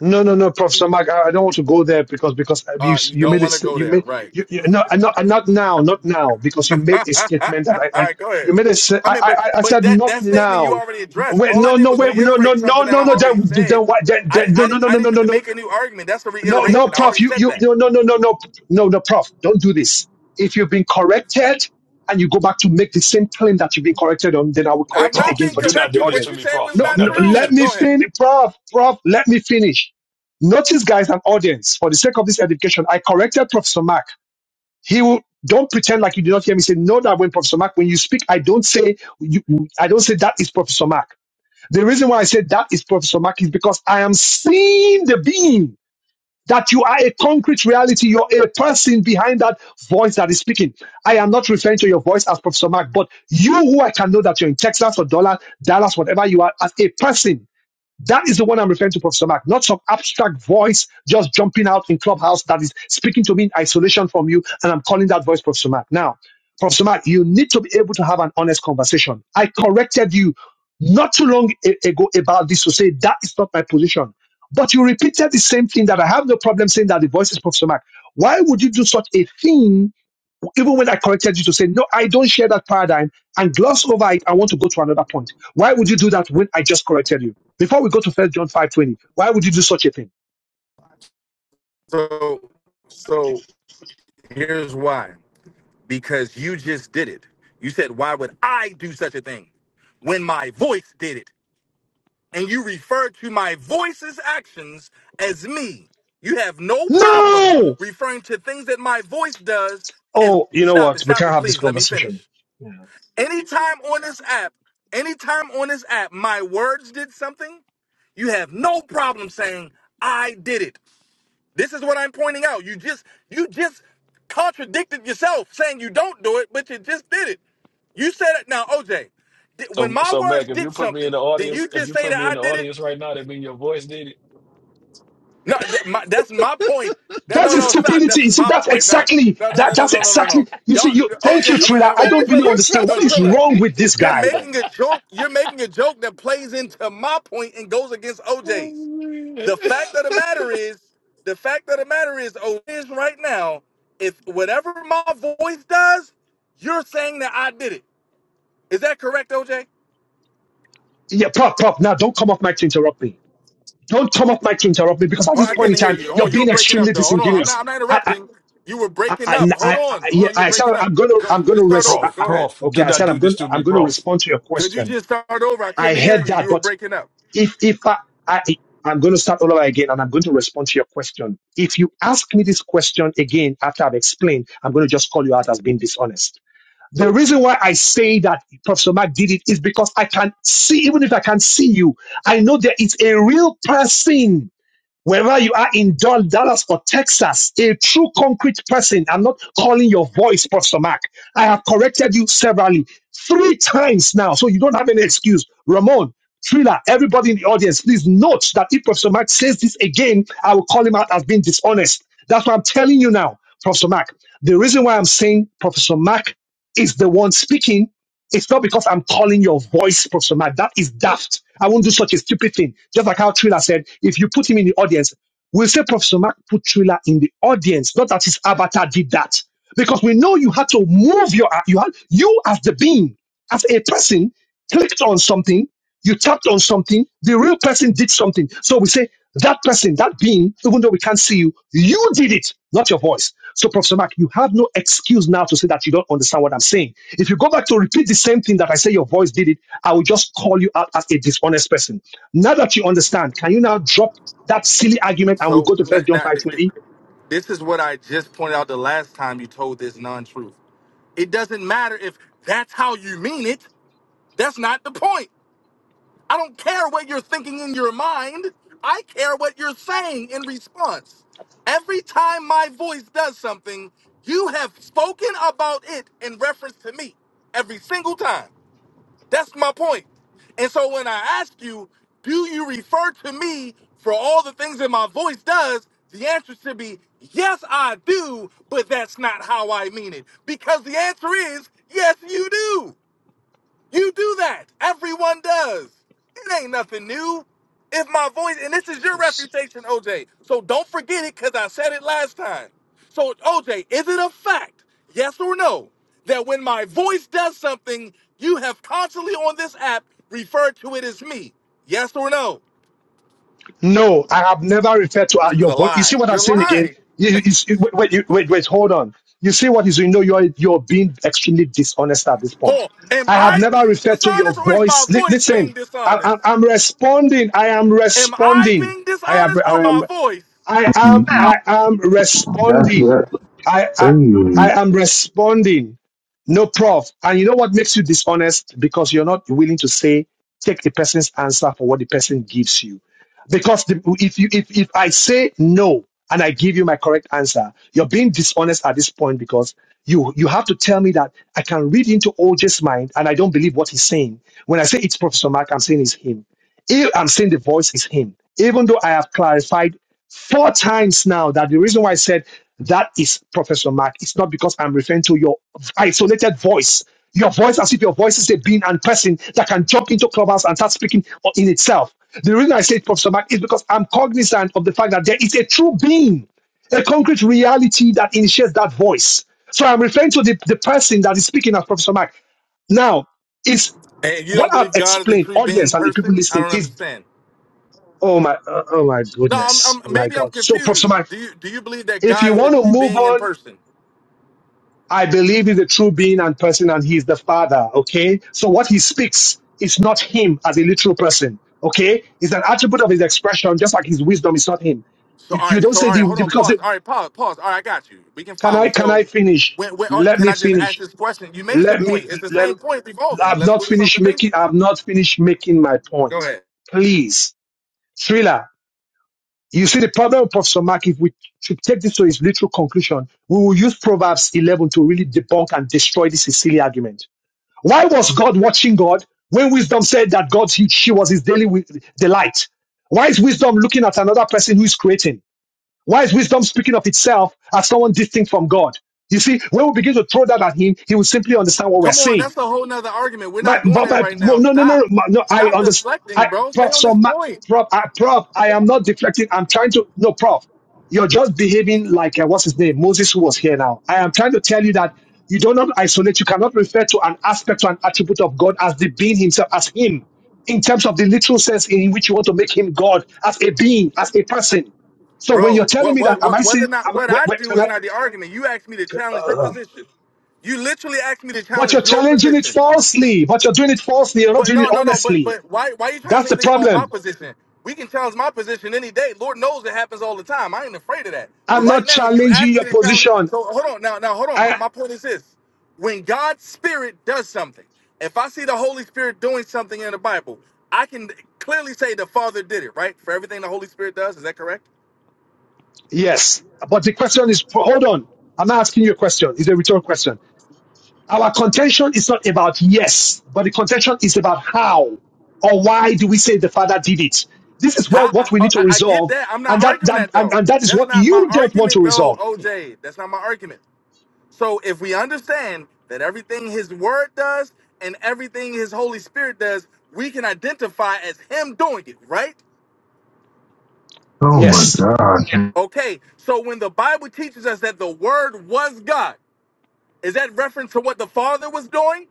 [SPEAKER 2] No, no, no, Professor Mark. I, I don't want to go there because because you
[SPEAKER 7] Uh, you
[SPEAKER 2] you
[SPEAKER 7] don't
[SPEAKER 2] made a
[SPEAKER 7] want to
[SPEAKER 2] st-
[SPEAKER 7] go
[SPEAKER 2] you
[SPEAKER 7] there,
[SPEAKER 2] made
[SPEAKER 7] right?
[SPEAKER 2] you, you no and not and not now not now because you
[SPEAKER 7] All
[SPEAKER 2] made a statement that I, I
[SPEAKER 7] right, go ahead.
[SPEAKER 2] you made a s- I
[SPEAKER 7] I
[SPEAKER 2] I
[SPEAKER 7] mean, but
[SPEAKER 2] I I
[SPEAKER 7] but
[SPEAKER 2] said
[SPEAKER 7] that
[SPEAKER 2] not
[SPEAKER 7] that statement you
[SPEAKER 2] now.
[SPEAKER 7] already addressed.
[SPEAKER 2] Wait,
[SPEAKER 7] All I
[SPEAKER 2] no,
[SPEAKER 7] did
[SPEAKER 2] no,
[SPEAKER 7] was
[SPEAKER 2] wait, no, no,
[SPEAKER 7] reiterate
[SPEAKER 2] no,
[SPEAKER 7] something that
[SPEAKER 2] no,
[SPEAKER 7] I
[SPEAKER 2] no.
[SPEAKER 7] already
[SPEAKER 2] Then, then,
[SPEAKER 7] said.
[SPEAKER 2] why- then,
[SPEAKER 7] I
[SPEAKER 2] then
[SPEAKER 7] didn't
[SPEAKER 2] no,
[SPEAKER 7] I
[SPEAKER 2] no,
[SPEAKER 7] didn't
[SPEAKER 2] no,
[SPEAKER 7] I
[SPEAKER 2] no, no, no,
[SPEAKER 7] didn't
[SPEAKER 2] no.
[SPEAKER 7] make a new argument. That's a
[SPEAKER 2] No, no,
[SPEAKER 7] reiteration. I
[SPEAKER 2] prof,
[SPEAKER 7] already
[SPEAKER 2] you,
[SPEAKER 7] said
[SPEAKER 2] you,
[SPEAKER 7] that.
[SPEAKER 2] no, no, no, no, no, no, no, prof, don't do this. If you've been corrected and you go back to make the same claim that you've been corrected on, then I will
[SPEAKER 7] I've
[SPEAKER 2] correct it
[SPEAKER 7] not
[SPEAKER 2] again
[SPEAKER 6] Prof,
[SPEAKER 7] been
[SPEAKER 2] for the
[SPEAKER 6] do
[SPEAKER 2] sake of
[SPEAKER 6] not
[SPEAKER 2] the
[SPEAKER 6] do
[SPEAKER 7] corrected.
[SPEAKER 6] this
[SPEAKER 7] What
[SPEAKER 2] audience.
[SPEAKER 6] to
[SPEAKER 7] you
[SPEAKER 6] me,
[SPEAKER 7] said was
[SPEAKER 6] Prof.
[SPEAKER 2] No,
[SPEAKER 6] Do
[SPEAKER 7] not
[SPEAKER 2] no
[SPEAKER 6] not do this
[SPEAKER 7] true.
[SPEAKER 2] let
[SPEAKER 6] to
[SPEAKER 2] me
[SPEAKER 6] me.
[SPEAKER 7] Go ahead.
[SPEAKER 2] finish, prof, prof, let me finish. Notice, guys, and audience, for the sake of this education, I corrected Professor Mark. He will, don't pretend like you did not hear me say, no, that when Professor Mark, when you speak, I don't say, you, I don't say that is Professor Mark. The reason why I said that is Professor Mark is because I am seeing the being that you are a concrete reality. You're a person behind that voice that is speaking. I am not referring to your voice as Professor Mark, but you who I can know that you're in Texas or Dallas, Dallas, whatever you are, as a person that is the one I'm referring to, Professor Mark, not some abstract voice just jumping out in Clubhouse that is speaking to me in isolation from you, and I'm calling that voice Professor Mark. Now, Professor Mark, you need to be able to have an honest conversation. I corrected you not too long a- ago about this to say that is not my position. But you repeated the same thing that I have no problem saying that the voice is Professor Mark. Why would you do such a thing even when I corrected you to say, no, I don't share that paradigm and gloss over it, I want to go to another point. Why would you do that when I just corrected you? Before we go to first John 5.20, why would you do such a thing?
[SPEAKER 7] So so here's why. because you just did it. You said, Why would I do such a thing when my voice did it? And you referred to my voice's actions as me. You have no problem
[SPEAKER 2] No!
[SPEAKER 7] referring to things that my voice does as
[SPEAKER 2] Oh, you know
[SPEAKER 7] stop it,
[SPEAKER 2] what? We
[SPEAKER 7] stop
[SPEAKER 2] can't
[SPEAKER 7] it,
[SPEAKER 2] have this
[SPEAKER 7] please. Let me
[SPEAKER 2] conversation.
[SPEAKER 7] finish.
[SPEAKER 2] Yeah.
[SPEAKER 7] Anytime on this app, anytime on this app, my words did something, you have no problem saying, I did it. This is what I'm pointing out. You just you just contradicted yourself saying you don't do it, but you just did it. You said it now, OJ. di- when
[SPEAKER 6] So,
[SPEAKER 7] my
[SPEAKER 6] so
[SPEAKER 7] words
[SPEAKER 6] Mac, if you
[SPEAKER 7] did
[SPEAKER 6] put me in
[SPEAKER 7] something,
[SPEAKER 6] the
[SPEAKER 7] did
[SPEAKER 6] audience,
[SPEAKER 7] you
[SPEAKER 6] if
[SPEAKER 7] just
[SPEAKER 6] you
[SPEAKER 7] say
[SPEAKER 6] put
[SPEAKER 7] that
[SPEAKER 6] me in
[SPEAKER 7] I
[SPEAKER 6] the
[SPEAKER 7] did it?
[SPEAKER 6] audience right now, that means your voice did it.
[SPEAKER 7] No, th- my, that's my point. That
[SPEAKER 2] That's
[SPEAKER 7] no,
[SPEAKER 2] a
[SPEAKER 7] no, stop.
[SPEAKER 2] stupidity.
[SPEAKER 7] That's
[SPEAKER 2] You see,
[SPEAKER 7] my
[SPEAKER 2] that's
[SPEAKER 7] point. No,
[SPEAKER 2] exactly
[SPEAKER 7] no, no,
[SPEAKER 2] that
[SPEAKER 7] no, no,
[SPEAKER 2] that's
[SPEAKER 7] no, no, no.
[SPEAKER 2] exactly
[SPEAKER 7] no.
[SPEAKER 2] you see,
[SPEAKER 7] Y'all,
[SPEAKER 2] you thank you,
[SPEAKER 7] OJ, am mean,
[SPEAKER 2] Trina. I
[SPEAKER 7] on
[SPEAKER 2] don't really
[SPEAKER 7] Patrilla.
[SPEAKER 2] understand
[SPEAKER 7] No,
[SPEAKER 2] what
[SPEAKER 6] Professor
[SPEAKER 2] is
[SPEAKER 6] Mac.
[SPEAKER 7] Trilla.
[SPEAKER 2] wrong with this
[SPEAKER 7] You're
[SPEAKER 2] guy, man.
[SPEAKER 7] making a joke. You're making a joke that plays into my point and goes against OJ's. The fact of the matter is, the fact of the matter is, oh, is right now, if whatever my voice does, you're saying that I did it. Is that correct, OJ?
[SPEAKER 2] Yeah, pop, pop. Now don't come off mic to interrupt me. Don't come off mic to interrupt me because at
[SPEAKER 7] Oh,
[SPEAKER 2] this
[SPEAKER 7] I
[SPEAKER 2] point in
[SPEAKER 7] couldn't hear
[SPEAKER 2] time,
[SPEAKER 7] you. Hold
[SPEAKER 2] you're
[SPEAKER 7] on, you were
[SPEAKER 2] being
[SPEAKER 7] breaking
[SPEAKER 2] extremely
[SPEAKER 7] up though. Hold on, I'm
[SPEAKER 2] disingenuous.
[SPEAKER 7] not. I'm not
[SPEAKER 2] I, I,
[SPEAKER 7] interrupting. You were
[SPEAKER 2] I,
[SPEAKER 7] breaking
[SPEAKER 2] I,
[SPEAKER 7] up. Hold
[SPEAKER 2] I,
[SPEAKER 7] on,
[SPEAKER 2] I,
[SPEAKER 7] hold
[SPEAKER 2] yeah,
[SPEAKER 7] on. You were
[SPEAKER 2] I said
[SPEAKER 7] breaking up.
[SPEAKER 2] I'm gonna,
[SPEAKER 7] Go,
[SPEAKER 2] I'm gonna
[SPEAKER 7] just start
[SPEAKER 2] res- I,
[SPEAKER 7] over.
[SPEAKER 6] Prof,
[SPEAKER 2] I,
[SPEAKER 7] Go ahead.
[SPEAKER 6] Prof,
[SPEAKER 2] okay,
[SPEAKER 6] do
[SPEAKER 2] I
[SPEAKER 6] not
[SPEAKER 2] said I'm
[SPEAKER 6] do this
[SPEAKER 2] gonna,
[SPEAKER 6] to
[SPEAKER 2] I'm
[SPEAKER 6] me,
[SPEAKER 2] gonna
[SPEAKER 6] Prof.
[SPEAKER 2] respond to your
[SPEAKER 7] Could you
[SPEAKER 2] question.
[SPEAKER 7] just start over? I
[SPEAKER 2] I
[SPEAKER 7] couldn't
[SPEAKER 2] heard
[SPEAKER 7] hear you.
[SPEAKER 2] that,
[SPEAKER 7] You were
[SPEAKER 2] but
[SPEAKER 7] breaking up.
[SPEAKER 2] if, if I, I, I'm gonna start all over again, and I'm going to respond to your question. If you ask me this question again after I've explained, I'm gonna just call you out as being dishonest. The reason why I say that Professor Mark did it is because I can see, even if I can see you, I know there is a real person Wherever you are in Dal- Dallas or Texas, a true concrete person, I'm not calling your voice, Pastor Mark. I have corrected you severally three times now, so you don't have any excuse. Ramon, Trilla, everybody in the audience, please note that if Pastor Mark says this again, I will call him out as being dishonest. That's what I'm telling you now, Professor Mark. The reason why I'm saying Professor Mark is the one speaking it's not because I'm calling your voice proximate. That is daft. I won't do such a stupid thing. Just like how Triller said, if you put him in the audience, we'll say Professor Mark put Triller in the audience, not that his avatar did that. Because we know you had to move your, you had, you as the being, as a person, clicked on something you tapped on something, the real person did something. So we say, that person, that being, even though we can't see you, you did it, not your voice. So, Professor Mark, you have no excuse now to say that you don't understand what I'm saying. If you go back to repeat the same thing that I say your voice did it, I will just call you out as a dishonest person. Now that you understand, can you now drop that silly argument and we
[SPEAKER 7] So
[SPEAKER 2] go to First
[SPEAKER 7] not,
[SPEAKER 2] John
[SPEAKER 7] not, th- th-
[SPEAKER 2] 5:20?
[SPEAKER 7] this is what I just pointed out the last time you told this non-truth. It doesn't matter if that's how you mean it. That's not the point. I don't care what you're thinking in your mind. I care what you're saying in response. Every time my voice does something, you have spoken about it in reference to me every single time. That's my point. And so when I ask you, do you refer to me for all the things that my voice does? The answer should be, yes, I do, but that's not how I mean it. Because the answer is, yes, you do. You do that. Everyone does. It ain't nothing new. If my voice, and this is your refutation, OJ. So don't forget it because I said it last time. So, OJ, is it a fact, yes or no, that when my voice does something, you have constantly on this app referred to it as me? Yes or no?
[SPEAKER 2] No, I have never referred to uh,
[SPEAKER 7] This is
[SPEAKER 2] your
[SPEAKER 7] a
[SPEAKER 2] voice. You see
[SPEAKER 7] lie.
[SPEAKER 2] what I'm
[SPEAKER 7] You're
[SPEAKER 2] saying again?
[SPEAKER 7] lying.
[SPEAKER 2] You, you, you- wait, wait, you- wait, wait, hold on. You see what is, you know, you're, you're being extremely dishonest at this point.
[SPEAKER 7] Paul, am
[SPEAKER 2] I have
[SPEAKER 7] I
[SPEAKER 2] never
[SPEAKER 7] being
[SPEAKER 2] referred to your
[SPEAKER 7] dishonest or is my
[SPEAKER 2] voice. Li-
[SPEAKER 7] voice being
[SPEAKER 2] listen, I,
[SPEAKER 7] dishonest?
[SPEAKER 2] I, I'm responding. I am
[SPEAKER 7] Am I
[SPEAKER 2] responding.
[SPEAKER 7] being
[SPEAKER 2] I am,
[SPEAKER 7] dishonest
[SPEAKER 2] I
[SPEAKER 7] or my
[SPEAKER 2] am,
[SPEAKER 7] voice?
[SPEAKER 2] I am,
[SPEAKER 8] That's
[SPEAKER 2] I am
[SPEAKER 8] that's
[SPEAKER 2] responding. I, I, I
[SPEAKER 8] crazy.
[SPEAKER 2] am responding. No, prof. And you know what makes you dishonest? Because you're not willing to say, take the person's answer for what the person gives you. Because the, if you, if, if I say no and I give you my correct answer, you're being dishonest at this point because you, you have to tell me that I can read into OJ's mind and I don't believe what he's saying. When I say it's Professor Mark, I'm saying it's him. If I'm saying the voice is him, even though I have clarified four times now that the reason why I said that is Professor Mark, it's not because I'm referring to your isolated voice. Your voice, as if your voice is a being and person that can jump into clubhouse and start speaking in itself. The reason I say Professor Mark is because I'm cognizant of the fact that there is a true being, a concrete reality that initiates that voice. So I'm referring to the, the person that is speaking as Professor Mark. Now, is
[SPEAKER 7] And you
[SPEAKER 2] what
[SPEAKER 7] don't
[SPEAKER 2] I've
[SPEAKER 7] believe God is a
[SPEAKER 2] explained,
[SPEAKER 7] three being
[SPEAKER 2] audience and the people
[SPEAKER 7] person? I
[SPEAKER 2] listening,
[SPEAKER 7] don't
[SPEAKER 2] is
[SPEAKER 7] understand.
[SPEAKER 2] Oh my, uh, oh my
[SPEAKER 7] No, I'm,
[SPEAKER 2] goodness,
[SPEAKER 7] I'm
[SPEAKER 2] my
[SPEAKER 7] maybe I'm
[SPEAKER 2] God. So, Professor
[SPEAKER 7] confused.
[SPEAKER 2] Mike,
[SPEAKER 7] Do you do you believe that
[SPEAKER 2] if you
[SPEAKER 7] God is a
[SPEAKER 2] want to
[SPEAKER 7] true
[SPEAKER 2] move
[SPEAKER 7] being in
[SPEAKER 2] on,
[SPEAKER 7] person?
[SPEAKER 2] I believe he's a true being and person, and he's the Father. Okay, so what he speaks is not him as a literal person. Okay, it's an attribute of his expression, just like his wisdom is not him.
[SPEAKER 7] So all
[SPEAKER 2] If you
[SPEAKER 7] right,
[SPEAKER 2] don't
[SPEAKER 7] so
[SPEAKER 2] say
[SPEAKER 7] all right,
[SPEAKER 2] the,
[SPEAKER 7] hold
[SPEAKER 2] the-
[SPEAKER 7] on,
[SPEAKER 2] because
[SPEAKER 7] pause.
[SPEAKER 2] it,
[SPEAKER 7] All right, pause, pause. All right, I got you. We can
[SPEAKER 2] can
[SPEAKER 7] follow.
[SPEAKER 2] I can
[SPEAKER 7] So
[SPEAKER 2] I finish?
[SPEAKER 7] when, when all right,
[SPEAKER 2] Let
[SPEAKER 7] can
[SPEAKER 2] me
[SPEAKER 7] I just ask
[SPEAKER 2] finish.
[SPEAKER 7] this question? You made your
[SPEAKER 2] Let me
[SPEAKER 7] point. It's the
[SPEAKER 2] let.
[SPEAKER 7] same point revolving.
[SPEAKER 2] I've
[SPEAKER 7] Let's
[SPEAKER 2] not
[SPEAKER 7] move to
[SPEAKER 2] finished
[SPEAKER 7] something new.
[SPEAKER 2] making. I've not finished making my
[SPEAKER 7] Go
[SPEAKER 2] point.
[SPEAKER 7] ahead.
[SPEAKER 2] Please, Thriller. You see, the problem of Professor Mark, if we should take this to its literal conclusion, we will use Proverbs 11 to really debunk and destroy this silly argument. Why was God watching God when wisdom said that God, he, she was his daily wi- delight? Why is wisdom looking at another person who is creating? Why is wisdom speaking of itself as someone distinct from God? You see, when we begin to throw that at him, he will simply understand what we're
[SPEAKER 7] Come on,
[SPEAKER 2] saying.
[SPEAKER 7] that's a whole nother argument. We're
[SPEAKER 2] My,
[SPEAKER 7] not going
[SPEAKER 2] but
[SPEAKER 7] there
[SPEAKER 2] my,
[SPEAKER 7] right
[SPEAKER 2] well,
[SPEAKER 7] now.
[SPEAKER 2] no, no, no,
[SPEAKER 7] Stop.
[SPEAKER 2] no, my- no. I
[SPEAKER 7] Stop
[SPEAKER 2] understand.
[SPEAKER 7] deflecting,
[SPEAKER 2] I,
[SPEAKER 7] bro. Stay
[SPEAKER 2] prof,
[SPEAKER 7] on
[SPEAKER 2] so
[SPEAKER 7] this
[SPEAKER 2] my,
[SPEAKER 7] point.
[SPEAKER 2] prof, I, prof, I am not deflecting. I'm trying to, no, prof, you're just behaving like, uh, what's his name? Moses, who was here now. I am trying to tell you that you do not isolate. You cannot refer to an aspect to an attribute of God as the being himself, as him, in terms of the literal sense in which you want to make him God, as a being, as a person. So when you're
[SPEAKER 7] Bro,
[SPEAKER 2] telling
[SPEAKER 7] what,
[SPEAKER 2] me that,
[SPEAKER 7] what,
[SPEAKER 2] am I
[SPEAKER 7] what, whether
[SPEAKER 2] saying,
[SPEAKER 7] or not
[SPEAKER 2] am, I-
[SPEAKER 7] what
[SPEAKER 2] wait,
[SPEAKER 7] I
[SPEAKER 2] wait,
[SPEAKER 7] do
[SPEAKER 2] can
[SPEAKER 7] is
[SPEAKER 2] I,
[SPEAKER 7] not the argument. You asked me to challenge your
[SPEAKER 2] uh,
[SPEAKER 7] position. You literally asked me to
[SPEAKER 2] but you're
[SPEAKER 7] challenge your
[SPEAKER 2] challenging it
[SPEAKER 7] position.
[SPEAKER 2] falsely, but you're doing it falsely. You're not
[SPEAKER 7] But
[SPEAKER 2] doing it
[SPEAKER 7] no, no, no. But
[SPEAKER 2] honestly
[SPEAKER 7] but why why you trying to
[SPEAKER 2] That's
[SPEAKER 7] say
[SPEAKER 2] the
[SPEAKER 7] anything about my
[SPEAKER 2] problem.
[SPEAKER 7] position? We can challenge my position any day. Lord knows it happens all the time. I ain't afraid of that. But
[SPEAKER 2] I'm
[SPEAKER 7] right
[SPEAKER 2] not
[SPEAKER 7] now, you
[SPEAKER 2] challenging
[SPEAKER 7] asked me
[SPEAKER 2] your
[SPEAKER 7] to challenge.
[SPEAKER 2] position.
[SPEAKER 7] So hold on now. Now hold on. My,
[SPEAKER 2] I
[SPEAKER 7] my point is this: when God's Spirit does something, if I see the Holy Spirit doing something in the Bible, I can clearly say the Father did it. Right for everything the Holy Spirit does. Is that correct?
[SPEAKER 2] yes, but the question is hold on. I'm not asking you a question. It's a rhetorical question. Our contention is not about yes, but the contention is about how or why do we say the father did it? This is where
[SPEAKER 7] How,
[SPEAKER 2] what
[SPEAKER 7] I,
[SPEAKER 2] we
[SPEAKER 7] oh,
[SPEAKER 2] need to
[SPEAKER 7] I, I get
[SPEAKER 2] resolve,
[SPEAKER 7] that. I'm
[SPEAKER 2] and
[SPEAKER 7] not
[SPEAKER 2] that
[SPEAKER 7] arguing
[SPEAKER 2] that
[SPEAKER 7] that
[SPEAKER 2] and,
[SPEAKER 7] though.
[SPEAKER 2] and that is
[SPEAKER 7] That's
[SPEAKER 2] what
[SPEAKER 7] not my
[SPEAKER 2] you don't want to
[SPEAKER 7] argument though,
[SPEAKER 2] resolve.
[SPEAKER 7] OJ. That's not my argument. So if we understand that everything His Word does and everything His Holy Spirit does, we can identify as Him doing it, right?
[SPEAKER 8] Oh my
[SPEAKER 2] Yes,
[SPEAKER 8] god.
[SPEAKER 7] Okay. So when the Bible teaches us that the Word was God, is that reference to what the Father was doing?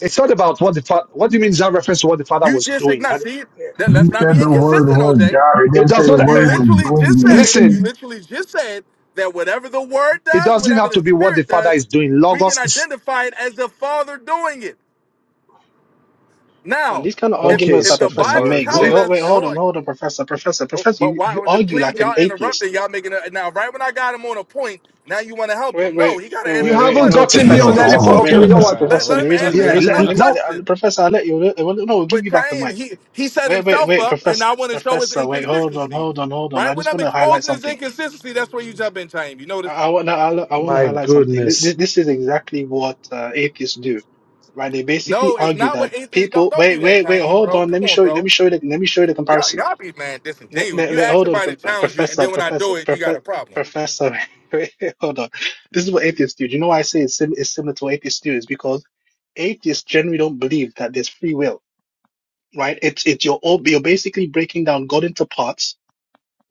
[SPEAKER 2] it's not about what the fa- what do you mean? Is that reference to what the father
[SPEAKER 7] You
[SPEAKER 2] was
[SPEAKER 7] just
[SPEAKER 2] doing?
[SPEAKER 7] ignore.
[SPEAKER 2] And
[SPEAKER 7] See, then
[SPEAKER 8] You
[SPEAKER 7] let's not
[SPEAKER 8] said
[SPEAKER 7] be
[SPEAKER 8] the word
[SPEAKER 7] inconsistent,
[SPEAKER 8] was
[SPEAKER 7] OJ.
[SPEAKER 8] God. It
[SPEAKER 2] it
[SPEAKER 8] didn't say
[SPEAKER 2] does not.
[SPEAKER 8] the
[SPEAKER 7] You
[SPEAKER 8] word
[SPEAKER 2] Uh,
[SPEAKER 8] was
[SPEAKER 7] literally just
[SPEAKER 8] doing
[SPEAKER 7] said, you
[SPEAKER 2] listen,
[SPEAKER 8] anything.
[SPEAKER 7] literally just said that whatever the word
[SPEAKER 2] it
[SPEAKER 7] does,
[SPEAKER 2] doesn't
[SPEAKER 7] whatever
[SPEAKER 2] have
[SPEAKER 7] the
[SPEAKER 2] to be what the
[SPEAKER 7] spirit
[SPEAKER 2] father
[SPEAKER 7] does,
[SPEAKER 2] is doing.
[SPEAKER 7] we can
[SPEAKER 2] Logos is
[SPEAKER 7] identify it as the Father doing it.
[SPEAKER 4] Man,
[SPEAKER 7] Now,
[SPEAKER 4] these kind of
[SPEAKER 7] if
[SPEAKER 2] okay.
[SPEAKER 4] arguments
[SPEAKER 7] if
[SPEAKER 4] that
[SPEAKER 2] so
[SPEAKER 7] the
[SPEAKER 6] The
[SPEAKER 4] Professor
[SPEAKER 7] Bible
[SPEAKER 6] word
[SPEAKER 4] makes. Wait,
[SPEAKER 7] tells
[SPEAKER 2] Li-
[SPEAKER 4] oh,
[SPEAKER 7] us,
[SPEAKER 4] wait,
[SPEAKER 6] was.
[SPEAKER 7] hold
[SPEAKER 4] hold on,
[SPEAKER 7] on,
[SPEAKER 4] hold on, Professor, Professor,
[SPEAKER 7] oh,
[SPEAKER 4] Professor.
[SPEAKER 7] but
[SPEAKER 4] You,
[SPEAKER 7] why
[SPEAKER 4] you
[SPEAKER 7] would it-
[SPEAKER 4] argue
[SPEAKER 7] please
[SPEAKER 4] like an
[SPEAKER 7] y'all
[SPEAKER 4] atheist.
[SPEAKER 7] interrupting, y'all making a now right when I got him on a point, now you want to help
[SPEAKER 4] Wait,
[SPEAKER 7] him. No,
[SPEAKER 4] wait,
[SPEAKER 7] he
[SPEAKER 4] wait,
[SPEAKER 7] gotta
[SPEAKER 2] You
[SPEAKER 7] answer
[SPEAKER 4] wait,
[SPEAKER 7] this
[SPEAKER 4] wait.
[SPEAKER 2] haven't
[SPEAKER 4] No,
[SPEAKER 7] question.
[SPEAKER 2] gotten
[SPEAKER 8] You
[SPEAKER 2] me
[SPEAKER 4] Professor,
[SPEAKER 2] on
[SPEAKER 8] don't
[SPEAKER 2] any
[SPEAKER 8] have
[SPEAKER 4] Professor,
[SPEAKER 2] point.
[SPEAKER 8] a
[SPEAKER 4] wait,
[SPEAKER 2] Okay, we know
[SPEAKER 8] phone.
[SPEAKER 4] Professor,
[SPEAKER 2] what.
[SPEAKER 7] Let,
[SPEAKER 4] Professor.
[SPEAKER 7] let
[SPEAKER 6] Alright,
[SPEAKER 4] The
[SPEAKER 7] him
[SPEAKER 6] we-
[SPEAKER 4] reason,
[SPEAKER 7] answer
[SPEAKER 4] the
[SPEAKER 2] Yeah,
[SPEAKER 7] this
[SPEAKER 4] reason why,
[SPEAKER 2] le-
[SPEAKER 7] tough
[SPEAKER 4] let me,
[SPEAKER 2] no.
[SPEAKER 4] uh,
[SPEAKER 7] question.
[SPEAKER 4] Professor, I let you. uh, Well, no, we'll give
[SPEAKER 7] But
[SPEAKER 4] you back the
[SPEAKER 7] Chaim,
[SPEAKER 4] mic.
[SPEAKER 7] he he set
[SPEAKER 4] Wait, wait,
[SPEAKER 7] himself
[SPEAKER 4] wait,
[SPEAKER 7] up and
[SPEAKER 4] Professor,
[SPEAKER 7] I want to show his
[SPEAKER 4] Professor. Wait, hold on,
[SPEAKER 7] inconsistency.
[SPEAKER 4] hold on, hold on.
[SPEAKER 7] Right
[SPEAKER 4] I
[SPEAKER 7] when
[SPEAKER 4] just
[SPEAKER 7] I'm
[SPEAKER 4] want to highlight
[SPEAKER 7] exposing his
[SPEAKER 4] something.
[SPEAKER 7] inconsistency, that's where you jump in, Chaim. You notice?
[SPEAKER 4] I want to, I want to
[SPEAKER 2] My
[SPEAKER 4] highlight something. This, this,
[SPEAKER 2] goodness.
[SPEAKER 4] this is exactly what uh, atheists do, right? They basically
[SPEAKER 7] No, it's
[SPEAKER 4] argue
[SPEAKER 7] not
[SPEAKER 4] that
[SPEAKER 7] what atheists don't
[SPEAKER 4] people.
[SPEAKER 7] don't do
[SPEAKER 4] Wait,
[SPEAKER 7] that,
[SPEAKER 4] wait, wait.
[SPEAKER 7] Chain,
[SPEAKER 4] Hold
[SPEAKER 7] bro.
[SPEAKER 4] on.
[SPEAKER 7] Come
[SPEAKER 4] Let me
[SPEAKER 7] on,
[SPEAKER 4] show you. Let
[SPEAKER 7] bro.
[SPEAKER 4] me show you. The, let me show you the
[SPEAKER 7] Y'all
[SPEAKER 4] comparison
[SPEAKER 7] y'all be man
[SPEAKER 4] No,
[SPEAKER 7] disingenuous.
[SPEAKER 4] no,
[SPEAKER 7] You
[SPEAKER 4] no,
[SPEAKER 7] ask
[SPEAKER 4] hold on,
[SPEAKER 7] somebody
[SPEAKER 4] Pro-
[SPEAKER 7] to challenge you, and
[SPEAKER 4] Professor,
[SPEAKER 7] then when I
[SPEAKER 4] Professor,
[SPEAKER 7] do it, you got
[SPEAKER 4] Profe-
[SPEAKER 7] a problem.
[SPEAKER 4] Professor. wait, hold on. This is what atheists do. Do you know why I say it's, sim- it's similar to what atheists do? Is because atheists generally don't believe that there's free will, right? It's it's you're all, you're basically breaking down God into parts,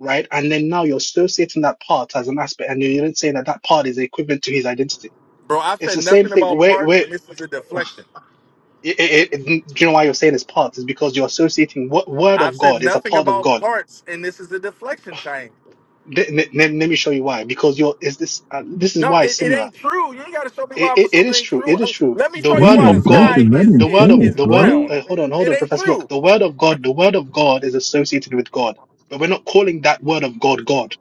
[SPEAKER 4] right? And then now you're associating that part as an aspect, and you're then saying that that part is equivalent to his identity.
[SPEAKER 7] Bro, I've
[SPEAKER 4] It's
[SPEAKER 7] said
[SPEAKER 4] the same
[SPEAKER 7] nothing
[SPEAKER 4] thing.
[SPEAKER 7] about
[SPEAKER 4] Where
[SPEAKER 7] parts
[SPEAKER 4] where
[SPEAKER 7] and this is a deflection.
[SPEAKER 4] it, it, it, do you know why you're saying it's parts? Is because you're associating what word
[SPEAKER 7] I've
[SPEAKER 4] of
[SPEAKER 7] said
[SPEAKER 4] God is a
[SPEAKER 7] nothing
[SPEAKER 4] part of
[SPEAKER 7] about
[SPEAKER 4] God
[SPEAKER 7] parts and this is a deflection Chain.
[SPEAKER 4] Th- n- let me show you why. Because your is this uh, this is
[SPEAKER 7] No,
[SPEAKER 4] why it's
[SPEAKER 7] it, it
[SPEAKER 4] similar.
[SPEAKER 7] ain't true. You ain't gotta show me why
[SPEAKER 4] It,
[SPEAKER 7] for
[SPEAKER 4] it, it
[SPEAKER 7] something that
[SPEAKER 4] is
[SPEAKER 7] ain't
[SPEAKER 4] true.
[SPEAKER 7] true.
[SPEAKER 4] It is
[SPEAKER 7] Uh,
[SPEAKER 4] true.
[SPEAKER 7] Let me
[SPEAKER 4] The
[SPEAKER 7] show you
[SPEAKER 4] word
[SPEAKER 7] why the
[SPEAKER 8] Goodness
[SPEAKER 4] of
[SPEAKER 8] gracious,
[SPEAKER 4] God,
[SPEAKER 7] sky
[SPEAKER 8] let
[SPEAKER 7] is
[SPEAKER 8] him
[SPEAKER 4] the word
[SPEAKER 7] is
[SPEAKER 4] of
[SPEAKER 8] finish,
[SPEAKER 7] is
[SPEAKER 4] the word.
[SPEAKER 8] bro.
[SPEAKER 7] brown.
[SPEAKER 4] Uh, hold on, hold
[SPEAKER 7] It
[SPEAKER 4] on,
[SPEAKER 7] ain't
[SPEAKER 4] Professor. Look,
[SPEAKER 7] true.
[SPEAKER 4] the word of God, the word of God is associated with God, but we're not calling that word of God God.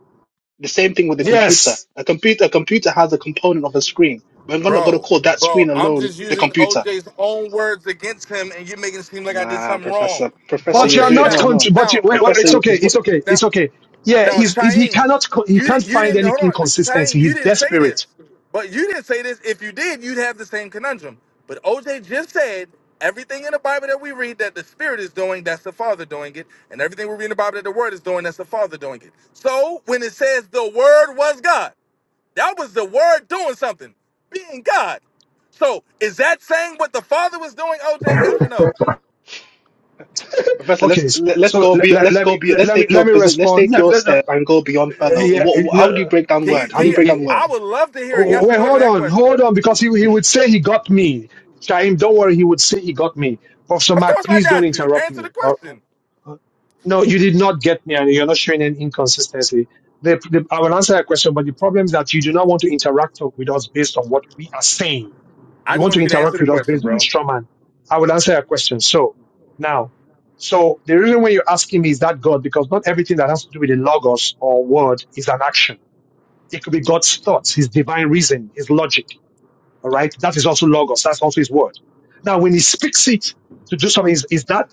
[SPEAKER 4] The same thing with the computer.
[SPEAKER 2] Yes,
[SPEAKER 4] A computer, a computer has a component of a screen. We're not going to
[SPEAKER 7] Bro,
[SPEAKER 4] call that
[SPEAKER 7] bro,
[SPEAKER 4] screen
[SPEAKER 7] I'm
[SPEAKER 4] alone
[SPEAKER 7] just
[SPEAKER 4] the
[SPEAKER 7] using
[SPEAKER 4] computer
[SPEAKER 7] OJ's own words against him, and you're making it seem like
[SPEAKER 4] Come
[SPEAKER 7] I did something wrong.
[SPEAKER 4] Professor. Professor,
[SPEAKER 2] but
[SPEAKER 4] you're
[SPEAKER 2] you're
[SPEAKER 7] OJ,
[SPEAKER 4] doing
[SPEAKER 2] not.
[SPEAKER 4] no,
[SPEAKER 7] now,
[SPEAKER 4] no.
[SPEAKER 2] Contr- but you,
[SPEAKER 7] now,
[SPEAKER 2] wait, wait,
[SPEAKER 4] Professor
[SPEAKER 2] it's
[SPEAKER 7] now,
[SPEAKER 2] okay.
[SPEAKER 4] is what?
[SPEAKER 2] It's okay.
[SPEAKER 7] now,
[SPEAKER 2] It's okay. Yeah,
[SPEAKER 7] now
[SPEAKER 2] he's, he's he
[SPEAKER 7] Chaim,
[SPEAKER 2] cannot co- he
[SPEAKER 7] you di-
[SPEAKER 2] can't
[SPEAKER 7] you
[SPEAKER 2] find
[SPEAKER 7] didn't
[SPEAKER 2] any
[SPEAKER 7] hold on,
[SPEAKER 2] inconsistency.
[SPEAKER 7] Chaim,
[SPEAKER 2] He's
[SPEAKER 7] you didn't say
[SPEAKER 2] desperate.
[SPEAKER 7] this, but you didn't say this. If you did, you'd have the same conundrum. But OJ just said everything in the Bible that we read that the Spirit is doing, that's the Father doing it, and everything we read in the Bible that the Word is doing, that's the Father doing it. So when it says the Word was God. That was the word doing something, being God. So is that saying what the Father was doing, OJ? Yes or no?
[SPEAKER 4] Professor,
[SPEAKER 2] Okay,
[SPEAKER 4] let's
[SPEAKER 2] s-
[SPEAKER 4] let, let's
[SPEAKER 2] so
[SPEAKER 4] go
[SPEAKER 2] le-
[SPEAKER 4] be let's
[SPEAKER 2] let
[SPEAKER 4] go
[SPEAKER 2] me
[SPEAKER 4] be let's
[SPEAKER 2] let me
[SPEAKER 4] take
[SPEAKER 2] let
[SPEAKER 4] your
[SPEAKER 2] me
[SPEAKER 4] position let's
[SPEAKER 2] respond.
[SPEAKER 4] take
[SPEAKER 2] Let,
[SPEAKER 4] your
[SPEAKER 2] let, uh,
[SPEAKER 4] step and go beyond further.
[SPEAKER 2] yeah, uh,
[SPEAKER 4] What
[SPEAKER 2] no,
[SPEAKER 4] how do
[SPEAKER 2] uh,
[SPEAKER 4] you break down
[SPEAKER 2] y-
[SPEAKER 7] Can you
[SPEAKER 4] word? How do
[SPEAKER 7] can
[SPEAKER 4] you
[SPEAKER 2] y-
[SPEAKER 7] you
[SPEAKER 4] break down
[SPEAKER 2] y-
[SPEAKER 4] word?
[SPEAKER 7] I would love to hear a
[SPEAKER 2] Oh, oh,
[SPEAKER 7] yes or
[SPEAKER 2] Wait,
[SPEAKER 7] no to
[SPEAKER 2] hold
[SPEAKER 7] that
[SPEAKER 2] on,
[SPEAKER 7] question.
[SPEAKER 2] hold on, because he he would say he got me. Shaim, don't worry, he would say he got me. Professor
[SPEAKER 7] Of
[SPEAKER 2] Mark,
[SPEAKER 7] course I
[SPEAKER 2] please don't
[SPEAKER 7] got you.
[SPEAKER 2] interrupt
[SPEAKER 7] Answer
[SPEAKER 2] me.
[SPEAKER 7] the question.
[SPEAKER 2] No, you did not get me, and you're not showing any inconsistency. The, the, I will answer that question, but the problem is that you do not want to interact with us based on what we are saying.
[SPEAKER 7] I
[SPEAKER 2] You
[SPEAKER 7] just
[SPEAKER 2] want to
[SPEAKER 7] want you to answer
[SPEAKER 2] interact
[SPEAKER 7] the
[SPEAKER 2] with us
[SPEAKER 7] question,
[SPEAKER 2] based on your
[SPEAKER 7] bro.
[SPEAKER 2] straw man. I will answer your question. So now, so the reason why you're asking me is that God, because not everything that has to do with the logos or word is an action. It could be God's thoughts, His divine reason, His logic. All right, that is also logos. That's also His word. Now, when He speaks it to do something, is, is that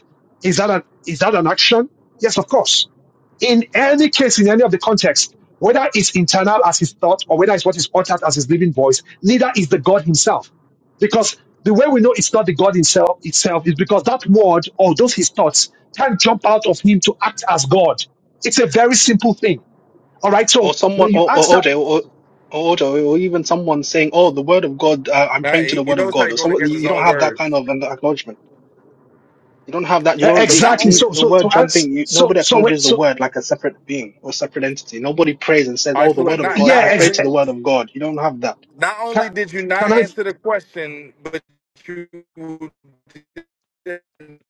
[SPEAKER 2] is that an is that an action? Yes, of course in any case, in any of the context, whether it's internal as his thought or whether it's what is uttered as his living voice, neither is the God himself. Because the way we know it's not the God himself itself is because that word or those his thoughts can't jump out of him to act as God. It's a very simple thing. All right. So
[SPEAKER 4] or
[SPEAKER 2] when
[SPEAKER 4] someone
[SPEAKER 2] you
[SPEAKER 4] or, or
[SPEAKER 2] ask that
[SPEAKER 4] OJ or or OJ or even someone saying, "Oh, the Word of God, uh, I'm
[SPEAKER 7] Now
[SPEAKER 4] praying to
[SPEAKER 7] he,
[SPEAKER 4] the
[SPEAKER 7] he
[SPEAKER 4] Word of
[SPEAKER 7] knows how
[SPEAKER 4] God,"
[SPEAKER 7] you're
[SPEAKER 4] or
[SPEAKER 7] going
[SPEAKER 4] someone
[SPEAKER 7] against
[SPEAKER 4] you
[SPEAKER 7] his
[SPEAKER 4] don't
[SPEAKER 7] own
[SPEAKER 4] have that kind
[SPEAKER 7] words.
[SPEAKER 4] of an acknowledgement. You don't have that. You
[SPEAKER 2] e-
[SPEAKER 4] don't
[SPEAKER 7] So
[SPEAKER 4] e-
[SPEAKER 7] not
[SPEAKER 2] exactly,
[SPEAKER 4] e-
[SPEAKER 7] only
[SPEAKER 4] e,
[SPEAKER 2] so
[SPEAKER 4] the
[SPEAKER 2] so to
[SPEAKER 4] word
[SPEAKER 2] ask
[SPEAKER 4] jumping. You,
[SPEAKER 2] so
[SPEAKER 4] nobody
[SPEAKER 2] so wait,
[SPEAKER 4] acknowledges the
[SPEAKER 2] so
[SPEAKER 4] word like a separate being or separate entity. Nobody prays and says,
[SPEAKER 7] all
[SPEAKER 4] "Oh,
[SPEAKER 7] right, so
[SPEAKER 4] the
[SPEAKER 7] look,
[SPEAKER 4] Word of
[SPEAKER 7] not
[SPEAKER 4] God,
[SPEAKER 2] yeah,
[SPEAKER 7] not
[SPEAKER 4] I
[SPEAKER 2] ex-
[SPEAKER 4] pray to the
[SPEAKER 7] only
[SPEAKER 4] Word of God." You don't have that.
[SPEAKER 7] not
[SPEAKER 2] can,
[SPEAKER 7] only did you not
[SPEAKER 2] can I?
[SPEAKER 7] answer the question, but you didn't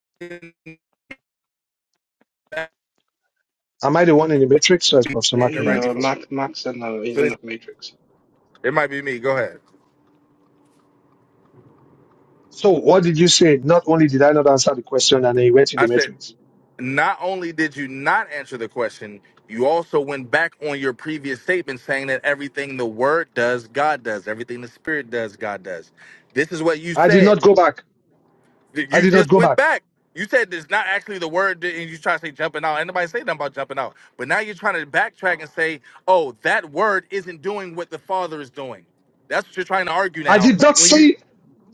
[SPEAKER 2] Am I the one in the matrix or is
[SPEAKER 7] you
[SPEAKER 2] Professor
[SPEAKER 4] Yeah,
[SPEAKER 2] Mark
[SPEAKER 7] did
[SPEAKER 2] in the
[SPEAKER 7] right
[SPEAKER 4] yeah,
[SPEAKER 7] before.
[SPEAKER 2] matrix?
[SPEAKER 4] Max, Max, and uh, he's
[SPEAKER 7] So
[SPEAKER 4] in
[SPEAKER 7] this,
[SPEAKER 4] the Matrix.
[SPEAKER 7] it might be me. Go ahead.
[SPEAKER 2] So what did you say? Not only did I not answer the question and I went in the
[SPEAKER 7] I said,
[SPEAKER 2] matrix.
[SPEAKER 7] not only did you not answer the question, you also went back on your previous statement saying that everything the word does, God does. Everything the spirit does, God does. This is what you
[SPEAKER 2] I did
[SPEAKER 7] said.
[SPEAKER 2] not go back.
[SPEAKER 7] Th-
[SPEAKER 2] I
[SPEAKER 7] You
[SPEAKER 2] did not
[SPEAKER 7] just
[SPEAKER 2] go
[SPEAKER 7] went
[SPEAKER 2] back.
[SPEAKER 7] back. You said it's not actually the word, that- and you try to say jumping out. Ain't nobody say nothing about jumping out. But now you're trying to backtrack and say, oh, that word isn't doing what the Father is doing. That's what you're trying to argue
[SPEAKER 2] I
[SPEAKER 7] now.
[SPEAKER 2] did not
[SPEAKER 7] When you,
[SPEAKER 2] see.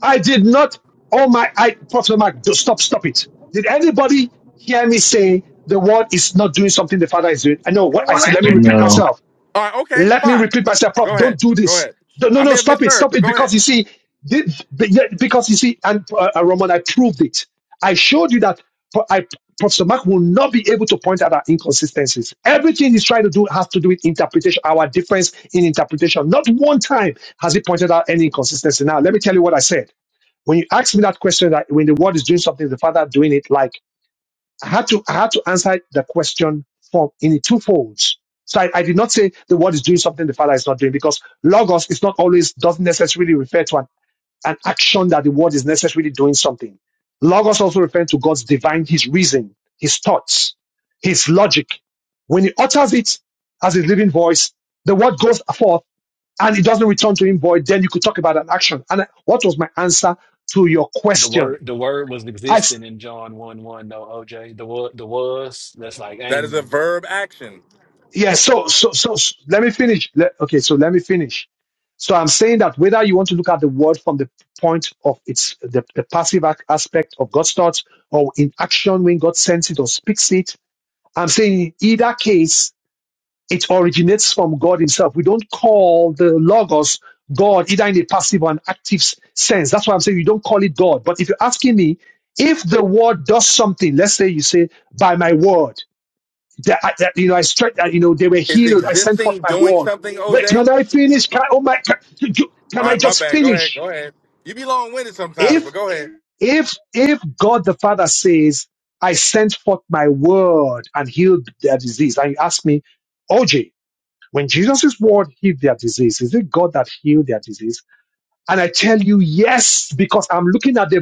[SPEAKER 2] I did not. Oh my, I, Prophet Mark, do- stop, stop it. Did anybody hear me say the word is not doing something the Father is doing? I know what I said. Let me repeat
[SPEAKER 8] No.
[SPEAKER 2] myself.
[SPEAKER 7] all right, okay,
[SPEAKER 2] let me
[SPEAKER 7] fine.
[SPEAKER 2] repeat myself, Prof.
[SPEAKER 7] Go
[SPEAKER 2] Don't
[SPEAKER 7] ahead.
[SPEAKER 2] do
[SPEAKER 7] Go
[SPEAKER 2] this.
[SPEAKER 7] ahead.
[SPEAKER 2] No, no,
[SPEAKER 7] I
[SPEAKER 2] no,
[SPEAKER 7] may have
[SPEAKER 2] stop it,
[SPEAKER 7] misheard,
[SPEAKER 2] stop
[SPEAKER 7] but
[SPEAKER 2] it.
[SPEAKER 7] go ahead.
[SPEAKER 2] Because you see, the- be- yeah, because you see, and uh, uh, Roman, I proved it. I showed you that Pro- I, Professor Mark will not be able to point out our inconsistencies. Everything he's trying to do has to do with interpretation, our difference in interpretation. Not one time has he pointed out any inconsistency. Now, let me tell you what I said. When you ask me that question, that when the word is doing something, the Father doing it like. I had to I had to answer the question for in the two folds. So I, I did not say the word is doing something the father is not doing because logos is not always doesn't necessarily refer to an, an action that the word is necessarily doing something. Logos also refers to God's divine, his reason, his thoughts, his logic. When he utters it as his living voice, the word goes forth and it doesn't return to him void. Then you could talk about an action. And I- what was my answer to your
[SPEAKER 6] the
[SPEAKER 2] question?
[SPEAKER 6] word the word was
[SPEAKER 2] I
[SPEAKER 6] existing in John one one though OJ the word, the was that's like
[SPEAKER 7] That is a
[SPEAKER 6] Amy.
[SPEAKER 7] verb action.
[SPEAKER 2] yeah so so so, so let me finish Let- okay so let me finish so i'm saying that whether you want to look at the word from the point of its the, the passive ac- aspect of god's thoughts or in action when god sends it or speaks it i'm saying in either case it originates from god himself we don't call the logos god either in a passive or an active s- sense that's why i'm saying you don't call it god but if you're asking me if the word does something let's say you say by my word that, I- that you know, I stretched, that, you know, they were
[SPEAKER 7] Is
[SPEAKER 2] healed. I sent forth
[SPEAKER 7] existing
[SPEAKER 2] my
[SPEAKER 7] doing
[SPEAKER 2] word.
[SPEAKER 7] something,
[SPEAKER 2] Wait,
[SPEAKER 7] OJ?
[SPEAKER 2] can I finish? Can, oh my, can,
[SPEAKER 7] All
[SPEAKER 2] can I
[SPEAKER 7] right, my
[SPEAKER 2] just
[SPEAKER 7] bad. Go ahead.
[SPEAKER 2] finish?
[SPEAKER 7] Go ahead. You be long winded sometimes,
[SPEAKER 2] If,
[SPEAKER 7] but go ahead.
[SPEAKER 2] if, if God the Father says, I sent forth my word and healed their disease, and you ask me, OJ, when Jesus' word healed their disease, is it God that healed their disease? And I tell you, yes, because I'm looking at the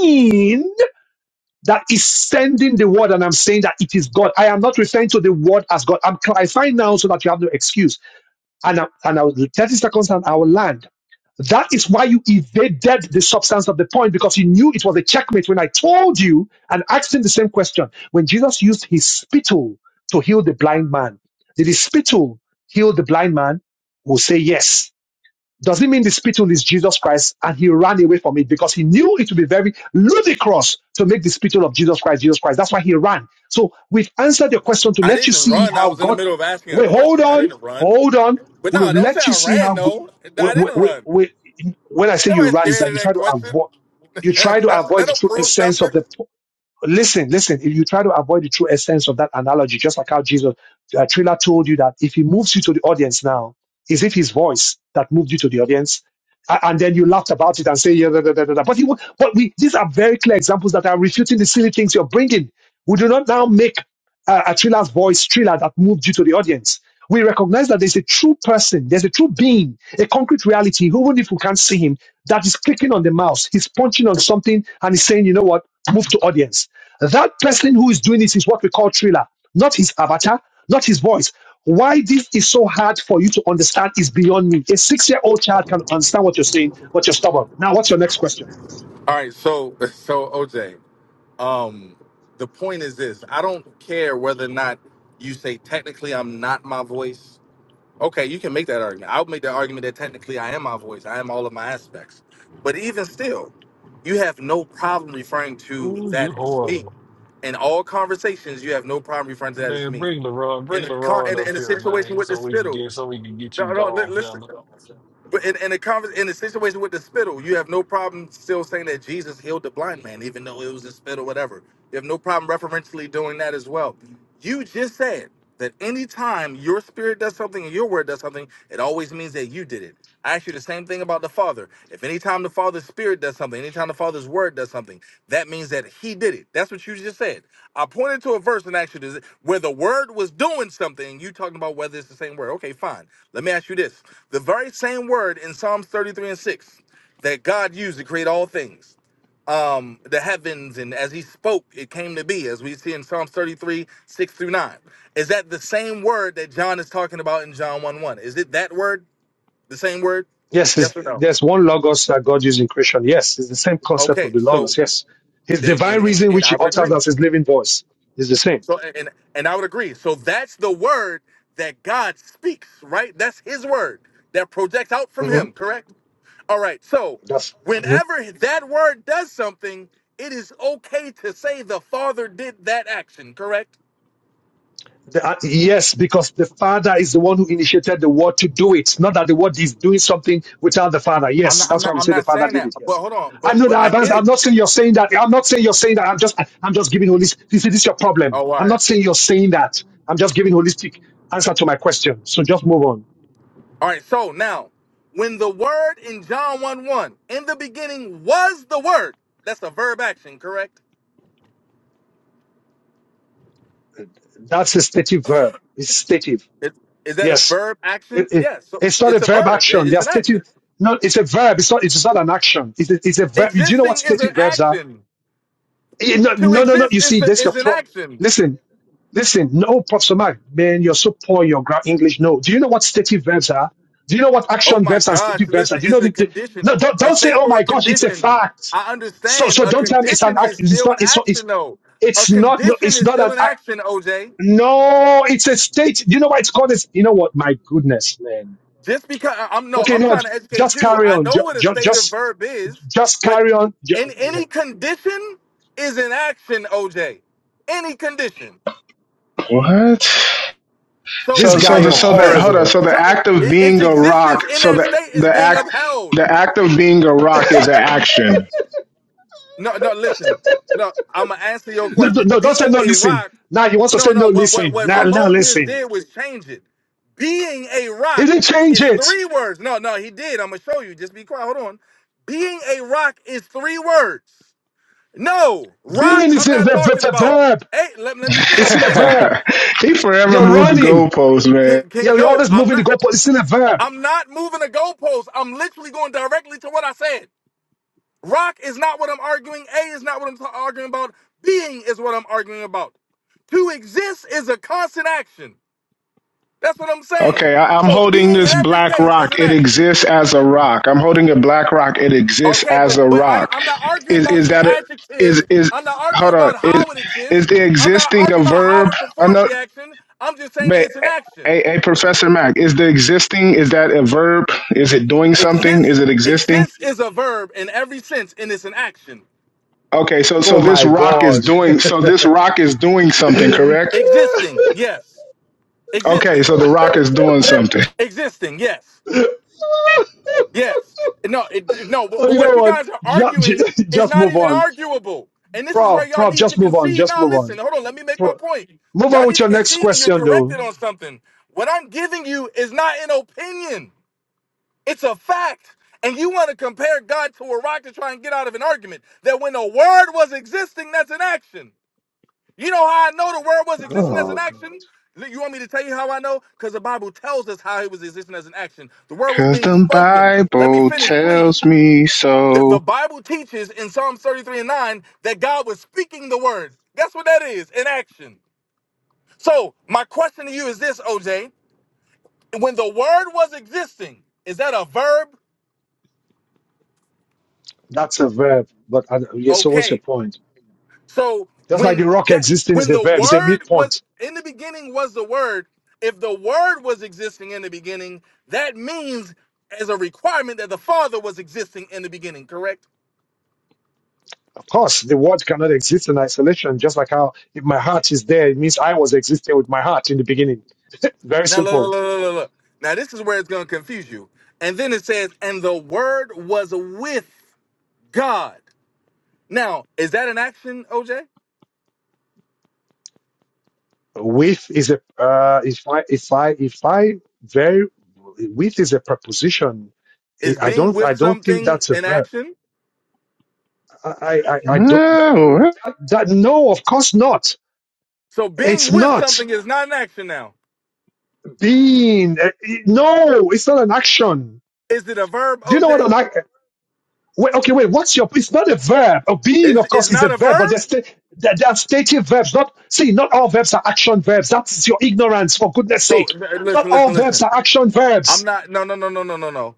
[SPEAKER 2] being that is sending the word, and I'm saying that it is God. I am not referring to the word as God. I'm clarifying now so that you have no excuse. And I, and I will 30 seconds and I will land. That is why you evaded the substance of the point because you knew it was a checkmate when I told you and asked him the same question. When Jesus used his spittle to heal the blind man, did his spittle heal the blind man? We'll say yes. Does it mean the spittle is Jesus Christ and he ran away from it because he knew it would be very ludicrous to make the spittle of Jesus Christ Jesus Christ? That's why he ran. So we've answered your question to
[SPEAKER 7] I
[SPEAKER 2] let you
[SPEAKER 7] didn't
[SPEAKER 2] see
[SPEAKER 7] run. I
[SPEAKER 2] how
[SPEAKER 7] was in the
[SPEAKER 2] God.
[SPEAKER 7] middle of asking a
[SPEAKER 2] Wait, hold
[SPEAKER 7] question. I
[SPEAKER 2] on,
[SPEAKER 7] didn't run.
[SPEAKER 2] hold on.
[SPEAKER 7] But no,
[SPEAKER 2] We've
[SPEAKER 7] don't say
[SPEAKER 2] let you
[SPEAKER 7] I
[SPEAKER 2] see
[SPEAKER 7] ran,
[SPEAKER 2] how. go-
[SPEAKER 7] no.
[SPEAKER 2] we-
[SPEAKER 7] I
[SPEAKER 2] we-
[SPEAKER 7] didn't
[SPEAKER 2] we-
[SPEAKER 7] run.
[SPEAKER 2] we- When I say you
[SPEAKER 7] Everybody's
[SPEAKER 2] ran, is
[SPEAKER 7] scared
[SPEAKER 2] that
[SPEAKER 7] of
[SPEAKER 2] you try
[SPEAKER 7] that
[SPEAKER 2] to
[SPEAKER 7] question.
[SPEAKER 2] avoid. You try to
[SPEAKER 7] that
[SPEAKER 2] avoid the
[SPEAKER 7] don't
[SPEAKER 2] true
[SPEAKER 7] prove
[SPEAKER 2] essence
[SPEAKER 7] nothing.
[SPEAKER 2] of the. Listen, listen, if you try to avoid the true essence of that analogy, just like how Jesus, uh, Triller told you that if he moves you to the audience now, is it his voice that moved you to the audience? A- And then you laughed about it and say, yeah, da, da, da, da, da. but he, wa- but we, these are very clear examples that are refuting the silly things you're bringing. We do not now make uh, a Triller's voice Triller that moved you to the audience. We recognize that there's a true person, there's a true being, a concrete reality, who even if we can't see him, that is clicking on the mouse, he's punching on something and he's saying, you know what, move to audience. That person who is doing it is what we call Triller, not his avatar, not his voice. Why this is so hard for you to understand is beyond me. A six-year-old child can understand what you're saying, but you're stubborn. Now, what's your next question?
[SPEAKER 7] All right, so so OJ, um, the point is this: I don't care whether or not you say technically I'm not my voice. Okay, you can make that argument. I'll make the argument that technically I am my voice, I am all of my aspects. But even still, you have no problem referring to
[SPEAKER 6] Ooh, you
[SPEAKER 7] that as me.
[SPEAKER 6] horrible.
[SPEAKER 7] In all conversations, you have no problem referring to that as
[SPEAKER 6] Man,
[SPEAKER 7] me.
[SPEAKER 6] bring LaRon,
[SPEAKER 7] In
[SPEAKER 6] bring
[SPEAKER 7] the con- in,
[SPEAKER 6] LaRon
[SPEAKER 7] the- in
[SPEAKER 6] up
[SPEAKER 7] the
[SPEAKER 6] here,
[SPEAKER 7] situation
[SPEAKER 6] man,
[SPEAKER 7] with the
[SPEAKER 6] so we can
[SPEAKER 7] spittle,
[SPEAKER 6] get so we can get you
[SPEAKER 7] bro, li-
[SPEAKER 6] gone,
[SPEAKER 7] listen.
[SPEAKER 6] fella.
[SPEAKER 7] But in, in the conver- in the situation with the spittle, you have no problem still saying that Jesus healed the blind man, even though it was a spittle, whatever. You have no problem referentially doing that as well. You just said that anytime your spirit does something and your word does something, it always means that you did it. I ask you the same thing about the Father. If anytime the Father's Spirit does something, anytime the Father's Word does something, that means that He did it. That's what you just said. I pointed to a verse in Exodus where the Word was doing something. You talking about whether it's the same word? Okay, fine. Let me ask you this: the very same word in Psalms 33 and 6 that God used to create all things um, the heavens, and as he spoke, it came to be, as we see in Psalms 33, 6 through 9. Is that the same word that John is talking about in John 1 1? Is it that word? The same word?
[SPEAKER 2] Yes, it's,
[SPEAKER 7] Yes or no?
[SPEAKER 2] there's one logos that God used in creation. Yes, it's the same concept of
[SPEAKER 7] Okay,
[SPEAKER 2] the logos.
[SPEAKER 7] so,
[SPEAKER 2] Yes, His
[SPEAKER 7] th- and,
[SPEAKER 2] divine
[SPEAKER 7] and
[SPEAKER 2] reason,
[SPEAKER 7] and
[SPEAKER 2] which He
[SPEAKER 7] I would
[SPEAKER 2] utters
[SPEAKER 7] agree.
[SPEAKER 2] as His living voice, is the same.
[SPEAKER 7] So, and, and I would agree. So that's the word that God speaks, right? That's his word that projects out from
[SPEAKER 2] hmm
[SPEAKER 7] him, correct? All right, so
[SPEAKER 2] That's mhm.
[SPEAKER 7] whenever that word does something, it is okay to say the Father did that action, correct?
[SPEAKER 2] The- uh, yes, because the Father is the one who initiated the Word to do it. Not that the Word is doing something without the Father.
[SPEAKER 7] I'm
[SPEAKER 2] Yes,
[SPEAKER 7] not. I'm
[SPEAKER 2] that's why
[SPEAKER 7] not.
[SPEAKER 2] we
[SPEAKER 7] I'm
[SPEAKER 2] say the
[SPEAKER 7] not
[SPEAKER 2] Father
[SPEAKER 7] saying
[SPEAKER 2] did
[SPEAKER 7] that.
[SPEAKER 2] it.
[SPEAKER 7] But
[SPEAKER 2] Yes,
[SPEAKER 7] hold on.
[SPEAKER 2] I
[SPEAKER 7] But
[SPEAKER 2] know
[SPEAKER 7] but
[SPEAKER 2] that.
[SPEAKER 7] I
[SPEAKER 2] Advance.
[SPEAKER 7] get
[SPEAKER 2] I'm
[SPEAKER 7] it.
[SPEAKER 2] not saying you're saying that. I'm not saying you're saying that. I'm just, I'm just giving holistic. You see, this is your problem.
[SPEAKER 7] Oh, all
[SPEAKER 2] I'm
[SPEAKER 7] right.
[SPEAKER 2] not saying you're saying that. I'm just giving holistic answer to my question. So just move on.
[SPEAKER 7] All right. So now, when the word in John one one in the beginning was the word. That's a verb action, correct?
[SPEAKER 2] That's a stative verb. It's stative.
[SPEAKER 7] It, is that a
[SPEAKER 2] Yes,
[SPEAKER 7] verb action?
[SPEAKER 2] It- it-
[SPEAKER 7] Yes. So
[SPEAKER 2] it's not a
[SPEAKER 7] it's a
[SPEAKER 2] verb
[SPEAKER 7] verb.
[SPEAKER 2] action.
[SPEAKER 7] It-
[SPEAKER 2] They
[SPEAKER 7] It's
[SPEAKER 2] are
[SPEAKER 7] an
[SPEAKER 2] stative.
[SPEAKER 7] action.
[SPEAKER 2] No, it's a verb. It's not. It's not an action. It's a, it's a verb. Do you know what
[SPEAKER 7] Existing is an
[SPEAKER 2] stative verbs are?
[SPEAKER 7] action.
[SPEAKER 2] Eh, No,
[SPEAKER 7] To
[SPEAKER 2] no, no, no. You
[SPEAKER 7] exist
[SPEAKER 2] see,
[SPEAKER 7] is a,
[SPEAKER 2] that's your
[SPEAKER 7] is an
[SPEAKER 2] problem.
[SPEAKER 7] action.
[SPEAKER 2] Listen, listen. No, Professor Mark, man, you're so poor. in Your gra- English. No. Do you know what stative verbs are? Do you know what
[SPEAKER 7] Oh
[SPEAKER 2] action
[SPEAKER 7] my
[SPEAKER 2] verbs and
[SPEAKER 7] gosh!
[SPEAKER 2] stative verbs are?
[SPEAKER 7] Listen,
[SPEAKER 2] Do you
[SPEAKER 7] it's
[SPEAKER 2] know
[SPEAKER 7] a
[SPEAKER 2] the? the
[SPEAKER 7] condition,
[SPEAKER 2] no, don't,
[SPEAKER 7] a
[SPEAKER 2] don't say.
[SPEAKER 7] state
[SPEAKER 2] Oh
[SPEAKER 7] or a
[SPEAKER 2] my gosh, it's a
[SPEAKER 7] condition.
[SPEAKER 2] fact.
[SPEAKER 7] I
[SPEAKER 2] So,
[SPEAKER 7] understand.
[SPEAKER 2] so
[SPEAKER 7] A
[SPEAKER 2] don't tell me it's an
[SPEAKER 7] condition
[SPEAKER 2] act.
[SPEAKER 7] is
[SPEAKER 2] It's
[SPEAKER 7] still an
[SPEAKER 2] not. It's not. It's
[SPEAKER 7] action, though. A
[SPEAKER 2] it's not. No,
[SPEAKER 7] condition
[SPEAKER 2] it's
[SPEAKER 7] is
[SPEAKER 2] not
[SPEAKER 7] still
[SPEAKER 2] an
[SPEAKER 7] an
[SPEAKER 2] act.
[SPEAKER 7] action, OJ.
[SPEAKER 2] No, it's a state. Do you know why it's called? This. You know what? My goodness, man.
[SPEAKER 7] Just because I- am no,
[SPEAKER 2] Okay,
[SPEAKER 7] I'm
[SPEAKER 2] no,
[SPEAKER 7] trying
[SPEAKER 2] j-
[SPEAKER 7] to educate
[SPEAKER 2] just
[SPEAKER 7] you.
[SPEAKER 2] carry
[SPEAKER 7] I
[SPEAKER 2] on. Ju-
[SPEAKER 7] know what a
[SPEAKER 2] ju-
[SPEAKER 7] state of
[SPEAKER 2] just,
[SPEAKER 7] verb is,
[SPEAKER 2] just
[SPEAKER 7] but
[SPEAKER 2] carry on. Ju-
[SPEAKER 7] in
[SPEAKER 2] yeah.
[SPEAKER 7] any condition is an action, OJ. Any condition.
[SPEAKER 8] What?
[SPEAKER 7] So
[SPEAKER 2] This
[SPEAKER 8] So
[SPEAKER 2] guy,
[SPEAKER 8] so
[SPEAKER 7] because
[SPEAKER 8] the
[SPEAKER 2] you're
[SPEAKER 7] it
[SPEAKER 8] so that hold
[SPEAKER 7] exists,
[SPEAKER 8] on.
[SPEAKER 2] horrible.
[SPEAKER 8] So
[SPEAKER 7] so
[SPEAKER 8] the
[SPEAKER 7] it,
[SPEAKER 8] act of
[SPEAKER 7] it- its
[SPEAKER 8] being a rock.
[SPEAKER 7] existence in
[SPEAKER 8] So
[SPEAKER 7] that
[SPEAKER 8] the
[SPEAKER 7] state is
[SPEAKER 8] the
[SPEAKER 7] being
[SPEAKER 8] act
[SPEAKER 7] upheld.
[SPEAKER 8] the act of being a rock is an action.
[SPEAKER 7] No, no, listen. No, I'm gonna answer your
[SPEAKER 2] No, no,
[SPEAKER 7] question.
[SPEAKER 2] no, don't say
[SPEAKER 7] Being
[SPEAKER 2] no,
[SPEAKER 7] a
[SPEAKER 2] listen.
[SPEAKER 7] rock,
[SPEAKER 2] Now he wants to
[SPEAKER 7] no,
[SPEAKER 2] say
[SPEAKER 7] no,
[SPEAKER 2] no,
[SPEAKER 7] what what
[SPEAKER 2] listen.
[SPEAKER 7] what
[SPEAKER 2] Now, now,
[SPEAKER 7] Ramon just
[SPEAKER 2] listen.
[SPEAKER 7] did was change it. Being a
[SPEAKER 2] He
[SPEAKER 7] rock
[SPEAKER 2] didn't change
[SPEAKER 7] is
[SPEAKER 2] it.
[SPEAKER 7] three words. No, no, he did. I'm gonna show you. Just be quiet. Hold on. Being a rock is three words. No, rock,
[SPEAKER 2] Being is
[SPEAKER 7] I'm
[SPEAKER 2] a
[SPEAKER 7] not
[SPEAKER 2] verb, verb,
[SPEAKER 7] talking
[SPEAKER 2] verb,
[SPEAKER 7] about.
[SPEAKER 2] verb.
[SPEAKER 7] Hey, let, let me
[SPEAKER 2] It's
[SPEAKER 7] finish,
[SPEAKER 2] still a
[SPEAKER 7] please.
[SPEAKER 2] verb.
[SPEAKER 8] he forever
[SPEAKER 2] You're
[SPEAKER 8] moved the
[SPEAKER 7] Can,
[SPEAKER 2] running.
[SPEAKER 8] goalposts, man.
[SPEAKER 7] can can
[SPEAKER 2] You're, you're
[SPEAKER 7] no,
[SPEAKER 2] always
[SPEAKER 7] I'm
[SPEAKER 2] moving the
[SPEAKER 7] not
[SPEAKER 2] goalpost. It's still a verb.
[SPEAKER 7] I'm not moving the goalpost. I'm literally going directly to what I said. Rock is not what I'm arguing. A is not what I'm ta- arguing about. Being is what I'm arguing about. To exist is a constant action. That's what I'm
[SPEAKER 8] Okay,
[SPEAKER 7] saying.
[SPEAKER 8] I, I'm
[SPEAKER 7] So
[SPEAKER 8] holding
[SPEAKER 7] being in
[SPEAKER 8] this
[SPEAKER 7] every
[SPEAKER 8] black
[SPEAKER 7] case is
[SPEAKER 8] rock.
[SPEAKER 7] an
[SPEAKER 8] It
[SPEAKER 7] action.
[SPEAKER 8] exists as a rock. I'm holding a black rock. It exists
[SPEAKER 7] Okay,
[SPEAKER 8] as
[SPEAKER 7] but
[SPEAKER 8] a
[SPEAKER 7] but I, don't-
[SPEAKER 8] rock.
[SPEAKER 7] I'm not arguing
[SPEAKER 8] Is
[SPEAKER 7] about
[SPEAKER 8] is
[SPEAKER 7] the
[SPEAKER 8] that a, is
[SPEAKER 7] adjective.
[SPEAKER 8] is
[SPEAKER 7] I'm not arguing
[SPEAKER 8] hold on?
[SPEAKER 7] about
[SPEAKER 8] Is
[SPEAKER 7] how it exists.
[SPEAKER 8] is the
[SPEAKER 7] I'm not
[SPEAKER 8] existing a
[SPEAKER 7] arguing about how
[SPEAKER 8] verb?
[SPEAKER 7] it performs
[SPEAKER 8] Another,
[SPEAKER 7] the action. I'm just saying that
[SPEAKER 8] but
[SPEAKER 7] it's an action.
[SPEAKER 8] a, a professor Mac is the existing. Is that a verb? Is it doing something? Is
[SPEAKER 7] Exist,
[SPEAKER 8] it existing?
[SPEAKER 7] exist is a verb in every sense, and it's an action.
[SPEAKER 8] Okay, so
[SPEAKER 2] Oh
[SPEAKER 8] so this
[SPEAKER 2] my
[SPEAKER 8] rock is
[SPEAKER 2] God.
[SPEAKER 8] doing. So this rock is doing something. Correct.
[SPEAKER 7] Existing, yes.
[SPEAKER 8] Okay,
[SPEAKER 7] Existing,
[SPEAKER 8] so the rock is doing something.
[SPEAKER 7] existing, yes. Yes. No, it, no, but,
[SPEAKER 2] oh,
[SPEAKER 7] but
[SPEAKER 2] you
[SPEAKER 7] what
[SPEAKER 2] know
[SPEAKER 7] you
[SPEAKER 2] what?
[SPEAKER 7] guys are arguing
[SPEAKER 2] Just,
[SPEAKER 7] is
[SPEAKER 2] just
[SPEAKER 7] not
[SPEAKER 2] move
[SPEAKER 7] even
[SPEAKER 2] on.
[SPEAKER 7] arguable. And this is where
[SPEAKER 2] Prof,
[SPEAKER 7] y'all
[SPEAKER 2] prof,
[SPEAKER 7] need
[SPEAKER 2] just
[SPEAKER 7] to
[SPEAKER 2] move on.
[SPEAKER 7] concede.
[SPEAKER 2] Just
[SPEAKER 7] Now,
[SPEAKER 2] move
[SPEAKER 7] listen,
[SPEAKER 2] on.
[SPEAKER 7] hold on, let me make my
[SPEAKER 2] Pro-
[SPEAKER 7] point.
[SPEAKER 2] move on
[SPEAKER 7] Y'all
[SPEAKER 2] with
[SPEAKER 7] need to
[SPEAKER 2] your next
[SPEAKER 7] concede when you're
[SPEAKER 2] question, though.
[SPEAKER 7] corrected on something. What I'm giving you is not an opinion, it's a fact. And you want to compare God to a rock to try and get out of an argument that when a word was existing, that's an action. You know how I know the word was existing as an
[SPEAKER 2] Oh, God.
[SPEAKER 7] action? You want me to tell you how I know? Because the Bible tells us how it was existing as an action. The word was
[SPEAKER 8] Cause
[SPEAKER 7] being
[SPEAKER 8] the
[SPEAKER 7] spoken. Let me
[SPEAKER 8] Bible
[SPEAKER 7] finish,
[SPEAKER 8] tells
[SPEAKER 7] please.
[SPEAKER 8] me
[SPEAKER 7] The,
[SPEAKER 8] so.
[SPEAKER 7] the Bible teaches in Psalms 33 and 9 that God was speaking the word. Guess what that is? In action. So, my question to you is this, OJ. When the word was existing, is that a verb?
[SPEAKER 2] That's a verb. But uh, yeah, so what's your
[SPEAKER 7] Okay.
[SPEAKER 2] point?
[SPEAKER 7] So
[SPEAKER 2] Just like the
[SPEAKER 7] when
[SPEAKER 2] rock
[SPEAKER 7] that
[SPEAKER 2] existing is
[SPEAKER 7] when
[SPEAKER 2] a
[SPEAKER 7] the
[SPEAKER 2] verb, it's a mute
[SPEAKER 7] word was
[SPEAKER 2] point.
[SPEAKER 7] in the beginning was the word, if the word was existing in the beginning, that means as a requirement that the Father was existing in the beginning, correct?
[SPEAKER 2] Of course, the word cannot exist in isolation, just like how if my heart is there, it means I was existing with my heart in the beginning. Very
[SPEAKER 7] Now look,
[SPEAKER 2] simple.
[SPEAKER 7] look, look, look, look. look. Now this is where it's gonna confuse you. And then it says, and the word was with God. Now, is that an action, OJ?
[SPEAKER 2] With is a uh, if I if I if I very with is a preposition. I
[SPEAKER 7] Is
[SPEAKER 2] I
[SPEAKER 7] being
[SPEAKER 2] don't I
[SPEAKER 7] with
[SPEAKER 2] don't think
[SPEAKER 7] something
[SPEAKER 2] that's a
[SPEAKER 7] an
[SPEAKER 2] verb.
[SPEAKER 7] action?
[SPEAKER 2] I I, I don't
[SPEAKER 8] Oh,
[SPEAKER 2] that, that no of course not.
[SPEAKER 7] So
[SPEAKER 2] It's
[SPEAKER 7] being with
[SPEAKER 2] not
[SPEAKER 7] something is not an action now.
[SPEAKER 2] being. eh, eh, No, it's not an action
[SPEAKER 7] Is it a verb,
[SPEAKER 2] Do you know what I
[SPEAKER 7] OJ?
[SPEAKER 2] like? Wait, okay, wait. What's your? It's not a verb. A being,
[SPEAKER 7] Is
[SPEAKER 2] of
[SPEAKER 7] is
[SPEAKER 2] course, is a
[SPEAKER 7] not a
[SPEAKER 2] verb, but
[SPEAKER 7] verb?
[SPEAKER 2] they're, sta- they're, they're stative verbs. Not see, not all verbs are action verbs. That's your ignorance, for goodness
[SPEAKER 7] So
[SPEAKER 2] sake.
[SPEAKER 7] n- uh,
[SPEAKER 2] Not
[SPEAKER 7] listen,
[SPEAKER 2] all
[SPEAKER 7] listen,
[SPEAKER 2] verbs
[SPEAKER 7] listen.
[SPEAKER 2] are action
[SPEAKER 7] I'm
[SPEAKER 2] verbs.
[SPEAKER 7] not. No, no, no, no, no, no, no.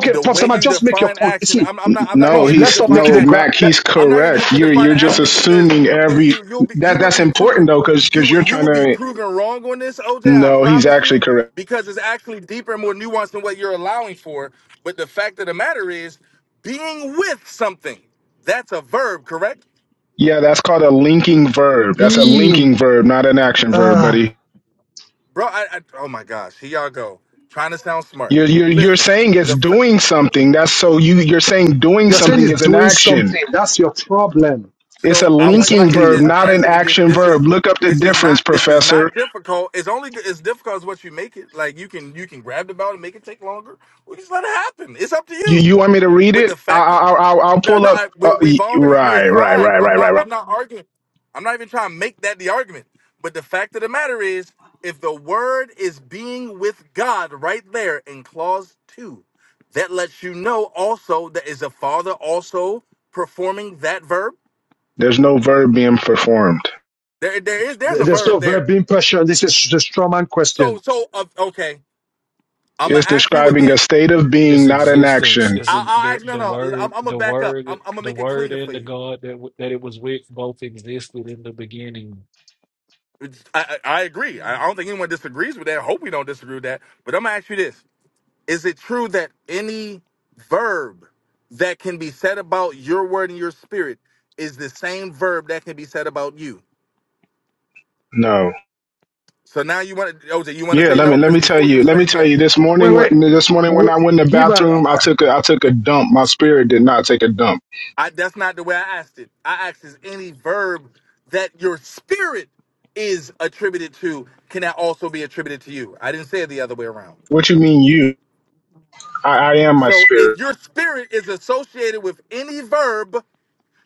[SPEAKER 7] With The
[SPEAKER 2] Prof.
[SPEAKER 7] way
[SPEAKER 2] Sama,
[SPEAKER 7] you
[SPEAKER 2] just make your
[SPEAKER 7] define
[SPEAKER 2] point. You
[SPEAKER 7] action,
[SPEAKER 2] see,
[SPEAKER 7] I'm, I'm not. I'm not gonna
[SPEAKER 8] No,
[SPEAKER 7] get
[SPEAKER 2] Prof.
[SPEAKER 7] into
[SPEAKER 2] Let's
[SPEAKER 8] he's
[SPEAKER 2] not make
[SPEAKER 7] defining
[SPEAKER 2] it
[SPEAKER 8] no
[SPEAKER 2] a grab.
[SPEAKER 8] Mac.
[SPEAKER 7] action.
[SPEAKER 2] Let,
[SPEAKER 8] He's
[SPEAKER 7] I'm not gonna get
[SPEAKER 8] correct.
[SPEAKER 7] into
[SPEAKER 8] You're you're
[SPEAKER 7] defining
[SPEAKER 8] just
[SPEAKER 7] action because
[SPEAKER 8] assuming
[SPEAKER 7] you,
[SPEAKER 8] every
[SPEAKER 7] you, you'll be, you
[SPEAKER 8] that
[SPEAKER 7] would
[SPEAKER 8] that's
[SPEAKER 7] be
[SPEAKER 8] important
[SPEAKER 7] proven,
[SPEAKER 8] though, because
[SPEAKER 7] you,
[SPEAKER 8] because
[SPEAKER 7] would-
[SPEAKER 8] you're
[SPEAKER 7] you
[SPEAKER 8] trying
[SPEAKER 7] would be
[SPEAKER 8] to.
[SPEAKER 7] proven wrong on this, OJ. I
[SPEAKER 8] No, he's
[SPEAKER 7] promise
[SPEAKER 8] actually
[SPEAKER 7] you,
[SPEAKER 8] correct.
[SPEAKER 7] because it's actually deeper and more nuanced than what you're allowing for. But the fact of the matter is, being with something, that's a verb, correct,
[SPEAKER 8] Yeah, that's called a linking verb. That's a
[SPEAKER 2] being.
[SPEAKER 8] linking verb, not an action verb,
[SPEAKER 2] Uh,
[SPEAKER 8] buddy.
[SPEAKER 7] bro? I, I, oh my gosh, here y'all go, trying to sound smart.
[SPEAKER 8] You're you're you're
[SPEAKER 7] Listen,
[SPEAKER 8] saying it's
[SPEAKER 7] the fa-
[SPEAKER 8] doing something. That's so you you're saying doing
[SPEAKER 2] you're saying
[SPEAKER 8] something
[SPEAKER 2] it's
[SPEAKER 8] is an
[SPEAKER 2] doing
[SPEAKER 8] action.
[SPEAKER 2] something. That's your problem.
[SPEAKER 8] It's a
[SPEAKER 7] So I want you
[SPEAKER 8] linking
[SPEAKER 7] to
[SPEAKER 8] verb,
[SPEAKER 2] Exactly.
[SPEAKER 7] just
[SPEAKER 2] Uh,
[SPEAKER 8] not an
[SPEAKER 7] answer it. This
[SPEAKER 8] action
[SPEAKER 7] this
[SPEAKER 8] verb.
[SPEAKER 7] is
[SPEAKER 8] Look up the
[SPEAKER 7] this is
[SPEAKER 8] difference,
[SPEAKER 7] not this is
[SPEAKER 8] Professor.
[SPEAKER 7] not difficult. It's only g- as difficult as what you make it. Like you can you can grab the ball and make it take longer, or just let it happen. It's up to
[SPEAKER 8] You
[SPEAKER 7] you.
[SPEAKER 8] you want me to read
[SPEAKER 7] But
[SPEAKER 8] it?
[SPEAKER 7] the
[SPEAKER 8] I
[SPEAKER 7] fact
[SPEAKER 8] I
[SPEAKER 7] that
[SPEAKER 8] I'll, I'll I'll
[SPEAKER 7] no,
[SPEAKER 8] pull
[SPEAKER 7] no
[SPEAKER 8] up.
[SPEAKER 7] I,
[SPEAKER 8] Uh,
[SPEAKER 7] we,
[SPEAKER 8] y-
[SPEAKER 7] we've already
[SPEAKER 8] right,
[SPEAKER 7] it's
[SPEAKER 8] right,
[SPEAKER 7] fine.
[SPEAKER 8] right,
[SPEAKER 7] I'm
[SPEAKER 8] right, right,
[SPEAKER 7] not
[SPEAKER 8] right.
[SPEAKER 7] I'm not arguing. I'm not even trying to make that the argument. But the fact of the matter is, if the word is being with God right there in clause two, that lets you know also that is the Father also performing that verb.
[SPEAKER 8] There's no verb being performed.
[SPEAKER 7] There, there is there's
[SPEAKER 2] th-
[SPEAKER 7] a
[SPEAKER 2] there's no
[SPEAKER 7] verb
[SPEAKER 2] verb
[SPEAKER 7] there.
[SPEAKER 2] being pressure. This is the strawman
[SPEAKER 7] So,
[SPEAKER 2] question.
[SPEAKER 7] so uh, okay. I'm gonna
[SPEAKER 8] It's
[SPEAKER 7] ask you
[SPEAKER 8] describing a
[SPEAKER 7] again.
[SPEAKER 8] state of being,
[SPEAKER 6] Its
[SPEAKER 8] not an
[SPEAKER 6] existence
[SPEAKER 8] action.
[SPEAKER 6] is
[SPEAKER 7] I, I'll
[SPEAKER 6] the
[SPEAKER 7] ask. No,
[SPEAKER 6] the
[SPEAKER 7] no. I'm,
[SPEAKER 6] word,
[SPEAKER 7] I'm gonna
[SPEAKER 6] the
[SPEAKER 7] back up.
[SPEAKER 6] word,
[SPEAKER 7] I'm, I'm gonna
[SPEAKER 6] the
[SPEAKER 7] make it
[SPEAKER 6] word,
[SPEAKER 7] cleaner for
[SPEAKER 6] and the
[SPEAKER 7] you.
[SPEAKER 6] God that w- that it was with both existed in the beginning.
[SPEAKER 7] It's- I, I, I agree. I, I don't think anyone disagrees with that. I hope we don't disagree with that. But I'm gonna ask you this: Is it true that any verb that can be said about your word and your spirit is the same verb that can be said about you?
[SPEAKER 8] No.
[SPEAKER 7] So now you want to, OJ? You want to
[SPEAKER 8] Yeah,
[SPEAKER 7] say
[SPEAKER 8] let me
[SPEAKER 7] no?
[SPEAKER 8] let
[SPEAKER 7] Because
[SPEAKER 8] me tell
[SPEAKER 7] before you were
[SPEAKER 8] you. Let me
[SPEAKER 7] saying
[SPEAKER 8] tell you.
[SPEAKER 7] yes.
[SPEAKER 8] This
[SPEAKER 2] Wait,
[SPEAKER 8] morning, when-
[SPEAKER 2] wait.
[SPEAKER 8] this morning when
[SPEAKER 2] wait
[SPEAKER 8] I went in the
[SPEAKER 2] give a.
[SPEAKER 8] bathroom, I took a I took a dump. My spirit did not take a dump.
[SPEAKER 7] I that's not the way I asked it. I asked is any verb that your spirit is attributed to can that also be attributed to you? I didn't say it the other way around.
[SPEAKER 8] What you mean, you? I, I am my
[SPEAKER 7] So if
[SPEAKER 8] spirit.
[SPEAKER 7] your spirit is associated with any verb,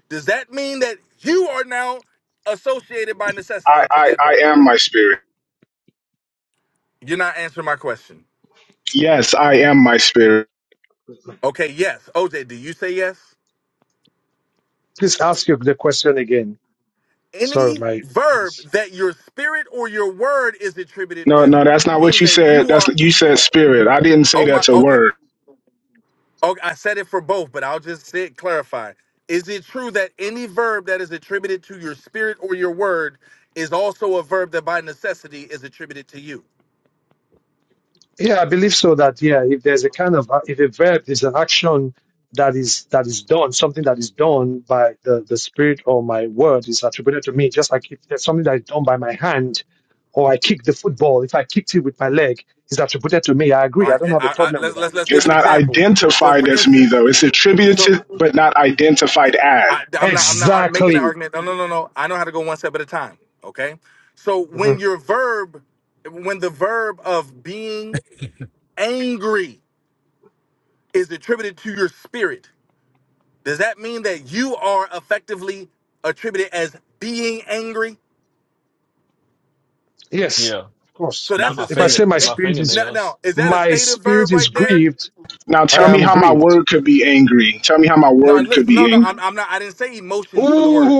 [SPEAKER 7] does that mean that you are now associated by
[SPEAKER 8] I,
[SPEAKER 7] necessity to
[SPEAKER 8] I
[SPEAKER 7] that verb?
[SPEAKER 8] I am my spirit.
[SPEAKER 7] You're not answering my question.
[SPEAKER 8] Yes, I am my spirit.
[SPEAKER 2] Uh,
[SPEAKER 7] Okay, yes. OJ, do you say yes?
[SPEAKER 2] please ask you the question again. Sorry,
[SPEAKER 7] Any
[SPEAKER 2] my
[SPEAKER 7] verb
[SPEAKER 2] just
[SPEAKER 7] that your spirit or your word is attributed
[SPEAKER 8] No,
[SPEAKER 7] with
[SPEAKER 8] no, that's not what
[SPEAKER 7] means
[SPEAKER 8] you
[SPEAKER 7] that
[SPEAKER 8] said.
[SPEAKER 7] you
[SPEAKER 8] That's
[SPEAKER 7] are.
[SPEAKER 8] you said spirit. I didn't say
[SPEAKER 7] Oh my.
[SPEAKER 8] that's a
[SPEAKER 7] Okay.
[SPEAKER 8] word.
[SPEAKER 7] Okay, I said it for both, but I'll just say clarify. Is it true that any verb that is attributed to your spirit or your word is also a verb that by necessity is attributed to you?
[SPEAKER 2] yeah, I believe so that yeah, if there's a kind of uh, if a verb is an action that is that is done, something that is done by the the spirit or my word is attributed to me. Just like if there's something that is done by my hand, or I kick the football, if I kicked it with my leg, is attributed to me. I
[SPEAKER 7] All
[SPEAKER 2] agree. I
[SPEAKER 7] right,
[SPEAKER 2] don't
[SPEAKER 7] and
[SPEAKER 2] have a
[SPEAKER 7] I, I,
[SPEAKER 2] problem with
[SPEAKER 7] let's
[SPEAKER 2] that.
[SPEAKER 7] let's let's give
[SPEAKER 8] It's
[SPEAKER 7] an
[SPEAKER 8] not
[SPEAKER 7] example. So,
[SPEAKER 8] identified
[SPEAKER 7] for
[SPEAKER 8] as me
[SPEAKER 7] instance,
[SPEAKER 8] though. It's attributed to,
[SPEAKER 7] so
[SPEAKER 8] but not identified as.
[SPEAKER 7] I, I'm not I'm not ar- making an
[SPEAKER 2] Exactly.
[SPEAKER 7] argument. No, no, no, no. I know how to go one step at a time. Okay. So
[SPEAKER 2] hmm
[SPEAKER 7] when your verb, when the verb of being angry is attributed to your spirit, Does that mean that you are effectively attributed as being angry?
[SPEAKER 2] Yes,
[SPEAKER 6] Yeah,
[SPEAKER 2] of course.
[SPEAKER 7] So
[SPEAKER 2] If,
[SPEAKER 7] that's
[SPEAKER 6] not my
[SPEAKER 7] a
[SPEAKER 2] if I
[SPEAKER 7] state.
[SPEAKER 6] finger,
[SPEAKER 2] say my
[SPEAKER 7] Of,
[SPEAKER 6] my
[SPEAKER 2] spirit is
[SPEAKER 7] no,
[SPEAKER 6] fingernails.
[SPEAKER 7] no, is that a
[SPEAKER 2] my
[SPEAKER 7] state of
[SPEAKER 2] spirit
[SPEAKER 7] verb
[SPEAKER 2] is
[SPEAKER 7] right there?
[SPEAKER 2] grieved,
[SPEAKER 8] Now
[SPEAKER 2] I
[SPEAKER 8] tell
[SPEAKER 7] Is
[SPEAKER 8] me
[SPEAKER 2] am
[SPEAKER 8] how my
[SPEAKER 2] grieved.
[SPEAKER 8] word could be angry. Tell me how my
[SPEAKER 7] no,
[SPEAKER 8] word could
[SPEAKER 7] listen,
[SPEAKER 8] be
[SPEAKER 7] no, no,
[SPEAKER 8] angry.
[SPEAKER 7] I'm, I'm not. I didn't say emotions for the word.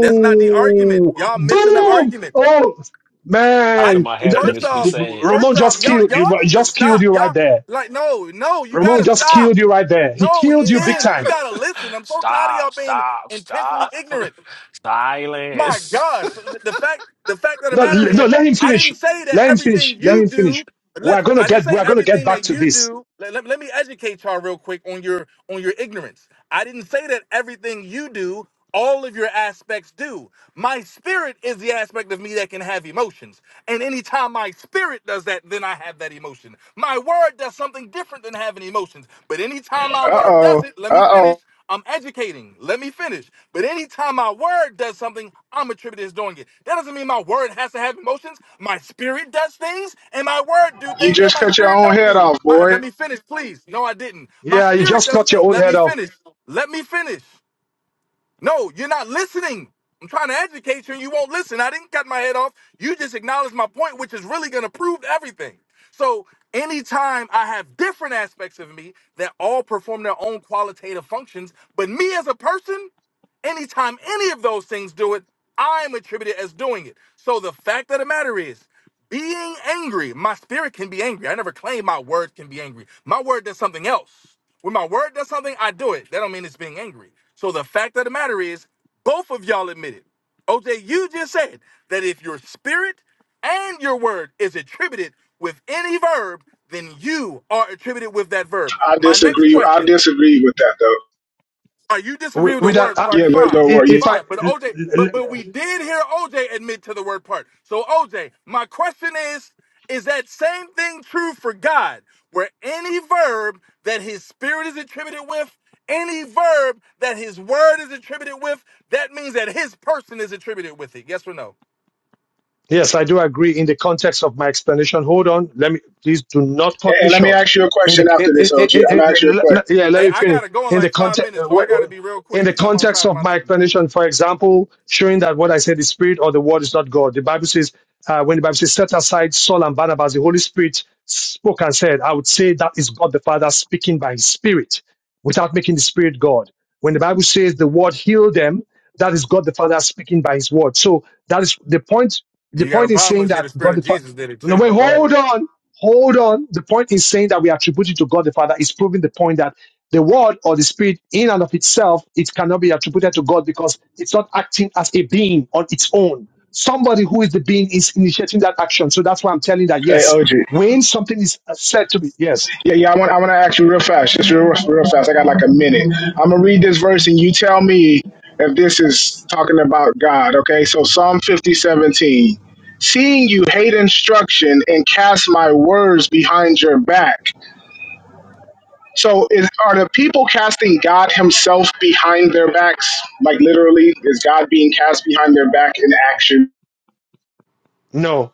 [SPEAKER 7] That's not the argument. Y'all missing the
[SPEAKER 2] boom!
[SPEAKER 7] argument.
[SPEAKER 2] Oh
[SPEAKER 6] How
[SPEAKER 7] I
[SPEAKER 6] could
[SPEAKER 2] man,
[SPEAKER 6] my
[SPEAKER 2] Th- th-
[SPEAKER 7] first
[SPEAKER 6] happiness be
[SPEAKER 7] off,
[SPEAKER 6] sad?
[SPEAKER 2] Ramon
[SPEAKER 7] first off,
[SPEAKER 2] just
[SPEAKER 7] y'all,
[SPEAKER 2] killed you.
[SPEAKER 7] y'all
[SPEAKER 2] right,
[SPEAKER 7] need to
[SPEAKER 2] Just killed
[SPEAKER 7] stop.
[SPEAKER 2] you right
[SPEAKER 7] Y'all
[SPEAKER 2] there.
[SPEAKER 7] like no, no, you
[SPEAKER 2] Ramon
[SPEAKER 7] gotta
[SPEAKER 2] just
[SPEAKER 7] stop.
[SPEAKER 2] killed you right there. He
[SPEAKER 7] No,
[SPEAKER 2] killed
[SPEAKER 7] he
[SPEAKER 2] you big
[SPEAKER 7] didn't. You
[SPEAKER 2] time.
[SPEAKER 7] gotta listen. I'm so tired of y'all
[SPEAKER 6] Stop,
[SPEAKER 7] being
[SPEAKER 6] stop,
[SPEAKER 7] intentionally
[SPEAKER 6] stop.
[SPEAKER 7] ignorant. My
[SPEAKER 6] Silence.
[SPEAKER 7] gosh, the fact the fact of the
[SPEAKER 2] No,
[SPEAKER 7] matter
[SPEAKER 2] l- no,
[SPEAKER 7] is,
[SPEAKER 2] let him
[SPEAKER 7] I
[SPEAKER 2] finish.
[SPEAKER 7] didn't say that
[SPEAKER 2] Let him finish.
[SPEAKER 7] everything
[SPEAKER 2] Let
[SPEAKER 7] you
[SPEAKER 2] him finish.
[SPEAKER 7] do.
[SPEAKER 2] We're
[SPEAKER 7] Listen,
[SPEAKER 2] gonna
[SPEAKER 7] I didn't
[SPEAKER 2] get.
[SPEAKER 7] say
[SPEAKER 2] We're gonna get
[SPEAKER 7] everything
[SPEAKER 2] back
[SPEAKER 7] that
[SPEAKER 2] to
[SPEAKER 7] you
[SPEAKER 2] this.
[SPEAKER 7] do. Let, let, let me educate y'all real quick on your on your ignorance. I didn't say that everything you do, all of your aspects do. My spirit is the aspect of me that can have emotions. And anytime my spirit does that, then I have that emotion. My word does something different than having emotions. But anytime my
[SPEAKER 8] Uh
[SPEAKER 7] word
[SPEAKER 8] oh.
[SPEAKER 7] does it, let me
[SPEAKER 8] Uh
[SPEAKER 7] finish.
[SPEAKER 8] oh.
[SPEAKER 7] I'm educating. Let me finish. But anytime my word does something, I'm attributed as doing it. That doesn't mean my word has to have emotions. My spirit does things, and my word do
[SPEAKER 8] You
[SPEAKER 7] things that
[SPEAKER 8] just
[SPEAKER 7] my
[SPEAKER 8] cut your
[SPEAKER 7] spirit
[SPEAKER 8] own
[SPEAKER 7] don't
[SPEAKER 8] head
[SPEAKER 7] do.
[SPEAKER 8] off,
[SPEAKER 7] My- let
[SPEAKER 8] boy.
[SPEAKER 7] me finish, please. No, I didn't. My
[SPEAKER 2] Yeah, you
[SPEAKER 7] spirit
[SPEAKER 2] just
[SPEAKER 7] does
[SPEAKER 2] cut your
[SPEAKER 7] things.
[SPEAKER 2] own
[SPEAKER 7] Let
[SPEAKER 2] head
[SPEAKER 7] me
[SPEAKER 2] off
[SPEAKER 7] finish. Let me finish. No, you're not listening. I'm trying to educate you and you won't listen. I didn't cut my head off. You just acknowledged my point, which is really going to prove everything. So, anytime I have different aspects of me that all perform their own qualitative functions, but me as a person, Anytime any of those things do it, I'm attributed as doing it. So the fact of the matter is, being angry, my spirit can be angry. I never claim my word can be angry. My word does something else. When my word does something, I do it. That don't mean it's being angry. So the fact of the matter is, both of y'all admitted. OJ, you just said that if your spirit and your word is attributed with any verb, then you are attributed with that verb.
[SPEAKER 8] I
[SPEAKER 7] My next
[SPEAKER 8] disagree. I
[SPEAKER 7] question
[SPEAKER 8] disagree with that, though.
[SPEAKER 7] all right, you disagree
[SPEAKER 2] with,
[SPEAKER 7] with the
[SPEAKER 2] with that.
[SPEAKER 7] word
[SPEAKER 2] Uh,
[SPEAKER 8] Yeah,
[SPEAKER 7] part,
[SPEAKER 8] let
[SPEAKER 7] fine,
[SPEAKER 8] go
[SPEAKER 2] if
[SPEAKER 8] worry. Yeah.
[SPEAKER 2] if I
[SPEAKER 7] fine. But OJ, but but we did hear OJ admit to the word part. So OJ, my question is, is that same thing true for God, where any verb that His Spirit is attributed with, any verb that His Word is attributed with, that means that His person is attributed with it. Yes or no?
[SPEAKER 2] Yes, I do agree in the context of my explanation. Hold on, let me please do not cut
[SPEAKER 8] And
[SPEAKER 2] me
[SPEAKER 8] and let me
[SPEAKER 2] short.
[SPEAKER 8] ask you a
[SPEAKER 2] In the
[SPEAKER 8] question
[SPEAKER 2] in,
[SPEAKER 8] after this,
[SPEAKER 2] in,
[SPEAKER 8] OG.
[SPEAKER 2] in,
[SPEAKER 8] I'm gonna ask you
[SPEAKER 2] in-
[SPEAKER 8] a
[SPEAKER 2] le- le-
[SPEAKER 8] question.
[SPEAKER 2] yeah, let
[SPEAKER 7] Hey,
[SPEAKER 2] me
[SPEAKER 7] I
[SPEAKER 2] finish.
[SPEAKER 7] gotta go in
[SPEAKER 2] In the
[SPEAKER 7] like five
[SPEAKER 2] context
[SPEAKER 7] minutes, so I gotta be real
[SPEAKER 2] in
[SPEAKER 7] quick
[SPEAKER 2] the
[SPEAKER 7] because I'm
[SPEAKER 2] context
[SPEAKER 7] outside of
[SPEAKER 2] of
[SPEAKER 7] my
[SPEAKER 2] my
[SPEAKER 7] meeting.
[SPEAKER 2] explanation, for example, showing that what I said is spirit or the word is not God. The Bible says uh, when the Bible says set aside Saul and Barnabas, the Holy Spirit spoke and said, I would say that is God the Father speaking by His Spirit without making the Spirit God. When the Bible says the word healed them, that is God the Father speaking by his word. So that is the point.
[SPEAKER 7] And
[SPEAKER 2] The
[SPEAKER 7] you got a
[SPEAKER 2] point is
[SPEAKER 7] problem
[SPEAKER 2] saying
[SPEAKER 7] with say
[SPEAKER 2] that
[SPEAKER 7] the Spirit
[SPEAKER 2] God
[SPEAKER 7] of
[SPEAKER 2] the Father.
[SPEAKER 7] Jesus did it
[SPEAKER 2] No,
[SPEAKER 7] too,
[SPEAKER 2] wait,
[SPEAKER 7] but go ahead.
[SPEAKER 2] hold on. Hold on. The point is saying that we attribute it to God the Father is proving the point that the word or the spirit in and of itself, it cannot be attributed to God because it's not acting as a being on its own. Somebody who is the being is initiating that action. So that's why I'm telling that
[SPEAKER 8] Hey,
[SPEAKER 2] yes,
[SPEAKER 8] OG.
[SPEAKER 2] when something is said to be yes,
[SPEAKER 8] Yeah, yeah. I want. I want to ask you real fast, just real, real fast. I got like a minute. I'm gonna read this verse, and you tell me if this is talking about God. Okay. So Psalm 50:17. Seeing you hate instruction and cast my words behind your back So, is, are the people casting God Himself behind their backs? Like literally, is God being cast behind their back in action?
[SPEAKER 2] no.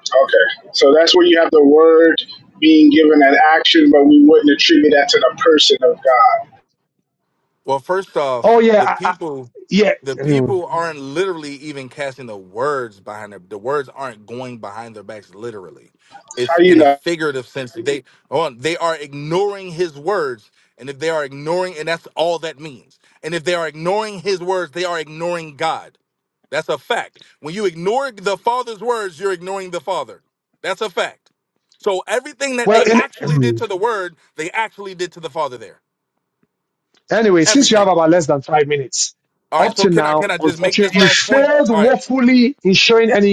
[SPEAKER 8] Okay, so that's where you have the word being given an action, but we wouldn't attribute that to the person of God.
[SPEAKER 7] Well, first
[SPEAKER 2] Oh
[SPEAKER 7] off, the
[SPEAKER 2] yeah,
[SPEAKER 7] people
[SPEAKER 2] Yeah.
[SPEAKER 7] the
[SPEAKER 2] mm.
[SPEAKER 7] people aren't literally even casting the words behind their the words aren't going behind their backs literally.
[SPEAKER 8] How
[SPEAKER 7] It's
[SPEAKER 8] do you
[SPEAKER 7] in a
[SPEAKER 8] know?
[SPEAKER 7] figurative sense. They on they are ignoring his words. And if they are ignoring and that's all that means. And if they are ignoring his words, they are ignoring God. That's a fact. When you ignore the father's words, you're ignoring the father. That's a fact. So everything that
[SPEAKER 2] Well,
[SPEAKER 7] they
[SPEAKER 2] in,
[SPEAKER 7] actually did to
[SPEAKER 2] mm.
[SPEAKER 7] the word, they actually did to the father there.
[SPEAKER 2] anyway, since you
[SPEAKER 7] Everything.
[SPEAKER 2] have about less than five minutes,
[SPEAKER 7] All
[SPEAKER 2] up
[SPEAKER 7] right, so
[SPEAKER 2] to
[SPEAKER 7] can I
[SPEAKER 2] now,
[SPEAKER 7] can I just make this
[SPEAKER 2] unfortunately, you
[SPEAKER 7] last point?
[SPEAKER 2] failed
[SPEAKER 7] All right,
[SPEAKER 2] woefully in showing any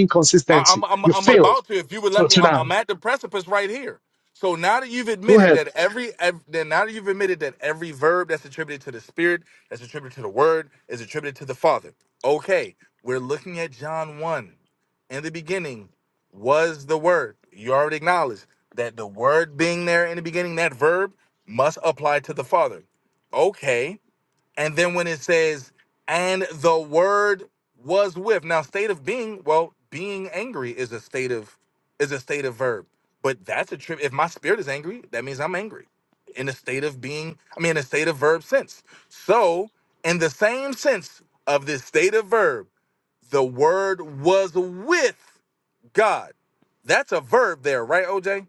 [SPEAKER 7] I, I'm
[SPEAKER 2] inconsistency.
[SPEAKER 7] I'm
[SPEAKER 2] You
[SPEAKER 7] I'm
[SPEAKER 2] failed.
[SPEAKER 7] about to. If you would
[SPEAKER 2] So
[SPEAKER 7] let me,
[SPEAKER 2] to
[SPEAKER 7] I'm
[SPEAKER 2] now,
[SPEAKER 7] I'm at the precipice right here. So now that you've
[SPEAKER 2] go
[SPEAKER 7] admitted
[SPEAKER 2] ahead.
[SPEAKER 7] that every, ev then now that you've admitted that every verb that's attributed to the Spirit, that's attributed to the Word, is attributed to the Father. Okay, we're looking at John one. In the beginning was the Word. You already acknowledged that the Word being there in the beginning, that verb must apply to the Father. Okay, and then when it says, and the word was with. Now, state of being, well, being angry is a state of is a state of verb. But that's a trip. If my spirit is angry, that means I'm angry. In a state of being, I mean in a state of verb sense. So, in the same sense of this state of verb, the word was with God. That's a verb there, right, OJ?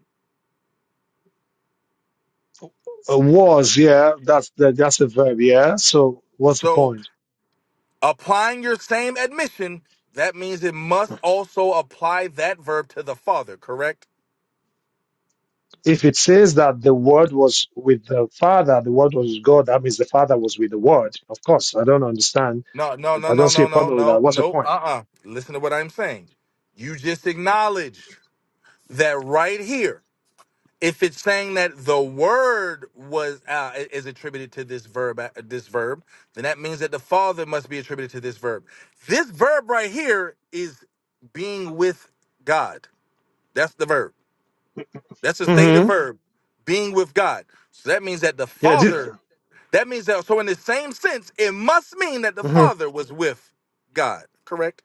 [SPEAKER 2] Uh, was, yeah, that's the, that's the verb, yeah. So what's the
[SPEAKER 7] So
[SPEAKER 2] point?
[SPEAKER 7] Applying your same admission, that means it must also apply that verb to the Father, correct?
[SPEAKER 2] If it says that the word was with the Father, the word was God, that means the Father was with the word. Of course, I don't understand.
[SPEAKER 7] No, no, no,
[SPEAKER 2] I, I don't
[SPEAKER 7] no,
[SPEAKER 2] see
[SPEAKER 7] no,
[SPEAKER 2] a
[SPEAKER 7] no,
[SPEAKER 2] problem with that.
[SPEAKER 7] no,
[SPEAKER 2] What's the
[SPEAKER 7] no. Uh
[SPEAKER 2] point?
[SPEAKER 7] uh Listen to what I'm saying. You just acknowledged that right here. If it's saying that the word was uh, is attributed to this verb, uh, this verb, then that means that the father must be attributed to this verb. This verb right here is being with God. That's the verb. That's a stated
[SPEAKER 2] hmm
[SPEAKER 7] verb, being with God. So that means that the
[SPEAKER 2] Yeah. This,
[SPEAKER 7] Father, that means that, so in the same sense, it must mean that the
[SPEAKER 2] mhm.
[SPEAKER 7] Father was with God, correct?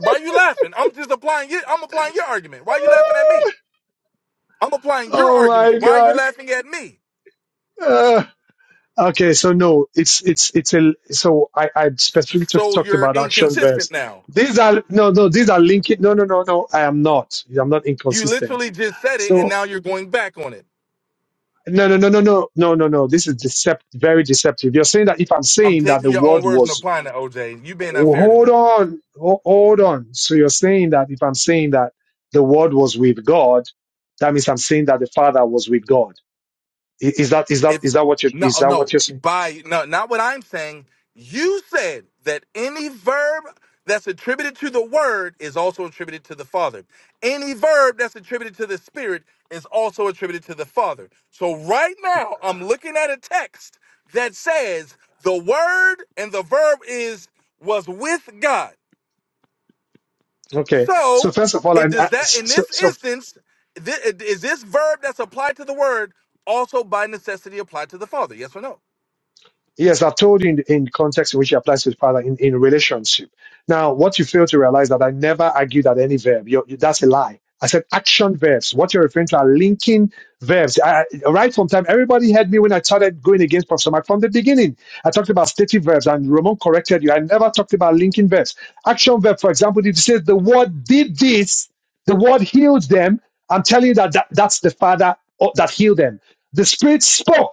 [SPEAKER 7] Why are you laughing? I'm just applying it. I'm applying your argument. Why are you laughing at me? I'm applying your
[SPEAKER 2] Oh
[SPEAKER 7] argument.
[SPEAKER 2] my
[SPEAKER 7] Why are you
[SPEAKER 2] God.
[SPEAKER 7] laughing at me?
[SPEAKER 2] Uh, okay, so no, it's it's it's a so I I specifically t-
[SPEAKER 7] So
[SPEAKER 2] talked
[SPEAKER 7] you're
[SPEAKER 2] about action
[SPEAKER 7] inconsistent
[SPEAKER 2] verbs.
[SPEAKER 7] now.
[SPEAKER 2] These are no no these are linking. No no no no. I am not. I'm not
[SPEAKER 7] You
[SPEAKER 2] inconsistent.
[SPEAKER 7] literally just said it and
[SPEAKER 2] So
[SPEAKER 7] now you're going back on it.
[SPEAKER 2] no no no no no no no no. This is decept very deceptive. You're saying that if I'm
[SPEAKER 7] I'm
[SPEAKER 2] saying that
[SPEAKER 7] taking
[SPEAKER 2] the
[SPEAKER 7] your own
[SPEAKER 2] word
[SPEAKER 7] words and
[SPEAKER 2] was
[SPEAKER 7] applying it, OJ. You being
[SPEAKER 2] oh,
[SPEAKER 7] unfair to
[SPEAKER 2] hold
[SPEAKER 7] me.
[SPEAKER 2] on ho- hold on. So you're saying that if I'm saying that the word was with God, that means I'm saying that the Father was with God. I- Is that is that
[SPEAKER 7] if
[SPEAKER 2] is that what you
[SPEAKER 7] no
[SPEAKER 2] is
[SPEAKER 7] oh,
[SPEAKER 2] that what
[SPEAKER 7] no
[SPEAKER 2] you're saying?
[SPEAKER 7] by no not what i'm saying you said that any verb that's attributed to the word is also attributed to the father any verb that's attributed to the spirit is also attributed to the father so right now i'm looking at a text that says the word and the verb is was with god
[SPEAKER 2] Okay. So
[SPEAKER 7] so
[SPEAKER 2] first of all, I,
[SPEAKER 7] it
[SPEAKER 2] I
[SPEAKER 7] does that in
[SPEAKER 2] so,
[SPEAKER 7] this
[SPEAKER 2] so
[SPEAKER 7] instance thi- is this verb that's applied to the word also by necessity applied to the father yes or no
[SPEAKER 2] yes, I've told you in, in context in which it applies to the father in, in relationship. Now, what you fail to realize that I never argued that any verb. You're, you, that's a lie. I said action verbs. What you're referring to are linking verbs. I, I- right from time, everybody heard me when I started going against Professor Mark from the beginning. I talked about stative verbs, and Ramon corrected you. I never talked about linking verbs. Action verb, for example, if you say the word did this. The word healed them. I'm telling you that, that that's the Father oh, that healed them. The Spirit spoke.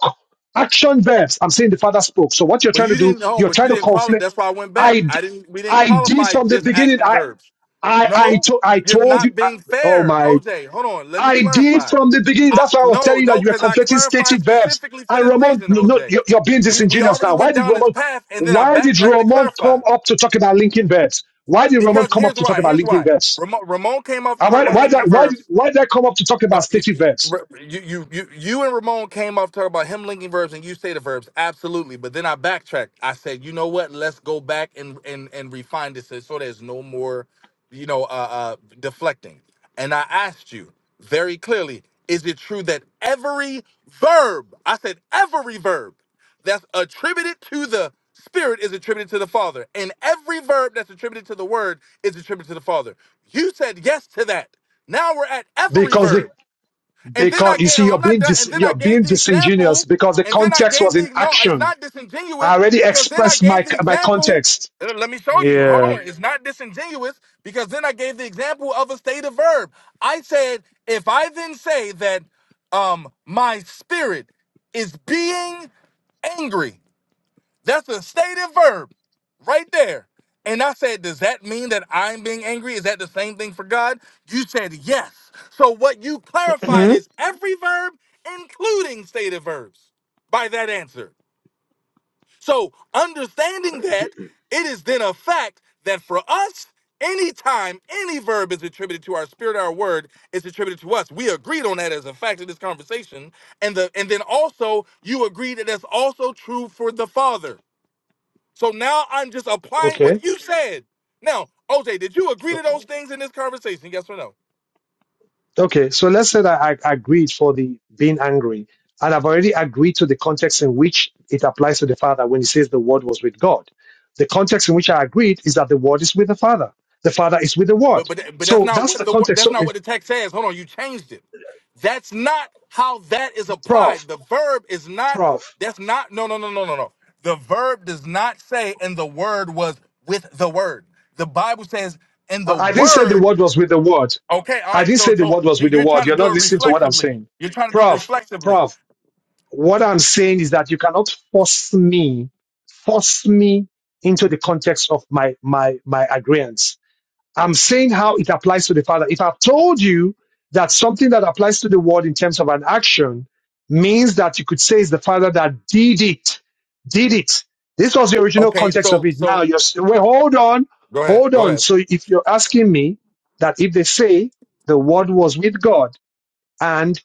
[SPEAKER 2] Action verbs. I'm saying the Father spoke. So what you're
[SPEAKER 7] But
[SPEAKER 2] trying to
[SPEAKER 7] you
[SPEAKER 2] do,
[SPEAKER 7] didn't home,
[SPEAKER 2] you're
[SPEAKER 7] but
[SPEAKER 2] trying
[SPEAKER 7] you
[SPEAKER 2] to
[SPEAKER 7] didn't qualify.
[SPEAKER 2] conflict.
[SPEAKER 7] That's why I went back.
[SPEAKER 2] I
[SPEAKER 7] I didn't. We didn't
[SPEAKER 2] I did
[SPEAKER 7] qualify
[SPEAKER 2] from the
[SPEAKER 7] just
[SPEAKER 2] beginning.
[SPEAKER 7] action
[SPEAKER 2] I
[SPEAKER 7] verbs.
[SPEAKER 2] I I,
[SPEAKER 7] No,
[SPEAKER 2] to, I
[SPEAKER 7] you're
[SPEAKER 2] told you.
[SPEAKER 7] not
[SPEAKER 2] I,
[SPEAKER 7] being
[SPEAKER 2] oh
[SPEAKER 7] fair,
[SPEAKER 2] my!
[SPEAKER 7] OJ. Hold on, let me
[SPEAKER 2] I did
[SPEAKER 7] clarify.
[SPEAKER 2] from the beginning.
[SPEAKER 7] I
[SPEAKER 2] That's why I was
[SPEAKER 7] no,
[SPEAKER 2] telling you that
[SPEAKER 7] no,
[SPEAKER 2] you were
[SPEAKER 7] because I
[SPEAKER 2] conflicting
[SPEAKER 7] clarified
[SPEAKER 2] stative verbs.
[SPEAKER 7] specifically for
[SPEAKER 2] And
[SPEAKER 7] this
[SPEAKER 2] Ramon,
[SPEAKER 7] reason,
[SPEAKER 2] no, no
[SPEAKER 7] OJ.
[SPEAKER 2] you're, you're being
[SPEAKER 7] We we
[SPEAKER 2] disingenuous
[SPEAKER 7] already
[SPEAKER 2] now. Why
[SPEAKER 7] went
[SPEAKER 2] did
[SPEAKER 7] down this
[SPEAKER 2] Ramon?
[SPEAKER 7] path, and then I
[SPEAKER 2] Why did
[SPEAKER 7] backtracked to
[SPEAKER 2] Ramon
[SPEAKER 7] clarify.
[SPEAKER 2] come up to talk about linking verbs? Why did Ramon
[SPEAKER 7] Because
[SPEAKER 2] come up
[SPEAKER 7] here's
[SPEAKER 2] to talk
[SPEAKER 7] why.
[SPEAKER 2] about
[SPEAKER 7] Here's
[SPEAKER 2] linking
[SPEAKER 7] why.
[SPEAKER 2] verbs?
[SPEAKER 7] Ramon, Ramon came off to
[SPEAKER 2] And
[SPEAKER 7] talk
[SPEAKER 2] why
[SPEAKER 7] about
[SPEAKER 2] why
[SPEAKER 7] linking
[SPEAKER 2] that why
[SPEAKER 7] verbs.
[SPEAKER 2] did- why did I come up to talk
[SPEAKER 7] No,
[SPEAKER 2] about
[SPEAKER 7] you,
[SPEAKER 2] state events?
[SPEAKER 7] you, you, you, you and Ramon came off talking about him linking verbs, and you say the verbs absolutely. But then I backtracked. I said, you know what? Let's go back and and and refine this so there's no more, you know, uh, uh deflecting. And I asked you very clearly, is it true that every verb? I said every verb that's attributed to the Spirit is attributed to the Father, and every verb that's attributed to the Word is attributed to the Father. You said yes to that. Now we're at every
[SPEAKER 2] Because
[SPEAKER 7] verb.
[SPEAKER 2] they
[SPEAKER 7] And then I
[SPEAKER 2] because you
[SPEAKER 7] gave,
[SPEAKER 2] see you're
[SPEAKER 7] I'm not
[SPEAKER 2] being
[SPEAKER 7] done.
[SPEAKER 2] dis,
[SPEAKER 7] And then I
[SPEAKER 2] you're
[SPEAKER 7] gave
[SPEAKER 2] being
[SPEAKER 7] the
[SPEAKER 2] disingenuous
[SPEAKER 7] example.
[SPEAKER 2] because the
[SPEAKER 7] And then I
[SPEAKER 2] context was
[SPEAKER 7] gave
[SPEAKER 2] in
[SPEAKER 7] the, no, it's
[SPEAKER 2] action.
[SPEAKER 7] not
[SPEAKER 2] I
[SPEAKER 7] disingenuous
[SPEAKER 2] already
[SPEAKER 7] because then I
[SPEAKER 2] expressed my
[SPEAKER 7] gave the
[SPEAKER 2] my
[SPEAKER 7] example.
[SPEAKER 2] context.
[SPEAKER 7] Uh, Let me show you. Hold on. It's not disingenuous because then I gave the example of a state of verb. I said, if I then say that um, my spirit is being angry, that's a stated verb right there. And I said, Does that mean that I'm being angry? Is that the same thing for God? You said yes. So what you clarified
[SPEAKER 2] hmm
[SPEAKER 7] is every verb, including stated verbs, by that answer. So understanding that, it is then a fact that for us, anytime any verb is attributed to our spirit, our word is attributed to us. We agreed on that as a fact of this conversation. And the and then also you agreed that that's also true for the Father. So now I'm just applying
[SPEAKER 2] Okay.
[SPEAKER 7] what you said. Now, OJ, did you agree to those things in this conversation? Yes or no?
[SPEAKER 2] Okay. So let's say that I, I agreed for the being angry, and I've already agreed to the context in which it applies to the Father when he says the Word was with God. The context in which I agreed is that the Word is with the Father. The Father is with the
[SPEAKER 7] But
[SPEAKER 2] Word.
[SPEAKER 7] but but that's
[SPEAKER 2] So
[SPEAKER 7] not
[SPEAKER 2] that's
[SPEAKER 7] what
[SPEAKER 2] the
[SPEAKER 7] the wor-
[SPEAKER 2] context.
[SPEAKER 7] that's
[SPEAKER 2] So,
[SPEAKER 7] not
[SPEAKER 2] eh,
[SPEAKER 7] what the text says. Hold on, you changed it. That's not how that is
[SPEAKER 2] Prof,
[SPEAKER 7] applied. The verb is not.
[SPEAKER 2] Prof.
[SPEAKER 7] That's not. No no no no no no. The verb does not say, and the word was with the word. The Bible says, and
[SPEAKER 2] I
[SPEAKER 7] the
[SPEAKER 2] I didn't say the
[SPEAKER 7] word.
[SPEAKER 2] word was with the word.
[SPEAKER 7] Okay, all
[SPEAKER 2] I
[SPEAKER 7] right.
[SPEAKER 2] didn't
[SPEAKER 7] So
[SPEAKER 2] say the
[SPEAKER 7] so
[SPEAKER 2] word was
[SPEAKER 7] you-
[SPEAKER 2] with the
[SPEAKER 7] you're
[SPEAKER 2] word.
[SPEAKER 7] trying to
[SPEAKER 2] You're
[SPEAKER 7] do
[SPEAKER 2] not
[SPEAKER 7] it
[SPEAKER 2] listening to what I'm
[SPEAKER 7] reflexively.
[SPEAKER 2] saying.
[SPEAKER 7] You're trying to do it
[SPEAKER 2] Prof,
[SPEAKER 7] reflexively.
[SPEAKER 2] prof, what I'm saying is that you cannot force me, force me into the context of my, my, my agreement. I'm saying how it applies to the Father. If I've told you that something that applies to the Word in terms of an action means that you could say it's the Father that did it, did it. This was the original
[SPEAKER 7] Okay,
[SPEAKER 2] context of
[SPEAKER 7] so
[SPEAKER 2] it. Now
[SPEAKER 7] so
[SPEAKER 2] you're s- wait, hold on,
[SPEAKER 7] go ahead,
[SPEAKER 2] hold
[SPEAKER 7] go
[SPEAKER 2] on.
[SPEAKER 7] ahead.
[SPEAKER 2] So if you're asking me that if they say the Word was with God and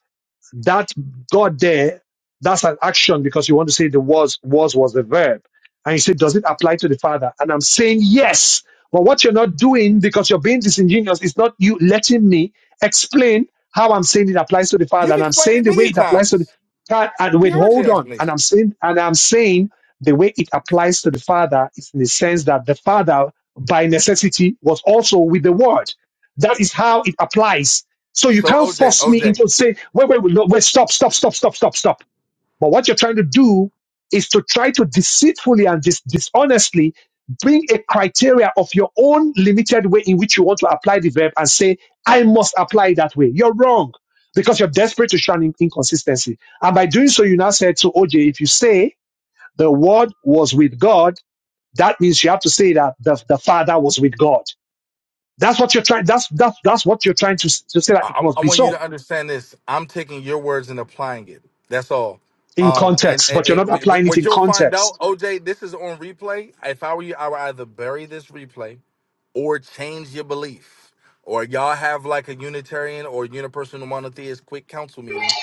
[SPEAKER 2] that God there, that's an action because you want to say the was, was was the verb. And you say, does it apply to the Father? And I'm saying yes. But what you're not doing because you're being disingenuous is not you letting me explain how I'm saying it applies to the Father.
[SPEAKER 7] You've
[SPEAKER 2] And I'm
[SPEAKER 7] explained
[SPEAKER 2] saying
[SPEAKER 7] it
[SPEAKER 2] the way
[SPEAKER 7] many
[SPEAKER 2] it applies to the
[SPEAKER 7] times.
[SPEAKER 2] God, and
[SPEAKER 7] We
[SPEAKER 2] wait,
[SPEAKER 7] heard your
[SPEAKER 2] hold on. And
[SPEAKER 7] explanation.
[SPEAKER 2] I'm saying, and I'm saying the way it applies to the Father is in the sense that the Father by necessity was also with the Word. That is how it applies so you
[SPEAKER 7] So
[SPEAKER 2] can't
[SPEAKER 7] OJ,
[SPEAKER 2] force me
[SPEAKER 7] OJ,
[SPEAKER 2] into say, wait, wait, wait, no, wait, stop, stop, stop, stop, stop, stop. But what you're trying to do is to try to deceitfully and dis- dishonestly bring a criteria of your own limited way in which you want to apply the verb and say, I must apply it that way. You're wrong because you're desperate to shun in- inconsistency. And by doing so, you now said to OJ, if you say the word was with God, that means you have to say that the, the father was with God. That's what you're trying, that's, that's, that's what you're trying to, s- to say that
[SPEAKER 7] I,
[SPEAKER 2] it
[SPEAKER 7] I I
[SPEAKER 2] must be
[SPEAKER 7] want you
[SPEAKER 2] so.
[SPEAKER 7] to understand this. I'm taking your words and applying it. That's all.
[SPEAKER 2] in
[SPEAKER 7] Um, and,
[SPEAKER 2] context,
[SPEAKER 7] and,
[SPEAKER 2] but you're
[SPEAKER 7] and
[SPEAKER 2] not
[SPEAKER 7] wh- wh-
[SPEAKER 2] applying it
[SPEAKER 7] what
[SPEAKER 2] in
[SPEAKER 7] you'll find out,
[SPEAKER 2] context.
[SPEAKER 7] OJ, this is on replay. If I were you, I would either bury this replay or change your belief. Or y'all have like a Unitarian or Unipersonal Monotheist quick council meeting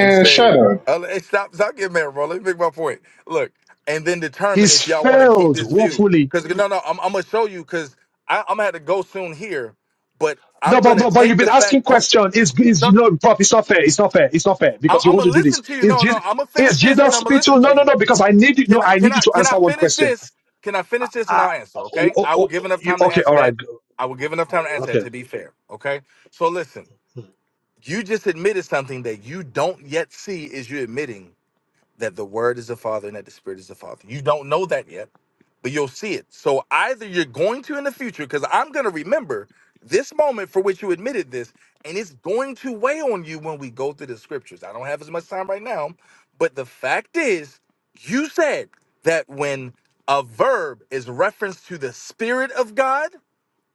[SPEAKER 7] and say,
[SPEAKER 8] shut up.
[SPEAKER 7] uh, hey, stop, stop getting mad, bro. Let me make my point. Look, and then determine
[SPEAKER 2] He's
[SPEAKER 7] if y'all want to keep
[SPEAKER 2] failed
[SPEAKER 7] this view.
[SPEAKER 2] woefully.
[SPEAKER 7] Because, no, no, I'm, I'm going to show you because I'm going to have to go soon here, but
[SPEAKER 2] No,
[SPEAKER 7] I'm going
[SPEAKER 2] but,
[SPEAKER 7] to
[SPEAKER 2] but, but you've
[SPEAKER 7] take
[SPEAKER 2] been
[SPEAKER 7] the fact.
[SPEAKER 2] asking
[SPEAKER 7] Oh,
[SPEAKER 2] questions.
[SPEAKER 7] no,
[SPEAKER 2] Is is
[SPEAKER 7] no,
[SPEAKER 2] you know, Prof, it's not fair. It's not fair. It's not fair
[SPEAKER 7] I'm,
[SPEAKER 2] because you
[SPEAKER 7] I'm
[SPEAKER 2] want
[SPEAKER 7] going
[SPEAKER 2] to
[SPEAKER 7] to
[SPEAKER 2] do this.
[SPEAKER 7] listen to you.
[SPEAKER 2] Is
[SPEAKER 7] No, no,
[SPEAKER 2] Jesus
[SPEAKER 7] I'm going to finish
[SPEAKER 2] is
[SPEAKER 7] this and
[SPEAKER 2] Jesus
[SPEAKER 7] I'm going to
[SPEAKER 2] spiritual?
[SPEAKER 7] listen
[SPEAKER 2] No,
[SPEAKER 7] to
[SPEAKER 2] no,
[SPEAKER 7] you.
[SPEAKER 2] no. Because I need you. No,
[SPEAKER 7] Can I
[SPEAKER 2] I
[SPEAKER 7] can
[SPEAKER 2] need you
[SPEAKER 7] I
[SPEAKER 2] to
[SPEAKER 7] can I
[SPEAKER 2] answer one
[SPEAKER 7] finish
[SPEAKER 2] question.
[SPEAKER 7] this? Can I finish this and
[SPEAKER 2] Uh,
[SPEAKER 7] I'll answer?
[SPEAKER 2] oh,
[SPEAKER 7] Okay.
[SPEAKER 2] oh,
[SPEAKER 7] I will
[SPEAKER 2] oh,
[SPEAKER 7] give enough
[SPEAKER 2] you,
[SPEAKER 7] time to
[SPEAKER 2] okay,
[SPEAKER 7] answer
[SPEAKER 2] all right,
[SPEAKER 7] that. I will give enough time to answer that
[SPEAKER 2] okay.
[SPEAKER 7] to be fair. Okay. So listen, you just admitted something that you don't yet see is you admitting that the word is the father and that the spirit is the father. You don't know that yet you'll see it. So either you're going to in the future, because I'm going to remember this moment for which you admitted this, and it's going to weigh on you when we go through the scriptures. I don't have as much time right now, but the fact is, you said that when a verb is referenced to the Spirit of God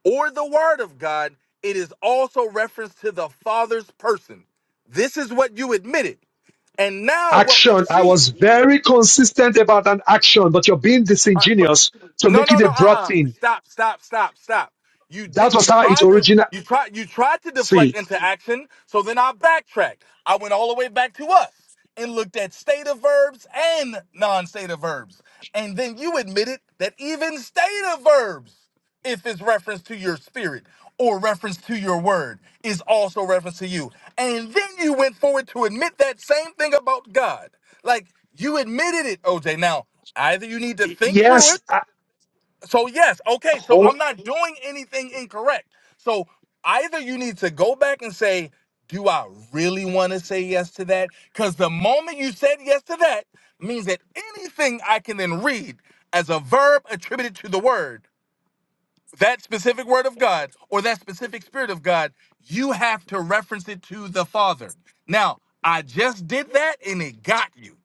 [SPEAKER 7] or the Word of God, it is also referenced to the Father's person. This is what you admitted. And now what we
[SPEAKER 2] Action. I was
[SPEAKER 7] see.
[SPEAKER 2] very consistent about an action, but you're being
[SPEAKER 7] Uh, but,
[SPEAKER 2] disingenuous to
[SPEAKER 7] no,
[SPEAKER 2] make
[SPEAKER 7] no,
[SPEAKER 2] it a
[SPEAKER 7] no. Uh,
[SPEAKER 2] broad
[SPEAKER 7] uh
[SPEAKER 2] thing.
[SPEAKER 7] Stop, stop, stop, stop. You
[SPEAKER 2] That
[SPEAKER 7] did.
[SPEAKER 2] was
[SPEAKER 7] You
[SPEAKER 2] how it
[SPEAKER 7] tried to.
[SPEAKER 2] originated.
[SPEAKER 7] You tried. You tried to deflect
[SPEAKER 2] See,
[SPEAKER 7] into action. So then I backtracked. I went all the way back to us and looked at stative verbs and non-stative verbs. And then you admitted that even stative verbs if it's reference to your spirit or reference to your word is also reference to you and then you went forward to admit that same thing about god like you admitted it oj now either you need to think through
[SPEAKER 2] yes.
[SPEAKER 7] it
[SPEAKER 2] I,
[SPEAKER 7] so yes okay so
[SPEAKER 2] oh,
[SPEAKER 7] i'm not doing anything incorrect so either you need to go back and say do i really want to say yes to that because the moment you said yes to that means that anything i can then read as a verb attributed to the word that specific word of God or that specific spirit of God, you have to reference it to the Father. Now, I just did that and it got you.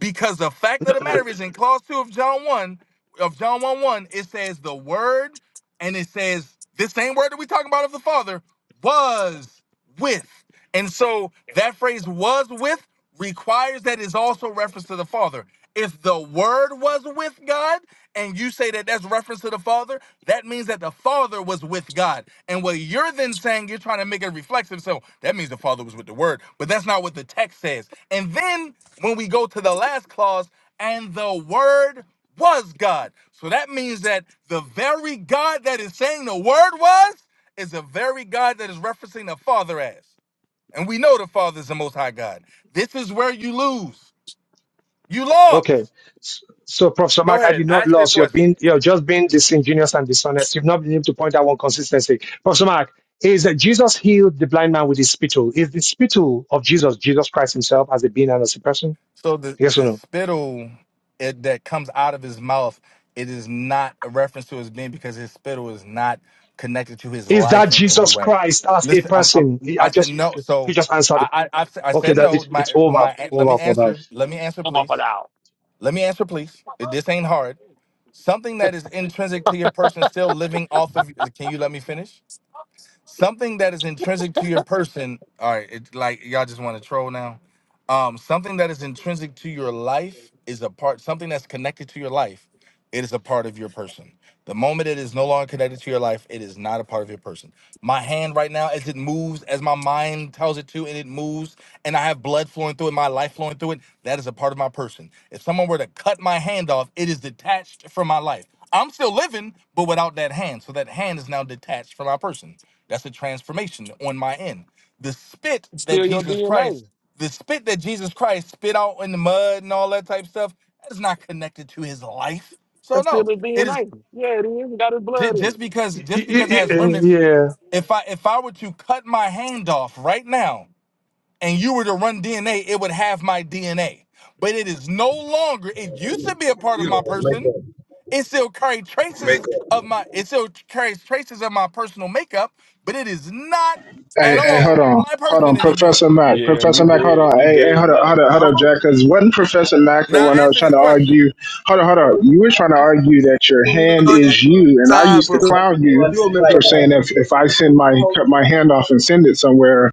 [SPEAKER 7] Because the fact of the matter is in clause two of John 1, of John 1 1, it says the word, and it says this same word that we talking about of the Father was with. And so that phrase was with requires that is also reference to the Father. If the word was with God, and you say that that's reference to the Father, that means that the Father was with God. And what you're then saying, you're trying to make it reflexive. So that means the Father was with the Word, but that's not what the text says. And then when we go to the last clause, and the word was God. So that means that the very God that is saying the word was is the very God that is referencing the Father as. And we know the Father is the most high God. This is where you lose. You
[SPEAKER 2] Okay.
[SPEAKER 7] lost.
[SPEAKER 2] S- So, Professor
[SPEAKER 7] Go
[SPEAKER 2] Mark, I
[SPEAKER 7] ahead.
[SPEAKER 2] did not
[SPEAKER 7] Ask your
[SPEAKER 2] lose. You're
[SPEAKER 7] question.
[SPEAKER 2] being, you're just being disingenuous and dishonest. You've not been able to point out one consistency. Professor Mark, is that Jesus healed the blind man with his spittle? Is the spittle of Jesus, Jesus Christ himself as a being and as a person?
[SPEAKER 7] So the
[SPEAKER 2] Yes or
[SPEAKER 7] the
[SPEAKER 2] no?
[SPEAKER 7] spittle it, that comes out of his mouth, it is not a reference to his being because his spittle is not connected to his
[SPEAKER 2] Is that
[SPEAKER 7] life in any
[SPEAKER 2] Jesus
[SPEAKER 7] way.
[SPEAKER 2] Christ as a
[SPEAKER 7] Listen, I'm, I'm
[SPEAKER 2] person? I
[SPEAKER 7] I said
[SPEAKER 2] just,
[SPEAKER 7] no.
[SPEAKER 2] you
[SPEAKER 7] So
[SPEAKER 2] just answered the
[SPEAKER 7] I,
[SPEAKER 2] question.
[SPEAKER 7] I I s- I
[SPEAKER 2] Okay,
[SPEAKER 7] said
[SPEAKER 2] that
[SPEAKER 7] no.
[SPEAKER 2] it,
[SPEAKER 7] My
[SPEAKER 2] it's over,
[SPEAKER 7] my let me
[SPEAKER 2] over for now.
[SPEAKER 7] answer. Let me answer,
[SPEAKER 6] Come up and
[SPEAKER 7] please.
[SPEAKER 6] out.
[SPEAKER 7] Let me answer, please. This ain't hard. Something that is intrinsic to your person still living off of. Can you let me finish? something that is intrinsic to your person all right it, like y'all just want to troll now um something that is intrinsic to your life is a part something that's connected to your life it is a part of your person the moment it is no longer connected to your life it is not a part of your person my hand right now, as it moves, as my mind tells it to, and it moves, and I have blood flowing through it, my life flowing through it, that is a part of my person. If someone were to cut my hand off, it is detached from my life. I'm still living, but without that hand. So that hand is now detached from my person. That's a transformation on my end. The spit
[SPEAKER 6] It's
[SPEAKER 7] that
[SPEAKER 6] still your
[SPEAKER 7] Jesus
[SPEAKER 6] DNA.
[SPEAKER 7] Christ, the spit that Jesus Christ spit out in the mud and all that type of stuff, that is not connected to his life. So
[SPEAKER 6] That's still
[SPEAKER 7] no,
[SPEAKER 6] his
[SPEAKER 7] it is
[SPEAKER 6] DNA. Yeah, it is. It got his
[SPEAKER 7] Ju-
[SPEAKER 6] blood in
[SPEAKER 7] Just
[SPEAKER 6] it.
[SPEAKER 7] because
[SPEAKER 2] Y- y-
[SPEAKER 7] just because it
[SPEAKER 2] y-
[SPEAKER 7] has
[SPEAKER 2] y-
[SPEAKER 7] remnants,
[SPEAKER 2] Yeah.
[SPEAKER 7] if I if I were to cut my hand off right now and you were to run DNA, it would have my DNA. But it is no longer. It used to be a part of
[SPEAKER 9] You
[SPEAKER 7] my
[SPEAKER 9] know,
[SPEAKER 7] person.
[SPEAKER 9] make up,
[SPEAKER 7] It still carries
[SPEAKER 9] make
[SPEAKER 7] traces of my. It still carries traces of my personal makeup, but it is not
[SPEAKER 8] Hey,
[SPEAKER 7] at
[SPEAKER 8] hey, hold
[SPEAKER 7] all
[SPEAKER 8] on,
[SPEAKER 7] my
[SPEAKER 8] hold
[SPEAKER 7] person
[SPEAKER 8] on,
[SPEAKER 7] anymore.
[SPEAKER 8] Professor Mac,
[SPEAKER 6] Yeah, you
[SPEAKER 8] Professor Mac, hold
[SPEAKER 6] dead.
[SPEAKER 8] on,
[SPEAKER 6] You
[SPEAKER 8] hey, hey,
[SPEAKER 6] dead,
[SPEAKER 8] hold up,
[SPEAKER 6] Mac.
[SPEAKER 8] hold up, hold up,
[SPEAKER 9] up.
[SPEAKER 8] Jack, because wasn't Professor Mac the
[SPEAKER 7] Now
[SPEAKER 8] one that was
[SPEAKER 7] answer
[SPEAKER 8] trying
[SPEAKER 7] this
[SPEAKER 8] to
[SPEAKER 7] question.
[SPEAKER 8] argue? Hold on, hold on, you were trying to argue that your
[SPEAKER 9] You know,
[SPEAKER 8] hand
[SPEAKER 9] it's
[SPEAKER 8] is you, and I
[SPEAKER 9] side
[SPEAKER 8] used to
[SPEAKER 9] profession.
[SPEAKER 8] clown you
[SPEAKER 9] You're a
[SPEAKER 8] for
[SPEAKER 9] makeup
[SPEAKER 8] saying
[SPEAKER 9] artist.
[SPEAKER 8] if if I send my cut my hand off and send it somewhere,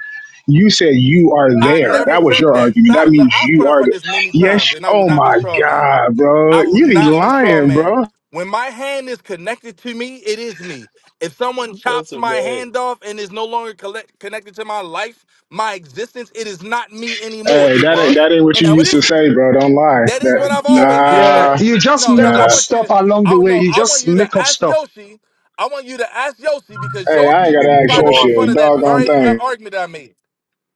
[SPEAKER 8] you said you are
[SPEAKER 7] I
[SPEAKER 8] there.
[SPEAKER 7] never
[SPEAKER 8] That was your
[SPEAKER 7] said that.
[SPEAKER 8] argument. That
[SPEAKER 7] Stop. Look,
[SPEAKER 8] means
[SPEAKER 7] I've
[SPEAKER 8] you are.
[SPEAKER 7] clarified
[SPEAKER 8] The,
[SPEAKER 7] this many
[SPEAKER 8] yes.
[SPEAKER 7] times, and I will
[SPEAKER 8] Oh
[SPEAKER 7] not be
[SPEAKER 8] my
[SPEAKER 7] straw man.
[SPEAKER 8] God, bro,
[SPEAKER 7] I will
[SPEAKER 8] you be
[SPEAKER 7] not be straw
[SPEAKER 8] lying,
[SPEAKER 7] man.
[SPEAKER 8] bro.
[SPEAKER 7] When my hand is connected to me, it is me. If someone chops
[SPEAKER 6] Professor
[SPEAKER 7] my
[SPEAKER 6] Mac.
[SPEAKER 7] hand off and is no longer collect- connected to my life, my existence, it is not me anymore.
[SPEAKER 8] Hey,
[SPEAKER 7] It
[SPEAKER 8] that ain't
[SPEAKER 7] was,
[SPEAKER 8] that ain't what
[SPEAKER 7] and
[SPEAKER 8] you
[SPEAKER 7] now it
[SPEAKER 8] used to
[SPEAKER 7] isn't.
[SPEAKER 8] say, bro. Don't lie.
[SPEAKER 7] That is what
[SPEAKER 8] That
[SPEAKER 7] I've always asked
[SPEAKER 2] Yeah.
[SPEAKER 8] nah.
[SPEAKER 7] Yoshi.
[SPEAKER 2] You just
[SPEAKER 7] No, no,
[SPEAKER 2] make
[SPEAKER 7] I
[SPEAKER 8] Nah.
[SPEAKER 2] up
[SPEAKER 7] want you
[SPEAKER 2] stuff
[SPEAKER 7] to.
[SPEAKER 2] along the
[SPEAKER 7] I
[SPEAKER 2] way.
[SPEAKER 7] no,
[SPEAKER 2] You
[SPEAKER 7] I want
[SPEAKER 2] just
[SPEAKER 7] you
[SPEAKER 2] make
[SPEAKER 7] to
[SPEAKER 2] up
[SPEAKER 7] ask
[SPEAKER 2] stuff.
[SPEAKER 7] Yoshi. I want you to ask Yoshi because
[SPEAKER 8] Hey, I ain't
[SPEAKER 7] Yoshi
[SPEAKER 8] gotta
[SPEAKER 9] You're a
[SPEAKER 8] ask
[SPEAKER 9] makeup
[SPEAKER 7] tried to
[SPEAKER 8] your
[SPEAKER 7] make fun
[SPEAKER 9] artist.
[SPEAKER 8] shit.
[SPEAKER 7] of that
[SPEAKER 8] Doggone
[SPEAKER 7] very uh,
[SPEAKER 8] thing.
[SPEAKER 7] argument I made.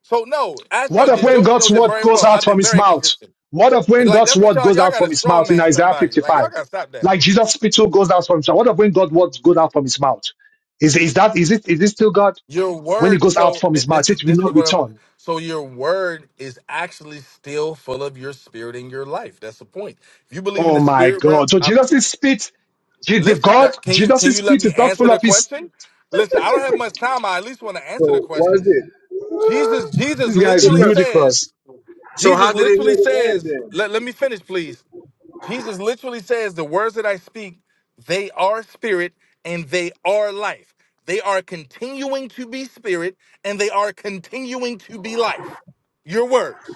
[SPEAKER 7] So no, ask
[SPEAKER 2] What
[SPEAKER 7] Yoshi
[SPEAKER 2] of
[SPEAKER 7] because
[SPEAKER 2] when
[SPEAKER 7] Yoshi
[SPEAKER 2] God's
[SPEAKER 7] knows it
[SPEAKER 2] word
[SPEAKER 7] very
[SPEAKER 2] goes
[SPEAKER 7] well.
[SPEAKER 2] out
[SPEAKER 7] I've
[SPEAKER 2] from
[SPEAKER 7] been
[SPEAKER 2] his
[SPEAKER 7] very
[SPEAKER 2] mouth?
[SPEAKER 7] consistent.
[SPEAKER 2] What of
[SPEAKER 7] And,
[SPEAKER 2] when
[SPEAKER 7] Like
[SPEAKER 2] God's
[SPEAKER 7] that's what
[SPEAKER 2] word
[SPEAKER 7] y'all
[SPEAKER 2] goes
[SPEAKER 7] y'all
[SPEAKER 2] out
[SPEAKER 7] got to
[SPEAKER 2] from his
[SPEAKER 7] straw
[SPEAKER 2] mouth in
[SPEAKER 7] man
[SPEAKER 2] Isaiah
[SPEAKER 7] somebody. Like y'all
[SPEAKER 2] 55?
[SPEAKER 7] got to stop that.
[SPEAKER 2] Like Jesus' spittle goes out from his mouth. What of when God's word goes out from his mouth? Is, is that, is it, is it still God?
[SPEAKER 7] Your
[SPEAKER 2] When it
[SPEAKER 7] word.
[SPEAKER 2] goes out
[SPEAKER 7] So
[SPEAKER 2] from
[SPEAKER 7] th-
[SPEAKER 2] his mouth,
[SPEAKER 7] this is
[SPEAKER 2] it will
[SPEAKER 7] this is
[SPEAKER 2] not
[SPEAKER 7] what I'm.
[SPEAKER 2] return.
[SPEAKER 7] So your word is actually still full of your spirit in your life. That's the point. If you believe in
[SPEAKER 2] Oh
[SPEAKER 7] the
[SPEAKER 2] my
[SPEAKER 7] spirit realm,
[SPEAKER 2] God. So
[SPEAKER 7] I'm,
[SPEAKER 2] Jesus' spit, Je- the
[SPEAKER 7] listen.
[SPEAKER 2] God,
[SPEAKER 7] That, can you can
[SPEAKER 2] Jesus'
[SPEAKER 7] you let
[SPEAKER 2] spit
[SPEAKER 7] me
[SPEAKER 2] is not
[SPEAKER 7] answer
[SPEAKER 2] full
[SPEAKER 7] the
[SPEAKER 2] of his,
[SPEAKER 7] question? Listen, I don't have much time. I at least want to answer the
[SPEAKER 9] So why is
[SPEAKER 7] questions.
[SPEAKER 9] this?
[SPEAKER 7] Jesus Jesus
[SPEAKER 2] this guy is
[SPEAKER 7] literally
[SPEAKER 9] Professor.
[SPEAKER 2] ludicrous.
[SPEAKER 7] says.
[SPEAKER 9] So how
[SPEAKER 7] Jesus
[SPEAKER 9] did it heal
[SPEAKER 7] literally
[SPEAKER 9] the man
[SPEAKER 7] says.
[SPEAKER 9] then?
[SPEAKER 7] Let let me finish, please. Jesus literally says, The words that I speak, they are spirit and they are life. They are continuing to be spirit and they are continuing to be life. Your words.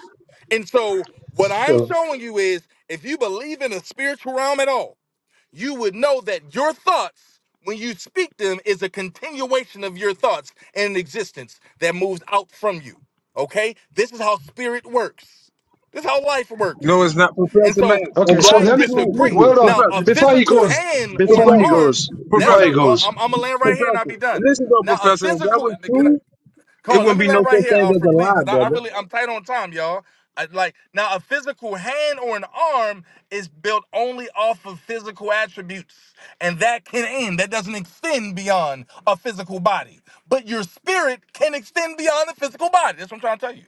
[SPEAKER 7] And so, what I'm
[SPEAKER 2] So,
[SPEAKER 7] showing you is if you believe in a spiritual realm at all, you would know that your thoughts, when you speak them, is a continuation of your thoughts and an existence that moves out from you. Okay? This is how spirit works, this is how life
[SPEAKER 9] No,
[SPEAKER 7] works.
[SPEAKER 9] it's not
[SPEAKER 7] And
[SPEAKER 9] Professor Mac.
[SPEAKER 7] so
[SPEAKER 2] okay.
[SPEAKER 9] If
[SPEAKER 2] So
[SPEAKER 9] that
[SPEAKER 7] I
[SPEAKER 9] was
[SPEAKER 2] let me,
[SPEAKER 9] true,
[SPEAKER 7] disagree.
[SPEAKER 9] listen,
[SPEAKER 2] well on.
[SPEAKER 7] Now, a
[SPEAKER 9] Professor,
[SPEAKER 2] Before he
[SPEAKER 7] physical
[SPEAKER 2] goes,
[SPEAKER 7] hand or an
[SPEAKER 2] before he
[SPEAKER 9] Professor,
[SPEAKER 7] arm,
[SPEAKER 2] goes,
[SPEAKER 7] that's
[SPEAKER 2] before he
[SPEAKER 7] a.
[SPEAKER 9] Professor,
[SPEAKER 7] oh,
[SPEAKER 2] goes.
[SPEAKER 7] I'm, I'm gonna land right here and I'll be
[SPEAKER 9] Professor.
[SPEAKER 7] done.
[SPEAKER 9] Listen though,
[SPEAKER 7] Now, a
[SPEAKER 9] Professor, if that
[SPEAKER 7] physical.
[SPEAKER 9] was
[SPEAKER 7] Can I?
[SPEAKER 9] true,
[SPEAKER 7] Come
[SPEAKER 9] it
[SPEAKER 7] on, let
[SPEAKER 9] wouldn't
[SPEAKER 7] me
[SPEAKER 9] be no
[SPEAKER 7] land right
[SPEAKER 9] such
[SPEAKER 7] here,
[SPEAKER 9] thing as
[SPEAKER 7] Alfred,
[SPEAKER 9] a
[SPEAKER 7] please,
[SPEAKER 9] lie,
[SPEAKER 7] because I, I
[SPEAKER 9] brother.
[SPEAKER 7] really I'm tight on time, y'all. I, like now, a physical hand or an arm is built only off of physical attributes, and that can end. That doesn't extend beyond a physical body, but your spirit can extend beyond the physical body. That's what I'm trying to tell you.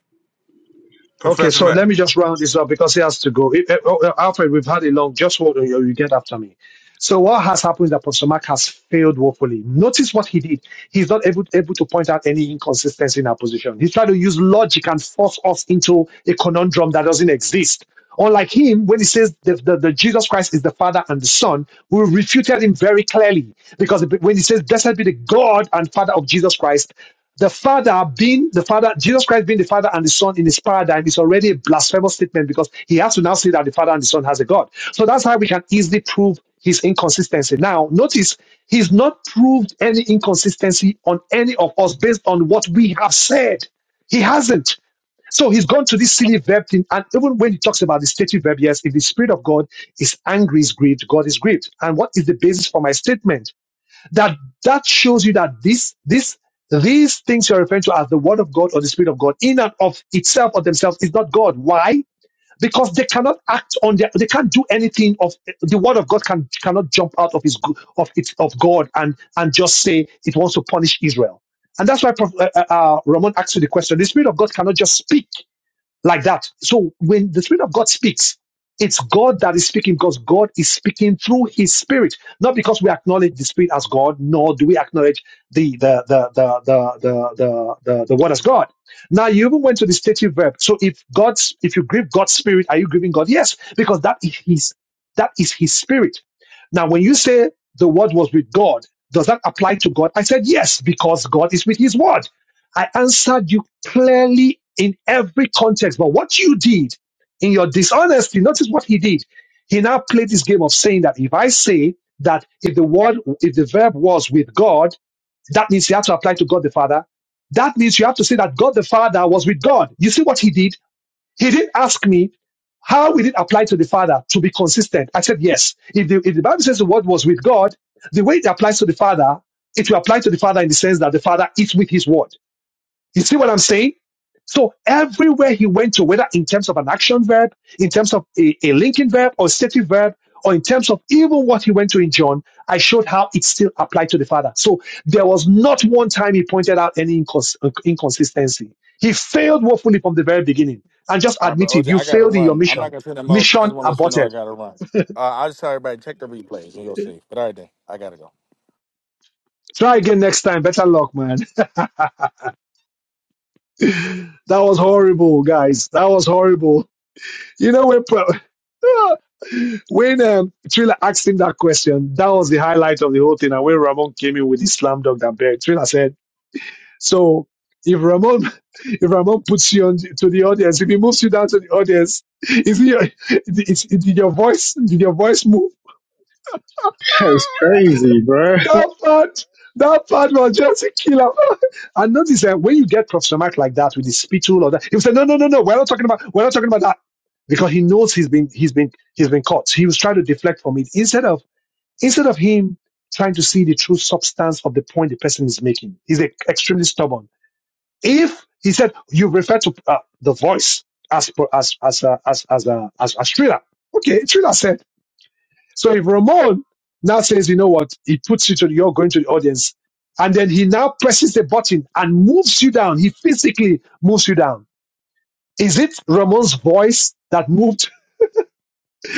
[SPEAKER 2] Okay,
[SPEAKER 9] Professor
[SPEAKER 2] so
[SPEAKER 9] Mac.
[SPEAKER 2] let me just round this up because he has to go. Eh, eh, oh, eh, Alfred, we've had a long. Just hold on, you you get after me. So what has happened is that Professor Mark has failed woefully. Notice what he did. He's not able, able to point out any inconsistency in our position. He's trying to use logic and force us into a conundrum that doesn't exist. Unlike him, when he says that the, the Jesus Christ is the Father and the Son, we refuted him very clearly because when he says, "Blessed be the God and Father of Jesus Christ," The Father being the Father, Jesus Christ being the Father and the Son in his paradigm is already a blasphemous statement because he has to now say that the Father and the Son has a God. So that's how we can easily prove his inconsistency. Now, notice he's not proved any inconsistency on any of us based on what we have said. He hasn't. So he's gone to this silly verb thing. And even when he talks about the stative verb, yes, if the Spirit of God is angry, is grieved, God is grieved. And what is the basis for my statement? That that shows you that this this these things you're referring to as the word of God or the spirit of God in and of itself or themselves is not God. Why? Because they cannot act on their, they can't do anything of the word of God can cannot jump out of his go- of it of God and and just say it wants to punish Israel. And that's why Prof- uh, uh, uh, Ramon asked you the question. The spirit of God cannot just speak like that. So when the Spirit of God speaks, it's God that is speaking because God is speaking through His Spirit, not because we acknowledge the Spirit as God, nor do we acknowledge the the the the the the the, the, the Word as God. Now you even went to the stative verb. So if God's if you grieve God's Spirit, are you grieving God? Yes, because that is His that is His Spirit. Now when you say the Word was with God, does that apply to God? I said yes because God is with His Word. I answered you clearly in every context. But what you did in your dishonesty, notice what he did. He now played this game of saying that if I say that if the word, if the verb was with God, that means you have to apply to God the Father. That means you have to say that God the Father was with God. You see what he did? He didn't ask me how will it apply to the Father to be consistent. I said yes. If the, if the Bible says the word was with God, the way it applies to the Father, it will apply to the Father in the sense that the Father is with his word. You see what I'm saying? So everywhere he went to, whether in terms of an action verb, in terms of a, a linking verb or stative verb, or in terms of even what he went to in John, I showed how it still applied to the Father. So there was not one time he pointed out any incons- uh, inconsistency. He failed woefully from the very beginning and just
[SPEAKER 7] All right, bro.
[SPEAKER 2] admitted
[SPEAKER 7] OJ,
[SPEAKER 2] you
[SPEAKER 7] I gotta
[SPEAKER 2] failed in your
[SPEAKER 7] run. I'm not
[SPEAKER 2] mission.
[SPEAKER 7] gonna say the most. I
[SPEAKER 2] Mission
[SPEAKER 7] just want to let you know I
[SPEAKER 2] aborted.
[SPEAKER 7] gotta run. Uh, I'll just tell everybody check the replays and you'll see. But all right then, I gotta go.
[SPEAKER 2] Try again next time. Better luck, man. That was horrible, guys. That was horrible. You know, we're. Pro- When um, Triller asked him that question, that was the highlight of the whole thing. And when Ramon came in with his slam dunk and buried, Triller said, "So if Ramon, if Ramon puts you on to the audience, if he moves you down to the audience, is it your, is, is, did your voice, did your voice move?"
[SPEAKER 8] That's crazy, bruh.
[SPEAKER 2] That part, that part was just a killer. And notice that when you get Professor Mark like that with his spittle or that, he will "No, no, no, no, we're not talking about, we're not talking about that," because he knows he's been, he's been, he's been caught. So He was trying to deflect from it instead of Instead of him trying to see the true substance of the point the person is making, he's e- extremely stubborn. If he said you refer to uh, the voice as per- as as uh, as as, uh, as as Triller, okay, thriller said. So if Ramon now says, you know what, he puts you to the, you're going to the audience, and then he now presses the button and moves you down. He physically moves you down. Is it Ramon's voice that moved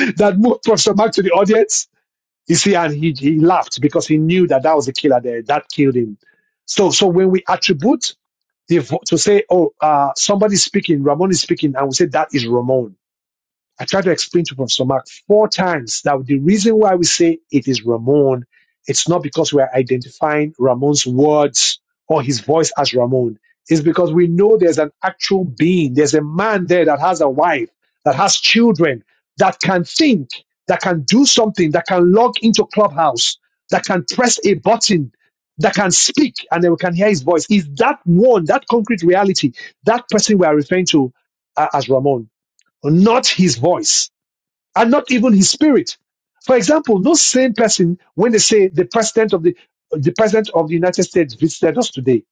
[SPEAKER 2] that moved Professor Mark to the audience? You see, and he, he laughed because he knew that that was the killer there that killed him. So, so when we attribute the, to say, oh, uh, somebody's speaking, Ramon is speaking, and we say that is Ramon I tried to explain to Professor Mark four times that the reason why we say it is Ramon, it's not because we're identifying Ramon's words or his voice as Ramon. It's because we know there's an actual being. There's a man there that has a wife, that has children, that can think, that can do something, that can log into Clubhouse, that can press a button, that can speak, and then we can hear his voice. Is that one, that concrete reality, that person we are referring to uh, as Ramon? not his voice and not even his spirit. For example, those same person, when they say the president of the the president of the United States visited us today,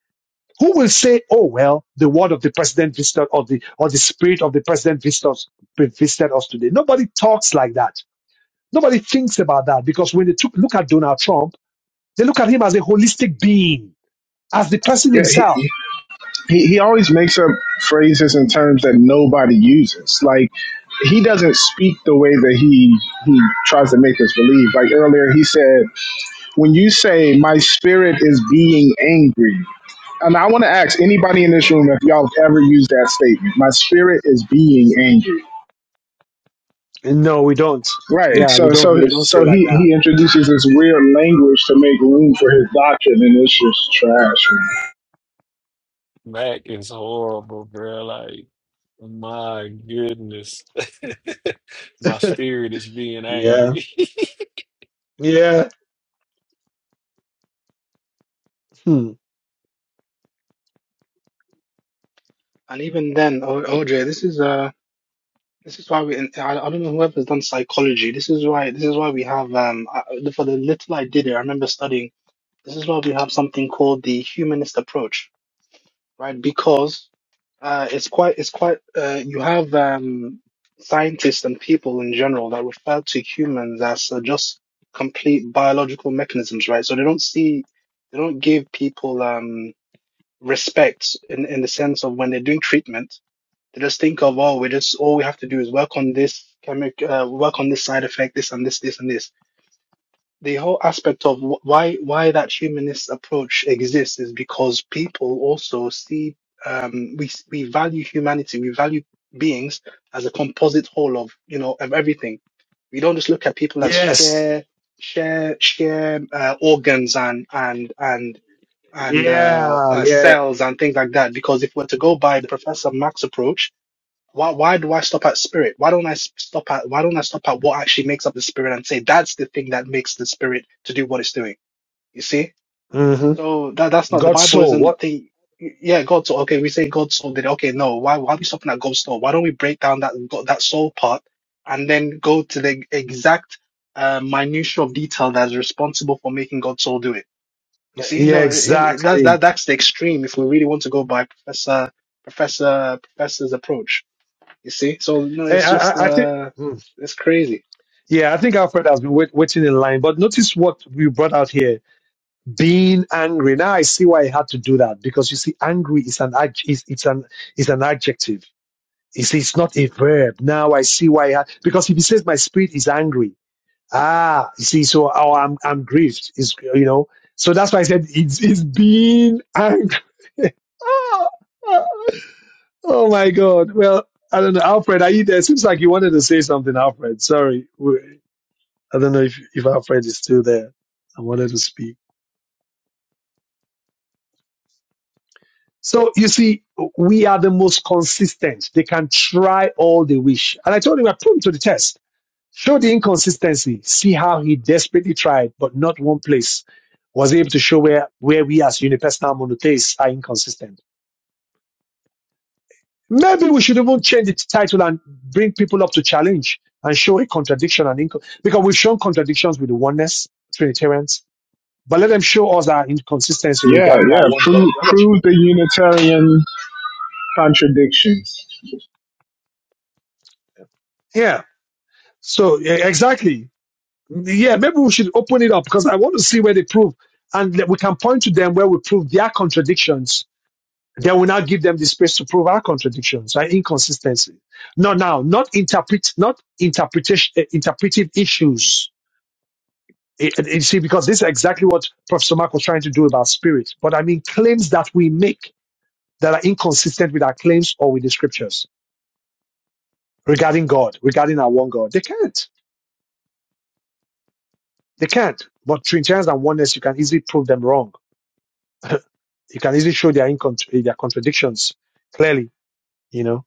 [SPEAKER 2] who will say, "Oh well, the word of the president visited or the or the spirit of the president visited us, visited us today"? Nobody talks like that. Nobody thinks about that because when they took, look at Donald Trump, they look at him as a holistic being, as the person
[SPEAKER 8] Yeah, he,
[SPEAKER 2] himself.
[SPEAKER 8] he he always makes up phrases and terms that nobody uses. Like he doesn't speak the way that he he tries to make us believe. Like earlier, he said, "When you say my spirit is being angry," and I want to ask anybody in this room if y'all have ever used that statement. My spirit is being angry.
[SPEAKER 2] And no, we don't.
[SPEAKER 8] Right.
[SPEAKER 2] Yeah, we
[SPEAKER 8] So
[SPEAKER 2] don't.
[SPEAKER 8] so
[SPEAKER 2] We don't say
[SPEAKER 8] so
[SPEAKER 2] like
[SPEAKER 8] he
[SPEAKER 2] that.
[SPEAKER 8] he introduces this weird language to make room for his doctrine, and
[SPEAKER 2] Hmm.
[SPEAKER 8] it's just trash. man.
[SPEAKER 6] Mac is horrible, bro. Like, my goodness. my spirit is being
[SPEAKER 2] Yeah.
[SPEAKER 6] angry.
[SPEAKER 2] Yeah. Hmm.
[SPEAKER 4] And even then, o OJ, this is uh, this is why we. I, I don't know whoever's done psychology. This is why. This is why we have um. I, for the little I did it, I remember studying. This is why we have something called the humanist approach, right? Because uh, it's quite. It's quite. Uh, you have um scientists and people in general that refer to humans as uh, just complete biological mechanisms, right? So they don't see. They don't give people um respect in, in the sense of when they're doing treatment, they just think of, oh, we just, all we have to do is work on this chemic, uh, work on this side effect, this and this, this and this. The whole aspect of wh- why, why that humanist approach exists is because people also see, um, we, we value humanity, we value beings as a composite whole of, you know, of everything. We don't just look at people as
[SPEAKER 2] Yes.
[SPEAKER 4] share, share, share, uh, organs and, and, and and uh,
[SPEAKER 2] Yeah.
[SPEAKER 4] uh,
[SPEAKER 2] Yeah.
[SPEAKER 4] cells and things like that. Because if we're to go by Professor Mack's approach, why why do I stop at spirit? Why don't I s- stop at why don't I stop at what actually makes up the spirit and say that's the thing that makes the spirit to do what it's doing? You see?
[SPEAKER 2] hmm
[SPEAKER 4] So that that's not the
[SPEAKER 2] God's
[SPEAKER 4] Bible
[SPEAKER 2] soul.
[SPEAKER 4] isn't
[SPEAKER 2] What?
[SPEAKER 4] the yeah God soul. Okay, we say God soul did it. Okay, no. Why why are we stopping at God's soul? Why don't we break down that God- that soul part and then go to the exact uh, minutia of detail that is responsible for making God's soul do it? You see,
[SPEAKER 2] Yeah.
[SPEAKER 4] no, it, it, that's
[SPEAKER 2] Exactly.
[SPEAKER 4] that that's the extreme if we really want to go by Professor Professor Professor's approach. You see, so no,
[SPEAKER 2] Eh,
[SPEAKER 4] it's
[SPEAKER 2] I, I,
[SPEAKER 4] just
[SPEAKER 2] I think.
[SPEAKER 4] uh,
[SPEAKER 2] mm.
[SPEAKER 4] it's crazy.
[SPEAKER 2] Yeah, I think Alfred has been wait, waiting in line. But notice what we brought out here: being angry. Now I see why he had to do that because you see, angry is an ad- is, it's an is an adjective. You see, it's not a verb. Now I see why. I had, because if he says my spirit is angry, ah, you see, so oh, I'm I'm grieved. Is you know. So that's why I said it's, it's being angry Ah, ah, oh my God. Well, I don't know. Alfred, are you there? Seems like you wanted to say something, Alfred. Sorry. We- I don't know if, if Alfred is still there. I wanted to speak. So you see, we are the most consistent. They can try all they wish. And I told him, I put him to the test. Show the inconsistency. See how he desperately tried, but not one place was able to show where, where we as unipersonal monotheists are inconsistent. Maybe we should even change the title and bring people up to challenge and show a contradiction and inco- because we've shown contradictions with the oneness Trinitarians, but let them show us our inconsistency
[SPEAKER 8] Yeah,
[SPEAKER 2] regarding our
[SPEAKER 8] yeah.
[SPEAKER 2] one God
[SPEAKER 8] Prove
[SPEAKER 2] theology.
[SPEAKER 8] prove the Unitarian contradictions.
[SPEAKER 2] Yeah. So e- exactly. Yeah. Maybe we should open it up because I want to see where they prove, and that we can point to them where we prove their contradictions. Then we now give them the space to prove our contradictions, our inconsistency. No, now, not interpret, not interpretation, eh, interpretive issues It- it- you see, because this is exactly what Professor Mark was trying to do about spirit. But I mean, claims that we make that are inconsistent with our claims or with the scriptures regarding God, regarding our one God, they can't. They can't. But Trinitarians and oneness, you can easily prove them wrong. You can easily show their incont- their contradictions clearly. You know.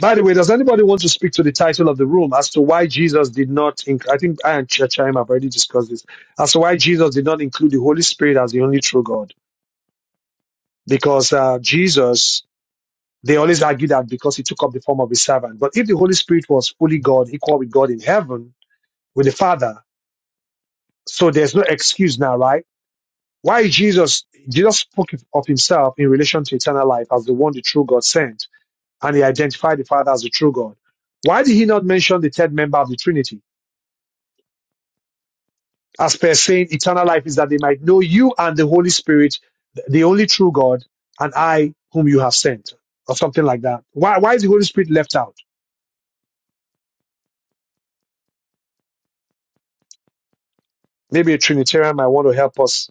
[SPEAKER 2] By the way, does anybody want to speak to the title of the room as to why Jesus did not? Inc- I think I and Ch- Chaim have already discussed this as to why Jesus did not include the Holy Spirit as the only true God because uh, Jesus They always argue that because he took up the form of a servant. But if the Holy Spirit was fully God, equal with God in heaven, with the Father, so there's no excuse now, right? Why Jesus, Jesus spoke of himself in relation to eternal life as the one the true God sent, and he identified the Father as the true God. Why did he not mention the third member of the Trinity? As per saying, eternal life is that they might know you and the Holy Spirit, the only true God, and I whom you have sent, or something like that. Why, why is the Holy Spirit left out? Maybe a Trinitarian might want to help us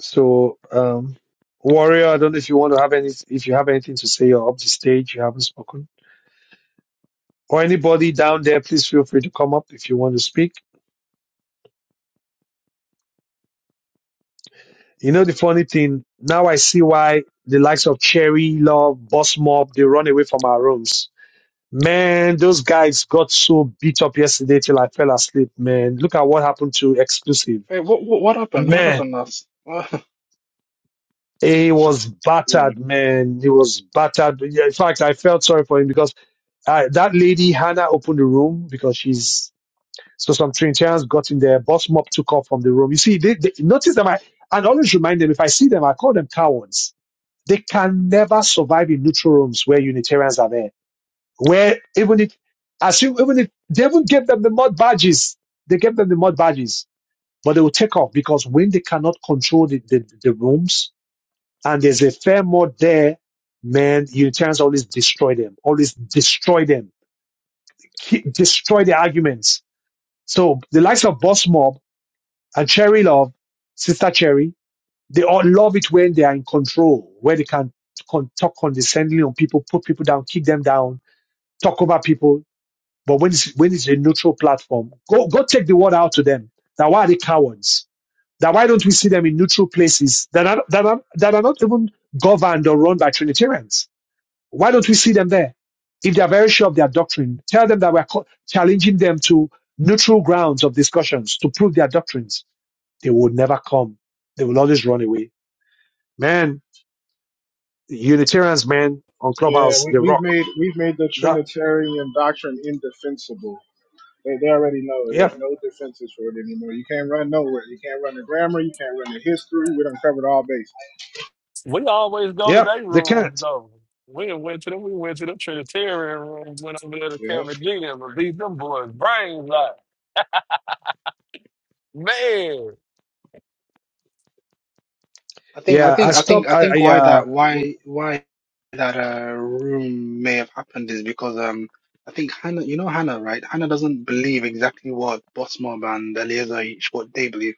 [SPEAKER 2] So, um, Warrior, I don't know if you want to have any, if you have anything to say, you're up the stage, you haven't spoken. Or anybody down there, please feel free to come up if you want to speak. You know, the funny thing, now I see why the likes of Cherry, Love, Boss Mob, they run away from our rooms. Man, those guys got so beat up yesterday till I fell asleep, man. Look at what happened to Exclusive.
[SPEAKER 4] Wait, what what, what happened? What
[SPEAKER 2] Man,
[SPEAKER 4] happened last? I
[SPEAKER 2] he was
[SPEAKER 10] Shalom.
[SPEAKER 2] battered, man. He was battered. Yeah, In fact, I felt sorry for him because Uh, that lady, Hannah, opened the room because she's so some Trinitarians got in there. Boss Mop took off from the room. You see, they, they notice them. I, and always remind them if I see them, I call them cowards. They can never survive in neutral rooms where Unitarians are there. Where even if, as you, even if they even gave them the mud badges, they gave them the mud badges, but they will take off because when they cannot control the, the, the rooms and there's a fair mud there, man, Unitarians always destroy them, always destroy them ki- destroy their arguments. So the likes of Boss Mob and Cherry Love, Sister Cherry, they all love it when they are in control, where they can con- talk condescendingly on people, put people down, kick them down, talk over people. But when it's, when it's a neutral platform, go, go take the word out to them. Now, why are they cowards? That why don't we see them in neutral places that are, that are, that are not even governed or run by Trinitarians? Why don't we see them there? If they are very sure of their doctrine, tell them that we're challenging them to neutral grounds of discussions to prove their doctrines. They will never come. They will always run away. Man, Unitarians, man, on
[SPEAKER 8] Yeah,
[SPEAKER 2] Clubhouse,
[SPEAKER 8] we,
[SPEAKER 2] they
[SPEAKER 8] we've
[SPEAKER 2] rock.
[SPEAKER 8] made we've made the
[SPEAKER 2] That,
[SPEAKER 8] Trinitarian doctrine indefensible. They, they already know there's
[SPEAKER 2] yep,
[SPEAKER 8] no defenses for it anymore. You can't run nowhere. You can't run the grammar. You can't run the history. We done covered all bases.
[SPEAKER 6] We always go to
[SPEAKER 2] yep,
[SPEAKER 6] their
[SPEAKER 2] they
[SPEAKER 6] rooms
[SPEAKER 2] can't.
[SPEAKER 6] though. We done went to them. We went to them Trinitarian rooms. Went over there to
[SPEAKER 8] Yeah.
[SPEAKER 6] Kevin G and them, beat them boys' brains out. Man,
[SPEAKER 4] think I
[SPEAKER 2] Yeah, I
[SPEAKER 4] think I think
[SPEAKER 2] stopped.
[SPEAKER 4] I think
[SPEAKER 2] I, I
[SPEAKER 4] why
[SPEAKER 2] uh,
[SPEAKER 4] that why why that uh room may have happened is because um I think Hannah you know Hannah right Hannah doesn't believe exactly what Bottom and Eliezer each what they believe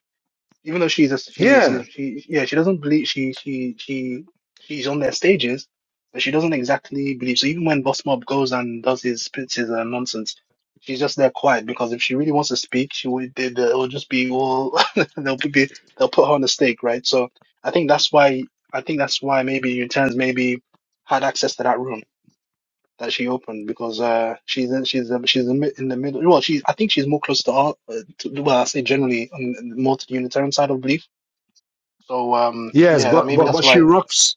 [SPEAKER 4] even though she's a she's
[SPEAKER 2] yeah,
[SPEAKER 4] she's she yeah she doesn't believe she she she she's on their stages, but she doesn't exactly believe. So even when Boss Mob goes and does his spits his uh, nonsense, she's just there quiet because if she really wants to speak, she would they, they, it'll just be all they'll be they'll put her on the stake, right? So I think that's why I think that's why maybe Utens maybe had access to that room that she opened because uh she's in, she's um, she's in, in the middle well she's I think she's more close to art uh, to, well I say generally on, more to the Unitarian side of belief so um,
[SPEAKER 2] yes,
[SPEAKER 4] yeah, that
[SPEAKER 2] but,
[SPEAKER 4] maybe
[SPEAKER 2] but,
[SPEAKER 4] that's
[SPEAKER 2] but she
[SPEAKER 4] why.
[SPEAKER 2] rocks.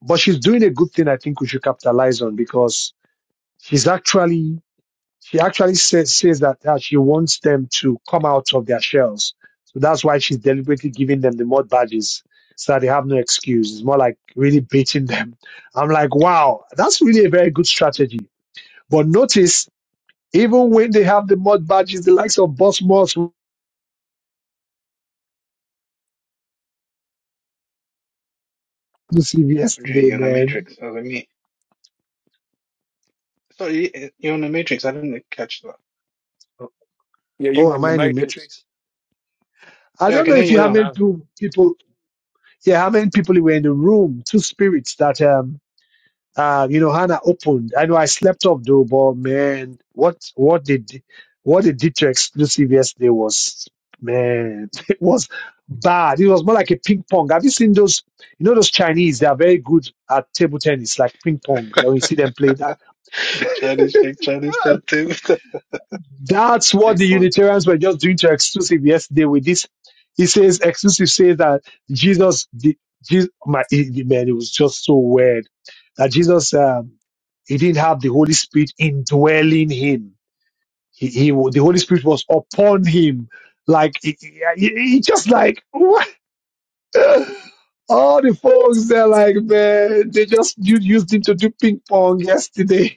[SPEAKER 2] But she's doing a good thing I think we should capitalize on because she's actually she actually says, says that uh, she wants them to come out of their shells. So that's why she's deliberately giving them the mud badges so that they have no excuse. It's more like really baiting them. I'm like, wow, that's really a very good strategy. But notice, even when they have the mud badges, the likes of Boss Moss, who see
[SPEAKER 4] Gee,
[SPEAKER 2] yesterday,
[SPEAKER 4] you're in the
[SPEAKER 2] man.
[SPEAKER 4] Matrix. I was like, me. Sorry, you- you're in the Matrix. I didn't catch that.
[SPEAKER 6] yeah, you
[SPEAKER 2] Oh,
[SPEAKER 6] went
[SPEAKER 2] am
[SPEAKER 6] in the
[SPEAKER 2] I in the
[SPEAKER 6] Matrix.
[SPEAKER 2] Matrix? I
[SPEAKER 4] Yeah, I
[SPEAKER 2] don't know
[SPEAKER 4] can
[SPEAKER 6] You
[SPEAKER 4] hear
[SPEAKER 2] if
[SPEAKER 4] you
[SPEAKER 2] you how
[SPEAKER 6] clear
[SPEAKER 4] now.
[SPEAKER 2] many
[SPEAKER 6] now.
[SPEAKER 2] people, people yeah, how many people were in the room, two spirits that um Uh, you know, Hannah opened. I know I slept off though, but man, what what did what they did to exclusive yesterday was man, it was bad. It was more like a ping pong. Have you seen those? You know those Chinese? They are very good at table tennis, like ping pong. Like when you see them play that.
[SPEAKER 4] Chinese speak Chinese. Tell Tim.
[SPEAKER 2] That's what the
[SPEAKER 4] big
[SPEAKER 2] Unitarians were just doing to exclusive yesterday with this. He says exclusive says that Jesus, the, Jesus my it- man, it was just so weird that Jesus, um, he didn't have the Holy Spirit indwelling him. He, he wa- the Holy Spirit was upon him, like he, he- he- he just like what? All the folks they're like, man, they just u- used him to do ping pong yesterday.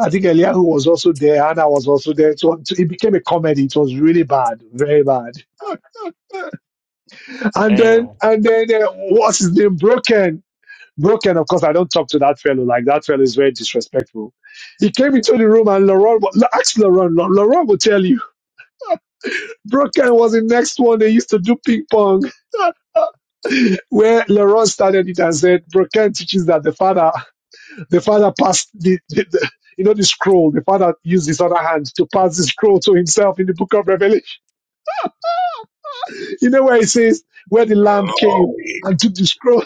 [SPEAKER 2] I think Eliyahu was also there, Hannah was also there. So, so it became a comedy. It was really bad, very bad. and then,
[SPEAKER 6] Damn.
[SPEAKER 2] and then, uh, what's his name? Broken. Broken, of course, I don't talk to that fellow. Like, that fellow is very disrespectful. He came into the room and Laurent, wa- ask Laurent, La- Laurent will tell you. Broken was the next one. They used to do ping pong, where Laurent started it and said, Broken teaches that the father The father passed the, the, the you know the scroll. The father used his other hand to pass the scroll to himself in the book of Revelation. You know where it says where the lamb
[SPEAKER 9] Oh,
[SPEAKER 2] came
[SPEAKER 9] yeah.
[SPEAKER 2] and took the scroll,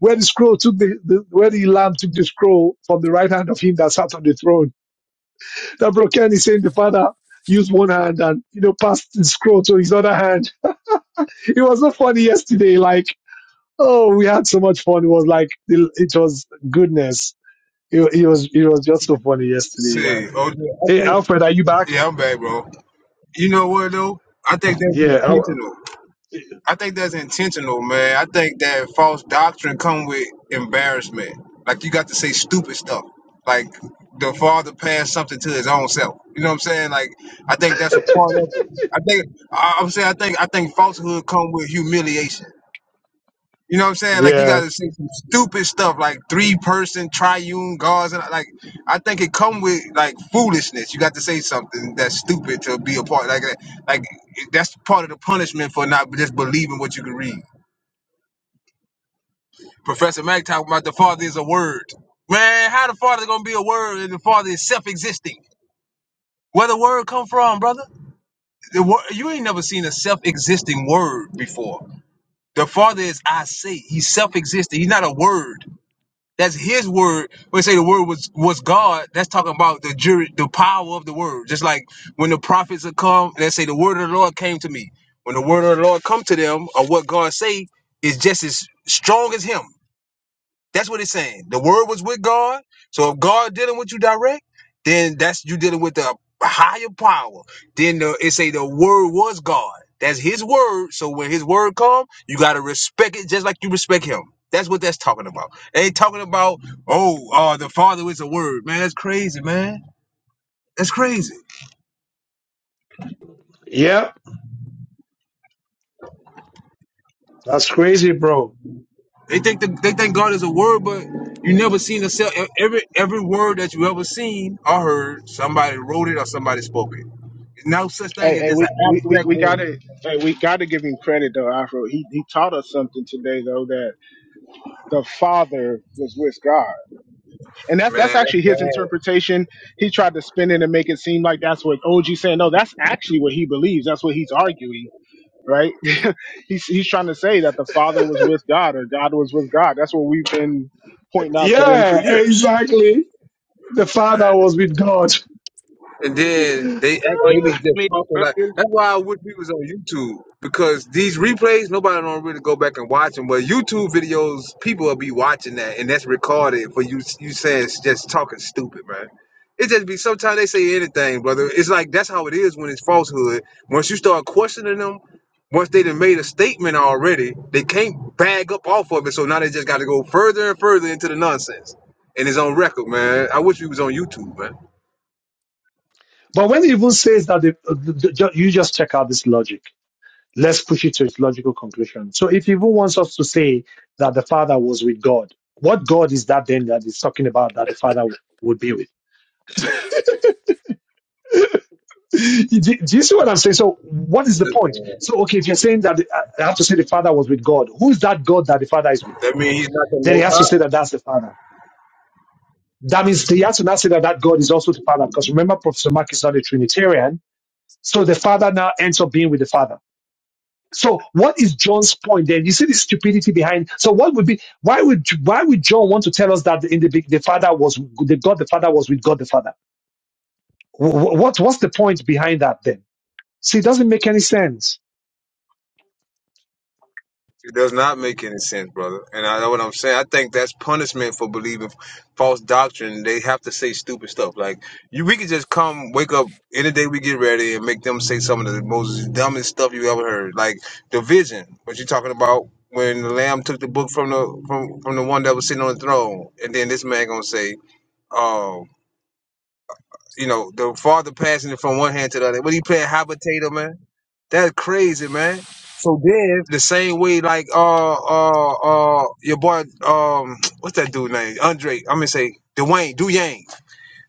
[SPEAKER 2] where the scroll took the, the where the lamb took the scroll from the right hand of him that sat on the throne. That Broken is saying the father used one hand and you know passed the scroll to his other hand. It was so funny yesterday. Like oh, we had so much fun. It was like it, it was goodness. It, it was it was just so funny yesterday. Like,
[SPEAKER 9] See, oh yeah,
[SPEAKER 2] hey
[SPEAKER 9] think,
[SPEAKER 2] Alfred, are you back?
[SPEAKER 9] yeah, I'm back, bro. You know what though? I think that's
[SPEAKER 2] Yeah.
[SPEAKER 9] intentional.
[SPEAKER 2] I-
[SPEAKER 9] I think that's intentional, man. I think that false doctrine come with embarrassment. Like you got to say stupid stuff. Like the father passed something to his own self. You know what I'm saying? Like I think that's a part of it. I think I- I'm saying I think I think falsehood come with humiliation. You know what I'm saying? Like you got
[SPEAKER 2] yeah.
[SPEAKER 9] to say some stupid stuff, like three person triune gods, and like I think it come with like foolishness. You got to say something that's stupid to be a part. Like like that's part of the punishment for not just believing what you can read. Professor Mack talking about the Father is a word. Man, how the Father gonna be a word and the Father is self-existing? Where the word come from, brother? The word, you ain't never seen a self-existing word before. The Father is I say. He's self-existing. He's not a word. That's His word. When they say the word was was God, that's talking about the jury, the power of the word. Just like when the prophets have come, they say the word of the Lord came to me. When the word of the Lord come to them, or what God say is just as strong as Him. That's what it's saying. The word was with God. So if God dealing with you direct, then that's you dealing with the higher power. Then the, it say the word was God. That's His word. So when His word come, you gotta respect it just like you respect Him. That's what that's talking about. They ain't talking about oh, uh, the Father is a word, man. That's crazy, man. That's crazy.
[SPEAKER 2] Yeah. That's crazy, bro.
[SPEAKER 9] They think the, they think God is a word, but you never seen a cell. e-, Every every word that you ever seen or heard, somebody wrote it or somebody spoke it. No such thing
[SPEAKER 8] Hey,
[SPEAKER 9] as
[SPEAKER 8] hey,
[SPEAKER 9] just an
[SPEAKER 8] we we we,
[SPEAKER 9] abstract
[SPEAKER 8] we got
[SPEAKER 9] word.
[SPEAKER 8] to hey, we got to give him credit though, Afro. He he taught us something today though the father was with God. And that's
[SPEAKER 9] Man,
[SPEAKER 8] that's
[SPEAKER 9] that's
[SPEAKER 8] actually his
[SPEAKER 9] bad.
[SPEAKER 8] interpretation. He tried to spin it and make it seem like that's what OG saying. No, that's actually what he believes. That's what he's arguing, right? he's he's trying to say that the father was with God or God was with God. That's what we've been pointing out to them for
[SPEAKER 2] Yeah,
[SPEAKER 8] years.
[SPEAKER 2] exactly. The father was with God.
[SPEAKER 9] And then they act
[SPEAKER 10] Oh, you
[SPEAKER 9] maybe
[SPEAKER 10] just
[SPEAKER 9] just
[SPEAKER 10] made
[SPEAKER 9] talking like
[SPEAKER 10] earlier?
[SPEAKER 9] that's why I wish we was on YouTube because these replays nobody don't really go back and watch them. But YouTube videos, people will be watching that, and that's recorded for you. You saying it's just talking stupid, man. It just be sometimes they say anything, brother. It's like that's how it is when it's falsehood. Once you start questioning them, once they done made a statement already, they can't bag up off of it. So now they just got to go further and further into the nonsense, and it's on record, man. I wish we was on YouTube, man.
[SPEAKER 2] But when he even says that, the, the, the- ju- you just check out this logic. Let's push it to its logical conclusion. So if he even wants us to say that the father was with God, what God is that then that he's talking about that the father w- would be with? do, do you see what I'm saying? So what is the point? So okay, if you're saying that the- I I have to say the father was with God, who is that God that the father is with?
[SPEAKER 9] That means he's not the
[SPEAKER 2] Then he
[SPEAKER 9] most
[SPEAKER 2] has
[SPEAKER 9] high.
[SPEAKER 2] to say that that's the Father. That means he has to now say that that God is also the Father, because remember, Professor Mark is not a Trinitarian. So the Father now ends up being with the Father. So what is John's point then? You see the stupidity behind. So what would be? Why would why would John want to tell us that in the be- the Father was the God the Father was with God the Father? Wh- wh- What what's the point behind that then? See, it doesn't make any sense.
[SPEAKER 9] It does not make any sense, brother. And I know what I'm saying. I think that's punishment for believing false doctrine. They have to say stupid stuff. Like you, we could just come, wake up any day we get ready, and make them say some of the most dumbest stuff you ever heard. Like the vision. What you talking about? When the lamb took the book from the from from the one that was sitting on the throne, and then this man gonna say, "Oh, you know, the father passing it from one hand to the other." What are you playing habitator, man? That's crazy, man. So then, the same way, like uh uh uh your boy um what's that dude name? Andre. I'm gonna say Dwayne Du Yang.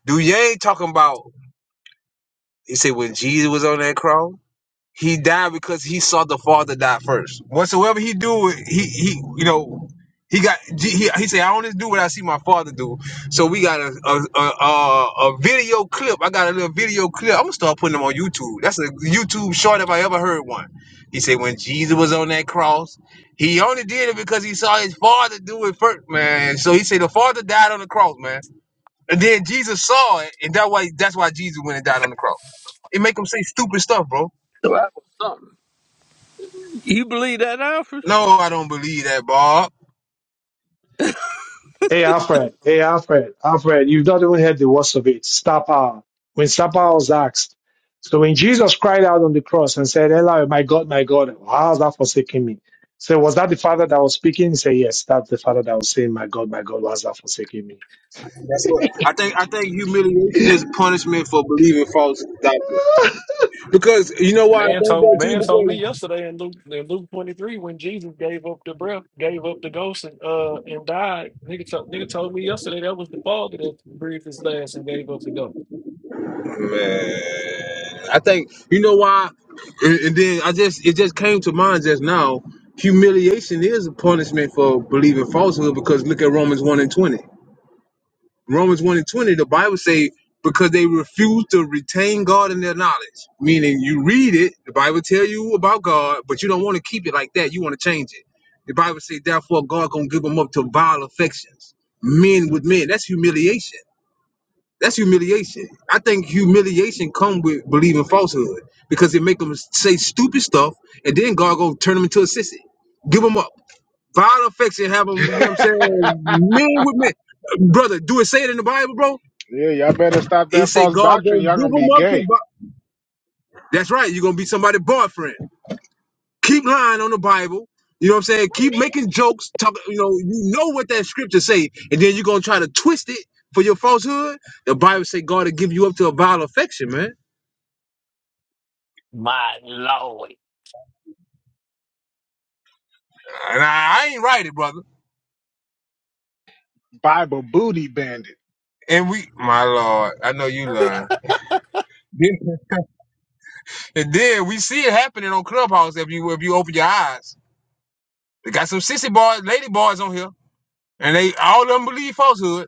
[SPEAKER 9] Du Yang talking about. He said when Jesus was on that cross. He died because he saw the Father die first. Whatsoever he do, he he you know he got he he say I only do what I see my Father do. So we got a a, a a a video clip. I got a little video clip. I'm gonna start putting them on YouTube. That's a YouTube short if I ever heard one. He said when Jesus was on that cross, he only did it because he saw his Father do it first, man. So he said the Father died on the cross, man. And then Jesus saw it, and that why that's why Jesus went and died on the cross. It make him say stupid stuff, bro.
[SPEAKER 11] Well, You believe that, Alfred?
[SPEAKER 9] No, I don't believe that, Bob.
[SPEAKER 2] Hey Alfred, hey Alfred, Alfred, you've not even heard the worst of it. Star power. When star power was asked, so when Jesus cried out on the cross and said, Eli, my God, my God, how has that forsaken me? So was that the father that was speaking? He said, Yes, that's the father that was saying, My God, my God, why has that forsaken me?
[SPEAKER 9] That's what I think. I think humiliation is punishment for believing false doctrine. Because you know why I
[SPEAKER 6] Man
[SPEAKER 9] think
[SPEAKER 6] told man told me
[SPEAKER 9] that
[SPEAKER 6] yesterday in Luke in Luke twenty three when Jesus gave up the breath, gave up the ghost, and uh and died. Nigga told nigga told me yesterday that was the father that breathed his last and gave up the ghost.
[SPEAKER 9] too. Because man, I think you know why. And, and then I just it just came to mind just now. Humiliation is a punishment for believing falsehood. Because look at Romans one and twenty. Romans 1 and 20, the Bible say, because they refuse to retain God in their knowledge. Meaning you read it, the Bible tell you about God, but you don't want to keep it like that. You want to change it. The Bible say, therefore God gonna give them up to vile affections. Men with men. That's humiliation. That's humiliation. I think humiliation come with believing falsehood because it make them say stupid stuff and then God gonna turn them into a sissy. Give them up. Vile affection have them, you know what I'm
[SPEAKER 8] yeah,
[SPEAKER 9] saying? Men with men brother, do it say it in the Bible, bro?
[SPEAKER 8] y'all better stop
[SPEAKER 9] He
[SPEAKER 8] that
[SPEAKER 9] said
[SPEAKER 8] false
[SPEAKER 9] God
[SPEAKER 8] doctrine.
[SPEAKER 9] gonna
[SPEAKER 8] Y'all
[SPEAKER 9] give
[SPEAKER 8] gonna
[SPEAKER 9] them
[SPEAKER 8] be
[SPEAKER 9] up to.
[SPEAKER 8] gay.
[SPEAKER 9] Bi-" That's right. You're gonna be somebody's boyfriend. Keep lying on the Bible. You know what I'm saying? Keep making jokes. Talk. You know. You know what that scripture say, and then you're gonna try to twist it for your falsehood. The Bible say God will give you up to a vile affection, man.
[SPEAKER 6] My lord.
[SPEAKER 9] And I, I ain't right, it, brother.
[SPEAKER 8] Bible booty bandit.
[SPEAKER 9] And we, my lord, I know you learn. and then we see it happening on Clubhouse if you if you open your eyes. They got some sissy boys, lady boys on here, and they all of them believe falsehood,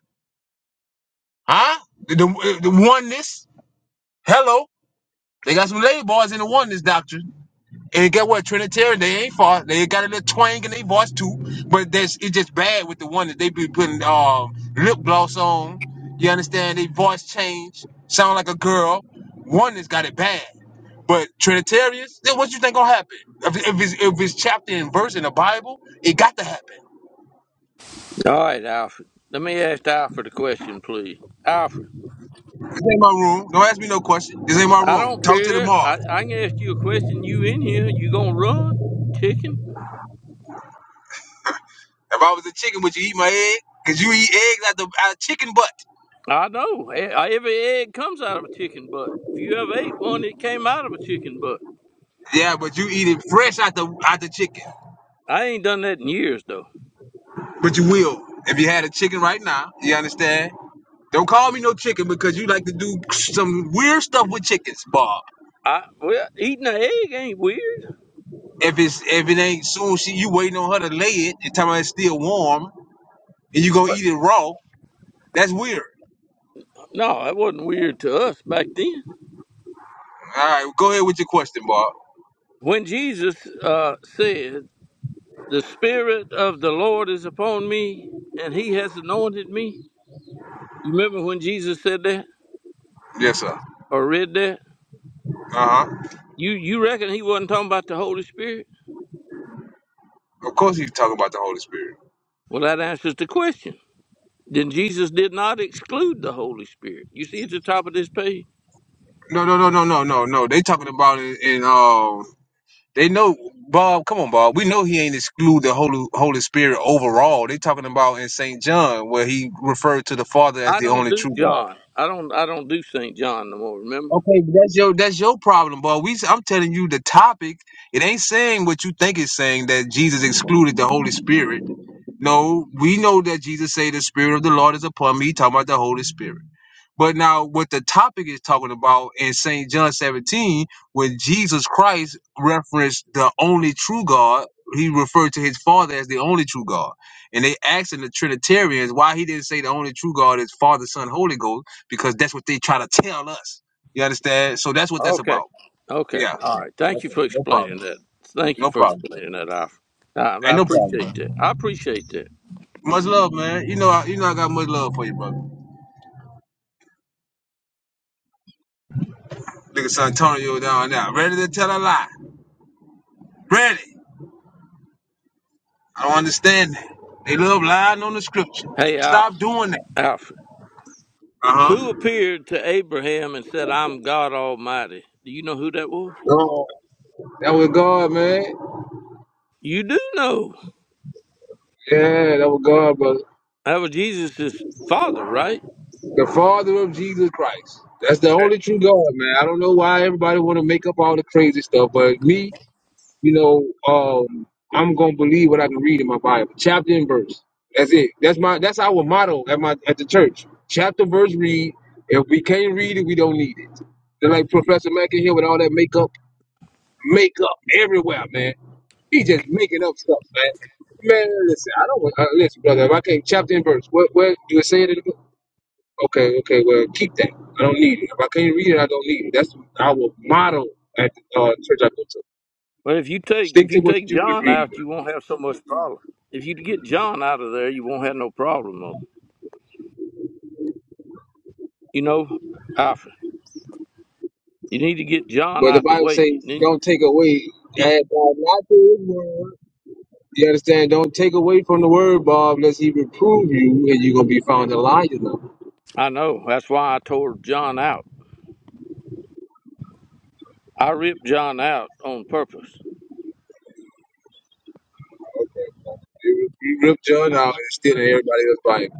[SPEAKER 9] huh? The, the, the oneness. Hello. They got some lady boys in the oneness doctrine. And get what? Trinitarian, they ain't far. They got a little twang in their voice too. But that's it's just bad with the one that they be putting um lip gloss on. You understand? They voice change, sound like a girl. One that's got it bad. But Trinitarians, then what you think gonna happen? If, if it's if it's chapter and verse in the Bible, it got to happen.
[SPEAKER 11] All right, Alfred. Let me ask Alfred a question, please. Alfred,
[SPEAKER 9] This ain't my room. Don't ask me no question. This ain't my
[SPEAKER 11] I
[SPEAKER 9] room.
[SPEAKER 11] don't
[SPEAKER 9] Talk to the
[SPEAKER 11] care. I,
[SPEAKER 9] Mars.
[SPEAKER 11] I can ask you a question. You in here? You gonna run, chicken?
[SPEAKER 9] If I was a chicken, would you eat my egg? Cause you eat eggs out the out of chicken butt.
[SPEAKER 11] I know. E- uh, Every egg comes out of a chicken butt. If you ever ate one, it came out of a chicken butt.
[SPEAKER 9] Yeah, but you eat it fresh out the out the chicken.
[SPEAKER 11] I ain't done that in years though.
[SPEAKER 9] But you will if you had a chicken right now. You understand? Don't call me no chicken because you like to do some weird stuff with chickens, Bob.
[SPEAKER 11] I well, eating an egg ain't weird.
[SPEAKER 9] If it's if it ain't soon, she you waiting on her to lay it and time it's still warm, and you gonna eat it raw. That's weird.
[SPEAKER 11] No, that wasn't weird to us back then.
[SPEAKER 9] All right, go ahead with your question, Bob.
[SPEAKER 11] When Jesus uh, said, "The Spirit of the Lord is upon me, and He has anointed me," You remember when Jesus said that
[SPEAKER 9] Yes, sir.
[SPEAKER 11] or read that?
[SPEAKER 9] Uh huh.
[SPEAKER 11] You you reckon he wasn't talking about the Holy Spirit?
[SPEAKER 9] Of course, he's talking about the Holy Spirit.
[SPEAKER 11] Well, that answers the question. Then Jesus did not exclude the Holy Spirit. You see at the top of this page.
[SPEAKER 9] No, no, no, no, no, no, no. They talking about it in uh They know Bob. Come on, Bob. We know he ain't exclude the Holy Holy Spirit overall. They talking about in Saint John where he referred to the Father as
[SPEAKER 11] I
[SPEAKER 9] the
[SPEAKER 11] don't
[SPEAKER 9] only
[SPEAKER 11] do
[SPEAKER 9] true God.
[SPEAKER 11] John. I don't I don't do Saint John no more. Remember?
[SPEAKER 9] Okay, but that's your that's your problem, Bob. We I'm telling you the topic. It ain't saying what you think it's saying that Jesus excluded the Holy Spirit. No, we know that Jesus say the Spirit of the Lord is upon me. He Talking about the Holy Spirit. But now, what the topic is talking about in St. John 17, when Jesus Christ referenced the only true God, he referred to his Father as the only true God. And they asking the Trinitarians why he didn't say the only true God is Father, Son, Holy Ghost, because that's what they try to tell us. You understand? So that's what that's
[SPEAKER 11] Okay.
[SPEAKER 9] about.
[SPEAKER 11] Okay.
[SPEAKER 9] Yeah.
[SPEAKER 11] All right.
[SPEAKER 9] yeah.
[SPEAKER 11] Thank you
[SPEAKER 9] Okay.
[SPEAKER 11] for
[SPEAKER 9] No problem.
[SPEAKER 11] explaining that. Thank you
[SPEAKER 9] No
[SPEAKER 11] for
[SPEAKER 9] problem. bro.
[SPEAKER 11] explaining that, Alfred. I, I
[SPEAKER 9] Ain't no problem. bro.
[SPEAKER 11] appreciate that. I appreciate that.
[SPEAKER 9] Much love, man. You know, I, you know, I got much love for you, brother. Nigga Santonio down there, ready to tell a lie. Ready. I don't understand that. They love lying on the scripture.
[SPEAKER 11] Hey,
[SPEAKER 9] Stop
[SPEAKER 11] Alfred.
[SPEAKER 9] doing that.
[SPEAKER 11] Alfred.
[SPEAKER 9] Uh huh.
[SPEAKER 11] Who appeared to Abraham and said, "I'm God Almighty"? Do you know who that was?
[SPEAKER 9] No, that was God, man.
[SPEAKER 11] You do know.
[SPEAKER 9] Yeah, that was God, brother.
[SPEAKER 11] That was Jesus' father, right?
[SPEAKER 9] The Father of Jesus Christ. That's the only true God, man. I don't know why everybody want to make up all the crazy stuff, but me, you know, um, I'm gonna believe what I can read in my Bible, chapter and verse. That's it. That's my. That's our motto at my at the church. Chapter, verse, read. If we can't read it, we don't need it. They're like Professor Mack in here with all that makeup, makeup everywhere, man. He just making up stuff, man. Man, listen, I don't want, uh, listen, brother, if I can't chapter and verse, what, what, do it say it in the book? Okay, okay, well, keep that. I don't need it. If I can't read it, I don't need it. That's our motto at the uh, church I go to.
[SPEAKER 11] But if you take
[SPEAKER 9] Stick
[SPEAKER 11] if
[SPEAKER 9] to
[SPEAKER 11] you
[SPEAKER 9] what
[SPEAKER 11] take
[SPEAKER 9] you can
[SPEAKER 11] John
[SPEAKER 9] read.
[SPEAKER 11] out,
[SPEAKER 9] man.
[SPEAKER 11] you won't have so much problem. If you get John out of there, you won't have no problem though. You know, Alfred, you need to get John
[SPEAKER 9] But the
[SPEAKER 11] out the
[SPEAKER 9] Bible says,
[SPEAKER 11] way. Then you-
[SPEAKER 9] don't take away, add God not to his word. You understand? Don't take away from the word, Bob, unless he reprove you and you're going to be found a liar. You,
[SPEAKER 11] I know that's why I tore John out. I ripped John out on purpose.
[SPEAKER 9] you you ripped John out and stealing everybody else's Bible.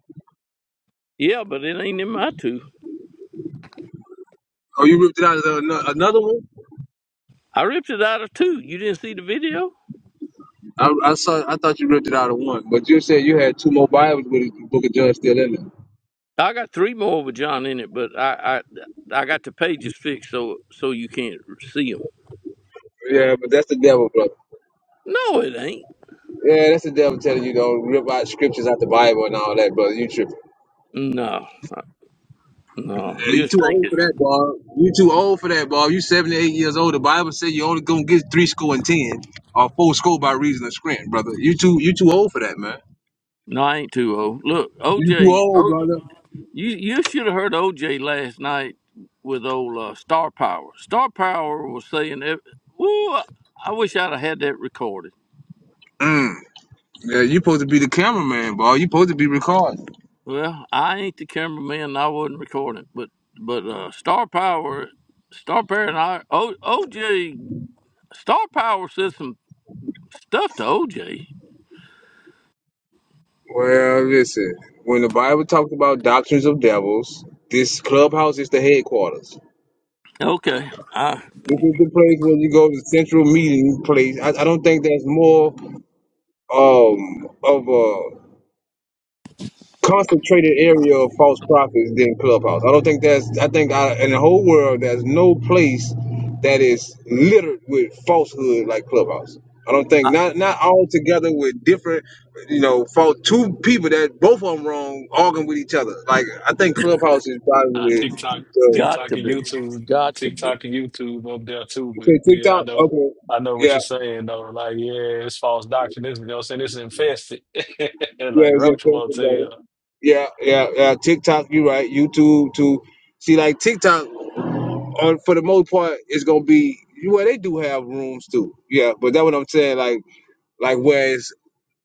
[SPEAKER 11] Yeah, but it ain't in my two.
[SPEAKER 9] Oh, you ripped it out of the- ano- another one?
[SPEAKER 11] I ripped it out of two. You didn't see the video?
[SPEAKER 9] I, I saw. I thought you ripped it out of one, but you said you had two more Bibles with the Book of John still in
[SPEAKER 11] I got three more with John in it, but I I, I got the pages fixed so so you can't see them.
[SPEAKER 9] there. Yeah, but that's the devil, brother.
[SPEAKER 11] No, it ain't.
[SPEAKER 9] Yeah, that's the devil telling you don't rip out scriptures out the Bible and all that, brother. You tripping?
[SPEAKER 11] No. No,
[SPEAKER 9] Yeah,
[SPEAKER 11] you
[SPEAKER 9] you
[SPEAKER 11] just
[SPEAKER 9] too
[SPEAKER 11] think
[SPEAKER 9] old
[SPEAKER 11] it's
[SPEAKER 9] for that, Bob. You too old for that, Bob. You seventy eight years old. The Bible said you only gonna get three score and ten or four score by reason of scrimmage, brother. You too. You too old for that, man.
[SPEAKER 11] no. I ain't too old. Look,
[SPEAKER 9] You too
[SPEAKER 11] OJ,
[SPEAKER 9] old,
[SPEAKER 11] o,
[SPEAKER 9] brother.
[SPEAKER 11] you you should have heard OJ last night with old uh, Star Power. Star Power was saying, ev- "Woo, I wish I'd have had that recorded."
[SPEAKER 9] Mm. Yeah, you supposed to be the cameraman, Bob. You supposed to be recording.
[SPEAKER 11] Well, I ain't the cameraman. I wasn't recording, but but uh, Star Power, Star Power, and I, o, OJ, Star Power said some stuff to OJ.
[SPEAKER 9] Well, listen, when the Bible talks about doctrines of devils, this clubhouse is the headquarters.
[SPEAKER 11] Okay, I,
[SPEAKER 9] This is the place where you go to central meeting place. I, I don't think there's more um of a concentrated area of false prophets than Clubhouse. I don't think that's. I think I, in the whole world, there's no place that is littered with falsehood like Clubhouse. I don't think
[SPEAKER 11] I
[SPEAKER 9] not not all together with different, you know, fault two people that both of them wrong arguing with each other. Like I think Clubhouse is
[SPEAKER 6] Uh,
[SPEAKER 9] probably
[SPEAKER 6] TikTok,
[SPEAKER 9] the
[SPEAKER 11] got
[SPEAKER 6] TikTok
[SPEAKER 11] to
[SPEAKER 6] and
[SPEAKER 11] be,
[SPEAKER 6] YouTube,
[SPEAKER 11] got to be.
[SPEAKER 6] TikTok and YouTube up there too.
[SPEAKER 9] you
[SPEAKER 6] But
[SPEAKER 9] say
[SPEAKER 6] yeah, I
[SPEAKER 9] TikTok.
[SPEAKER 6] know,
[SPEAKER 9] Okay,
[SPEAKER 6] I know what
[SPEAKER 9] yeah,
[SPEAKER 6] you're saying though. Like, yeah, it's false doctrine. This, you know, what I'm saying it's infested,
[SPEAKER 9] yeah,
[SPEAKER 6] like
[SPEAKER 9] it's
[SPEAKER 6] Roach
[SPEAKER 9] infested, brother.
[SPEAKER 6] Motel.
[SPEAKER 9] Yeah, yeah, yeah. TikTok, you right. YouTube too. See, like TikTok. on for the most part, it's gonna be well, they do have rooms too. Yeah, but that's what I'm saying, like like where it's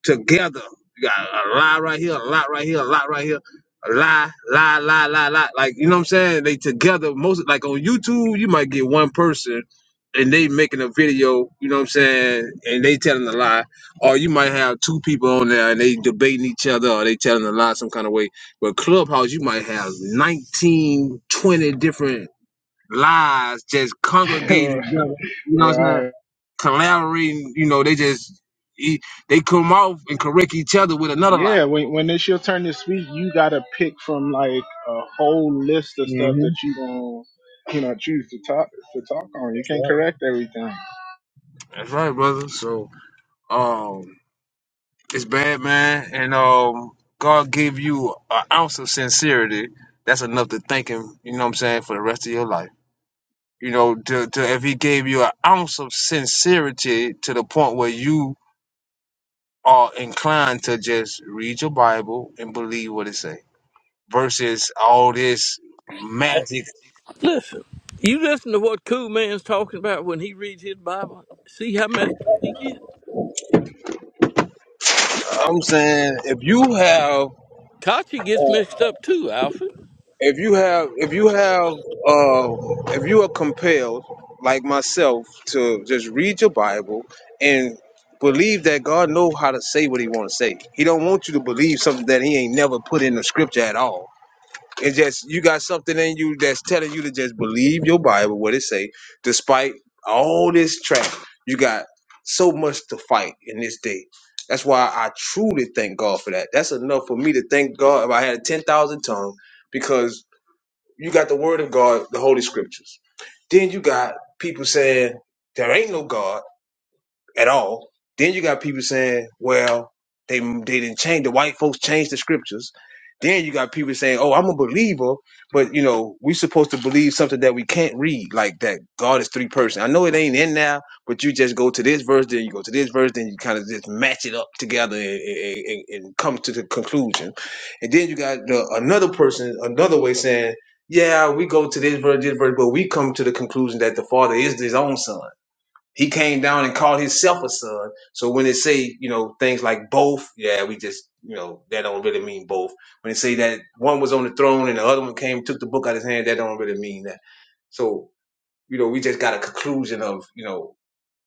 [SPEAKER 9] together. You got a lie right here, a lot right here, a lot right here, a lie, lie, lie, lie, lie. Like, you know what I'm saying? They together most like on YouTube, you might get one person and they making a video, you know what I'm saying, and they telling a lie. Or you might have two people on there and they debating each other or they telling a lie some kind of way. But Clubhouse, you might have 19, 20 different lies, just congregating together, you know what I'm
[SPEAKER 8] right.
[SPEAKER 9] saying? Collaborating, you know, they just e- they come off and correct each other with another lie.
[SPEAKER 8] Yeah, when when it's your turn to speak, you gotta pick from like a whole list of stuff
[SPEAKER 9] hmm
[SPEAKER 8] that you gonna you know choose to talk to talk on. You
[SPEAKER 9] That's
[SPEAKER 8] can't
[SPEAKER 9] right.
[SPEAKER 8] correct everything.
[SPEAKER 9] That's right, brother. So um it's bad, man. And um God gave you an ounce of sincerity. That's enough to thank him, you know what I'm saying, for the rest of your life. You know, to, to if he gave you an ounce of sincerity to the point where you are inclined to just read your Bible and believe what it says. versus all this magic.
[SPEAKER 11] Listen, you listen to what Cool Man's talking about when he reads his Bible. See how messed up he gets.
[SPEAKER 9] I'm saying if you have,
[SPEAKER 11] Kachi gets
[SPEAKER 9] uh,
[SPEAKER 11] mixed up too, Alfred.
[SPEAKER 9] if you have, if you have, uh, if you are compelled, like myself, to just read your Bible and believe that God know how to say what He want to say. He don't want you to believe something that He ain't never put in the Scripture at all. and just you got something in you that's telling you to just believe your Bible, what it say, despite all this trash. You got so much to fight in this day. That's why I truly thank God for that. That's enough for me to thank God if I had a ten thousand tongue, because you got the Word of God, the Holy Scriptures. Then you got people saying there ain't no God at all. Then you got people saying, well, they they didn't change the white folks changed the scriptures. Then you got people saying, oh, I'm a believer, but you know we supposed to believe something that we can't read, like that God is three person. I know it ain't in now, but you just go to this verse, then you go to this verse, then you kind of just match it up together and, and, and and come to the conclusion. And then you got the, another person, another way saying, yeah, we go to this verse, this verse, but we come to the conclusion that the Father is His own Son. He came down and called himself a son. So when they say, you know, things like both, yeah, we just, you know, that don't really mean both. When they say that one was on the throne and the other one came, took the book out of his hand, that don't really mean that. So, you know, we just got a conclusion of, you know,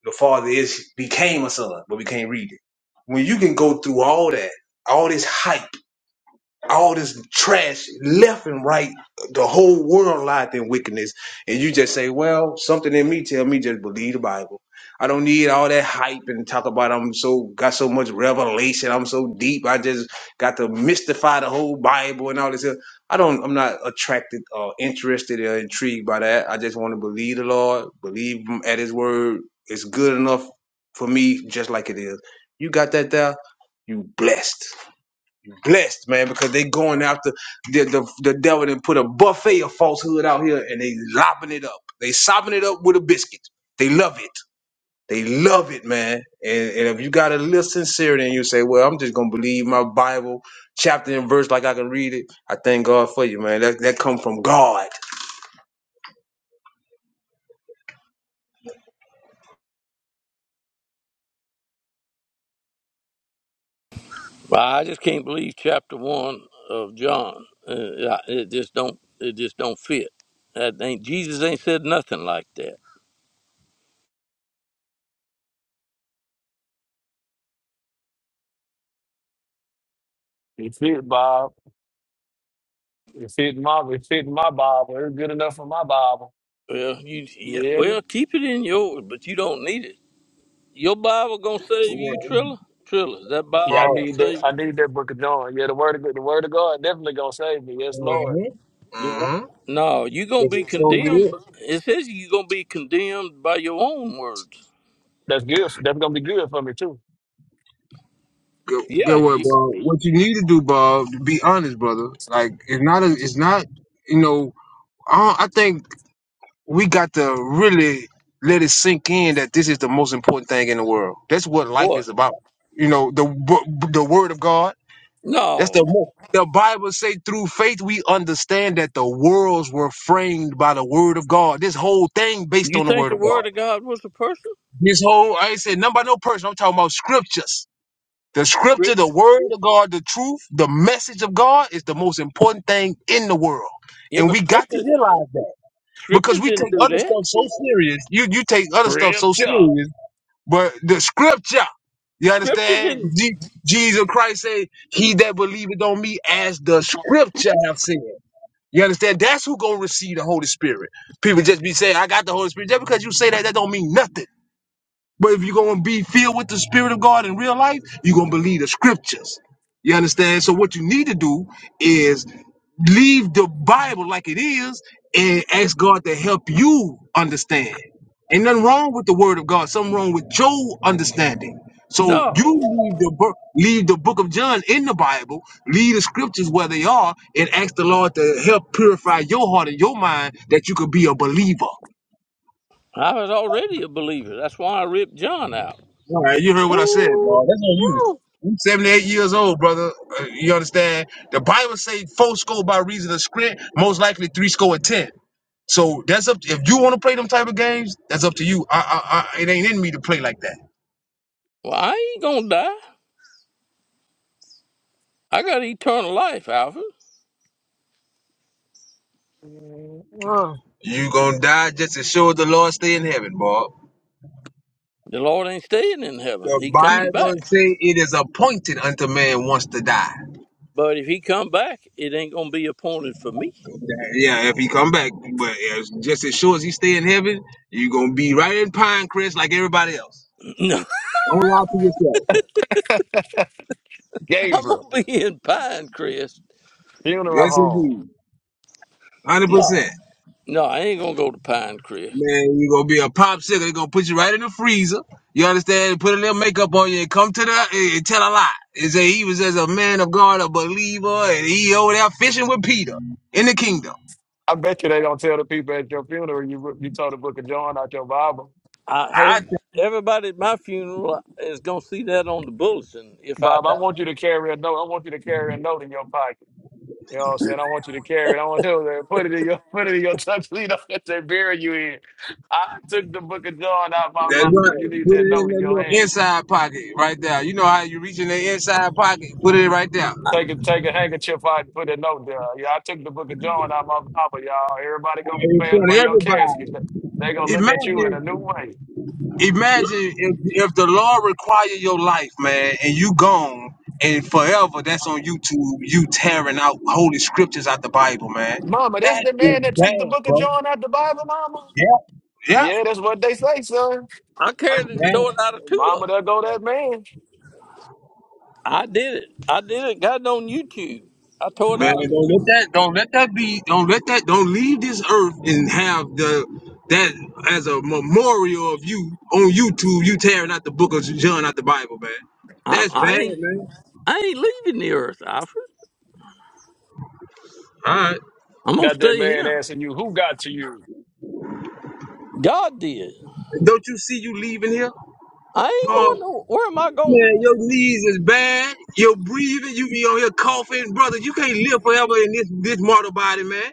[SPEAKER 9] the father is became a son, but we can't read it. When you can go through all that, all this hype all this trash left and right, the whole world lies in wickedness, and you just say, "Well, something in me tell me just believe the Bible." I don't need all that hype and talk about I'm so got so much revelation. I'm so deep. I just got to mystify the whole Bible and all this. stuff. I don't. I'm not attracted or interested or intrigued by that. I just want to believe the Lord, believe Him at His word. It's good enough for me, just like it is. You got that there. You blessed blessed, man, because they going after the the, the devil and put a buffet of falsehood out here and they lopping it up. They sopping it up with a biscuit. They love it. They love it, man. And, and if you got a little sincerity and you say, well, I'm just gonna believe my Bible chapter and verse like I can read it, I thank God for you, man. That that come from God.
[SPEAKER 11] Well, I just can't believe chapter one of John. Uh, I- it just don't. It just don't fit. That ain't Jesus ain't said nothing like that.
[SPEAKER 6] It fit Bob. It fit my. It fit my Bible. It's good enough for my Bible.
[SPEAKER 11] Well, you
[SPEAKER 6] You
[SPEAKER 11] yeah,
[SPEAKER 6] hear me?
[SPEAKER 11] well keep it in yours, but you don't need it. Your Bible gonna save you,
[SPEAKER 9] Yeah,
[SPEAKER 11] Trilla. Trilla, is that
[SPEAKER 6] Yeah,
[SPEAKER 9] God.
[SPEAKER 6] I
[SPEAKER 11] Bible gonna
[SPEAKER 6] need that.
[SPEAKER 11] save you?
[SPEAKER 6] I need that Book of John. Yeah, the word of the word of God definitely gonna save me. Yes, Lord.
[SPEAKER 9] Mm-hmm.
[SPEAKER 11] The-
[SPEAKER 9] Mm-hmm.
[SPEAKER 11] No, you're gonna be
[SPEAKER 9] So it
[SPEAKER 11] condemned.
[SPEAKER 9] is.
[SPEAKER 11] It says you're gonna be condemned by your own words.
[SPEAKER 6] That's good. That's gonna be good for me too.
[SPEAKER 9] Good,
[SPEAKER 11] Yeah,
[SPEAKER 9] good word,
[SPEAKER 11] you,
[SPEAKER 9] Bob. What you need to do, Bob, to be honest, brother. Like it's not a, it's not, you know. I I think we got to really let it sink in that this is the most important thing in the world. That's what life is
[SPEAKER 11] what?
[SPEAKER 9] about. You know, the wo- the word of God. That's the
[SPEAKER 11] No,
[SPEAKER 9] mo- the Bible say through faith we understand that the worlds were framed by the word of God. This whole thing based
[SPEAKER 11] you
[SPEAKER 9] on the
[SPEAKER 11] think
[SPEAKER 9] word
[SPEAKER 11] the
[SPEAKER 9] of God.
[SPEAKER 11] word of God was a person?
[SPEAKER 9] This whole I ain't saying nothing about no person. I'm talking about scriptures. The scripture, the
[SPEAKER 11] Script-
[SPEAKER 9] word of God, the truth, the message of God is the most important thing in the world.
[SPEAKER 11] Yeah,
[SPEAKER 9] And
[SPEAKER 11] but
[SPEAKER 9] we got to
[SPEAKER 11] scripture,
[SPEAKER 9] realize that. because
[SPEAKER 11] scripture
[SPEAKER 9] we
[SPEAKER 11] didn't
[SPEAKER 9] take
[SPEAKER 11] do
[SPEAKER 9] other
[SPEAKER 11] that.
[SPEAKER 9] stuff so serious. You you take other stuff so
[SPEAKER 6] Scripture.
[SPEAKER 9] serious, but the scripture, you
[SPEAKER 11] Scripture
[SPEAKER 9] understand?
[SPEAKER 11] didn't.
[SPEAKER 9] Je- Jesus Christ said, "He that believeth on me, as the scripture have said." You understand? That's who gonna receive the Holy Spirit. People just be saying, "I got the Holy Spirit." Just because you say that, that don't mean nothing. But if you're going to be filled with the Spirit of God in real life, you're going to believe the scriptures. You understand? So, what you need to do is leave the Bible like it is and ask God to help you understand. Ain't nothing wrong with the Word of God, something wrong with your understanding. So,
[SPEAKER 11] No,
[SPEAKER 9] you leave the, book, leave the book of John in the Bible, leave the scriptures where they are, and ask the Lord to help purify your heart and your mind that you could be a believer.
[SPEAKER 11] I was already a believer. That's why I ripped John out.
[SPEAKER 9] All right, you heard what I said, bro.
[SPEAKER 6] Woo,
[SPEAKER 9] That's on you.
[SPEAKER 6] woo.
[SPEAKER 9] I'm 78 years old, brother. Uh, You understand? The Bible say four score by reason of script, most likely three score and ten. So that's up. To, if you want to play them type of games, that's up to you. I, I, I, it ain't in me to play like that.
[SPEAKER 11] Well, I ain't gonna die. I got eternal life, Alfred.
[SPEAKER 6] Mm,
[SPEAKER 9] You gonna die just to show the Lord stay in heaven, Bob.
[SPEAKER 11] The Lord ain't staying in heaven.
[SPEAKER 9] The
[SPEAKER 11] He coming
[SPEAKER 9] Bible
[SPEAKER 11] back.
[SPEAKER 9] say it is appointed unto man once to die.
[SPEAKER 11] But if he come back, it ain't gonna be appointed for me.
[SPEAKER 9] Yeah, if he come back, but as, just as sure as he stay in heaven, you gonna be right in Pinecrest like everybody else. Don't lie to yourself.
[SPEAKER 6] mm.
[SPEAKER 11] I'm
[SPEAKER 6] Gabriel.
[SPEAKER 11] gonna be in Pinecrest.
[SPEAKER 6] Funeral
[SPEAKER 9] Yes,
[SPEAKER 6] home.
[SPEAKER 9] indeed. 100%.
[SPEAKER 11] No, no, I ain't gonna go to Pinecrest.
[SPEAKER 9] Man, you going to be a popsicle. They're going to put you right in the freezer. You understand? Put a little makeup on you and come to the, and and tell a lie. And say he was as a man of God, a believer, and he over there fishing with Peter in the kingdom.
[SPEAKER 6] I bet you they don't tell the people at your funeral you you told the book of John out your Bible.
[SPEAKER 11] I have
[SPEAKER 9] I think
[SPEAKER 11] everybody at my funeral is gonna see that on the bulletin if I
[SPEAKER 6] Bob, I
[SPEAKER 11] die.
[SPEAKER 6] want you to carry a note. I want you to carry a note in your pocket. You know what I'm saying? I want you to carry it. I want you to put it in your put it in your tuxedo that they bury you in. I took the book of John out my
[SPEAKER 9] that's right.
[SPEAKER 6] Bible. You need
[SPEAKER 9] Put
[SPEAKER 6] that
[SPEAKER 9] it in
[SPEAKER 6] note in
[SPEAKER 9] that
[SPEAKER 6] your
[SPEAKER 9] little
[SPEAKER 6] hand.
[SPEAKER 9] inside pocket right there. You know how you reach in the inside pocket? Put it right there. Right
[SPEAKER 6] Take a take a handkerchief out and put a note there. Yeah, I took the book of John out my Bible, y'all. Everybody gonna
[SPEAKER 9] In
[SPEAKER 6] pass
[SPEAKER 9] front
[SPEAKER 6] by
[SPEAKER 9] of
[SPEAKER 6] your casket.
[SPEAKER 9] everybody.
[SPEAKER 6] They they gonna look at you
[SPEAKER 9] Imagine
[SPEAKER 6] in a new way.
[SPEAKER 9] Imagine if, if the law require your life, man, and you gone and forever that's on YouTube, you tearing out holy scriptures out the Bible, man.
[SPEAKER 6] Mama, that's
[SPEAKER 9] That
[SPEAKER 6] the
[SPEAKER 9] is
[SPEAKER 6] man that took the
[SPEAKER 9] bad,
[SPEAKER 6] book of
[SPEAKER 9] bro.
[SPEAKER 6] John out the Bible, Mama.
[SPEAKER 9] Yeah, yeah.
[SPEAKER 6] Yeah, that's what they say, son.
[SPEAKER 11] I
[SPEAKER 9] That's
[SPEAKER 11] carried it,
[SPEAKER 9] bad.
[SPEAKER 11] tore it out of two of
[SPEAKER 6] Mama,
[SPEAKER 11] them.
[SPEAKER 6] there go that man.
[SPEAKER 11] I did it. I did it. Got it on YouTube. I tore it
[SPEAKER 9] Man,
[SPEAKER 11] out. Of,
[SPEAKER 9] don't let that don't let that be don't let that don't leave this earth and have the that as a memorial of you on YouTube, you tearing out the book of John out the Bible, man.
[SPEAKER 11] I'm,
[SPEAKER 9] That's
[SPEAKER 11] I
[SPEAKER 9] bad,
[SPEAKER 11] ain't.
[SPEAKER 9] man.
[SPEAKER 11] I ain't leaving the earth, Alfred.
[SPEAKER 9] All right.
[SPEAKER 11] I'm gonna
[SPEAKER 6] Got that
[SPEAKER 11] stay
[SPEAKER 6] man
[SPEAKER 11] here.
[SPEAKER 6] asking you, who got to you?
[SPEAKER 11] God did.
[SPEAKER 9] Don't you see you leaving here?
[SPEAKER 11] I ain't going nowhere. Where am I
[SPEAKER 9] Man,
[SPEAKER 11] going?
[SPEAKER 9] your knees is bad. Your breathing, you be on here coughing, brother. You can't live forever in this this mortal body, man.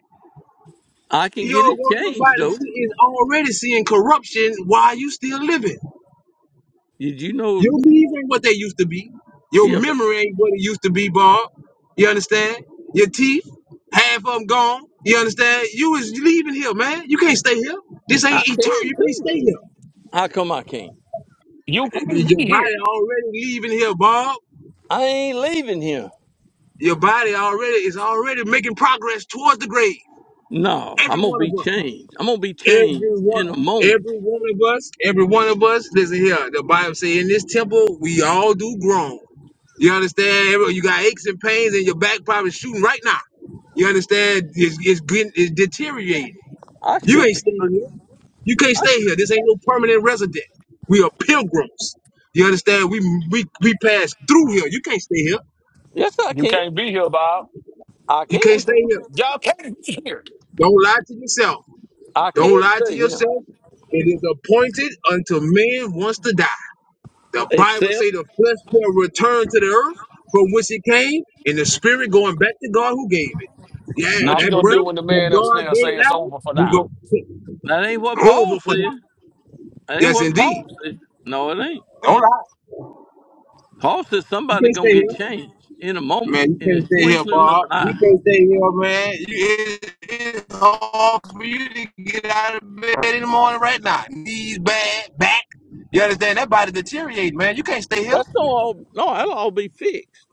[SPEAKER 11] I can
[SPEAKER 9] Your
[SPEAKER 11] get it
[SPEAKER 9] your, your
[SPEAKER 11] changed
[SPEAKER 9] body
[SPEAKER 11] though.
[SPEAKER 9] see- is already seeing corruption while you still living.
[SPEAKER 11] Did you know?
[SPEAKER 9] Your knees ain't what they used to be. Your
[SPEAKER 11] Yeah, but
[SPEAKER 9] memory ain't what it used to be, Bob. You understand? Your teeth, half of them gone. You understand? You is leaving here, man. You can't stay here. This ain't
[SPEAKER 11] I
[SPEAKER 9] eternal.
[SPEAKER 11] can
[SPEAKER 9] You can't
[SPEAKER 11] too.
[SPEAKER 9] stay
[SPEAKER 11] How come I can't?
[SPEAKER 6] You
[SPEAKER 9] here.
[SPEAKER 6] can't
[SPEAKER 9] Your
[SPEAKER 6] be
[SPEAKER 9] body
[SPEAKER 6] here.
[SPEAKER 9] already leaving here, Bob.
[SPEAKER 11] I ain't leaving here.
[SPEAKER 9] Your body already is already making progress towards the grave.
[SPEAKER 11] No,
[SPEAKER 9] Every
[SPEAKER 11] I'm gonna
[SPEAKER 9] one of
[SPEAKER 11] be
[SPEAKER 9] us,
[SPEAKER 11] changed. I'm gonna be changed
[SPEAKER 9] every one,
[SPEAKER 11] in a moment.
[SPEAKER 9] every one of us, every one of us. Listen here, the Bible say in this temple we all do groan. You understand? Every- You got aches and pains, and your back probably shooting right now. You understand? It's, it's getting it's deteriorating.
[SPEAKER 11] I
[SPEAKER 9] You
[SPEAKER 11] should
[SPEAKER 9] ain't
[SPEAKER 11] be.
[SPEAKER 9] staying here. You can't
[SPEAKER 11] I
[SPEAKER 9] stay
[SPEAKER 11] should.
[SPEAKER 9] here. This ain't no permanent resident. We are pilgrims. You understand? We we we pass through here. You can't stay here.
[SPEAKER 11] Yes, I
[SPEAKER 6] You
[SPEAKER 11] can.
[SPEAKER 6] can't be here, Bob.
[SPEAKER 11] I
[SPEAKER 9] You can't
[SPEAKER 11] can. too.
[SPEAKER 9] stay here.
[SPEAKER 6] Y'all can't be here.
[SPEAKER 9] Don't lie to yourself.
[SPEAKER 11] I
[SPEAKER 9] Don't
[SPEAKER 11] can
[SPEAKER 9] lie to
[SPEAKER 11] stay here.
[SPEAKER 9] yourself. It is appointed unto man wants to die. The Bible say
[SPEAKER 11] Except
[SPEAKER 9] the flesh shall return to the earth from which it came, and the spirit going back to God who gave it.
[SPEAKER 6] What
[SPEAKER 9] Yeah,
[SPEAKER 6] you
[SPEAKER 11] not
[SPEAKER 9] that
[SPEAKER 11] for
[SPEAKER 6] gonna
[SPEAKER 9] breath
[SPEAKER 6] do
[SPEAKER 11] me.
[SPEAKER 6] when the
[SPEAKER 9] that
[SPEAKER 6] man
[SPEAKER 9] God
[SPEAKER 6] upstairs
[SPEAKER 9] gave
[SPEAKER 6] say it's
[SPEAKER 9] Adam,
[SPEAKER 6] over for
[SPEAKER 9] we
[SPEAKER 6] now?
[SPEAKER 9] go
[SPEAKER 11] That ain't what Paul
[SPEAKER 9] over for that.
[SPEAKER 11] said. That ain't
[SPEAKER 9] Yes,
[SPEAKER 11] what
[SPEAKER 9] indeed.
[SPEAKER 11] Paul said. No, it ain't.
[SPEAKER 9] Don't lie.
[SPEAKER 11] Paul says
[SPEAKER 9] You
[SPEAKER 11] somebody
[SPEAKER 9] can't
[SPEAKER 11] gonna
[SPEAKER 9] stay
[SPEAKER 11] get
[SPEAKER 9] here.
[SPEAKER 11] changed in a moment,
[SPEAKER 9] Man, you
[SPEAKER 11] in the
[SPEAKER 9] can't stay here,
[SPEAKER 11] twinkling of
[SPEAKER 9] Bob.
[SPEAKER 11] an
[SPEAKER 9] You
[SPEAKER 11] eye.
[SPEAKER 9] can't stay here, man. You, it, it's hard for you to get out of bed in the morning right now. Knees bad, back. You understand? That body deteriorate, man. You can't stay here.
[SPEAKER 11] That's going all. No, that'll all be fixed.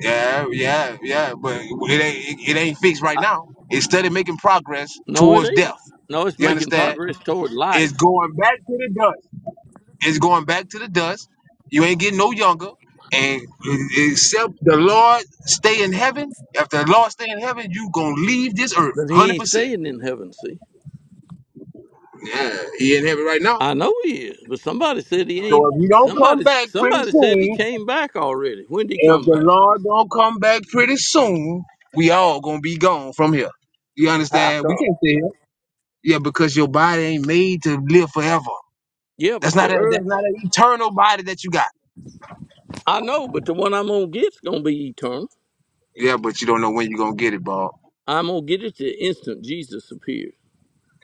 [SPEAKER 9] Yeah, yeah, yeah. But it ain't it, it ain't fixed right
[SPEAKER 11] I,
[SPEAKER 9] now. It's steady making progress
[SPEAKER 11] no, it
[SPEAKER 9] towards
[SPEAKER 11] ain't.
[SPEAKER 9] death.
[SPEAKER 11] No, it's
[SPEAKER 9] You
[SPEAKER 11] making
[SPEAKER 9] understand?
[SPEAKER 11] progress toward
[SPEAKER 9] It's
[SPEAKER 11] life.
[SPEAKER 9] going back to the dust. It's going back to the dust. You ain't getting no younger. And except the Lord stay in heaven, if the Lord stay in heaven, you gonna leave this earth,
[SPEAKER 11] But he
[SPEAKER 9] hundred
[SPEAKER 11] ain't
[SPEAKER 9] percent.
[SPEAKER 11] staying in heaven, see?
[SPEAKER 9] Yeah, he in heaven right now.
[SPEAKER 11] I know he is, but somebody said he
[SPEAKER 9] So
[SPEAKER 11] ain't.
[SPEAKER 9] if you don't come
[SPEAKER 11] Somebody,
[SPEAKER 9] back pretty
[SPEAKER 11] somebody said he
[SPEAKER 9] soon,
[SPEAKER 11] came back already. When did he
[SPEAKER 9] if
[SPEAKER 11] come
[SPEAKER 9] the
[SPEAKER 11] back?
[SPEAKER 9] Lord don't come back pretty soon, we all gonna be gone from here. You
[SPEAKER 11] How
[SPEAKER 9] understand? We
[SPEAKER 11] come?
[SPEAKER 9] can't stay here. Yeah, because your body ain't made to live forever.
[SPEAKER 11] Yeah,
[SPEAKER 9] That's
[SPEAKER 11] but
[SPEAKER 9] not
[SPEAKER 11] the
[SPEAKER 9] a, that's
[SPEAKER 11] earth,
[SPEAKER 9] not an eternal body that you got.
[SPEAKER 11] I know, but the one I'm gonna get's gonna be eternal.
[SPEAKER 9] Yeah, but you don't know when you're gonna get it, Bob.
[SPEAKER 11] I'm gonna get it the instant Jesus appears.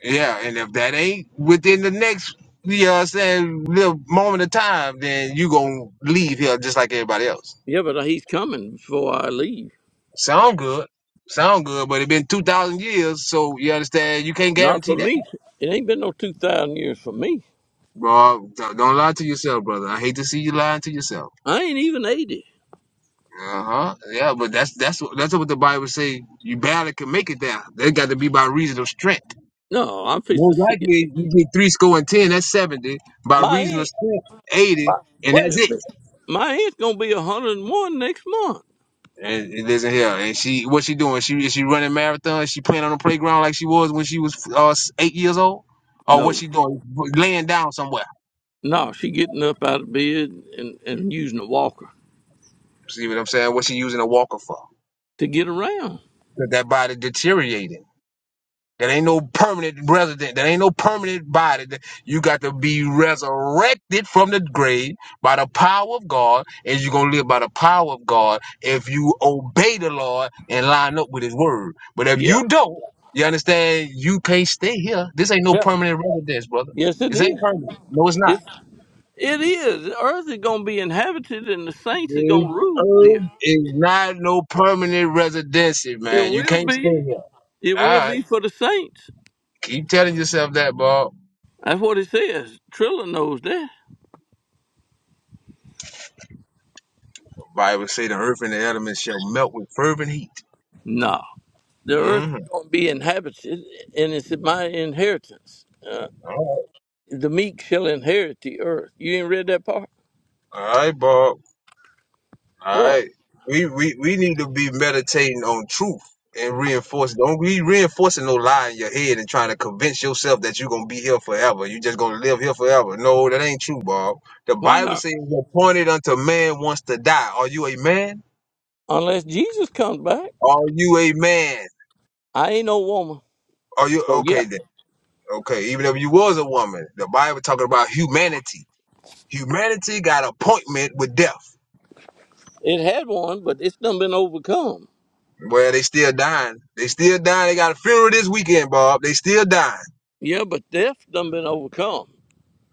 [SPEAKER 9] Yeah, and if that ain't within the next you know what I'm saying, little moment of time, then you gonna leave here just like everybody else.
[SPEAKER 11] Yeah, but he's coming before I leave.
[SPEAKER 9] Sound good. Sound good, but it been two thousand years, so you understand you can't
[SPEAKER 11] Not
[SPEAKER 9] guarantee
[SPEAKER 11] for
[SPEAKER 9] that.
[SPEAKER 11] me. It ain't been no two thousand years for me.
[SPEAKER 9] Bro, don't lie to yourself, brother. I hate to see you lying to yourself.
[SPEAKER 11] I ain't even eighty.
[SPEAKER 9] Uh-huh. Yeah, but that's that's what that's what the Bible say. You barely can make it there. They got to be by reason of strength.
[SPEAKER 11] No, I'm fixing
[SPEAKER 9] Most
[SPEAKER 11] to see it.
[SPEAKER 9] likely you get three score and ten, that's seventy. By
[SPEAKER 11] My
[SPEAKER 9] reason of
[SPEAKER 11] aunt,
[SPEAKER 9] strength, eighty, and
[SPEAKER 11] wait
[SPEAKER 9] that's
[SPEAKER 11] a
[SPEAKER 9] it.
[SPEAKER 11] minute. My aunt's gonna be hundred and one next month.
[SPEAKER 9] And it doesn't help. And she what she doing? She is she running marathons? She playing on the playground like she was when she was uh, s- eight years old? Or what
[SPEAKER 11] No.
[SPEAKER 9] she doing? Laying down somewhere.
[SPEAKER 11] No, she getting up out of bed and, and using a walker
[SPEAKER 9] See what I'm saying? What she using a walker for?
[SPEAKER 11] to get around.
[SPEAKER 9] 'Cause that body deteriorating? That ain't no permanent resident. That ain't no permanent body. That- You got to be resurrected from the grave by the power of God, and you're gonna live by the power of God if you obey the Lord and line up with His word. But if
[SPEAKER 11] Yeah.
[SPEAKER 9] you don't, you understand, you can't stay here. This ain't no
[SPEAKER 11] Yeah.
[SPEAKER 9] permanent residence, brother.
[SPEAKER 11] Yes, it
[SPEAKER 9] This ain't
[SPEAKER 11] is.
[SPEAKER 9] permanent. No, it's not.
[SPEAKER 11] It, it is. The earth is going to be inhabited and the saints are
[SPEAKER 9] This
[SPEAKER 11] going to rule here.
[SPEAKER 9] earth is not no permanent residency,
[SPEAKER 11] It
[SPEAKER 9] man. You
[SPEAKER 11] will
[SPEAKER 9] can't
[SPEAKER 11] be.
[SPEAKER 9] stay here.
[SPEAKER 11] It
[SPEAKER 9] All
[SPEAKER 11] will
[SPEAKER 9] right,
[SPEAKER 11] be for the saints.
[SPEAKER 9] keep telling yourself that, Bob.
[SPEAKER 11] That's what it says. Trilla knows that.
[SPEAKER 9] Bible say the earth and the elements shall melt with fervent heat.
[SPEAKER 11] No. The earth
[SPEAKER 9] Mm-hmm.
[SPEAKER 11] is going to be inhabited and it's my inheritance. Uh,
[SPEAKER 9] All
[SPEAKER 11] the meek shall inherit the earth. You ain't read that part?
[SPEAKER 9] right. All right, Bob. All
[SPEAKER 11] What?
[SPEAKER 9] right. We, we we need to be meditating on truth and reinforce. Don't be reinforcing no lie in your head and trying to convince yourself that you're gonna be here forever. you just gonna live here forever. No, that ain't true, Bob. The
[SPEAKER 11] Why
[SPEAKER 9] Bible
[SPEAKER 11] not?
[SPEAKER 9] says it's appointed unto man wants to die. Are you a man?
[SPEAKER 11] Unless Jesus comes back,
[SPEAKER 9] Are you a man?
[SPEAKER 11] I ain't no woman.
[SPEAKER 9] Are you
[SPEAKER 11] So, yeah.
[SPEAKER 9] okay then? Okay, even if you was a woman, the Bible talking about humanity. Humanity got appointment with death.
[SPEAKER 11] It had one, but it's done been overcome.
[SPEAKER 9] Well, they still dying. They still dying. They got a funeral this weekend, Bob. They still dying.
[SPEAKER 11] Yeah, but death done been overcome,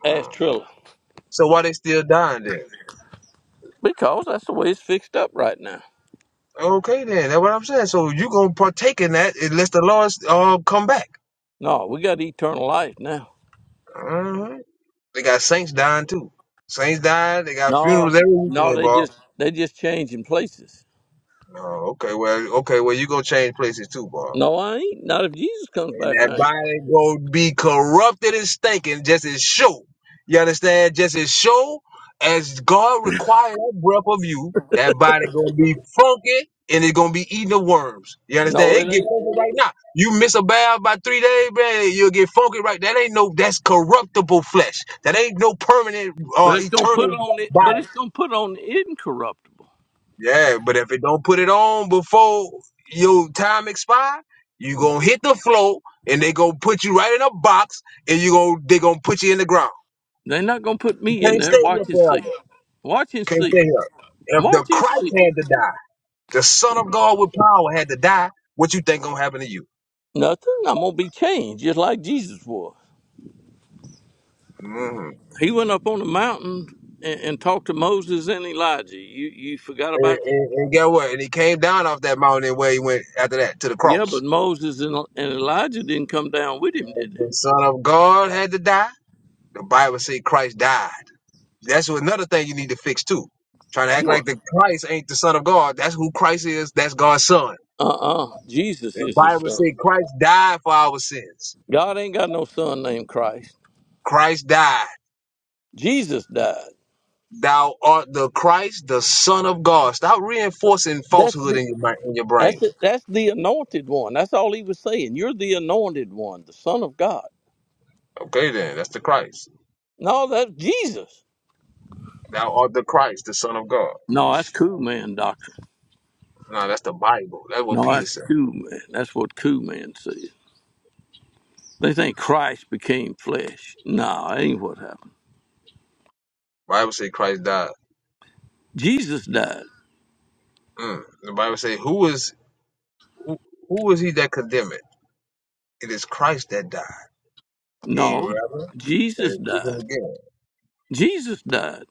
[SPEAKER 11] asked
[SPEAKER 9] Mm.
[SPEAKER 11] Trilla.
[SPEAKER 9] So why they still dying then?
[SPEAKER 11] Because that's the way it's fixed up right now.
[SPEAKER 9] Okay, then that's what I'm saying. So you gonna partake in that unless the Lord uh, come back.
[SPEAKER 11] No, we got eternal life now.
[SPEAKER 9] hmm They got saints dying too. Saints dying. They got
[SPEAKER 11] No,
[SPEAKER 9] funerals every
[SPEAKER 11] no,
[SPEAKER 9] weekend,
[SPEAKER 11] they
[SPEAKER 9] Bob.
[SPEAKER 11] just they just changing places.
[SPEAKER 9] Oh, okay. Well, okay. Well, you gonna change places too, Bob.
[SPEAKER 11] No, I ain't. Not if Jesus comes
[SPEAKER 9] And
[SPEAKER 11] back,
[SPEAKER 9] that
[SPEAKER 11] I ain't.
[SPEAKER 9] body gonna be corrupted and stinking just as sure. You understand? Just as sure as God required that breath of you, that body gonna be funky and it's gonna be eating the worms. You understand?
[SPEAKER 11] No, it
[SPEAKER 9] It get
[SPEAKER 11] ain't.
[SPEAKER 9] funky right now. You miss a bath by three days, man, you'll get funky right. That ain't no that's corruptible flesh. That ain't no permanent or
[SPEAKER 11] But it's gonna put
[SPEAKER 9] eternal
[SPEAKER 11] on it.
[SPEAKER 9] body.
[SPEAKER 11] But it's gonna put on the incorruptible.
[SPEAKER 9] Yeah, but if it don't put it on before your time expire, you gonna hit the floor and they gonna put you right in a box and you gonna they gonna put you in the ground.
[SPEAKER 11] They're not gonna put
[SPEAKER 9] You
[SPEAKER 11] me in
[SPEAKER 9] can't
[SPEAKER 11] there.
[SPEAKER 9] stay here
[SPEAKER 11] Watch and
[SPEAKER 9] forever.
[SPEAKER 11] see.
[SPEAKER 9] You
[SPEAKER 11] Watch and
[SPEAKER 9] can't
[SPEAKER 11] see.
[SPEAKER 9] stay here. If the
[SPEAKER 11] Watch and
[SPEAKER 9] Christ
[SPEAKER 11] see.
[SPEAKER 9] had to die, the Son of God with power had to die, what you think gonna happen to you?
[SPEAKER 11] Nothing. I'm gonna be changed just like Jesus was.
[SPEAKER 9] hmm
[SPEAKER 11] He went up on the mountain and, and talked to Moses and Elijah. You you forgot
[SPEAKER 9] And,
[SPEAKER 11] about that?
[SPEAKER 9] and, and get what? And he came down off that mountain and where he went after that to the
[SPEAKER 11] Yeah,
[SPEAKER 9] cross.
[SPEAKER 11] but Moses and, and Elijah didn't come down with him, did
[SPEAKER 9] The
[SPEAKER 11] they?
[SPEAKER 9] Son of God had to die. The Bible say Christ died. That's another thing you need to fix too. Trying to act like
[SPEAKER 11] What?
[SPEAKER 9] the Christ ain't the Son of God. That's who Christ is. That's God's Son.
[SPEAKER 11] Uh uh Jesus
[SPEAKER 9] The
[SPEAKER 11] is his
[SPEAKER 9] Bible
[SPEAKER 11] son.
[SPEAKER 9] said Christ died for our sins.
[SPEAKER 11] God ain't got no son named Christ.
[SPEAKER 9] Christ died.
[SPEAKER 11] Jesus died.
[SPEAKER 9] Thou art the Christ, the Son of God. Stop reinforcing
[SPEAKER 11] That's
[SPEAKER 9] falsehood
[SPEAKER 11] the
[SPEAKER 9] in your mi- in your
[SPEAKER 11] that's
[SPEAKER 9] brain.
[SPEAKER 11] it. That's the anointed one. That's all he was saying. You're the anointed one, the Son of God.
[SPEAKER 9] Okay, then that's the Christ.
[SPEAKER 11] No, that's Jesus.
[SPEAKER 9] Thou art the Christ, the Son of God.
[SPEAKER 11] No, that's cool man doctrine.
[SPEAKER 9] No, that's the Bible. That's what
[SPEAKER 11] No,
[SPEAKER 9] Peter
[SPEAKER 11] that's
[SPEAKER 9] said.
[SPEAKER 11] cool man. That's what cool man says. They think Christ became flesh. No, that ain't what happened.
[SPEAKER 9] Bible said Christ died.
[SPEAKER 11] Jesus died.
[SPEAKER 9] Mm. The Bible say, "Who is who, who is he that condemneth? It is Christ that died." Yeah,
[SPEAKER 11] No,
[SPEAKER 9] rather, and
[SPEAKER 11] Jesus
[SPEAKER 9] it's
[SPEAKER 11] died.
[SPEAKER 9] risen again.
[SPEAKER 11] Jesus died.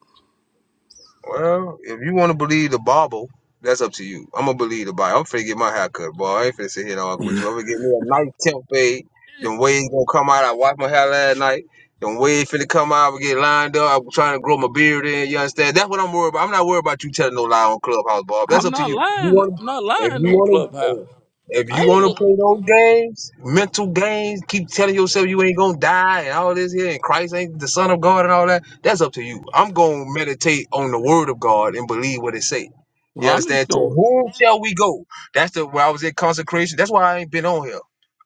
[SPEAKER 9] Well, if you want to believe the Bible, that's up to you. I'm gonna believe the Bible. I'm finna get my hair cut, boy. I ain't finna sit here and argue with you. I'm gonna get me a nice temp fade. The way it's gonna come out, I washed my hair last night. The way it finna come out, i get lined up. I'm trying to grow my beard in. You understand? That's what I'm worried about. I'm not worried about you telling no lie on Clubhouse, Bob. That's
[SPEAKER 11] I'm
[SPEAKER 9] up to
[SPEAKER 11] not
[SPEAKER 9] you. If You
[SPEAKER 11] lying.
[SPEAKER 9] want?
[SPEAKER 11] I'm not
[SPEAKER 9] If
[SPEAKER 11] lying
[SPEAKER 9] you
[SPEAKER 11] on
[SPEAKER 9] want
[SPEAKER 11] Clubhouse.
[SPEAKER 9] to. If you
[SPEAKER 11] I
[SPEAKER 9] want to
[SPEAKER 11] ain't.
[SPEAKER 9] play those games, mental games, keep telling yourself you ain't gonna die and all this here, and Christ ain't the Son of God and all that. That's up to you. I'm gonna meditate on the word of God and believe what it say.
[SPEAKER 11] Well,
[SPEAKER 9] You
[SPEAKER 11] I'm
[SPEAKER 9] understand?
[SPEAKER 11] just
[SPEAKER 9] To
[SPEAKER 11] going.
[SPEAKER 9] whom shall we go? That's the where I was in consecration. That's why I ain't been on here.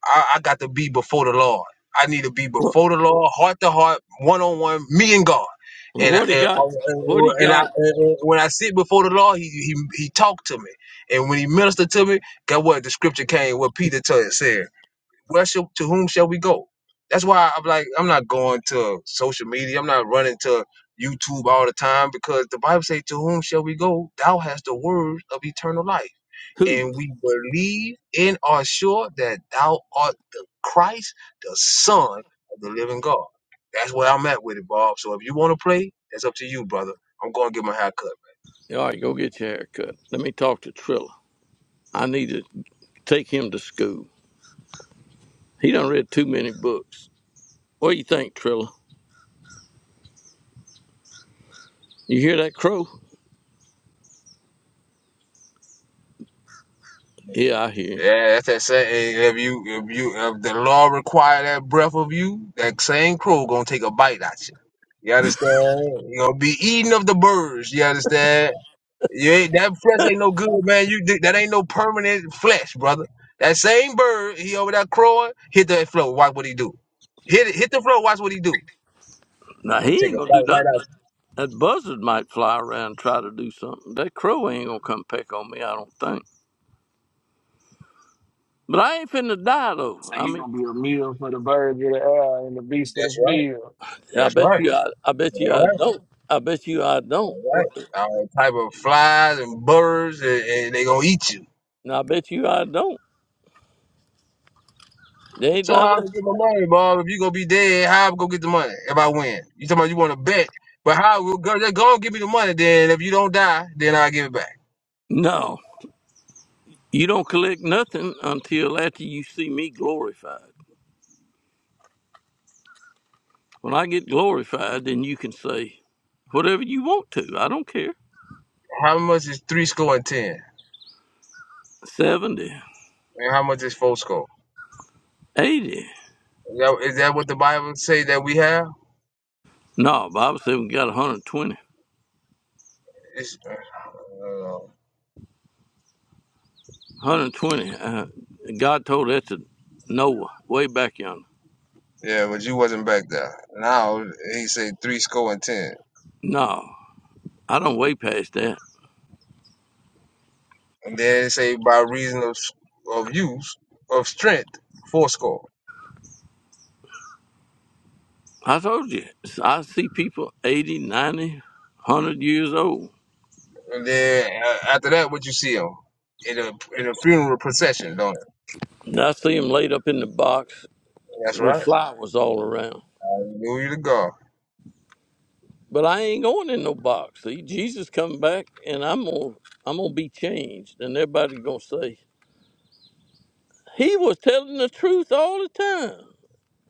[SPEAKER 9] I, I got to be before the Lord. I need to be
[SPEAKER 11] Well,
[SPEAKER 9] before the Lord, heart to heart, one on one, me and God.
[SPEAKER 11] well,
[SPEAKER 9] And I,
[SPEAKER 11] what he
[SPEAKER 9] and I,
[SPEAKER 11] got? What he
[SPEAKER 9] and I-
[SPEAKER 11] got?
[SPEAKER 9] and when I sit before the Lord, he, he he talked to me, and when he ministered to me, guess what? The scripture came. What Peter told said. Where shall, to whom shall we go? That's why I'm like, I'm not going to social media. I'm not running to YouTube all the time because the Bible says, to whom shall we go? Thou hast the word of eternal life
[SPEAKER 11] Who?
[SPEAKER 9] and we believe and are sure that thou art the Christ, the Son of the living God. That's where I'm at with it, Bob. So if you want to play, that's up to you, brother. I'm going to get my hair cut. man.
[SPEAKER 11] All right, go get your haircut. Let me talk to Trilla. I need to take him to school. He done read too many books. What do you think, Trilla? You hear that crow? Yeah, I hear.
[SPEAKER 9] Yeah, that's that same. If you, if you, if the law require that breath of you, that same crow gonna take a bite at you. You understand? You gonna be eating of the birds. You understand? You ain't that flesh ain't no good, man. You di- that ain't no permanent flesh, brother. That same bird, he over there crowing, hit that floor. Watch what he do. Hit it, hit the floor. Watch what he do.
[SPEAKER 11] Now
[SPEAKER 9] Gonna
[SPEAKER 11] he
[SPEAKER 9] take
[SPEAKER 11] ain't
[SPEAKER 9] a
[SPEAKER 11] gonna do
[SPEAKER 9] bite right
[SPEAKER 11] nothing.
[SPEAKER 9] out.
[SPEAKER 11] That buzzard might fly around and try to do something. That crow ain't gonna come peck on me, I don't think. But I ain't finna die though.
[SPEAKER 6] So
[SPEAKER 11] I
[SPEAKER 6] you
[SPEAKER 11] mean,
[SPEAKER 6] gonna be a meal for the birds of the air and the
[SPEAKER 9] You.
[SPEAKER 6] beasts of the
[SPEAKER 9] That's right.
[SPEAKER 6] field.
[SPEAKER 11] I
[SPEAKER 9] That's
[SPEAKER 11] bet
[SPEAKER 9] right.
[SPEAKER 11] you, I, I bet
[SPEAKER 9] That's
[SPEAKER 11] you, I
[SPEAKER 9] right.
[SPEAKER 11] don't. I bet you, I don't.
[SPEAKER 9] That's right.
[SPEAKER 11] What?
[SPEAKER 9] All type of flies and birds, and, and they gonna eat you.
[SPEAKER 11] No, I bet you, I don't. They ain't
[SPEAKER 9] So how I'm gonna
[SPEAKER 11] not.
[SPEAKER 9] get my money, Bob? If you gonna be dead, how I'm gonna get the money if I win? You talking about you want to bet? But how will go? They gonna give me the money. Then if you don't die, then I will give it back.
[SPEAKER 11] No, you don't collect nothing until after you see me glorified. When I get glorified, then you can say whatever you want to. I don't care.
[SPEAKER 9] How much is three score and ten?
[SPEAKER 11] 70,
[SPEAKER 9] And how much is four score?
[SPEAKER 11] 80.
[SPEAKER 9] Is that, is that what the Bible say that we have?
[SPEAKER 11] No, Bible said we got 120.
[SPEAKER 9] It's, I don't know.
[SPEAKER 11] 120. Uh, God told that to Noah way back yonder.
[SPEAKER 9] yeah, but you wasn't back there. Now he say three score and ten,
[SPEAKER 11] No, I don't way past that.
[SPEAKER 9] and then it say by reason of of use of strength four score,
[SPEAKER 11] I told you, I see people 80, ninety, one hundred years old.
[SPEAKER 9] and then uh, after that what you see him in a in a funeral procession, don't it?
[SPEAKER 11] And I see them laid up in the box
[SPEAKER 9] That's
[SPEAKER 11] with
[SPEAKER 9] right.
[SPEAKER 11] flowers all around.
[SPEAKER 9] Hallelujah to God.
[SPEAKER 11] But I ain't going in no box. See, Jesus come back and I'm going to I'm gonna be changed. And everybody going to say, he was telling the truth all the time.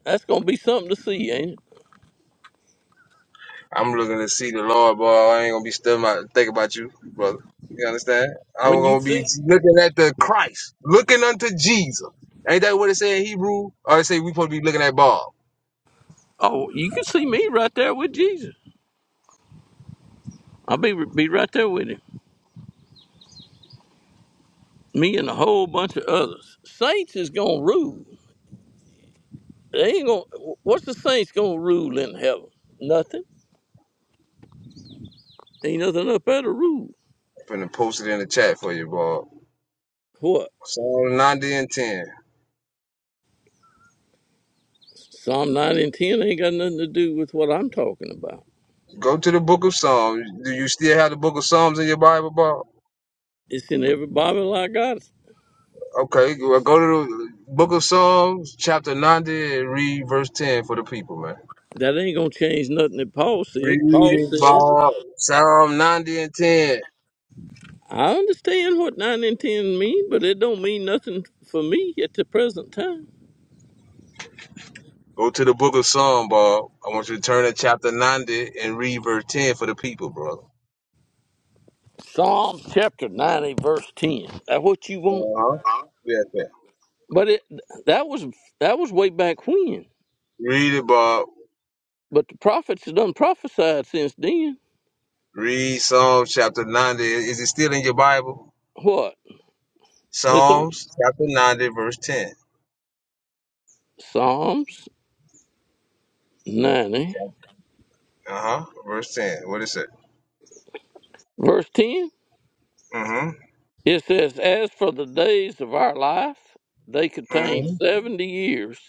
[SPEAKER 11] That's going to be something to see, ain't it?
[SPEAKER 9] I'm looking to see the Lord, boy. I ain't gonna be still about think about you, brother. You understand? I'm
[SPEAKER 11] When you
[SPEAKER 9] gonna be
[SPEAKER 11] see,
[SPEAKER 9] looking at the Christ, looking unto Jesus. Ain't that what it say in Hebrew? Or it say we supposed to be looking at Bob.
[SPEAKER 11] oh, you can see me right there with Jesus. I'll be be right there with him. Me and a whole bunch of others. Saints is gonna rule. They ain't gonna. What's the saints gonna rule in heaven? Nothing. Ain't nothing up there to rule.
[SPEAKER 9] I'm Finna post it in the chat for you, Bob.
[SPEAKER 11] What?
[SPEAKER 9] Psalm 90 and 10.
[SPEAKER 11] Psalm nine and ten ain't got nothing to do with what I'm talking about.
[SPEAKER 9] Go to the book of Psalms. Do you still have the book of Psalms in your Bible, Bob?
[SPEAKER 11] It's in every Bible I got.
[SPEAKER 9] Okay, well, go to the book of Psalms, chapter 90, and read verse 10 for the people, man.
[SPEAKER 11] That ain't gonna change nothing that Paul
[SPEAKER 9] Read
[SPEAKER 11] said. Paul
[SPEAKER 9] it,
[SPEAKER 11] said,
[SPEAKER 9] Bob. Psalm 90 and 10.
[SPEAKER 11] I understand what nine and ten mean, but it don't mean nothing for me at the present time.
[SPEAKER 9] Go to the book of Psalm, Bob. I want you to turn to chapter 90 and read verse 10 for the people, brother.
[SPEAKER 11] Psalm chapter ninety verse ten. That what you want?
[SPEAKER 9] Uh-huh. Yes, sir.
[SPEAKER 11] But it that was that was way back when.
[SPEAKER 9] Read it, Bob.
[SPEAKER 11] But the prophets have done prophesied since then.
[SPEAKER 9] Read Psalm chapter 90. Is it still in your Bible?
[SPEAKER 11] What? This on
[SPEAKER 9] Psalms chapter 90, verse 10.
[SPEAKER 11] Psalms ninety
[SPEAKER 9] Uh-huh. Verse 10. What is it?
[SPEAKER 11] verse ten.
[SPEAKER 9] Mm-hmm.
[SPEAKER 11] It says, As for the days of our life, they contain
[SPEAKER 9] Mm-hmm.
[SPEAKER 11] seventy years,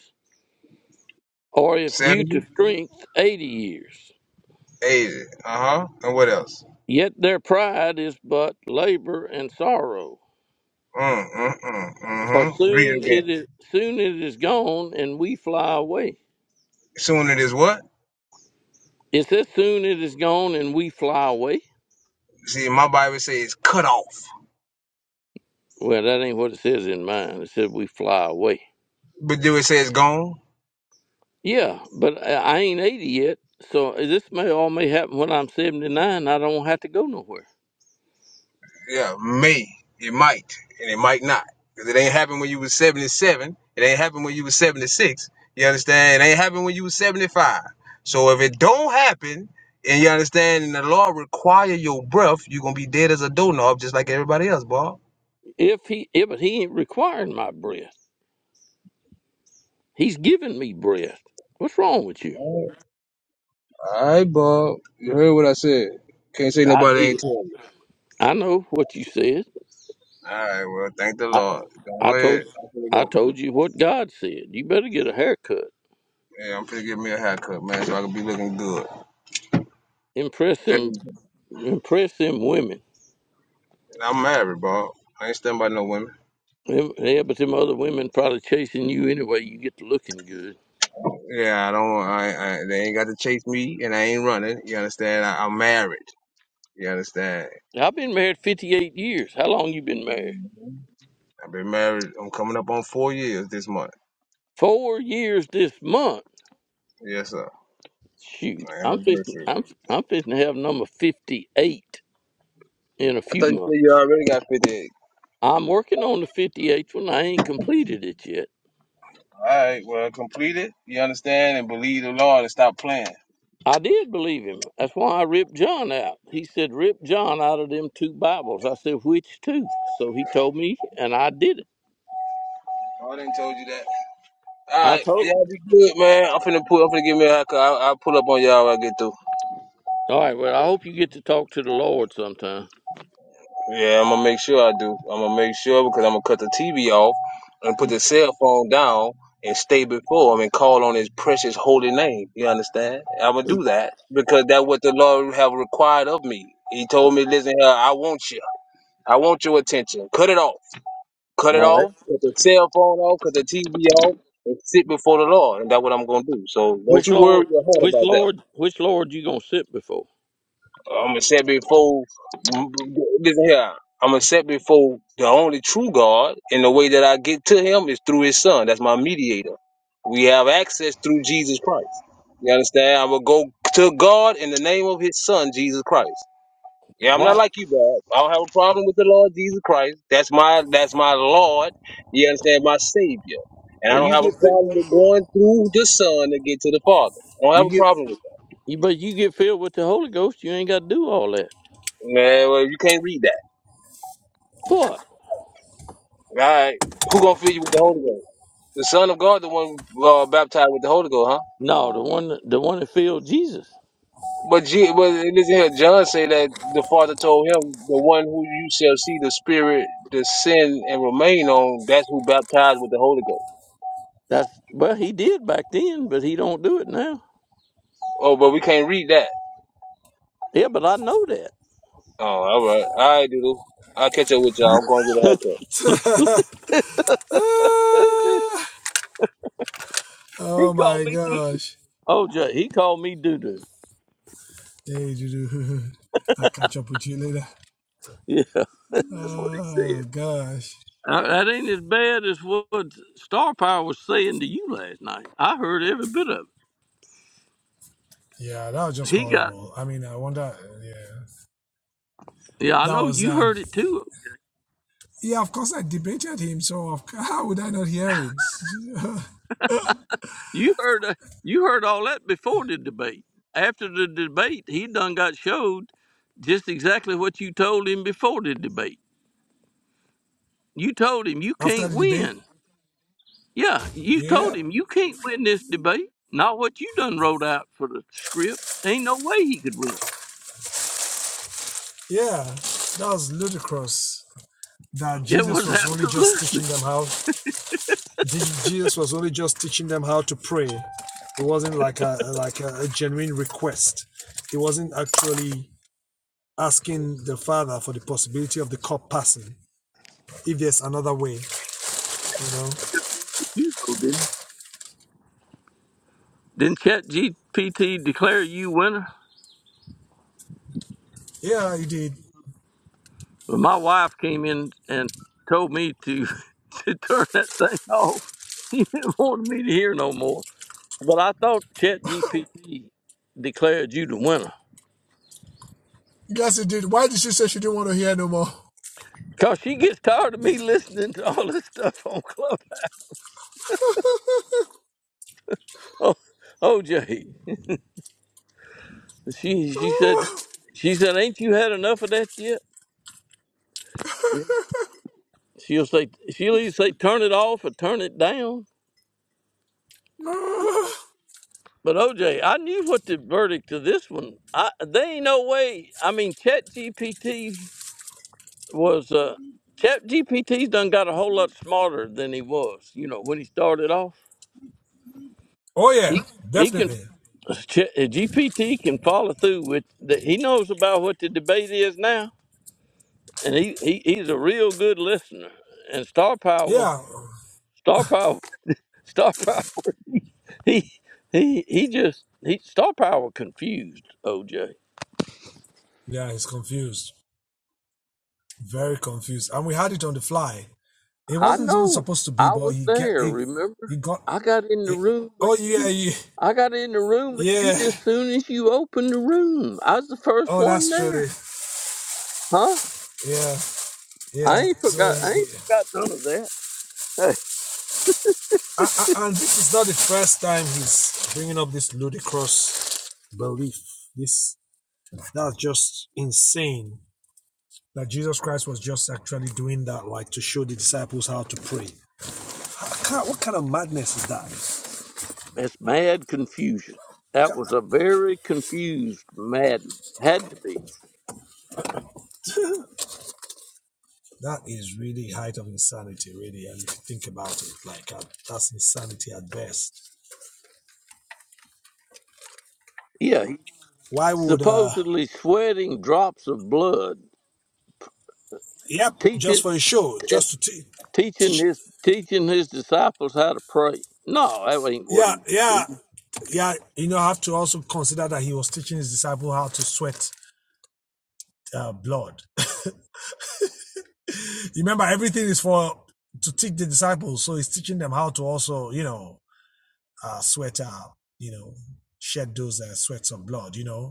[SPEAKER 11] or if due to
[SPEAKER 9] 70,
[SPEAKER 11] strength, eighty years.
[SPEAKER 9] 80. Uh-huh. And what else?
[SPEAKER 11] Yet their pride is but labor and sorrow.
[SPEAKER 9] Mm, mm, mm,
[SPEAKER 11] For
[SPEAKER 9] mm-hmm. Read it
[SPEAKER 11] soon
[SPEAKER 9] again.
[SPEAKER 11] it is soon it is gone and we fly away.
[SPEAKER 9] Soon it is what?
[SPEAKER 11] It says soon it is gone and we fly away.
[SPEAKER 9] See, my Bible says cut off.
[SPEAKER 11] Well, that ain't what it says in mine. It said we fly away.
[SPEAKER 9] But do it say it's gone?
[SPEAKER 11] Yeah, but I I ain't 80 yet, so this may all may happen when I'm 79. I don't have to go nowhere.
[SPEAKER 9] Yeah, may. It might. And it might not. Because it ain't happened when you was 77. It ain't happened when you was 76. You understand? It ain't happened when you was 75. So if it don't happen, and you understand, and the law require your breath, you're going to be dead as a doorknob just like everybody else, Bob.
[SPEAKER 11] If he, if, but he ain't requiring my breath. He's giving me breath. What's wrong with you?
[SPEAKER 9] All right, Bob. You heard what I said. Can't say
[SPEAKER 11] I
[SPEAKER 9] nobody ain't
[SPEAKER 11] did.
[SPEAKER 9] told you.
[SPEAKER 11] I know what you said.
[SPEAKER 9] All right, well, thank the
[SPEAKER 11] I,
[SPEAKER 9] Lord.
[SPEAKER 11] I
[SPEAKER 9] Go ahead.
[SPEAKER 11] told,
[SPEAKER 9] I'm going to
[SPEAKER 11] I
[SPEAKER 9] go.
[SPEAKER 11] told you what God said. You better get a haircut.
[SPEAKER 9] Yeah, I'm going to give me a haircut, man, so I can be looking good.
[SPEAKER 11] Impress them, impress them women.
[SPEAKER 9] I'm married, bro. I ain't stunned by no women.
[SPEAKER 11] Them- Yeah, but them other women probably chasing you anyway. You get to looking good.
[SPEAKER 9] Yeah, I don't. I, I they ain't got to chase me, and I ain't running. You understand? I, I'm married. You understand?
[SPEAKER 11] I've been married 58 years. How long you been married?
[SPEAKER 9] I've been married. I'm coming up on four years this month.
[SPEAKER 11] Four years this month.
[SPEAKER 9] Yes, sir.
[SPEAKER 11] Shoot,
[SPEAKER 9] My
[SPEAKER 11] I'm fixing,
[SPEAKER 9] anniversary.
[SPEAKER 11] I'm, I'm fixing to have number 58 in a
[SPEAKER 9] I thought
[SPEAKER 11] few
[SPEAKER 9] you said you
[SPEAKER 11] months.
[SPEAKER 9] already got 50.
[SPEAKER 11] I'm working on the 58th one. I ain't completed it yet.
[SPEAKER 9] All right. Well, complete it. You understand? And believe the Lord and stop playing.
[SPEAKER 11] I did believe him. That's why I ripped John out. He said, rip John out of them two Bibles. I said, which two?" So he told me, and I did it.
[SPEAKER 9] Oh, I didn't told you that. All
[SPEAKER 11] I
[SPEAKER 9] right. Well,
[SPEAKER 11] told
[SPEAKER 9] y'all be good, man. I'm finna put. I'm finna give me a. I'll, I'll pull up on y'all when I get through.
[SPEAKER 11] All right, well, I hope you get to talk to the Lord sometime.
[SPEAKER 9] Yeah, I'm gonna make sure I do. I'm gonna make sure because I'm gonna cut the TV off and put the cell phone down and stay before him and call on his precious holy name. You understand? I'm gonna do that because that's what the Lord have required of me. He told me, listen here, I want you. I want your attention. Cut it off. Cut it
[SPEAKER 11] All right.
[SPEAKER 9] off. Cut the cell phone off. Cut the TV off. And sit before the Lord, and that's what I'm gonna do. So don't
[SPEAKER 11] Which
[SPEAKER 9] you worry
[SPEAKER 11] Lord?
[SPEAKER 9] your heart
[SPEAKER 11] Which
[SPEAKER 9] about that.
[SPEAKER 11] Lord? Which Lord you gonna sit before?
[SPEAKER 9] I'm gonna set before listen here. I'm gonna set before the only true God, and the way that I get to Him is through His Son. That's my mediator. We have access through Jesus Christ. You understand? I'm gonna go to God in the name of His Son, Jesus Christ. Yeah, I'm not
[SPEAKER 11] Why?
[SPEAKER 9] like you, Bob. I don't have a problem with the Lord Jesus Christ. That's my that's my Lord. You understand? My Savior. And I
[SPEAKER 11] Well,
[SPEAKER 9] don't
[SPEAKER 11] you
[SPEAKER 9] have
[SPEAKER 11] get
[SPEAKER 9] a
[SPEAKER 11] fi-
[SPEAKER 9] problem with going through the Son to get to the Father. I don't have
[SPEAKER 11] you
[SPEAKER 9] a
[SPEAKER 11] get
[SPEAKER 9] problem with
[SPEAKER 11] you, but you get filled with the Holy Ghost. You ain't got to do all that.
[SPEAKER 9] that. Man, well, you can't read that.
[SPEAKER 11] What?
[SPEAKER 9] All right. Who gonna feed you with the Holy Ghost? The Son of God, the one uh, baptized with the Holy Ghost, huh?
[SPEAKER 11] No, the one the one that filled Jesus.
[SPEAKER 9] But G- but listen here, John say that the Father told him, the one who you shall see the Spirit descend and remain on, that's who baptized with the Holy Ghost.
[SPEAKER 11] That's well, he did back then, but he don't do it now.
[SPEAKER 9] Oh, but we can't read that.
[SPEAKER 11] Yeah, but I know that.
[SPEAKER 9] Oh, all right, all right, dude. I'll catch up with y'all. I'm going to get a haircut.
[SPEAKER 11] He
[SPEAKER 2] Oh
[SPEAKER 11] called
[SPEAKER 2] my
[SPEAKER 11] me doo doo.
[SPEAKER 2] gosh.
[SPEAKER 11] Oh, Jay, he called me doo doo.
[SPEAKER 2] Hey, Juju. I'll catch up with you later.
[SPEAKER 11] Yeah, that's what he said.
[SPEAKER 2] Oh gosh.
[SPEAKER 11] Uh, that ain't as bad as what Star Power was saying to you last night. I heard every bit of it. He got.
[SPEAKER 2] Horrible. I mean, I wonder. Yeah.
[SPEAKER 11] Yeah, I know you heard it too. You heard uh, you heard all that before the debate. After the debate, he done got showed just exactly what you told him before the debate. You told him you can't win. Yeah, you told him you can't win this debate. Not what you done wrote out for the script. Ain't no way he could win. It was absolutely agreed with you though, didn't? it? Didn't ChatGPT declare you winner? But my wife came in and told me to to turn that thing off. She didn't want me to hear no more. But I thought ChatGPT declared you the winner. Cause she gets tired of me listening to all this stuff on Clubhouse. Oh, OJ. She she said she said, Ain't you had enough of that yet? She'll say she'll either say turn it off or turn it down. But OJ, I knew what the verdict of this one. I they ain't no way I mean ChatGPT. was uh Chat GPT's done got a whole lot smarter than he was. You know, when he started off, he he can Chat- GPT can follow through with that. He knows about what the debate is now, and he, he he's a real good listener. And Star Power, Star Power, Star Power. He he he just he Star Power confused OJ. I know. I was there. Remember, I got in the room with you I got in the room with you just soon as you opened the room. I was the first one there. Huh? I ain't forgot I ain't forgot none of that. Hey.
[SPEAKER 2] That's just insane. that Jesus Christ was just actually doing that, like to show the disciples how to pray.
[SPEAKER 11] It's mad confusion. That was a very confused madness. Had to be. Yeah, he supposedly sweating drops of blood, teaching and teaching his teaching his disciples how to pray. No, that ain't what he was doing.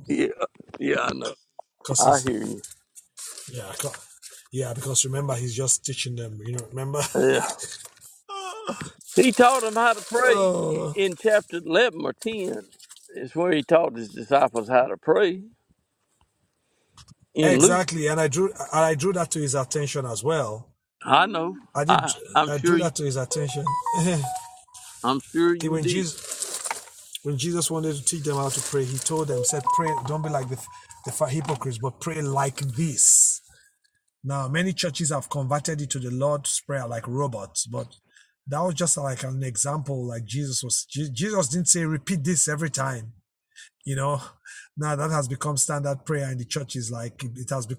[SPEAKER 11] Yeah, yeah, I know. I hear you. Yeah. He taught them how to pray in chapter 11 or 10. It's where he taught his disciples how to pray in Luke. I know. I, I'm sure you, I'm sure you did.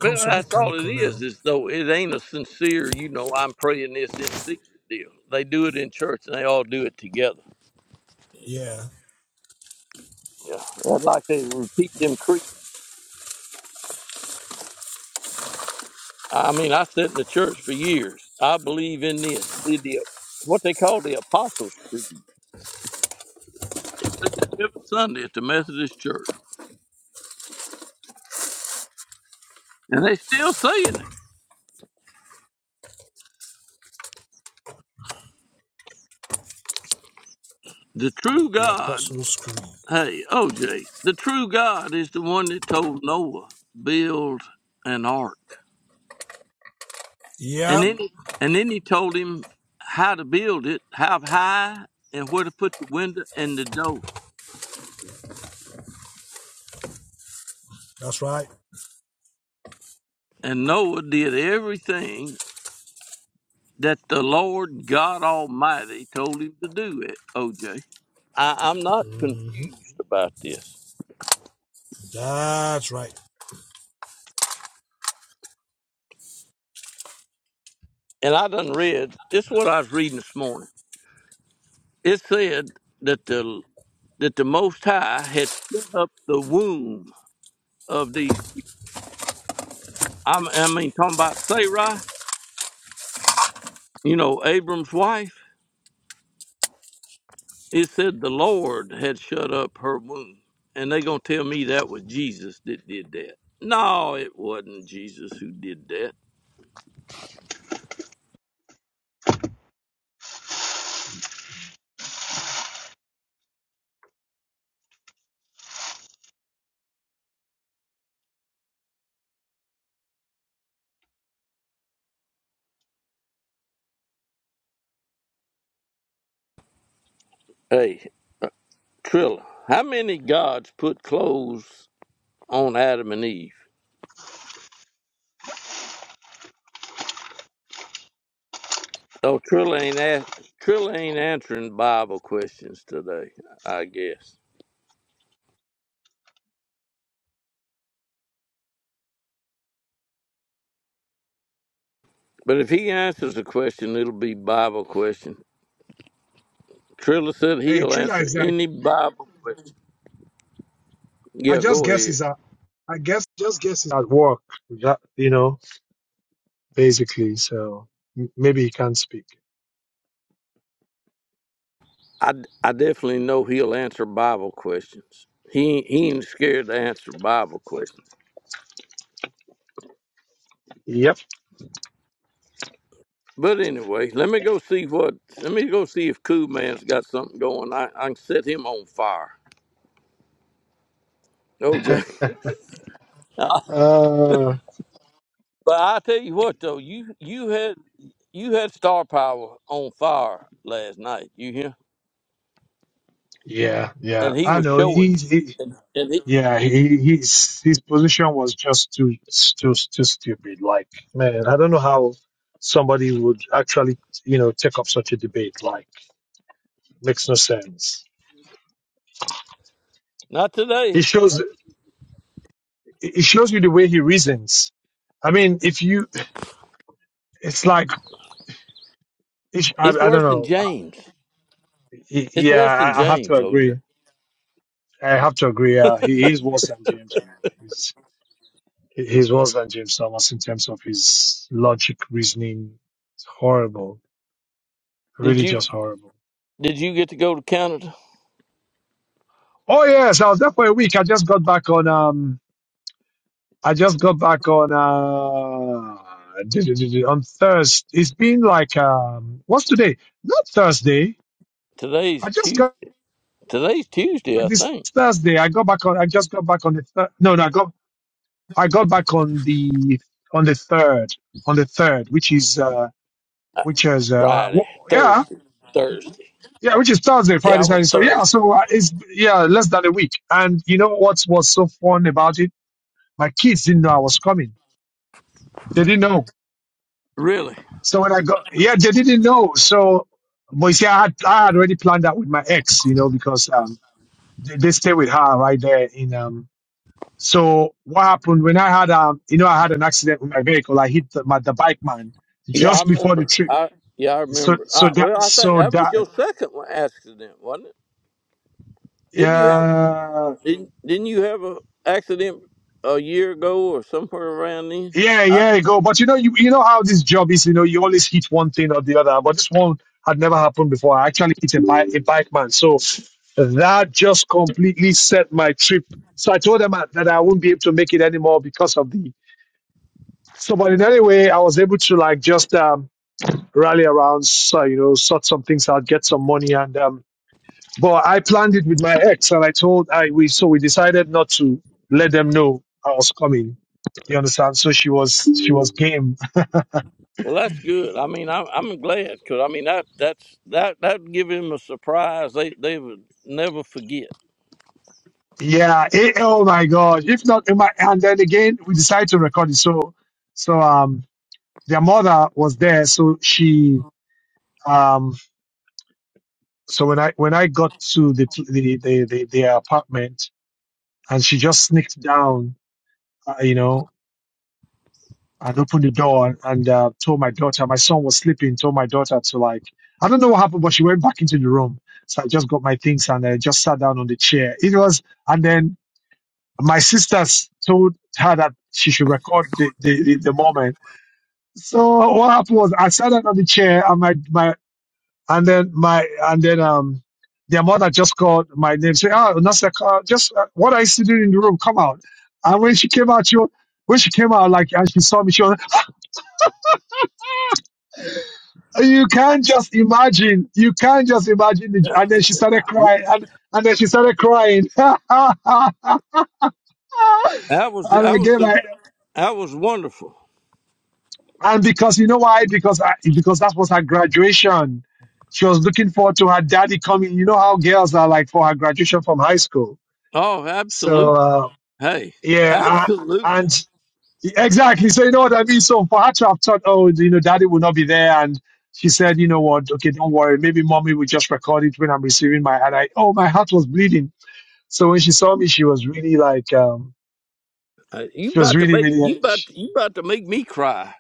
[SPEAKER 11] But that's all it is, is though it ain't a sincere, you know, I'm praying this in secret deal. They do it in church and they all do it together. Yeah. That's like they repeat them creeds. I mean, I sat in the church for years. I believe in this. Did the what they call the Apostles' Creed. Said that every Sunday at the Methodist Church. And they still saying it. The true God, hey, OJ, the true God is the one that told Noah, build an ark. And then and then he told him how to build it, how high and where to put the window and the door. And Noah did everything that the Lord God Almighty told him to do it, OJ. I, am not confused about this. And I done read, this is what I was reading this morning. It said that the that the Most High had shut up the womb of these. I'm, I mean, talking about Sarai, you know, Abram's wife. It said the Lord had shut up her womb, and they gonna tell me that was Jesus that did that. No, it wasn't Jesus who did that. Hey, Trilla, how many gods put clothes on Adam and Eve? Oh, Trilla ain't ask, Trilla ain't answering Bible questions today, I guess. But if he answers a question, it'll be Bible question. Triller said he'll answer any Bible question. Yeah, go ahead.
[SPEAKER 2] I guess just guess, guesses at work, that, you know, basically. So m- maybe he can't speak.
[SPEAKER 11] I, I definitely know he'll answer Bible questions. He ain't- he ain't scared to answer Bible questions.
[SPEAKER 2] Yep.
[SPEAKER 11] But anyway, let me go see what. Let me go see if Cool Man's got something going. I, I can set him on fire. OJ. but
[SPEAKER 2] Uh,
[SPEAKER 11] I tell you what though, you you had you had Star Power on fire last night. You hear?
[SPEAKER 2] yeah, yeah.
[SPEAKER 11] And he
[SPEAKER 2] I
[SPEAKER 11] was
[SPEAKER 2] know.
[SPEAKER 11] showing.
[SPEAKER 2] He's, he,
[SPEAKER 11] And, and he,
[SPEAKER 2] yeah, he, he's, his position was just too, too, too stupid. Like, man, I don't know how somebody would actually, you know, take up such a debate. Like, makes no sense.
[SPEAKER 11] not today.
[SPEAKER 2] It shows, it shows you the way he reasons. I mean, if you it's like it's, I,
[SPEAKER 11] It's
[SPEAKER 2] I
[SPEAKER 11] worse
[SPEAKER 2] don't
[SPEAKER 11] than
[SPEAKER 2] know. Uh,
[SPEAKER 11] James.
[SPEAKER 2] y-
[SPEAKER 11] It's
[SPEAKER 2] Yeah,
[SPEAKER 11] worse than
[SPEAKER 2] I I have to
[SPEAKER 11] James, OJ.
[SPEAKER 2] agree. I have to agree. Uh, he is worse than James, man. He's he- he's worse than James Thomas in terms of his logic, reasoning. It's horrible,
[SPEAKER 11] Did
[SPEAKER 2] really,
[SPEAKER 11] you
[SPEAKER 2] just horrible.
[SPEAKER 11] did you get to go to Canada?
[SPEAKER 2] Oh yes, I was there for a week. I just got back on. Um, I just got back on. Uh, d- d- d- d- on Thursday. It's been like um, what's today? Not Thursday. I
[SPEAKER 11] Today's
[SPEAKER 2] just
[SPEAKER 11] Tuesday.
[SPEAKER 2] got
[SPEAKER 11] Today's Tuesday,
[SPEAKER 2] back
[SPEAKER 11] I
[SPEAKER 2] this
[SPEAKER 11] think.
[SPEAKER 2] Thursday. I got back on. I just got back on the thir- no, no. I got I got back on the on the third, on the third, which is uh, which is uh, w-
[SPEAKER 11] Friday,
[SPEAKER 2] yeah,
[SPEAKER 11] Thursday, Thursday.
[SPEAKER 2] yeah, which is Thursday,
[SPEAKER 11] Yeah,
[SPEAKER 2] Friday,
[SPEAKER 11] I was
[SPEAKER 2] Saturday. So yeah,
[SPEAKER 11] Thursday.
[SPEAKER 2] so uh, it's yeah, less than a week. And you know what was so fun about it? My kids didn't know I was coming. They didn't know.
[SPEAKER 11] Really?
[SPEAKER 2] So when I got yeah, they didn't know. So but you see, I had I had already planned that with my ex, you know, because um, they, they stay with her right there in um So what happened when I had um you know I had an accident with my vehicle. I hit the, my, the bike man
[SPEAKER 11] Yeah, I
[SPEAKER 2] just before the
[SPEAKER 11] remember.
[SPEAKER 2] trip.
[SPEAKER 11] I yeah, I
[SPEAKER 2] So
[SPEAKER 11] remember.
[SPEAKER 2] so
[SPEAKER 11] I,
[SPEAKER 2] that
[SPEAKER 11] well, I think
[SPEAKER 2] so
[SPEAKER 11] that was your
[SPEAKER 2] that
[SPEAKER 11] second one- accident, wasn't it? Didn't you have
[SPEAKER 2] uh
[SPEAKER 11] didn't, didn't you have a accident a year ago or somewhere around then?
[SPEAKER 2] yeah yeah you go. But you know you you know how this job is. You know you always hit one thing or the other. But this one had never happened before. I actually hit a bike a bike man. So that just completely set my trip. So I told them I- that I wouldn't be able to make it anymore because of the. So but in any way I was able to like just um rally around, so, you know, sort some things out, get some money, and um. But I planned it with my ex, and I told I we so we decided not to let them know I was coming. You understand? So she was she was game.
[SPEAKER 11] Well, that's good. I mean, I, I'm glad because I mean that that's that that give him a surprise. They they would never forget.
[SPEAKER 2] Yeah. It, oh my god. If not, it might- and then again we decided to record it. So so um their mother was there. So she um so when I when I got to the the the, the, the apartment and she just sneaked down. Uh, you know and opened the door and, and uh, told my daughter, my son was sleeping, told my daughter to like, I don't know what happened, but she went back into the room. So I just got my things and I just sat down on the chair. It was, and then my sisters told her that she should record the, the, the, the moment. So what happened was I sat down on the chair and my, my, and then my, and then, um, their mother just called my name, say, ah, Nasir, uh, just, uh, what are you still doing in the room? Come out. And when she came out, she, wa- when she came out, like, and she saw me, she was you can't just imagine. You can't just imagine. The, and then she started crying, and, and then she started crying. and I
[SPEAKER 11] That was that was
[SPEAKER 2] gave
[SPEAKER 11] some,
[SPEAKER 2] her,
[SPEAKER 11] that was wonderful.
[SPEAKER 2] and because you know why? Because I, because that was her graduation. She was looking forward to her daddy coming. You know how girls are like for her graduation from high school.
[SPEAKER 11] Oh,
[SPEAKER 2] So
[SPEAKER 11] absolutely.
[SPEAKER 2] uh,
[SPEAKER 11] Hey,
[SPEAKER 2] yeah, I,
[SPEAKER 11] absolutely.
[SPEAKER 2] and Exactly. So you know what I mean. So for her to have thought, oh, you know, daddy will not be there, and she said, you know what? Okay, don't worry. Maybe mommy will just record it when I'm receiving my. And I, oh, my heart was bleeding. So when she saw me, she was really like, um,
[SPEAKER 11] Uh, you
[SPEAKER 2] she was
[SPEAKER 11] about to
[SPEAKER 2] really,
[SPEAKER 11] make
[SPEAKER 2] really,
[SPEAKER 11] you about
[SPEAKER 2] she,
[SPEAKER 11] you about to make me cry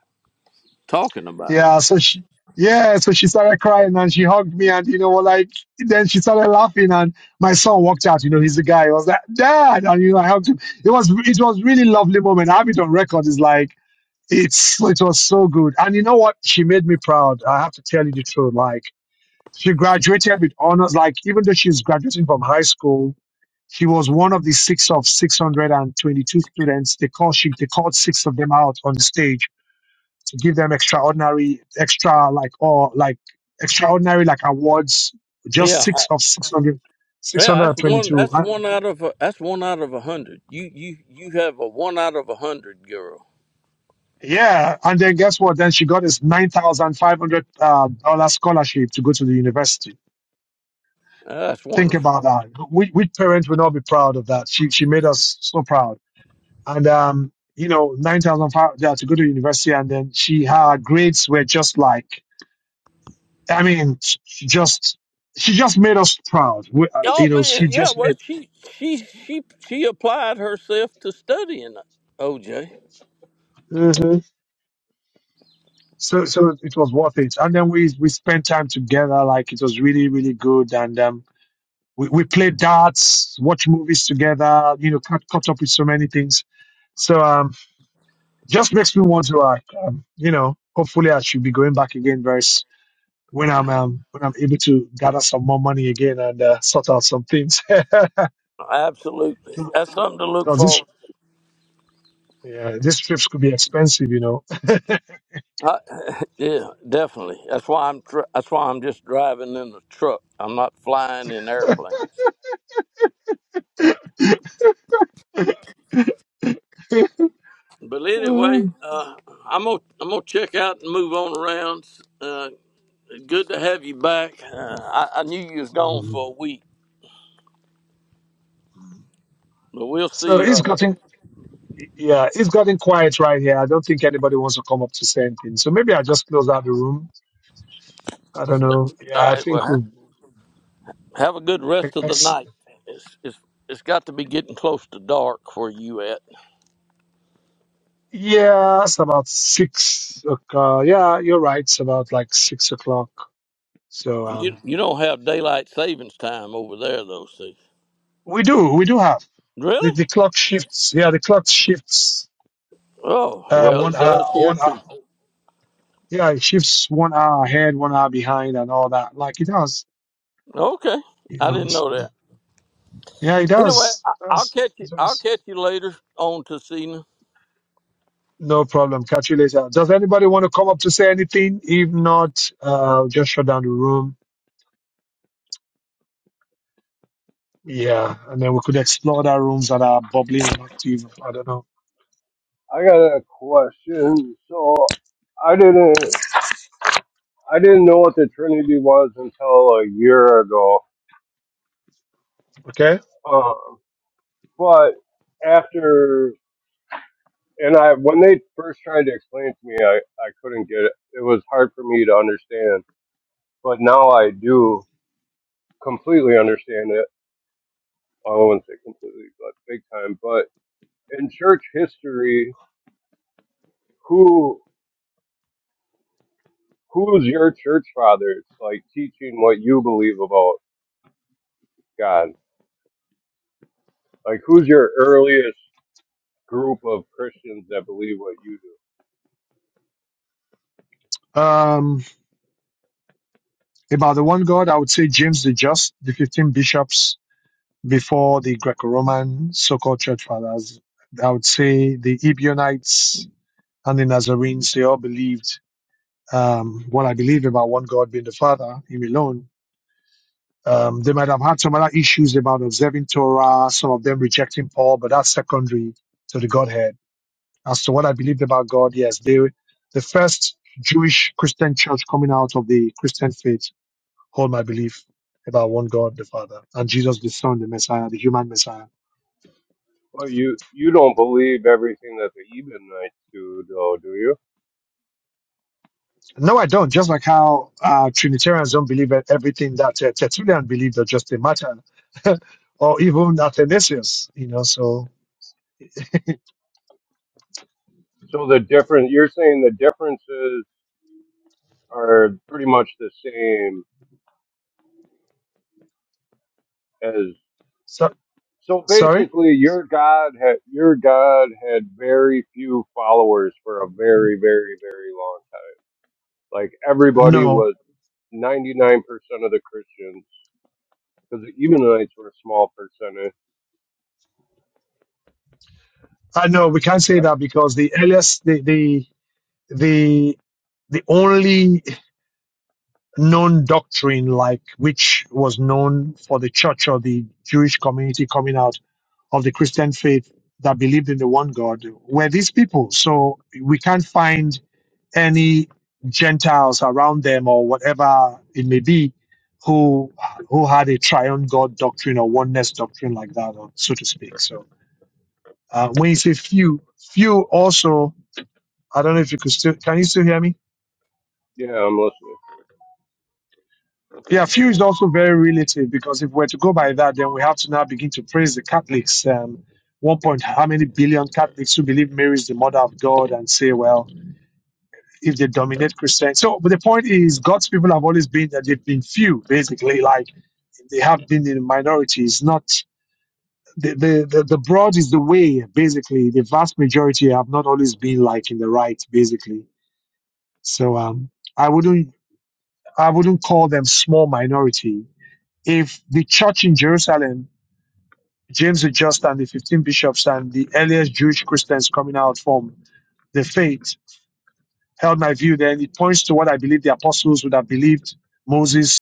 [SPEAKER 11] talking about it.
[SPEAKER 2] yeah. So she, yeah. So she started crying and she hugged me, and you know, well, like then she started laughing, and my son walked out. You know, he's the guy. I was like, dad, and you know, I hugged him. It was, it was really lovely moment. I have it on record. It's like. It's it was so good. And you know what? She made me proud. I have to tell you the truth. Like she graduated with honors. Like even though she's graduating from high school, she was one of the six of six hundred and twenty-two students. They called she they called six of them out on the stage to give them extraordinary, extra like or like extraordinary like awards. Just
[SPEAKER 11] Yeah,
[SPEAKER 2] six of 600, six
[SPEAKER 11] yeah.
[SPEAKER 2] hundred
[SPEAKER 11] That's
[SPEAKER 2] and
[SPEAKER 11] one.
[SPEAKER 2] twenty-two.
[SPEAKER 11] That's
[SPEAKER 2] And-
[SPEAKER 11] one out of a, that's one out of a hundred. You you you have a one out of a hundred girl.
[SPEAKER 2] yeah, and then guess what? Then she got this nine thousand five hundred uh, dollar scholarship to go to the university.
[SPEAKER 11] Uh, that's
[SPEAKER 2] Think
[SPEAKER 11] wonderful.
[SPEAKER 2] about that. We, we parents would not be proud of that. She, she made us so proud. And, um, you know, 9,005, yeah, to go to university. And then she, her grades were just like, I mean, she just, she just made us proud. We, uh,
[SPEAKER 11] Oh
[SPEAKER 2] you know,
[SPEAKER 11] man,
[SPEAKER 2] she
[SPEAKER 11] yeah.
[SPEAKER 2] just
[SPEAKER 11] Well,
[SPEAKER 2] made,
[SPEAKER 11] she she she she applied herself to studying. OJ,
[SPEAKER 2] Mhm. so, so it was worth it. And then we, we spent time together. Like it was really, really good. And, um, we, we played darts, watch movies together, you know, cut, caught up with so many things. So, um, just makes me want to like um, you know hopefully i should be going back again very s- when i'm um, when i'm able to gather some more money again and uh, sort out some things
[SPEAKER 11] absolutely. That's something to look
[SPEAKER 2] because
[SPEAKER 11] forward.
[SPEAKER 2] this yeah these trips could be expensive you know
[SPEAKER 11] I, yeah, definitely. That's why I'm. Tr- that's why I'm just driving in the truck. I'm not flying in airplanes. But anyway,
[SPEAKER 2] Mhm.
[SPEAKER 11] uh, I'm gonna I'm gonna check out and move on around. Uh, good to have you back. Uh, I, I knew you was gone for a week, but we'll
[SPEAKER 2] so
[SPEAKER 11] see.
[SPEAKER 2] it's
[SPEAKER 11] Uh,
[SPEAKER 2] gotten yeah it's gotten quiet right here i don't think anybody wants to come up to say anything so maybe i just close out the room i don't know
[SPEAKER 11] all
[SPEAKER 2] yeah i
[SPEAKER 11] right. Well,
[SPEAKER 2] think we
[SPEAKER 11] ha- have a good
[SPEAKER 2] I-
[SPEAKER 11] rest of
[SPEAKER 2] I
[SPEAKER 11] the
[SPEAKER 2] s-
[SPEAKER 11] night. It's it's it's got to be getting close to dark where you at.
[SPEAKER 2] yeah, it's about six o'clock. Yeah, you're right. It's about like six o'clock. So
[SPEAKER 11] You
[SPEAKER 2] um,
[SPEAKER 11] you don't have daylight savings time over there though, see?
[SPEAKER 2] we do, we do have the,
[SPEAKER 11] Really?
[SPEAKER 2] the clock shifts. Yeah, the clock shifts
[SPEAKER 11] Oh
[SPEAKER 2] uh,
[SPEAKER 11] well,
[SPEAKER 2] one
[SPEAKER 11] it
[SPEAKER 2] hour,
[SPEAKER 11] does here
[SPEAKER 2] one
[SPEAKER 11] too.
[SPEAKER 2] hour. Yeah, it shifts one hour ahead, one hour behind, and all that. Like it does,
[SPEAKER 11] Okay,
[SPEAKER 2] you
[SPEAKER 11] I
[SPEAKER 2] know.
[SPEAKER 11] didn't know
[SPEAKER 2] So,
[SPEAKER 11] that.
[SPEAKER 2] yeah, it
[SPEAKER 11] Anyway,
[SPEAKER 2] does.
[SPEAKER 11] I,
[SPEAKER 2] It
[SPEAKER 11] I'll
[SPEAKER 2] does.
[SPEAKER 11] catch you.
[SPEAKER 2] It
[SPEAKER 11] I'll
[SPEAKER 2] does.
[SPEAKER 11] catch you later on to
[SPEAKER 2] No problem. Catch you later. Does anybody want to come up to say anything? If not, uh, just shut down the room. Yeah, and then we could explore the rooms that are bubbling and active. I don't know.
[SPEAKER 12] I got a question. So I didn't I didn't know what the Trinity was until a year ago.
[SPEAKER 2] Okay.
[SPEAKER 12] Um, but after and I when they first tried to explain to me, I I couldn't get it. It was hard for me to understand. But now I do completely understand it. I won't say completely, but big time. But in church history, who who's your church fathers like teaching what you believe about God? Like who's your earliest? group of Christians that believe what you do.
[SPEAKER 2] Um, about the one God, I would say James the Just, the 15 bishops, before the Greco-Roman so-called church fathers. I would say the Ebionites and the Nazarenes, they all believed um, what I believe about one God being the Father, Him alone. Um, they might have had some other issues about observing Torah, some of them rejecting Paul, but that's secondary to the Godhead. As to what I believed about God, yes, they, the first Jewish Christian church coming out of the Christian faith hold my belief about one God, the Father, and Jesus, the Son, the Messiah, the human Messiah.
[SPEAKER 12] But you you don't believe everything that the Ebonites do, though, do you?
[SPEAKER 2] No, I don't. Just like how uh, Trinitarians don't believe in everything that uh, Tertullian believed or just a matter, or even Athanasius, you know. So,
[SPEAKER 12] So the difference you're saying the differences are pretty much the same as.
[SPEAKER 2] so
[SPEAKER 12] So
[SPEAKER 2] sorry,
[SPEAKER 12] basically, your God had your God had very few followers for a very very very long time. Like everybody
[SPEAKER 2] no,
[SPEAKER 12] was 99% of the Christians because the Ebonites were a small percentage,
[SPEAKER 2] I know we can't say
[SPEAKER 12] right?
[SPEAKER 2] that because the earliest, the the the the only known doctrine like which was known for the church or the Jewish community coming out of the Christian faith that believed in the one God were these people. So we can't find. any Gentiles around them or whatever it may be who who had a triune God doctrine or oneness doctrine like that, or so to speak. So uh, when you say few, few also, I don't know if you could still can you still hear me?
[SPEAKER 12] Yeah, I'm listening.
[SPEAKER 2] Yeah, few is also very relative because if we're to go by that, then we have to now begin to praise the Catholics. Um, one point, how many billion Catholics who believe Mary is the mother of God and say, well, if they dominate Christian. So, but the point is, God's people have always been that they've been few, basically. Like they have been in minority. It's not the the the, the broad is the way. Basically, the vast majority have not always been like in the right. Basically, so um, I wouldn't I wouldn't call them small minority. If the church in Jerusalem, James the Just and the fifteen bishops and the earliest Jewish Christians coming out from the faith held my view, then it points to what I believe the apostles would have believed Moses